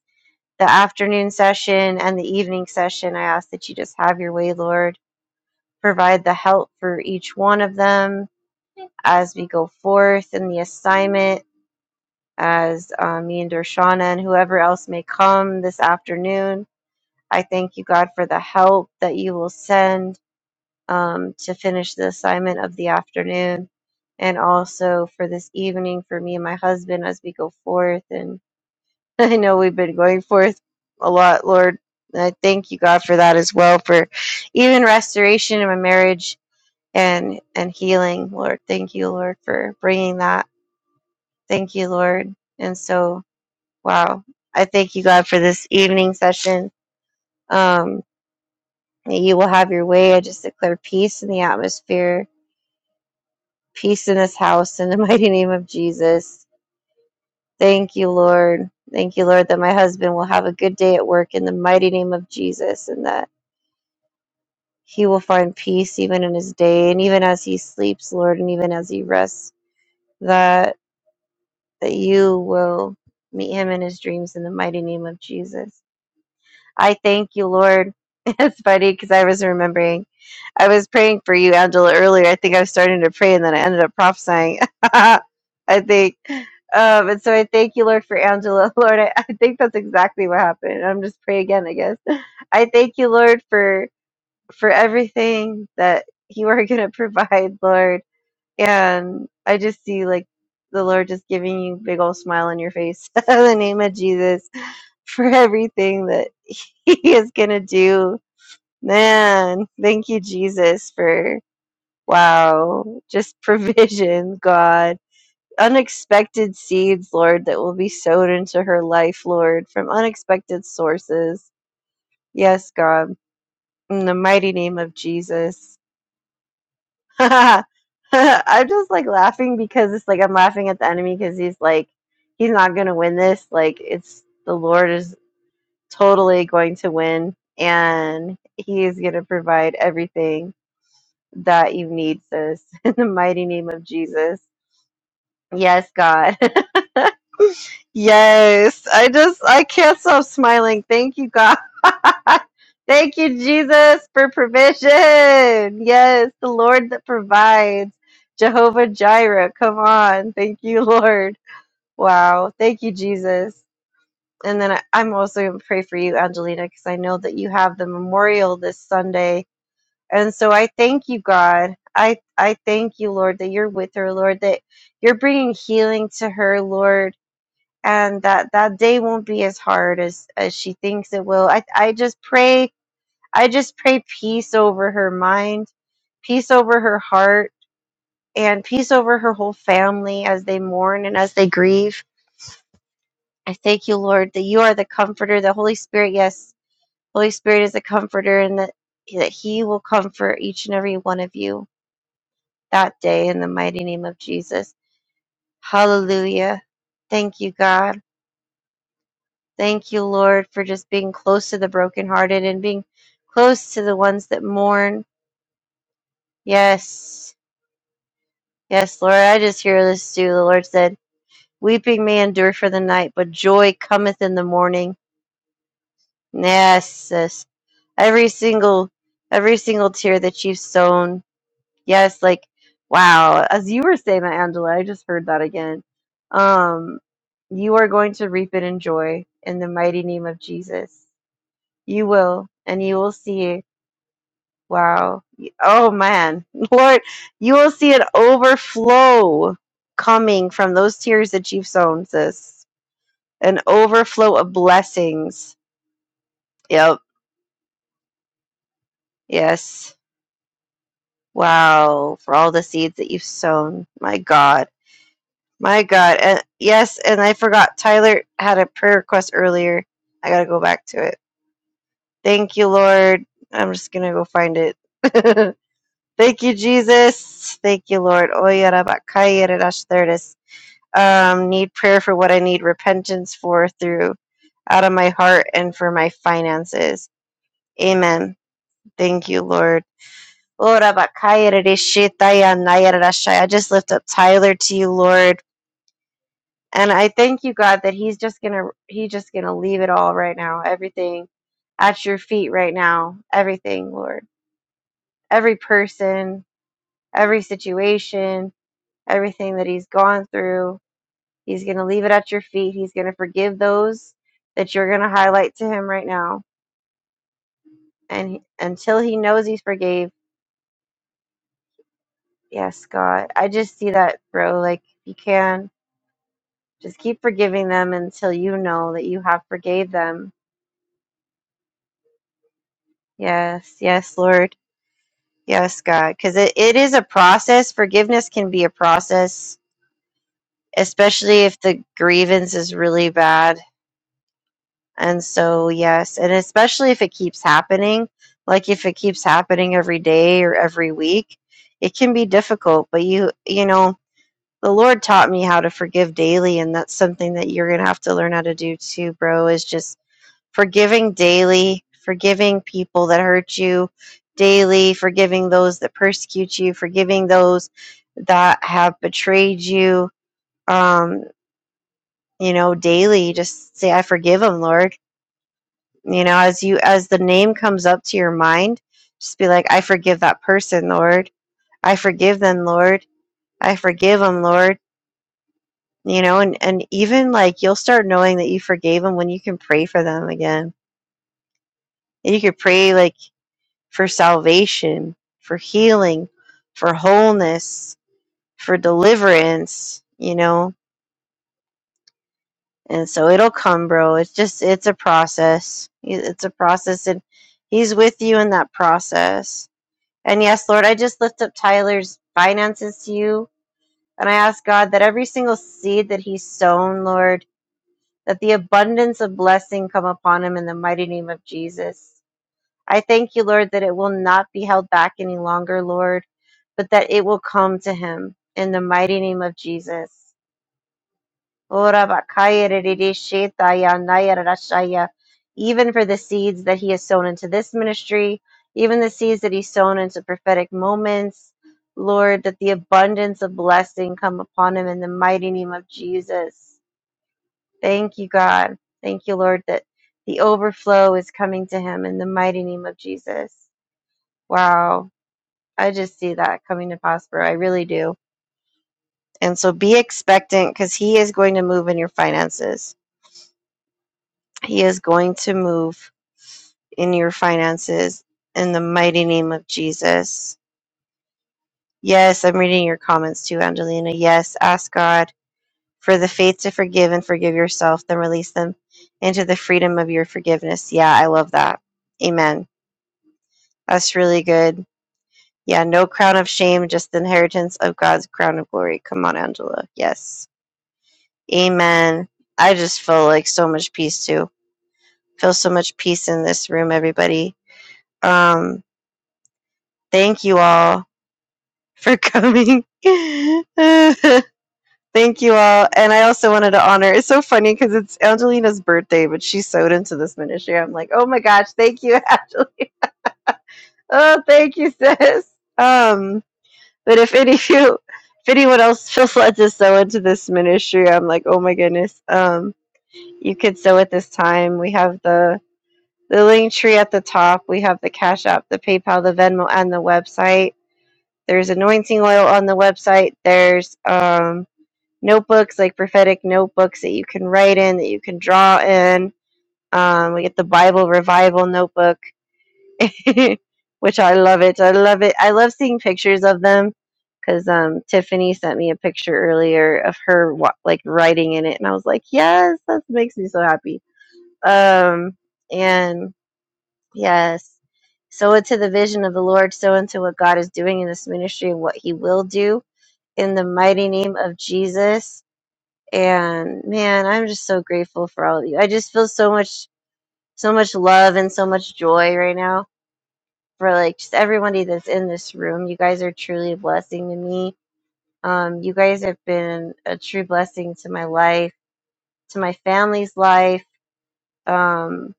Speaker 3: the afternoon session and the evening session, I ask that you just have your way, Lord. Provide the help for each one of them as we go forth in the assignment, as uh, me and Dershana and whoever else may come this afternoon. I thank you, God, for the help that you will send um, to finish the assignment of the afternoon and also for this evening for me and my husband as we go forth. And I know we've been going forth a lot, Lord. And I thank you, God, for that as well, for even restoration in my marriage and and healing, Lord. Thank you, Lord, for bringing that. Thank you, Lord. And so, wow, I thank you, God, for this evening session. Um, that you will have your way. I just declare peace in the atmosphere peace in this house in the mighty name of Jesus. Thank you, Lord. Thank you, Lord, that my husband will have a good day at work in the mighty name of Jesus and that he will find peace even in his day and even as he sleeps, Lord, and even as he rests, that that you will meet him in his dreams in the mighty name of Jesus. I thank you, Lord. It's funny because I was remembering, I was praying for you, Angela, earlier. I think I was starting to pray and then I ended up prophesying. I think. Um, and so I thank you, Lord, for Angela. Lord, I, I think that's exactly what happened. I'm just praying again, I guess. I thank you, Lord, for for everything that you are going to provide, Lord. And I just see like the Lord just giving you big old smile on your face in the name of Jesus for everything that. he is gonna do. Man, thank you, Jesus, for wow, just provision, God. Unexpected seeds, Lord, that will be sowed into her life, Lord, from unexpected sources. Yes, God, in the mighty name of Jesus. I'm just like laughing because it's like I'm laughing at the enemy because he's like, he's not gonna win this. Like, it's the Lord is. totally going to win and he is going to provide everything that you need sis in the mighty name of jesus yes god yes i just i can't stop smiling thank you god thank you jesus for provision yes the lord that provides jehovah jireh come on thank you lord wow thank you jesus and then I, I'm also going to pray for you, Angelina, because I know that you have the memorial this Sunday. And so I thank you, God. I, I thank you, Lord, that you're with her, Lord, that you're bringing healing to her, Lord, and that that day won't be as hard as, as she thinks it will. I, I just pray, I just pray peace over her mind, peace over her heart, and peace over her whole family as they mourn and as they grieve. I thank you, Lord, that you are the comforter, the Holy Spirit, yes Holy Spirit is a comforter, and that, that He will comfort each and every one of you that day in the mighty name of Jesus. Hallelujah. Thank you, God. Thank you, Lord, for just being close to the brokenhearted and being close to the ones that mourn. Yes. Yes, Lord. I just hear this too. The Lord said, Weeping may endure for the night, but joy cometh in the morning. Yes, sis. Every single every single tear that you've sown Yes, like wow. As you were saying that, Angela, I just heard that again. Um, you are going to reap it in joy in the mighty name of Jesus. You will, and you will see. Wow. Y- Oh man, Lord, you will see an overflow coming from those tears that you've sown, sis. An overflow of blessings. Yep. Yes. Wow. For all the seeds that you've sown. My God. My God. And yes, and I forgot Tyler had a prayer request earlier. I got to go back to it. Thank you, Lord. I'm just going to go find it. Thank you, Jesus. Thank you, Lord. Oy, ara, ba, kai, ara, dash, There it is. Um, need prayer for what I need repentance for through out of my heart and for my finances. Amen. Thank you, Lord. Ora, ba, kai, ara, dash, shit, ay, ah, nay, ara, dash, ay. I just lift up Tyler to you, Lord. And I thank you, God, that He's just gonna He's just gonna leave it all right now, everything at your feet right now, everything, Lord, every person, every situation, everything that He's gone through. He's gonna leave it at your feet. He's gonna forgive those that you're gonna highlight to Him right now, and he- until He knows He's forgave. Yes, God, I just see that, bro. Like you can just keep forgiving them until you know that you have forgave them. Yes, yes, Lord. Yes, God, because it, it is a process. Forgiveness can be a process, especially if the grievance is really bad. And so, yes, and especially if it keeps happening, like if it keeps happening every day or every week, it can be difficult. But you, you know, the Lord taught me how to forgive daily, and that's something that you're going to have to learn how to do too, bro, is just forgiving daily, forgiving people that hurt you daily, forgiving those that persecute you, forgiving those that have betrayed you, um, you know, daily. Just say, I forgive them, Lord. You know, as you as the name comes up to your mind, just be like, I forgive that person, Lord. I forgive them, Lord. I forgive them, Lord. You know, and, and even like you'll start knowing that you forgave them when you can pray for them again. And you could pray like for salvation, for healing, for wholeness, for deliverance, you know? And so it'll come, bro. It's just, it's a process. It's a process, and He's with you in that process. And yes, Lord, I just lift up Tyler's finances to you. And I ask God that every single seed that he's sown, Lord, that the abundance of blessing come upon him in the mighty name of Jesus. I thank you, Lord, that it will not be held back any longer, Lord. but that it will come to him in the mighty name of Jesus. Ora bakaya rerere shetaya naya rarashaya. Even for the seeds that he has sown into this ministry, even the seeds that he's sown into prophetic moments, Lord, that the abundance of blessing come upon him in the mighty name of Jesus. Thank you, God. Thank you, Lord, that the overflow is coming to him in the mighty name of Jesus. Wow. I just see that coming to prosper. I really do And so be expectant because he is going to move in your finances. He is going to move in your finances in the mighty name of Jesus. Yes, I'm reading your comments too, Angelina. Yes, ask God for the faith to forgive and forgive yourself, then release them into the freedom of your forgiveness. Yeah, I love that. Amen. That's really good. Yeah, no crown of shame, just the inheritance of God's crown of glory. Come on, Angela. Yes. Amen. I just feel like so much peace too feel so much peace in this room, everybody. Um, thank you all for coming. thank you all. And I also wanted to honor it's so funny because it's Angelina's birthday, but she sewed into this ministry. I'm like, oh my gosh, thank you, Angelina. Oh, thank you, sis. Um, but if any of you if anyone else feels led to sow into this ministry, I'm like, oh my goodness. Um, you could sow at this time. We have the the link tree at the top. We have the Cash App, the PayPal, the Venmo, and the website. There's anointing oil on the website. There's um, notebooks, like prophetic notebooks that you can write in, that you can draw in. Um, we get the Bible Revival notebook, which I love it. I love it. I love seeing pictures of them because um, Tiffany sent me a picture earlier of her wa- like writing in it, and I was like, yes, that makes me so happy. Um, and Yes. So into the vision of the Lord, so into what God is doing in this ministry and what he will do in the mighty name of Jesus. And man, I'm just so grateful for all of you. I just feel so much so much love and so much joy right now for like just everybody that's in this room. You guys are truly a blessing to me. Um, you guys have been a true blessing to my life, to my family's life. Um,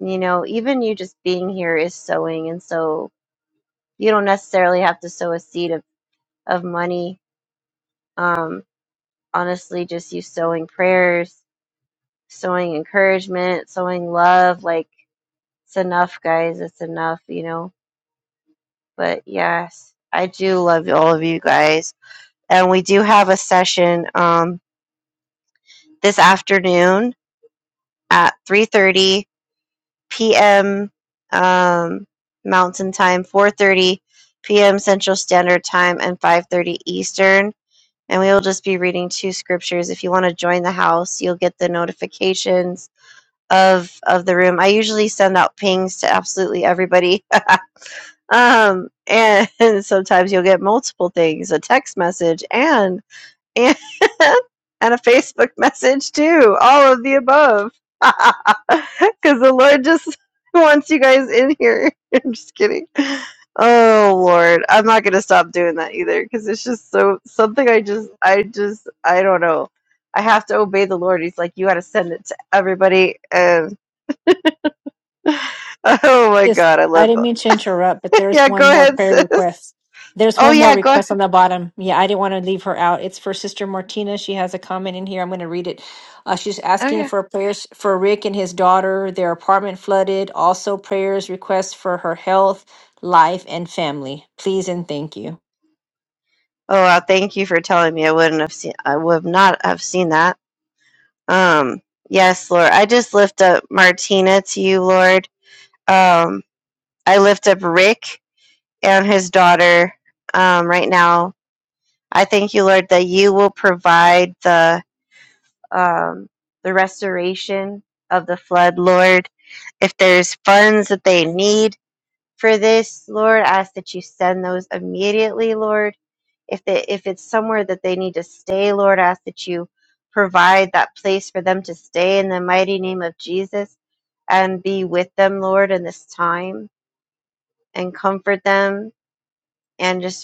Speaker 3: you know, even you just being here is sowing and so you don't necessarily have to sow a seed of, of money. Um, honestly, just you sowing prayers, sowing encouragement, sowing love. Like, it's enough, guys. It's enough, you know. But yes, I do love all of you guys. And we do have a session um, this afternoon at 3.30 p.m. Um, Mountain Time, 4.30 p.m. Central Standard Time, and 5.30 Eastern and we will just be reading two scriptures. If you want to join the house, you'll get the notifications of of the room. I usually send out pings to absolutely everybody. um and, and sometimes you'll get multiple things, a text message and and, and a Facebook message too. All of the above. Because the Lord just wants you guys in here. I'm just kidding. Oh Lord, I'm not gonna stop doing that either because it's just so something. I just, I just, I don't know. I have to obey the Lord. He's like, you got to send it to everybody. And oh my God, I love. Yeah, go
Speaker 2: more
Speaker 3: ahead,
Speaker 2: prayer
Speaker 3: sis.
Speaker 2: requests. There's
Speaker 3: Oh
Speaker 2: one more
Speaker 3: yeah, go ahead.
Speaker 2: request on the bottom. Yeah, I didn't want to leave her out. It's for Sister Martina. She has a comment in here. I'm going to read it. Uh, she's asking
Speaker 3: Okay.
Speaker 2: for prayers for Rick and his daughter, their apartment flooded. Also, prayers, requests for her health, life, and family. Please and thank you.
Speaker 3: Oh, wow, thank you for telling me. I wouldn't have seen. I would not have seen that. Um, yes, Lord. I just lift up Martina to you, Lord. Um, I lift up Rick and his daughter um, right now. I thank you, Lord, that you will provide the um, the restoration of the flood, Lord. If there's funds that they need for this, Lord, I ask that you send those immediately, Lord. if they if it's somewhere that they need to stay lord I ask that you provide that place for them to stay in the mighty name of jesus and be with them lord in this time and comfort them and just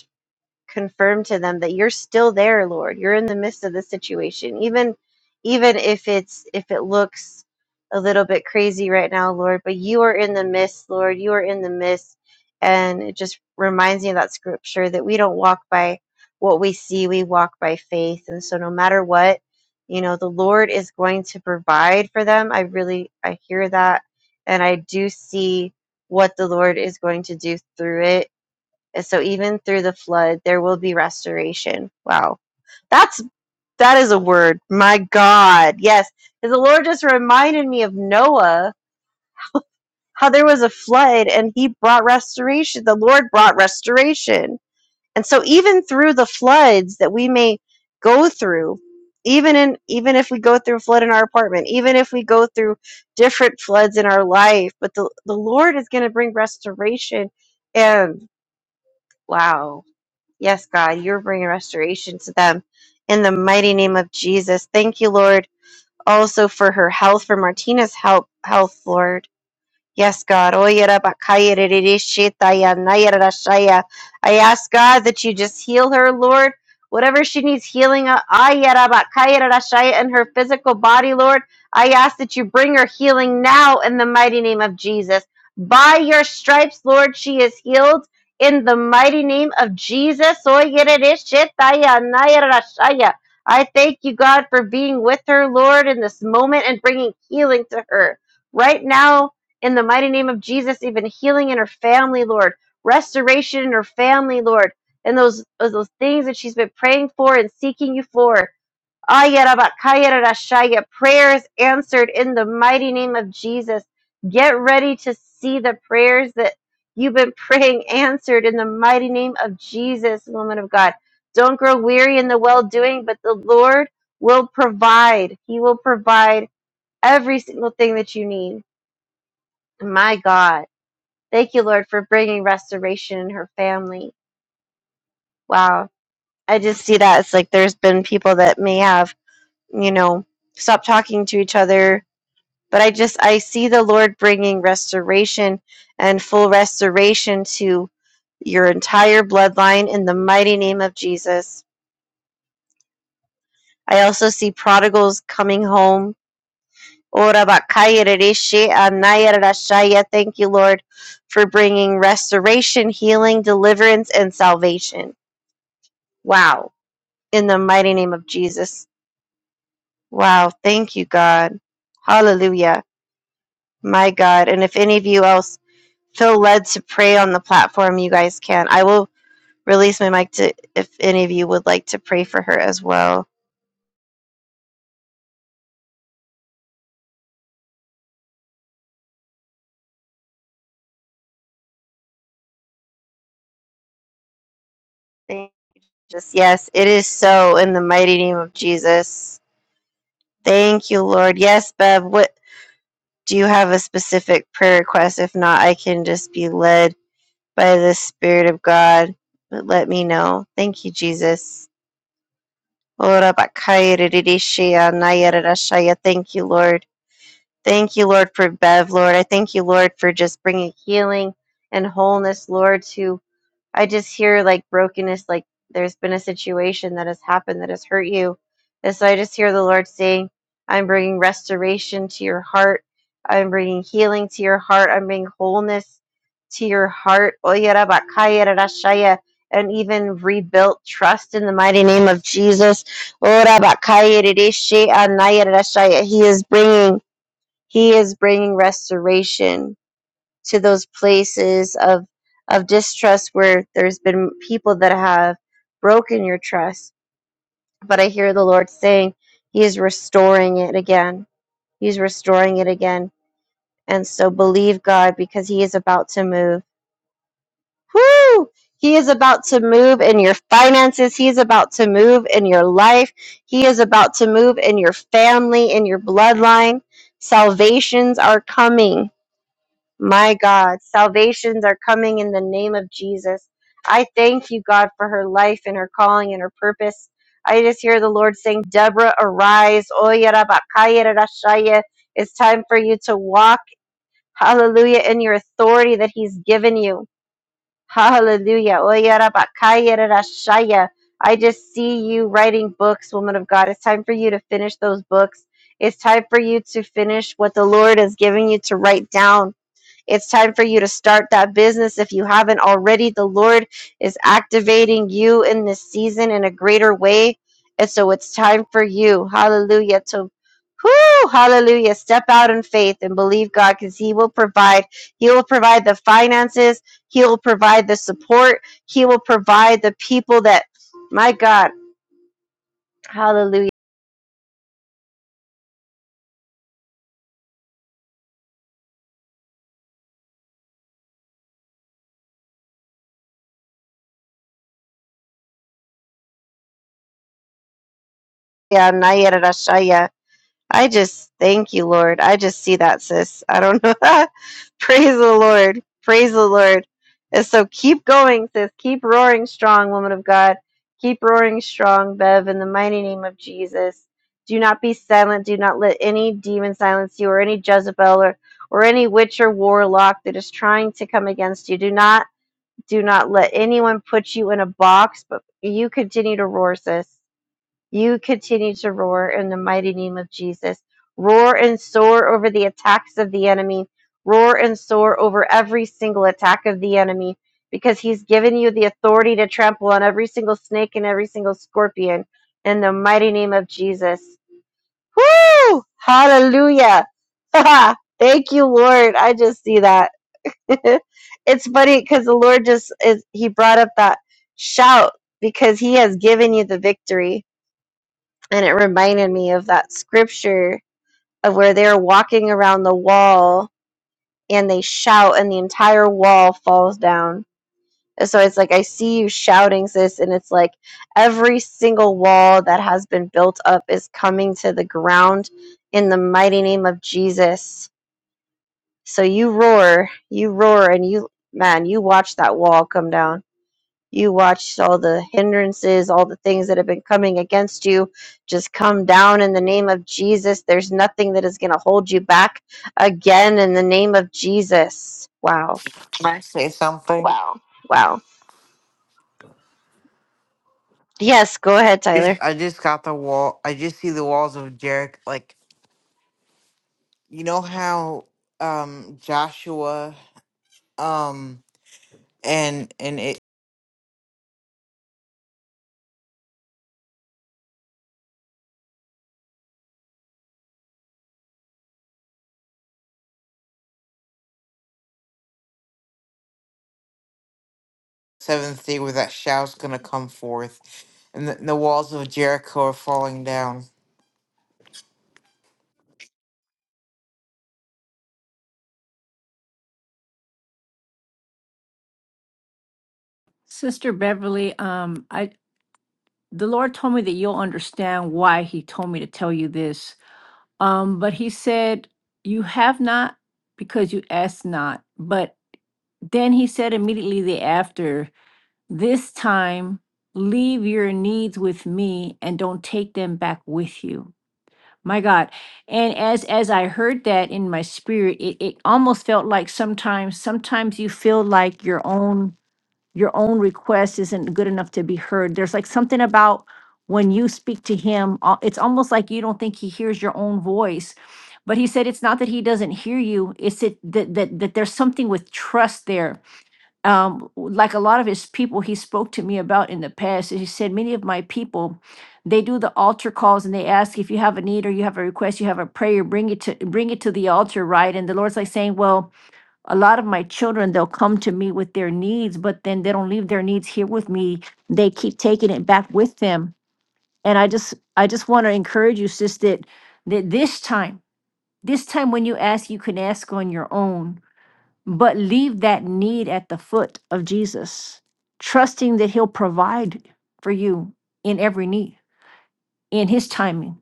Speaker 3: confirm to them that you're still there lord you're in the midst of the situation even even if it's if it looks a little bit crazy right now lord but you are in the midst lord you are in the midst and it just reminds me of that scripture that we don't walk by what we see we walk by faith and so no matter what you know the lord is going to provide for them i really i hear that and i do see what the lord is going to do through it and so even through the flood, there will be restoration. Wow. That's that is a word. My God. Yes. 'Cause The Lord just reminded me of Noah, how there was a flood and he brought restoration. The Lord brought restoration. And so even through the floods that we may go through, even in even if we go through a flood in our apartment, even if we go through different floods in our life, but the, the Lord is gonna bring restoration and wow Yes, God, you're bringing restoration to them in the mighty name of Jesus. Thank you, Lord, also for her health, for Martina's help, health, Lord. Yes, God. I ask God that you just heal her, Lord. Whatever she needs healing of, in her physical body, Lord, I ask that you bring her healing now in the mighty name of Jesus. By your stripes, Lord, she is healed in the mighty name of Jesus. I thank you, God, for being with her, Lord, in this moment and bringing healing to her. Right now, in the mighty name of Jesus, even healing in her family, Lord, restoration in her family, Lord, and those those things that she's been praying for and seeking you for. Ayarabakayarashaya, Prayers answered in the mighty name of Jesus. Get ready to see the prayers that you've been praying answered in the mighty name of Jesus, woman of God. Don't grow weary in the well doing, but the Lord will provide. He will provide every single thing that you need. My God. Thank you, Lord, for bringing restoration in her family. Wow. I just see that it's like there's been people that may have, you know, stopped talking to each other, but I just I see the Lord bringing restoration and full restoration to your entire bloodline in the mighty name of Jesus. I also see prodigals coming home. Ora bakaya rereshe anaya rerashaya. Thank you, Lord, for bringing restoration, healing, deliverance, and salvation. Wow in the mighty name of Jesus. Wow. Thank you, God. Hallelujah. My God. And if any of you else feel led to pray on the platform, you guys can. I will release my mic to if any of you would like to pray for her as well. Thank you. just yes, it is so in the mighty name of Jesus. Thank you, Lord. Yes, Bev, what do you have a specific prayer request? If not, I can just be led by the Spirit of God. But let me know. Thank you, Jesus. Ora bakaya ririshia naya rarashaya. Thank you, Lord. Thank you, Lord, for Bev, Lord. I thank you, Lord, for just bringing healing and wholeness, Lord, to I just hear like brokenness, like there's been a situation that has happened that has hurt you. And so I just hear the Lord saying, I'm bringing restoration to your heart. I'm bringing healing to your heart. I'm bringing wholeness to your heart. Oyerabakayerashaya, And even rebuilt trust in the mighty name of Jesus. Orabakayerereshe anayerashaya. He is bringing, he is bringing restoration to those places of of distrust where there's been people that have broken your trust but i hear the lord saying he is restoring it again he's restoring it again and so believe god because he is about to move Woo! he is about to move in your finances he is about to move in your life he is about to move in your family in your bloodline salvations are coming My God, salvations are coming in the name of Jesus. I thank you, God, for her life and her calling and her purpose. I just hear the Lord saying, Deborah, arise. Oyarabakayarashaya. It's time for you to walk, hallelujah, in your authority that He's given you. Hallelujah. Oyarabakayarashaya. I just see you writing books, woman of God. It's time for you to finish those books. It's time for you to finish what the Lord has given you to write down. It's time for you to start that business if you haven't already. The Lord is activating you in this season in a greater way. And so it's time for you, hallelujah, to whoo, hallelujah, step out in faith and believe God because He will provide. He will provide the finances, He will provide the support, He will provide the people that, my God, hallelujah. I just thank you, Lord. I just see that, sis. I don't know. Praise the Lord. Praise the Lord. And so keep going, sis. Keep roaring strong, woman of God. Keep roaring strong, Bev, in the mighty name of Jesus. Do not be silent. Do not let any demon silence you or any Jezebel or, or any witch or warlock that is trying to come against you. Do not do not let anyone put you in a box, but you continue to roar, sis. You continue to roar in the mighty name of Jesus. Roar and soar over the attacks of the enemy. Roar and soar over every single attack of the enemy because he's given you the authority to trample on every single snake and every single scorpion in the mighty name of Jesus. Woo! Hallelujah. Thank you, Lord. I just see that. it's funny because the Lord just is, he brought up that shout because he has given you the victory and it reminded me of that scripture of where they're walking around the wall and they shout and the entire wall falls down And so it's like i see you shouting sis and it's like every single wall that has been built up is coming to the ground in the mighty name of jesus so you roar you roar and you man you watch that wall come down you watched all the hindrances, all the things that have been coming against you just come down in the name of Jesus. There's nothing that is going to hold you back again in the name of Jesus. Wow.
Speaker 7: Can I say something? Wow.
Speaker 3: Wow. Yes, go ahead,
Speaker 7: Just
Speaker 3: Tyler.
Speaker 7: I just got the wall I just see the walls of Jericho like you know how um Joshua um and and seventh day where that shout's going to come forth and the, and the walls of Jericho are falling down.
Speaker 2: Sister Beverly, um, I the Lord told me that you'll understand why He told me to tell you this. Um, but He said, You have not because you ask not. but Then he said immediately thereafter, This time leave your needs with me and don't take them back with you. My God. And as as I heard that in my spirit, it, it almost felt like sometimes, sometimes you feel like your own your own request isn't good enough to be heard. There's like something about when you speak to him, uh, it's almost like you don't think he hears your own voice. But he said it's not that he doesn't hear you, it's that that, that, that there's something with trust there um, like a lot of his people he spoke to me about in the past. He said, Many of my people, they do the altar calls and they ask if you have a need or you have a request, you have a prayer, bring it to bring it to the altar, right? And the Lord's like saying, Well, a lot of my children, they'll come to me with their needs, but then they don't leave their needs here with me. They keep taking it back with them. And I just I just want to encourage you, sis, that that this time, this time when you ask, you can ask on your own but leave that need at the foot of Jesus, trusting that He'll provide for you in every need, in His timing,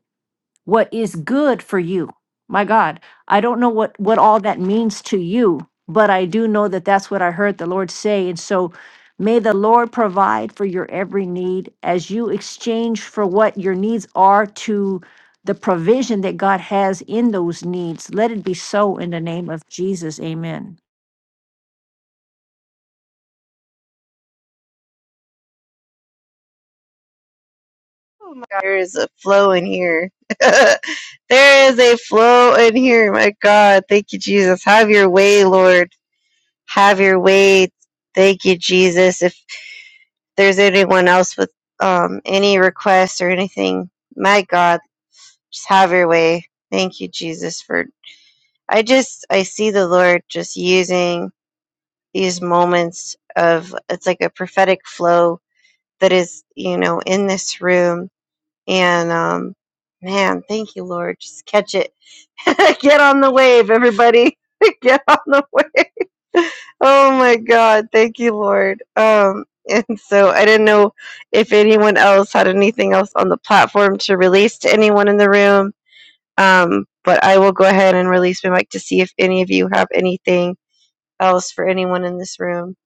Speaker 2: what is good for you. My God, I don't know what, what all that means to you, but I do know that that's what I heard the Lord say. And so may the Lord provide for your every need as you exchange for what your needs are to the provision that God has in those needs. Let it be so in the name of Jesus. Amen.
Speaker 3: Oh my God, there is a flow in here. there is a flow in here. My God. Thank you, Jesus. Have your way, Lord. Have your way. Thank you, Jesus. If there's anyone else with um, any requests or anything, my God. Just have your way. Thank you, Jesus, for I just I see the Lord just using these moments of it's like a prophetic flow that is, you know, in this room. And um man, thank you, Lord. Just catch it. Get on the wave, everybody. Get on the wave. Oh my God. Thank you, Lord. Um and so I didn't know if anyone else had anything else on the platform to release to anyone in the room um, but I will go ahead and release my mic to see if any of you have anything else for anyone in this room.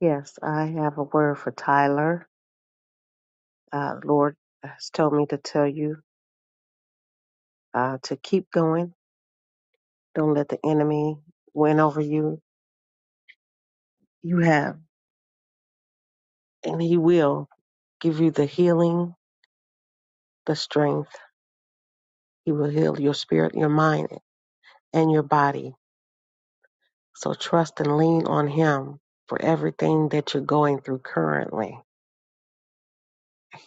Speaker 5: Yes, I have a word for Tyler. Uh, Lord has told me to tell you uh, to keep going. Don't let the enemy win over you. You have, and He will give you the healing, the strength. He will heal your spirit, your mind, and your body. So trust and lean on Him for everything that you're going through currently.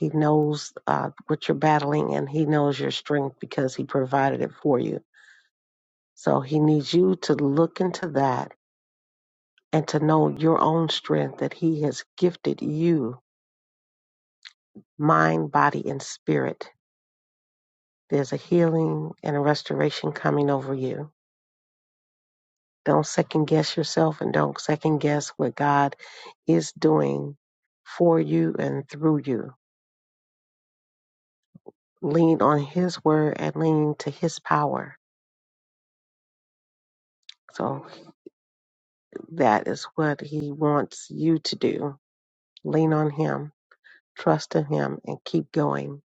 Speaker 5: He knows uh, what you're battling, and He knows your strength because He provided it for you. So He needs you to look into that and to know your own strength that He has gifted you mind, body, and spirit. There's a healing and a restoration coming over you. Don't second guess yourself and don't second guess what God is doing for you and through you. Lean on His word and lean to His power. So that is what He wants you to do. Lean on Him, trust in Him, and keep going.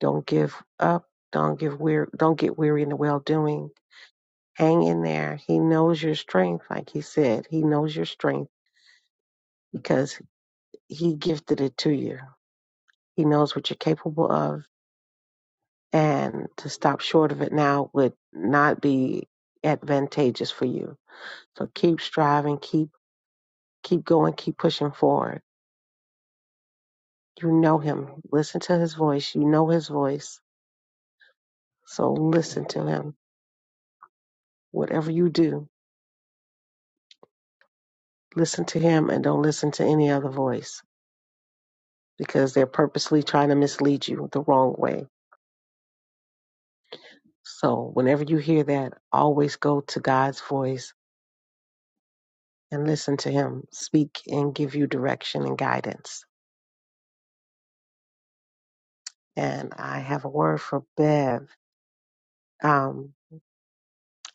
Speaker 5: Don't give up. Don't give weary. Don't get weary in the well doing hang in there. He knows your strength, like he said. He knows your strength because he gifted it to you. He knows what you're capable of. And to stop short of it now would not be advantageous for you. So keep striving, keep keep going, keep pushing forward. You know him. Listen to his voice. You know his voice. So listen to him. Whatever you do, listen to him and don't listen to any other voice because they're purposely trying to mislead you the wrong way So whenever you hear that, always go to God's voice and listen to Him speak and give you direction and guidance. And I have a word for Bev. Um,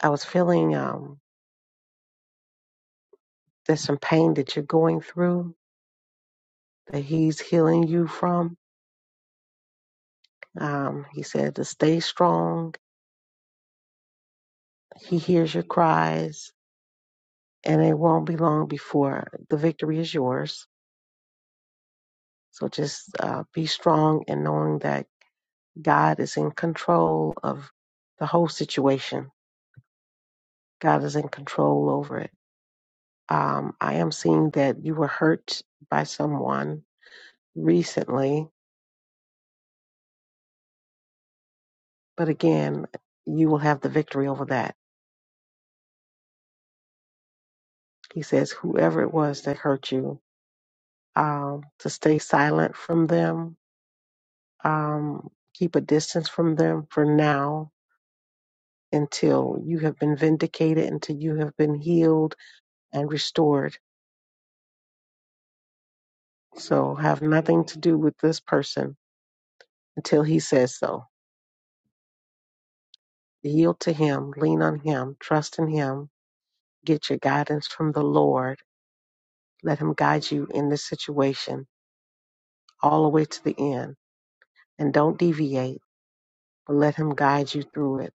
Speaker 5: I was feeling um, there's some pain that you're going through that He's healing you from. Um, he said to stay strong. He hears your cries, and it won't be long before the victory is yours. So just uh, be strong and knowing that God is in control of the whole situation. God is in control over it. Um, I am seeing that you were hurt by someone recently, but again, you will have the victory over that. He says, whoever it was that hurt you, um, to stay silent from them, um, keep a distance from them for now until you have been vindicated, until you have been healed and restored. So have nothing to do with this person until He says so. Yield to Him, lean on Him, trust in Him, get your guidance from the Lord. Let Him guide you in this situation all the way to the end. And don't deviate, but let Him guide you through it.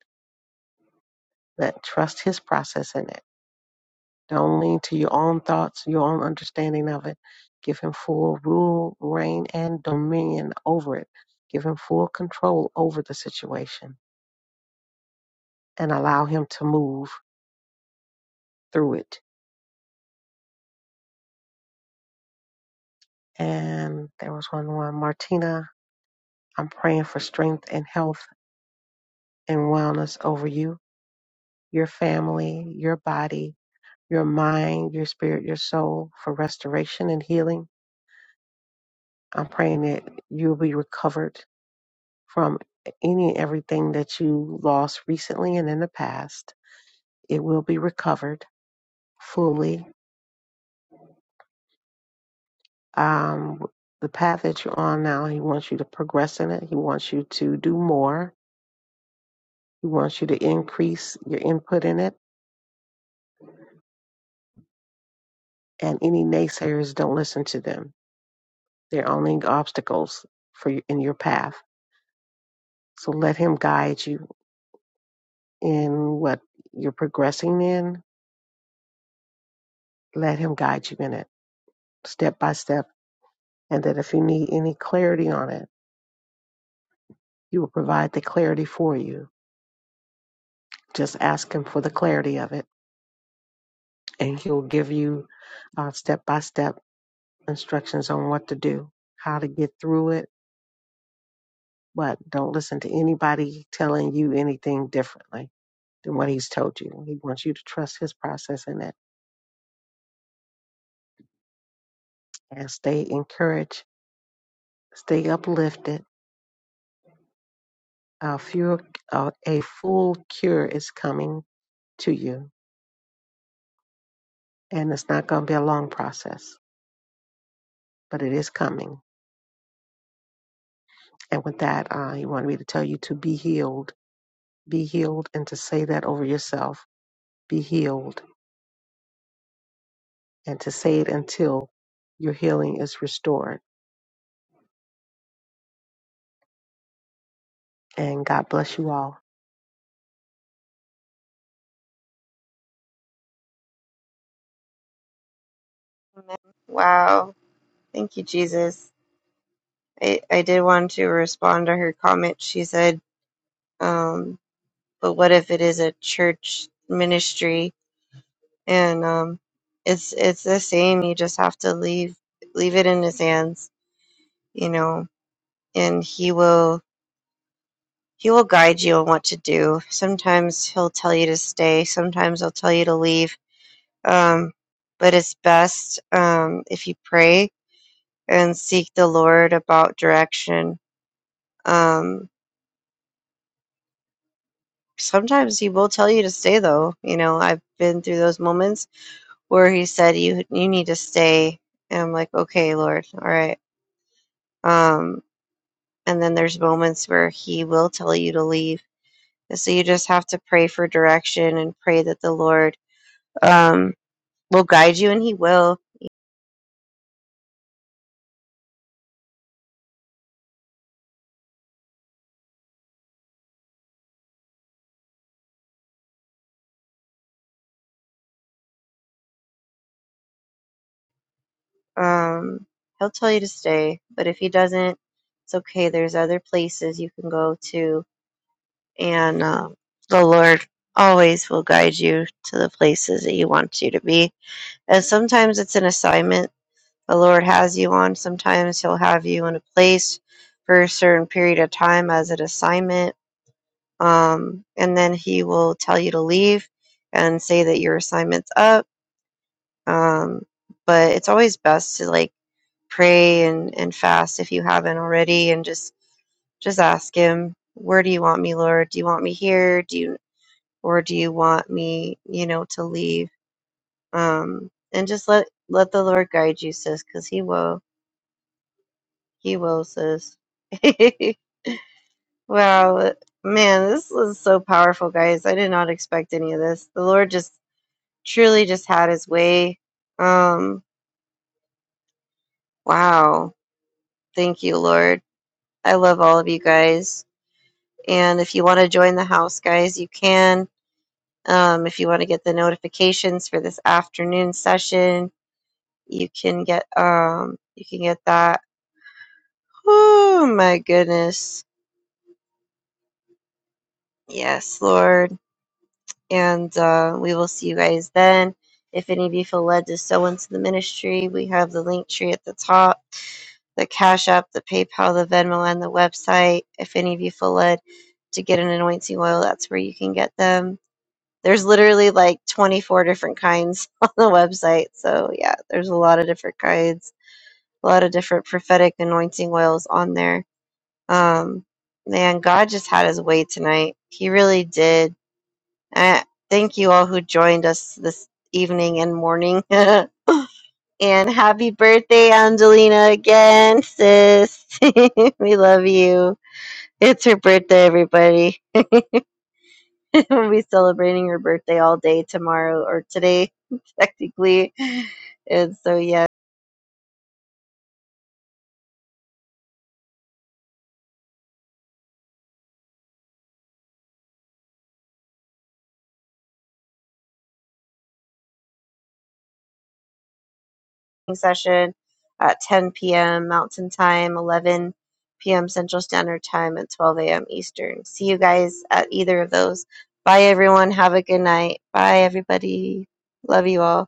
Speaker 5: Let trust His process in it. Don't lean to your own thoughts, your own understanding of it. Give Him full rule, reign, and dominion over it. Give Him full control over the situation and allow Him to move through it. And there was one more. Martina I'm praying for strength and health and wellness over you, your family, your body, your mind, your spirit, your soul for restoration and healing. I'm praying that you'll be recovered from any and everything that you lost recently and in the past. It will be recovered fully. Um, the path that you're on now, he wants you to progress in it. He wants you to do more. He wants you to increase your input in it. And any naysayers, don't listen to them They're only obstacles for you in your path. So let Him guide you in what you're progressing in. Let Him guide you in it step by step. And that if you need any clarity on it, He will provide the clarity for you. Just ask Him for the clarity of it, and He'll give you uh, step by step instructions on what to do, how to get through it. But don't listen to anybody telling you anything differently than what He's told you. He wants you to trust His process in that. as they encourage, stay uplifted. Our fuel, uh, a full cure is coming to you, and it's not going to be a long process, but it is coming. And with that, uh, he wanted me to tell you to be healed, be healed, and to say that over yourself, be healed, and to say it until your healing is restored. And God bless you all.
Speaker 3: Amen. Wow. Thank you, Jesus. I, I did want to respond to her comment. She said, um, but what if it is a church ministry? And um, it's it's the same. You just have to leave leave it in his hands, you know, and he will He will guide you on what to do. Sometimes he'll tell you to stay, sometimes he'll tell you to leave. Um, but it's best um, if you pray and seek the Lord about direction. Um, sometimes he will tell you to stay, though. You know, I've been through those moments where he said, "You you need to stay," and I'm like, "Okay, Lord, all right." Um, and then there's moments where he will tell you to leave. And so you just have to pray for direction and pray that the Lord um, will guide you and he will um he'll tell you to stay but if he doesn't it's okay there's other places you can go to and um, the lord always will guide you to the places that he wants you to be and sometimes it's an assignment the lord has you on sometimes he'll have you in a place for a certain period of time as an assignment um, and then he will tell you to leave and say that your assignment's up um, but it's always best to like pray and, and fast if you haven't already and just just ask him where do you want me lord do you want me here do you or do you want me you know to leave um and just let let the lord guide you sis because he will he will sis wow man this was so powerful guys i did not expect any of this the lord just truly just had his way um wow thank you lord i love all of you guys And if you want to join the house, guys, you can. Um, if you want to get the notifications for this afternoon session, you can get um, you can get that. Oh my goodness! Yes, Lord. And uh, we will see you guys then. If any of you feel led to sow into the ministry, we have the link tree at the top, the Cash App, the PayPal, the Venmo, and the website. If any of you feel led to get an anointing oil, that's where you can get them There's literally like 24 different kinds on the website. So yeah, there's a lot of different kinds, a lot of different prophetic anointing oils on there. Um, man, God just had his way tonight. He really did. I thank you all who joined us this evening and morning. And happy birthday, Angelina, again, sis. we love you. It's her birthday, everybody. we'll be celebrating her birthday all day tomorrow or today, technically. And so, yeah, session at 10 p.m. Mountain Time, 11 p.m. Central Standard Time, and 12 a.m. Eastern. See you guys at either of those. Bye, everyone. Have a good night. Bye, everybody. Love you all.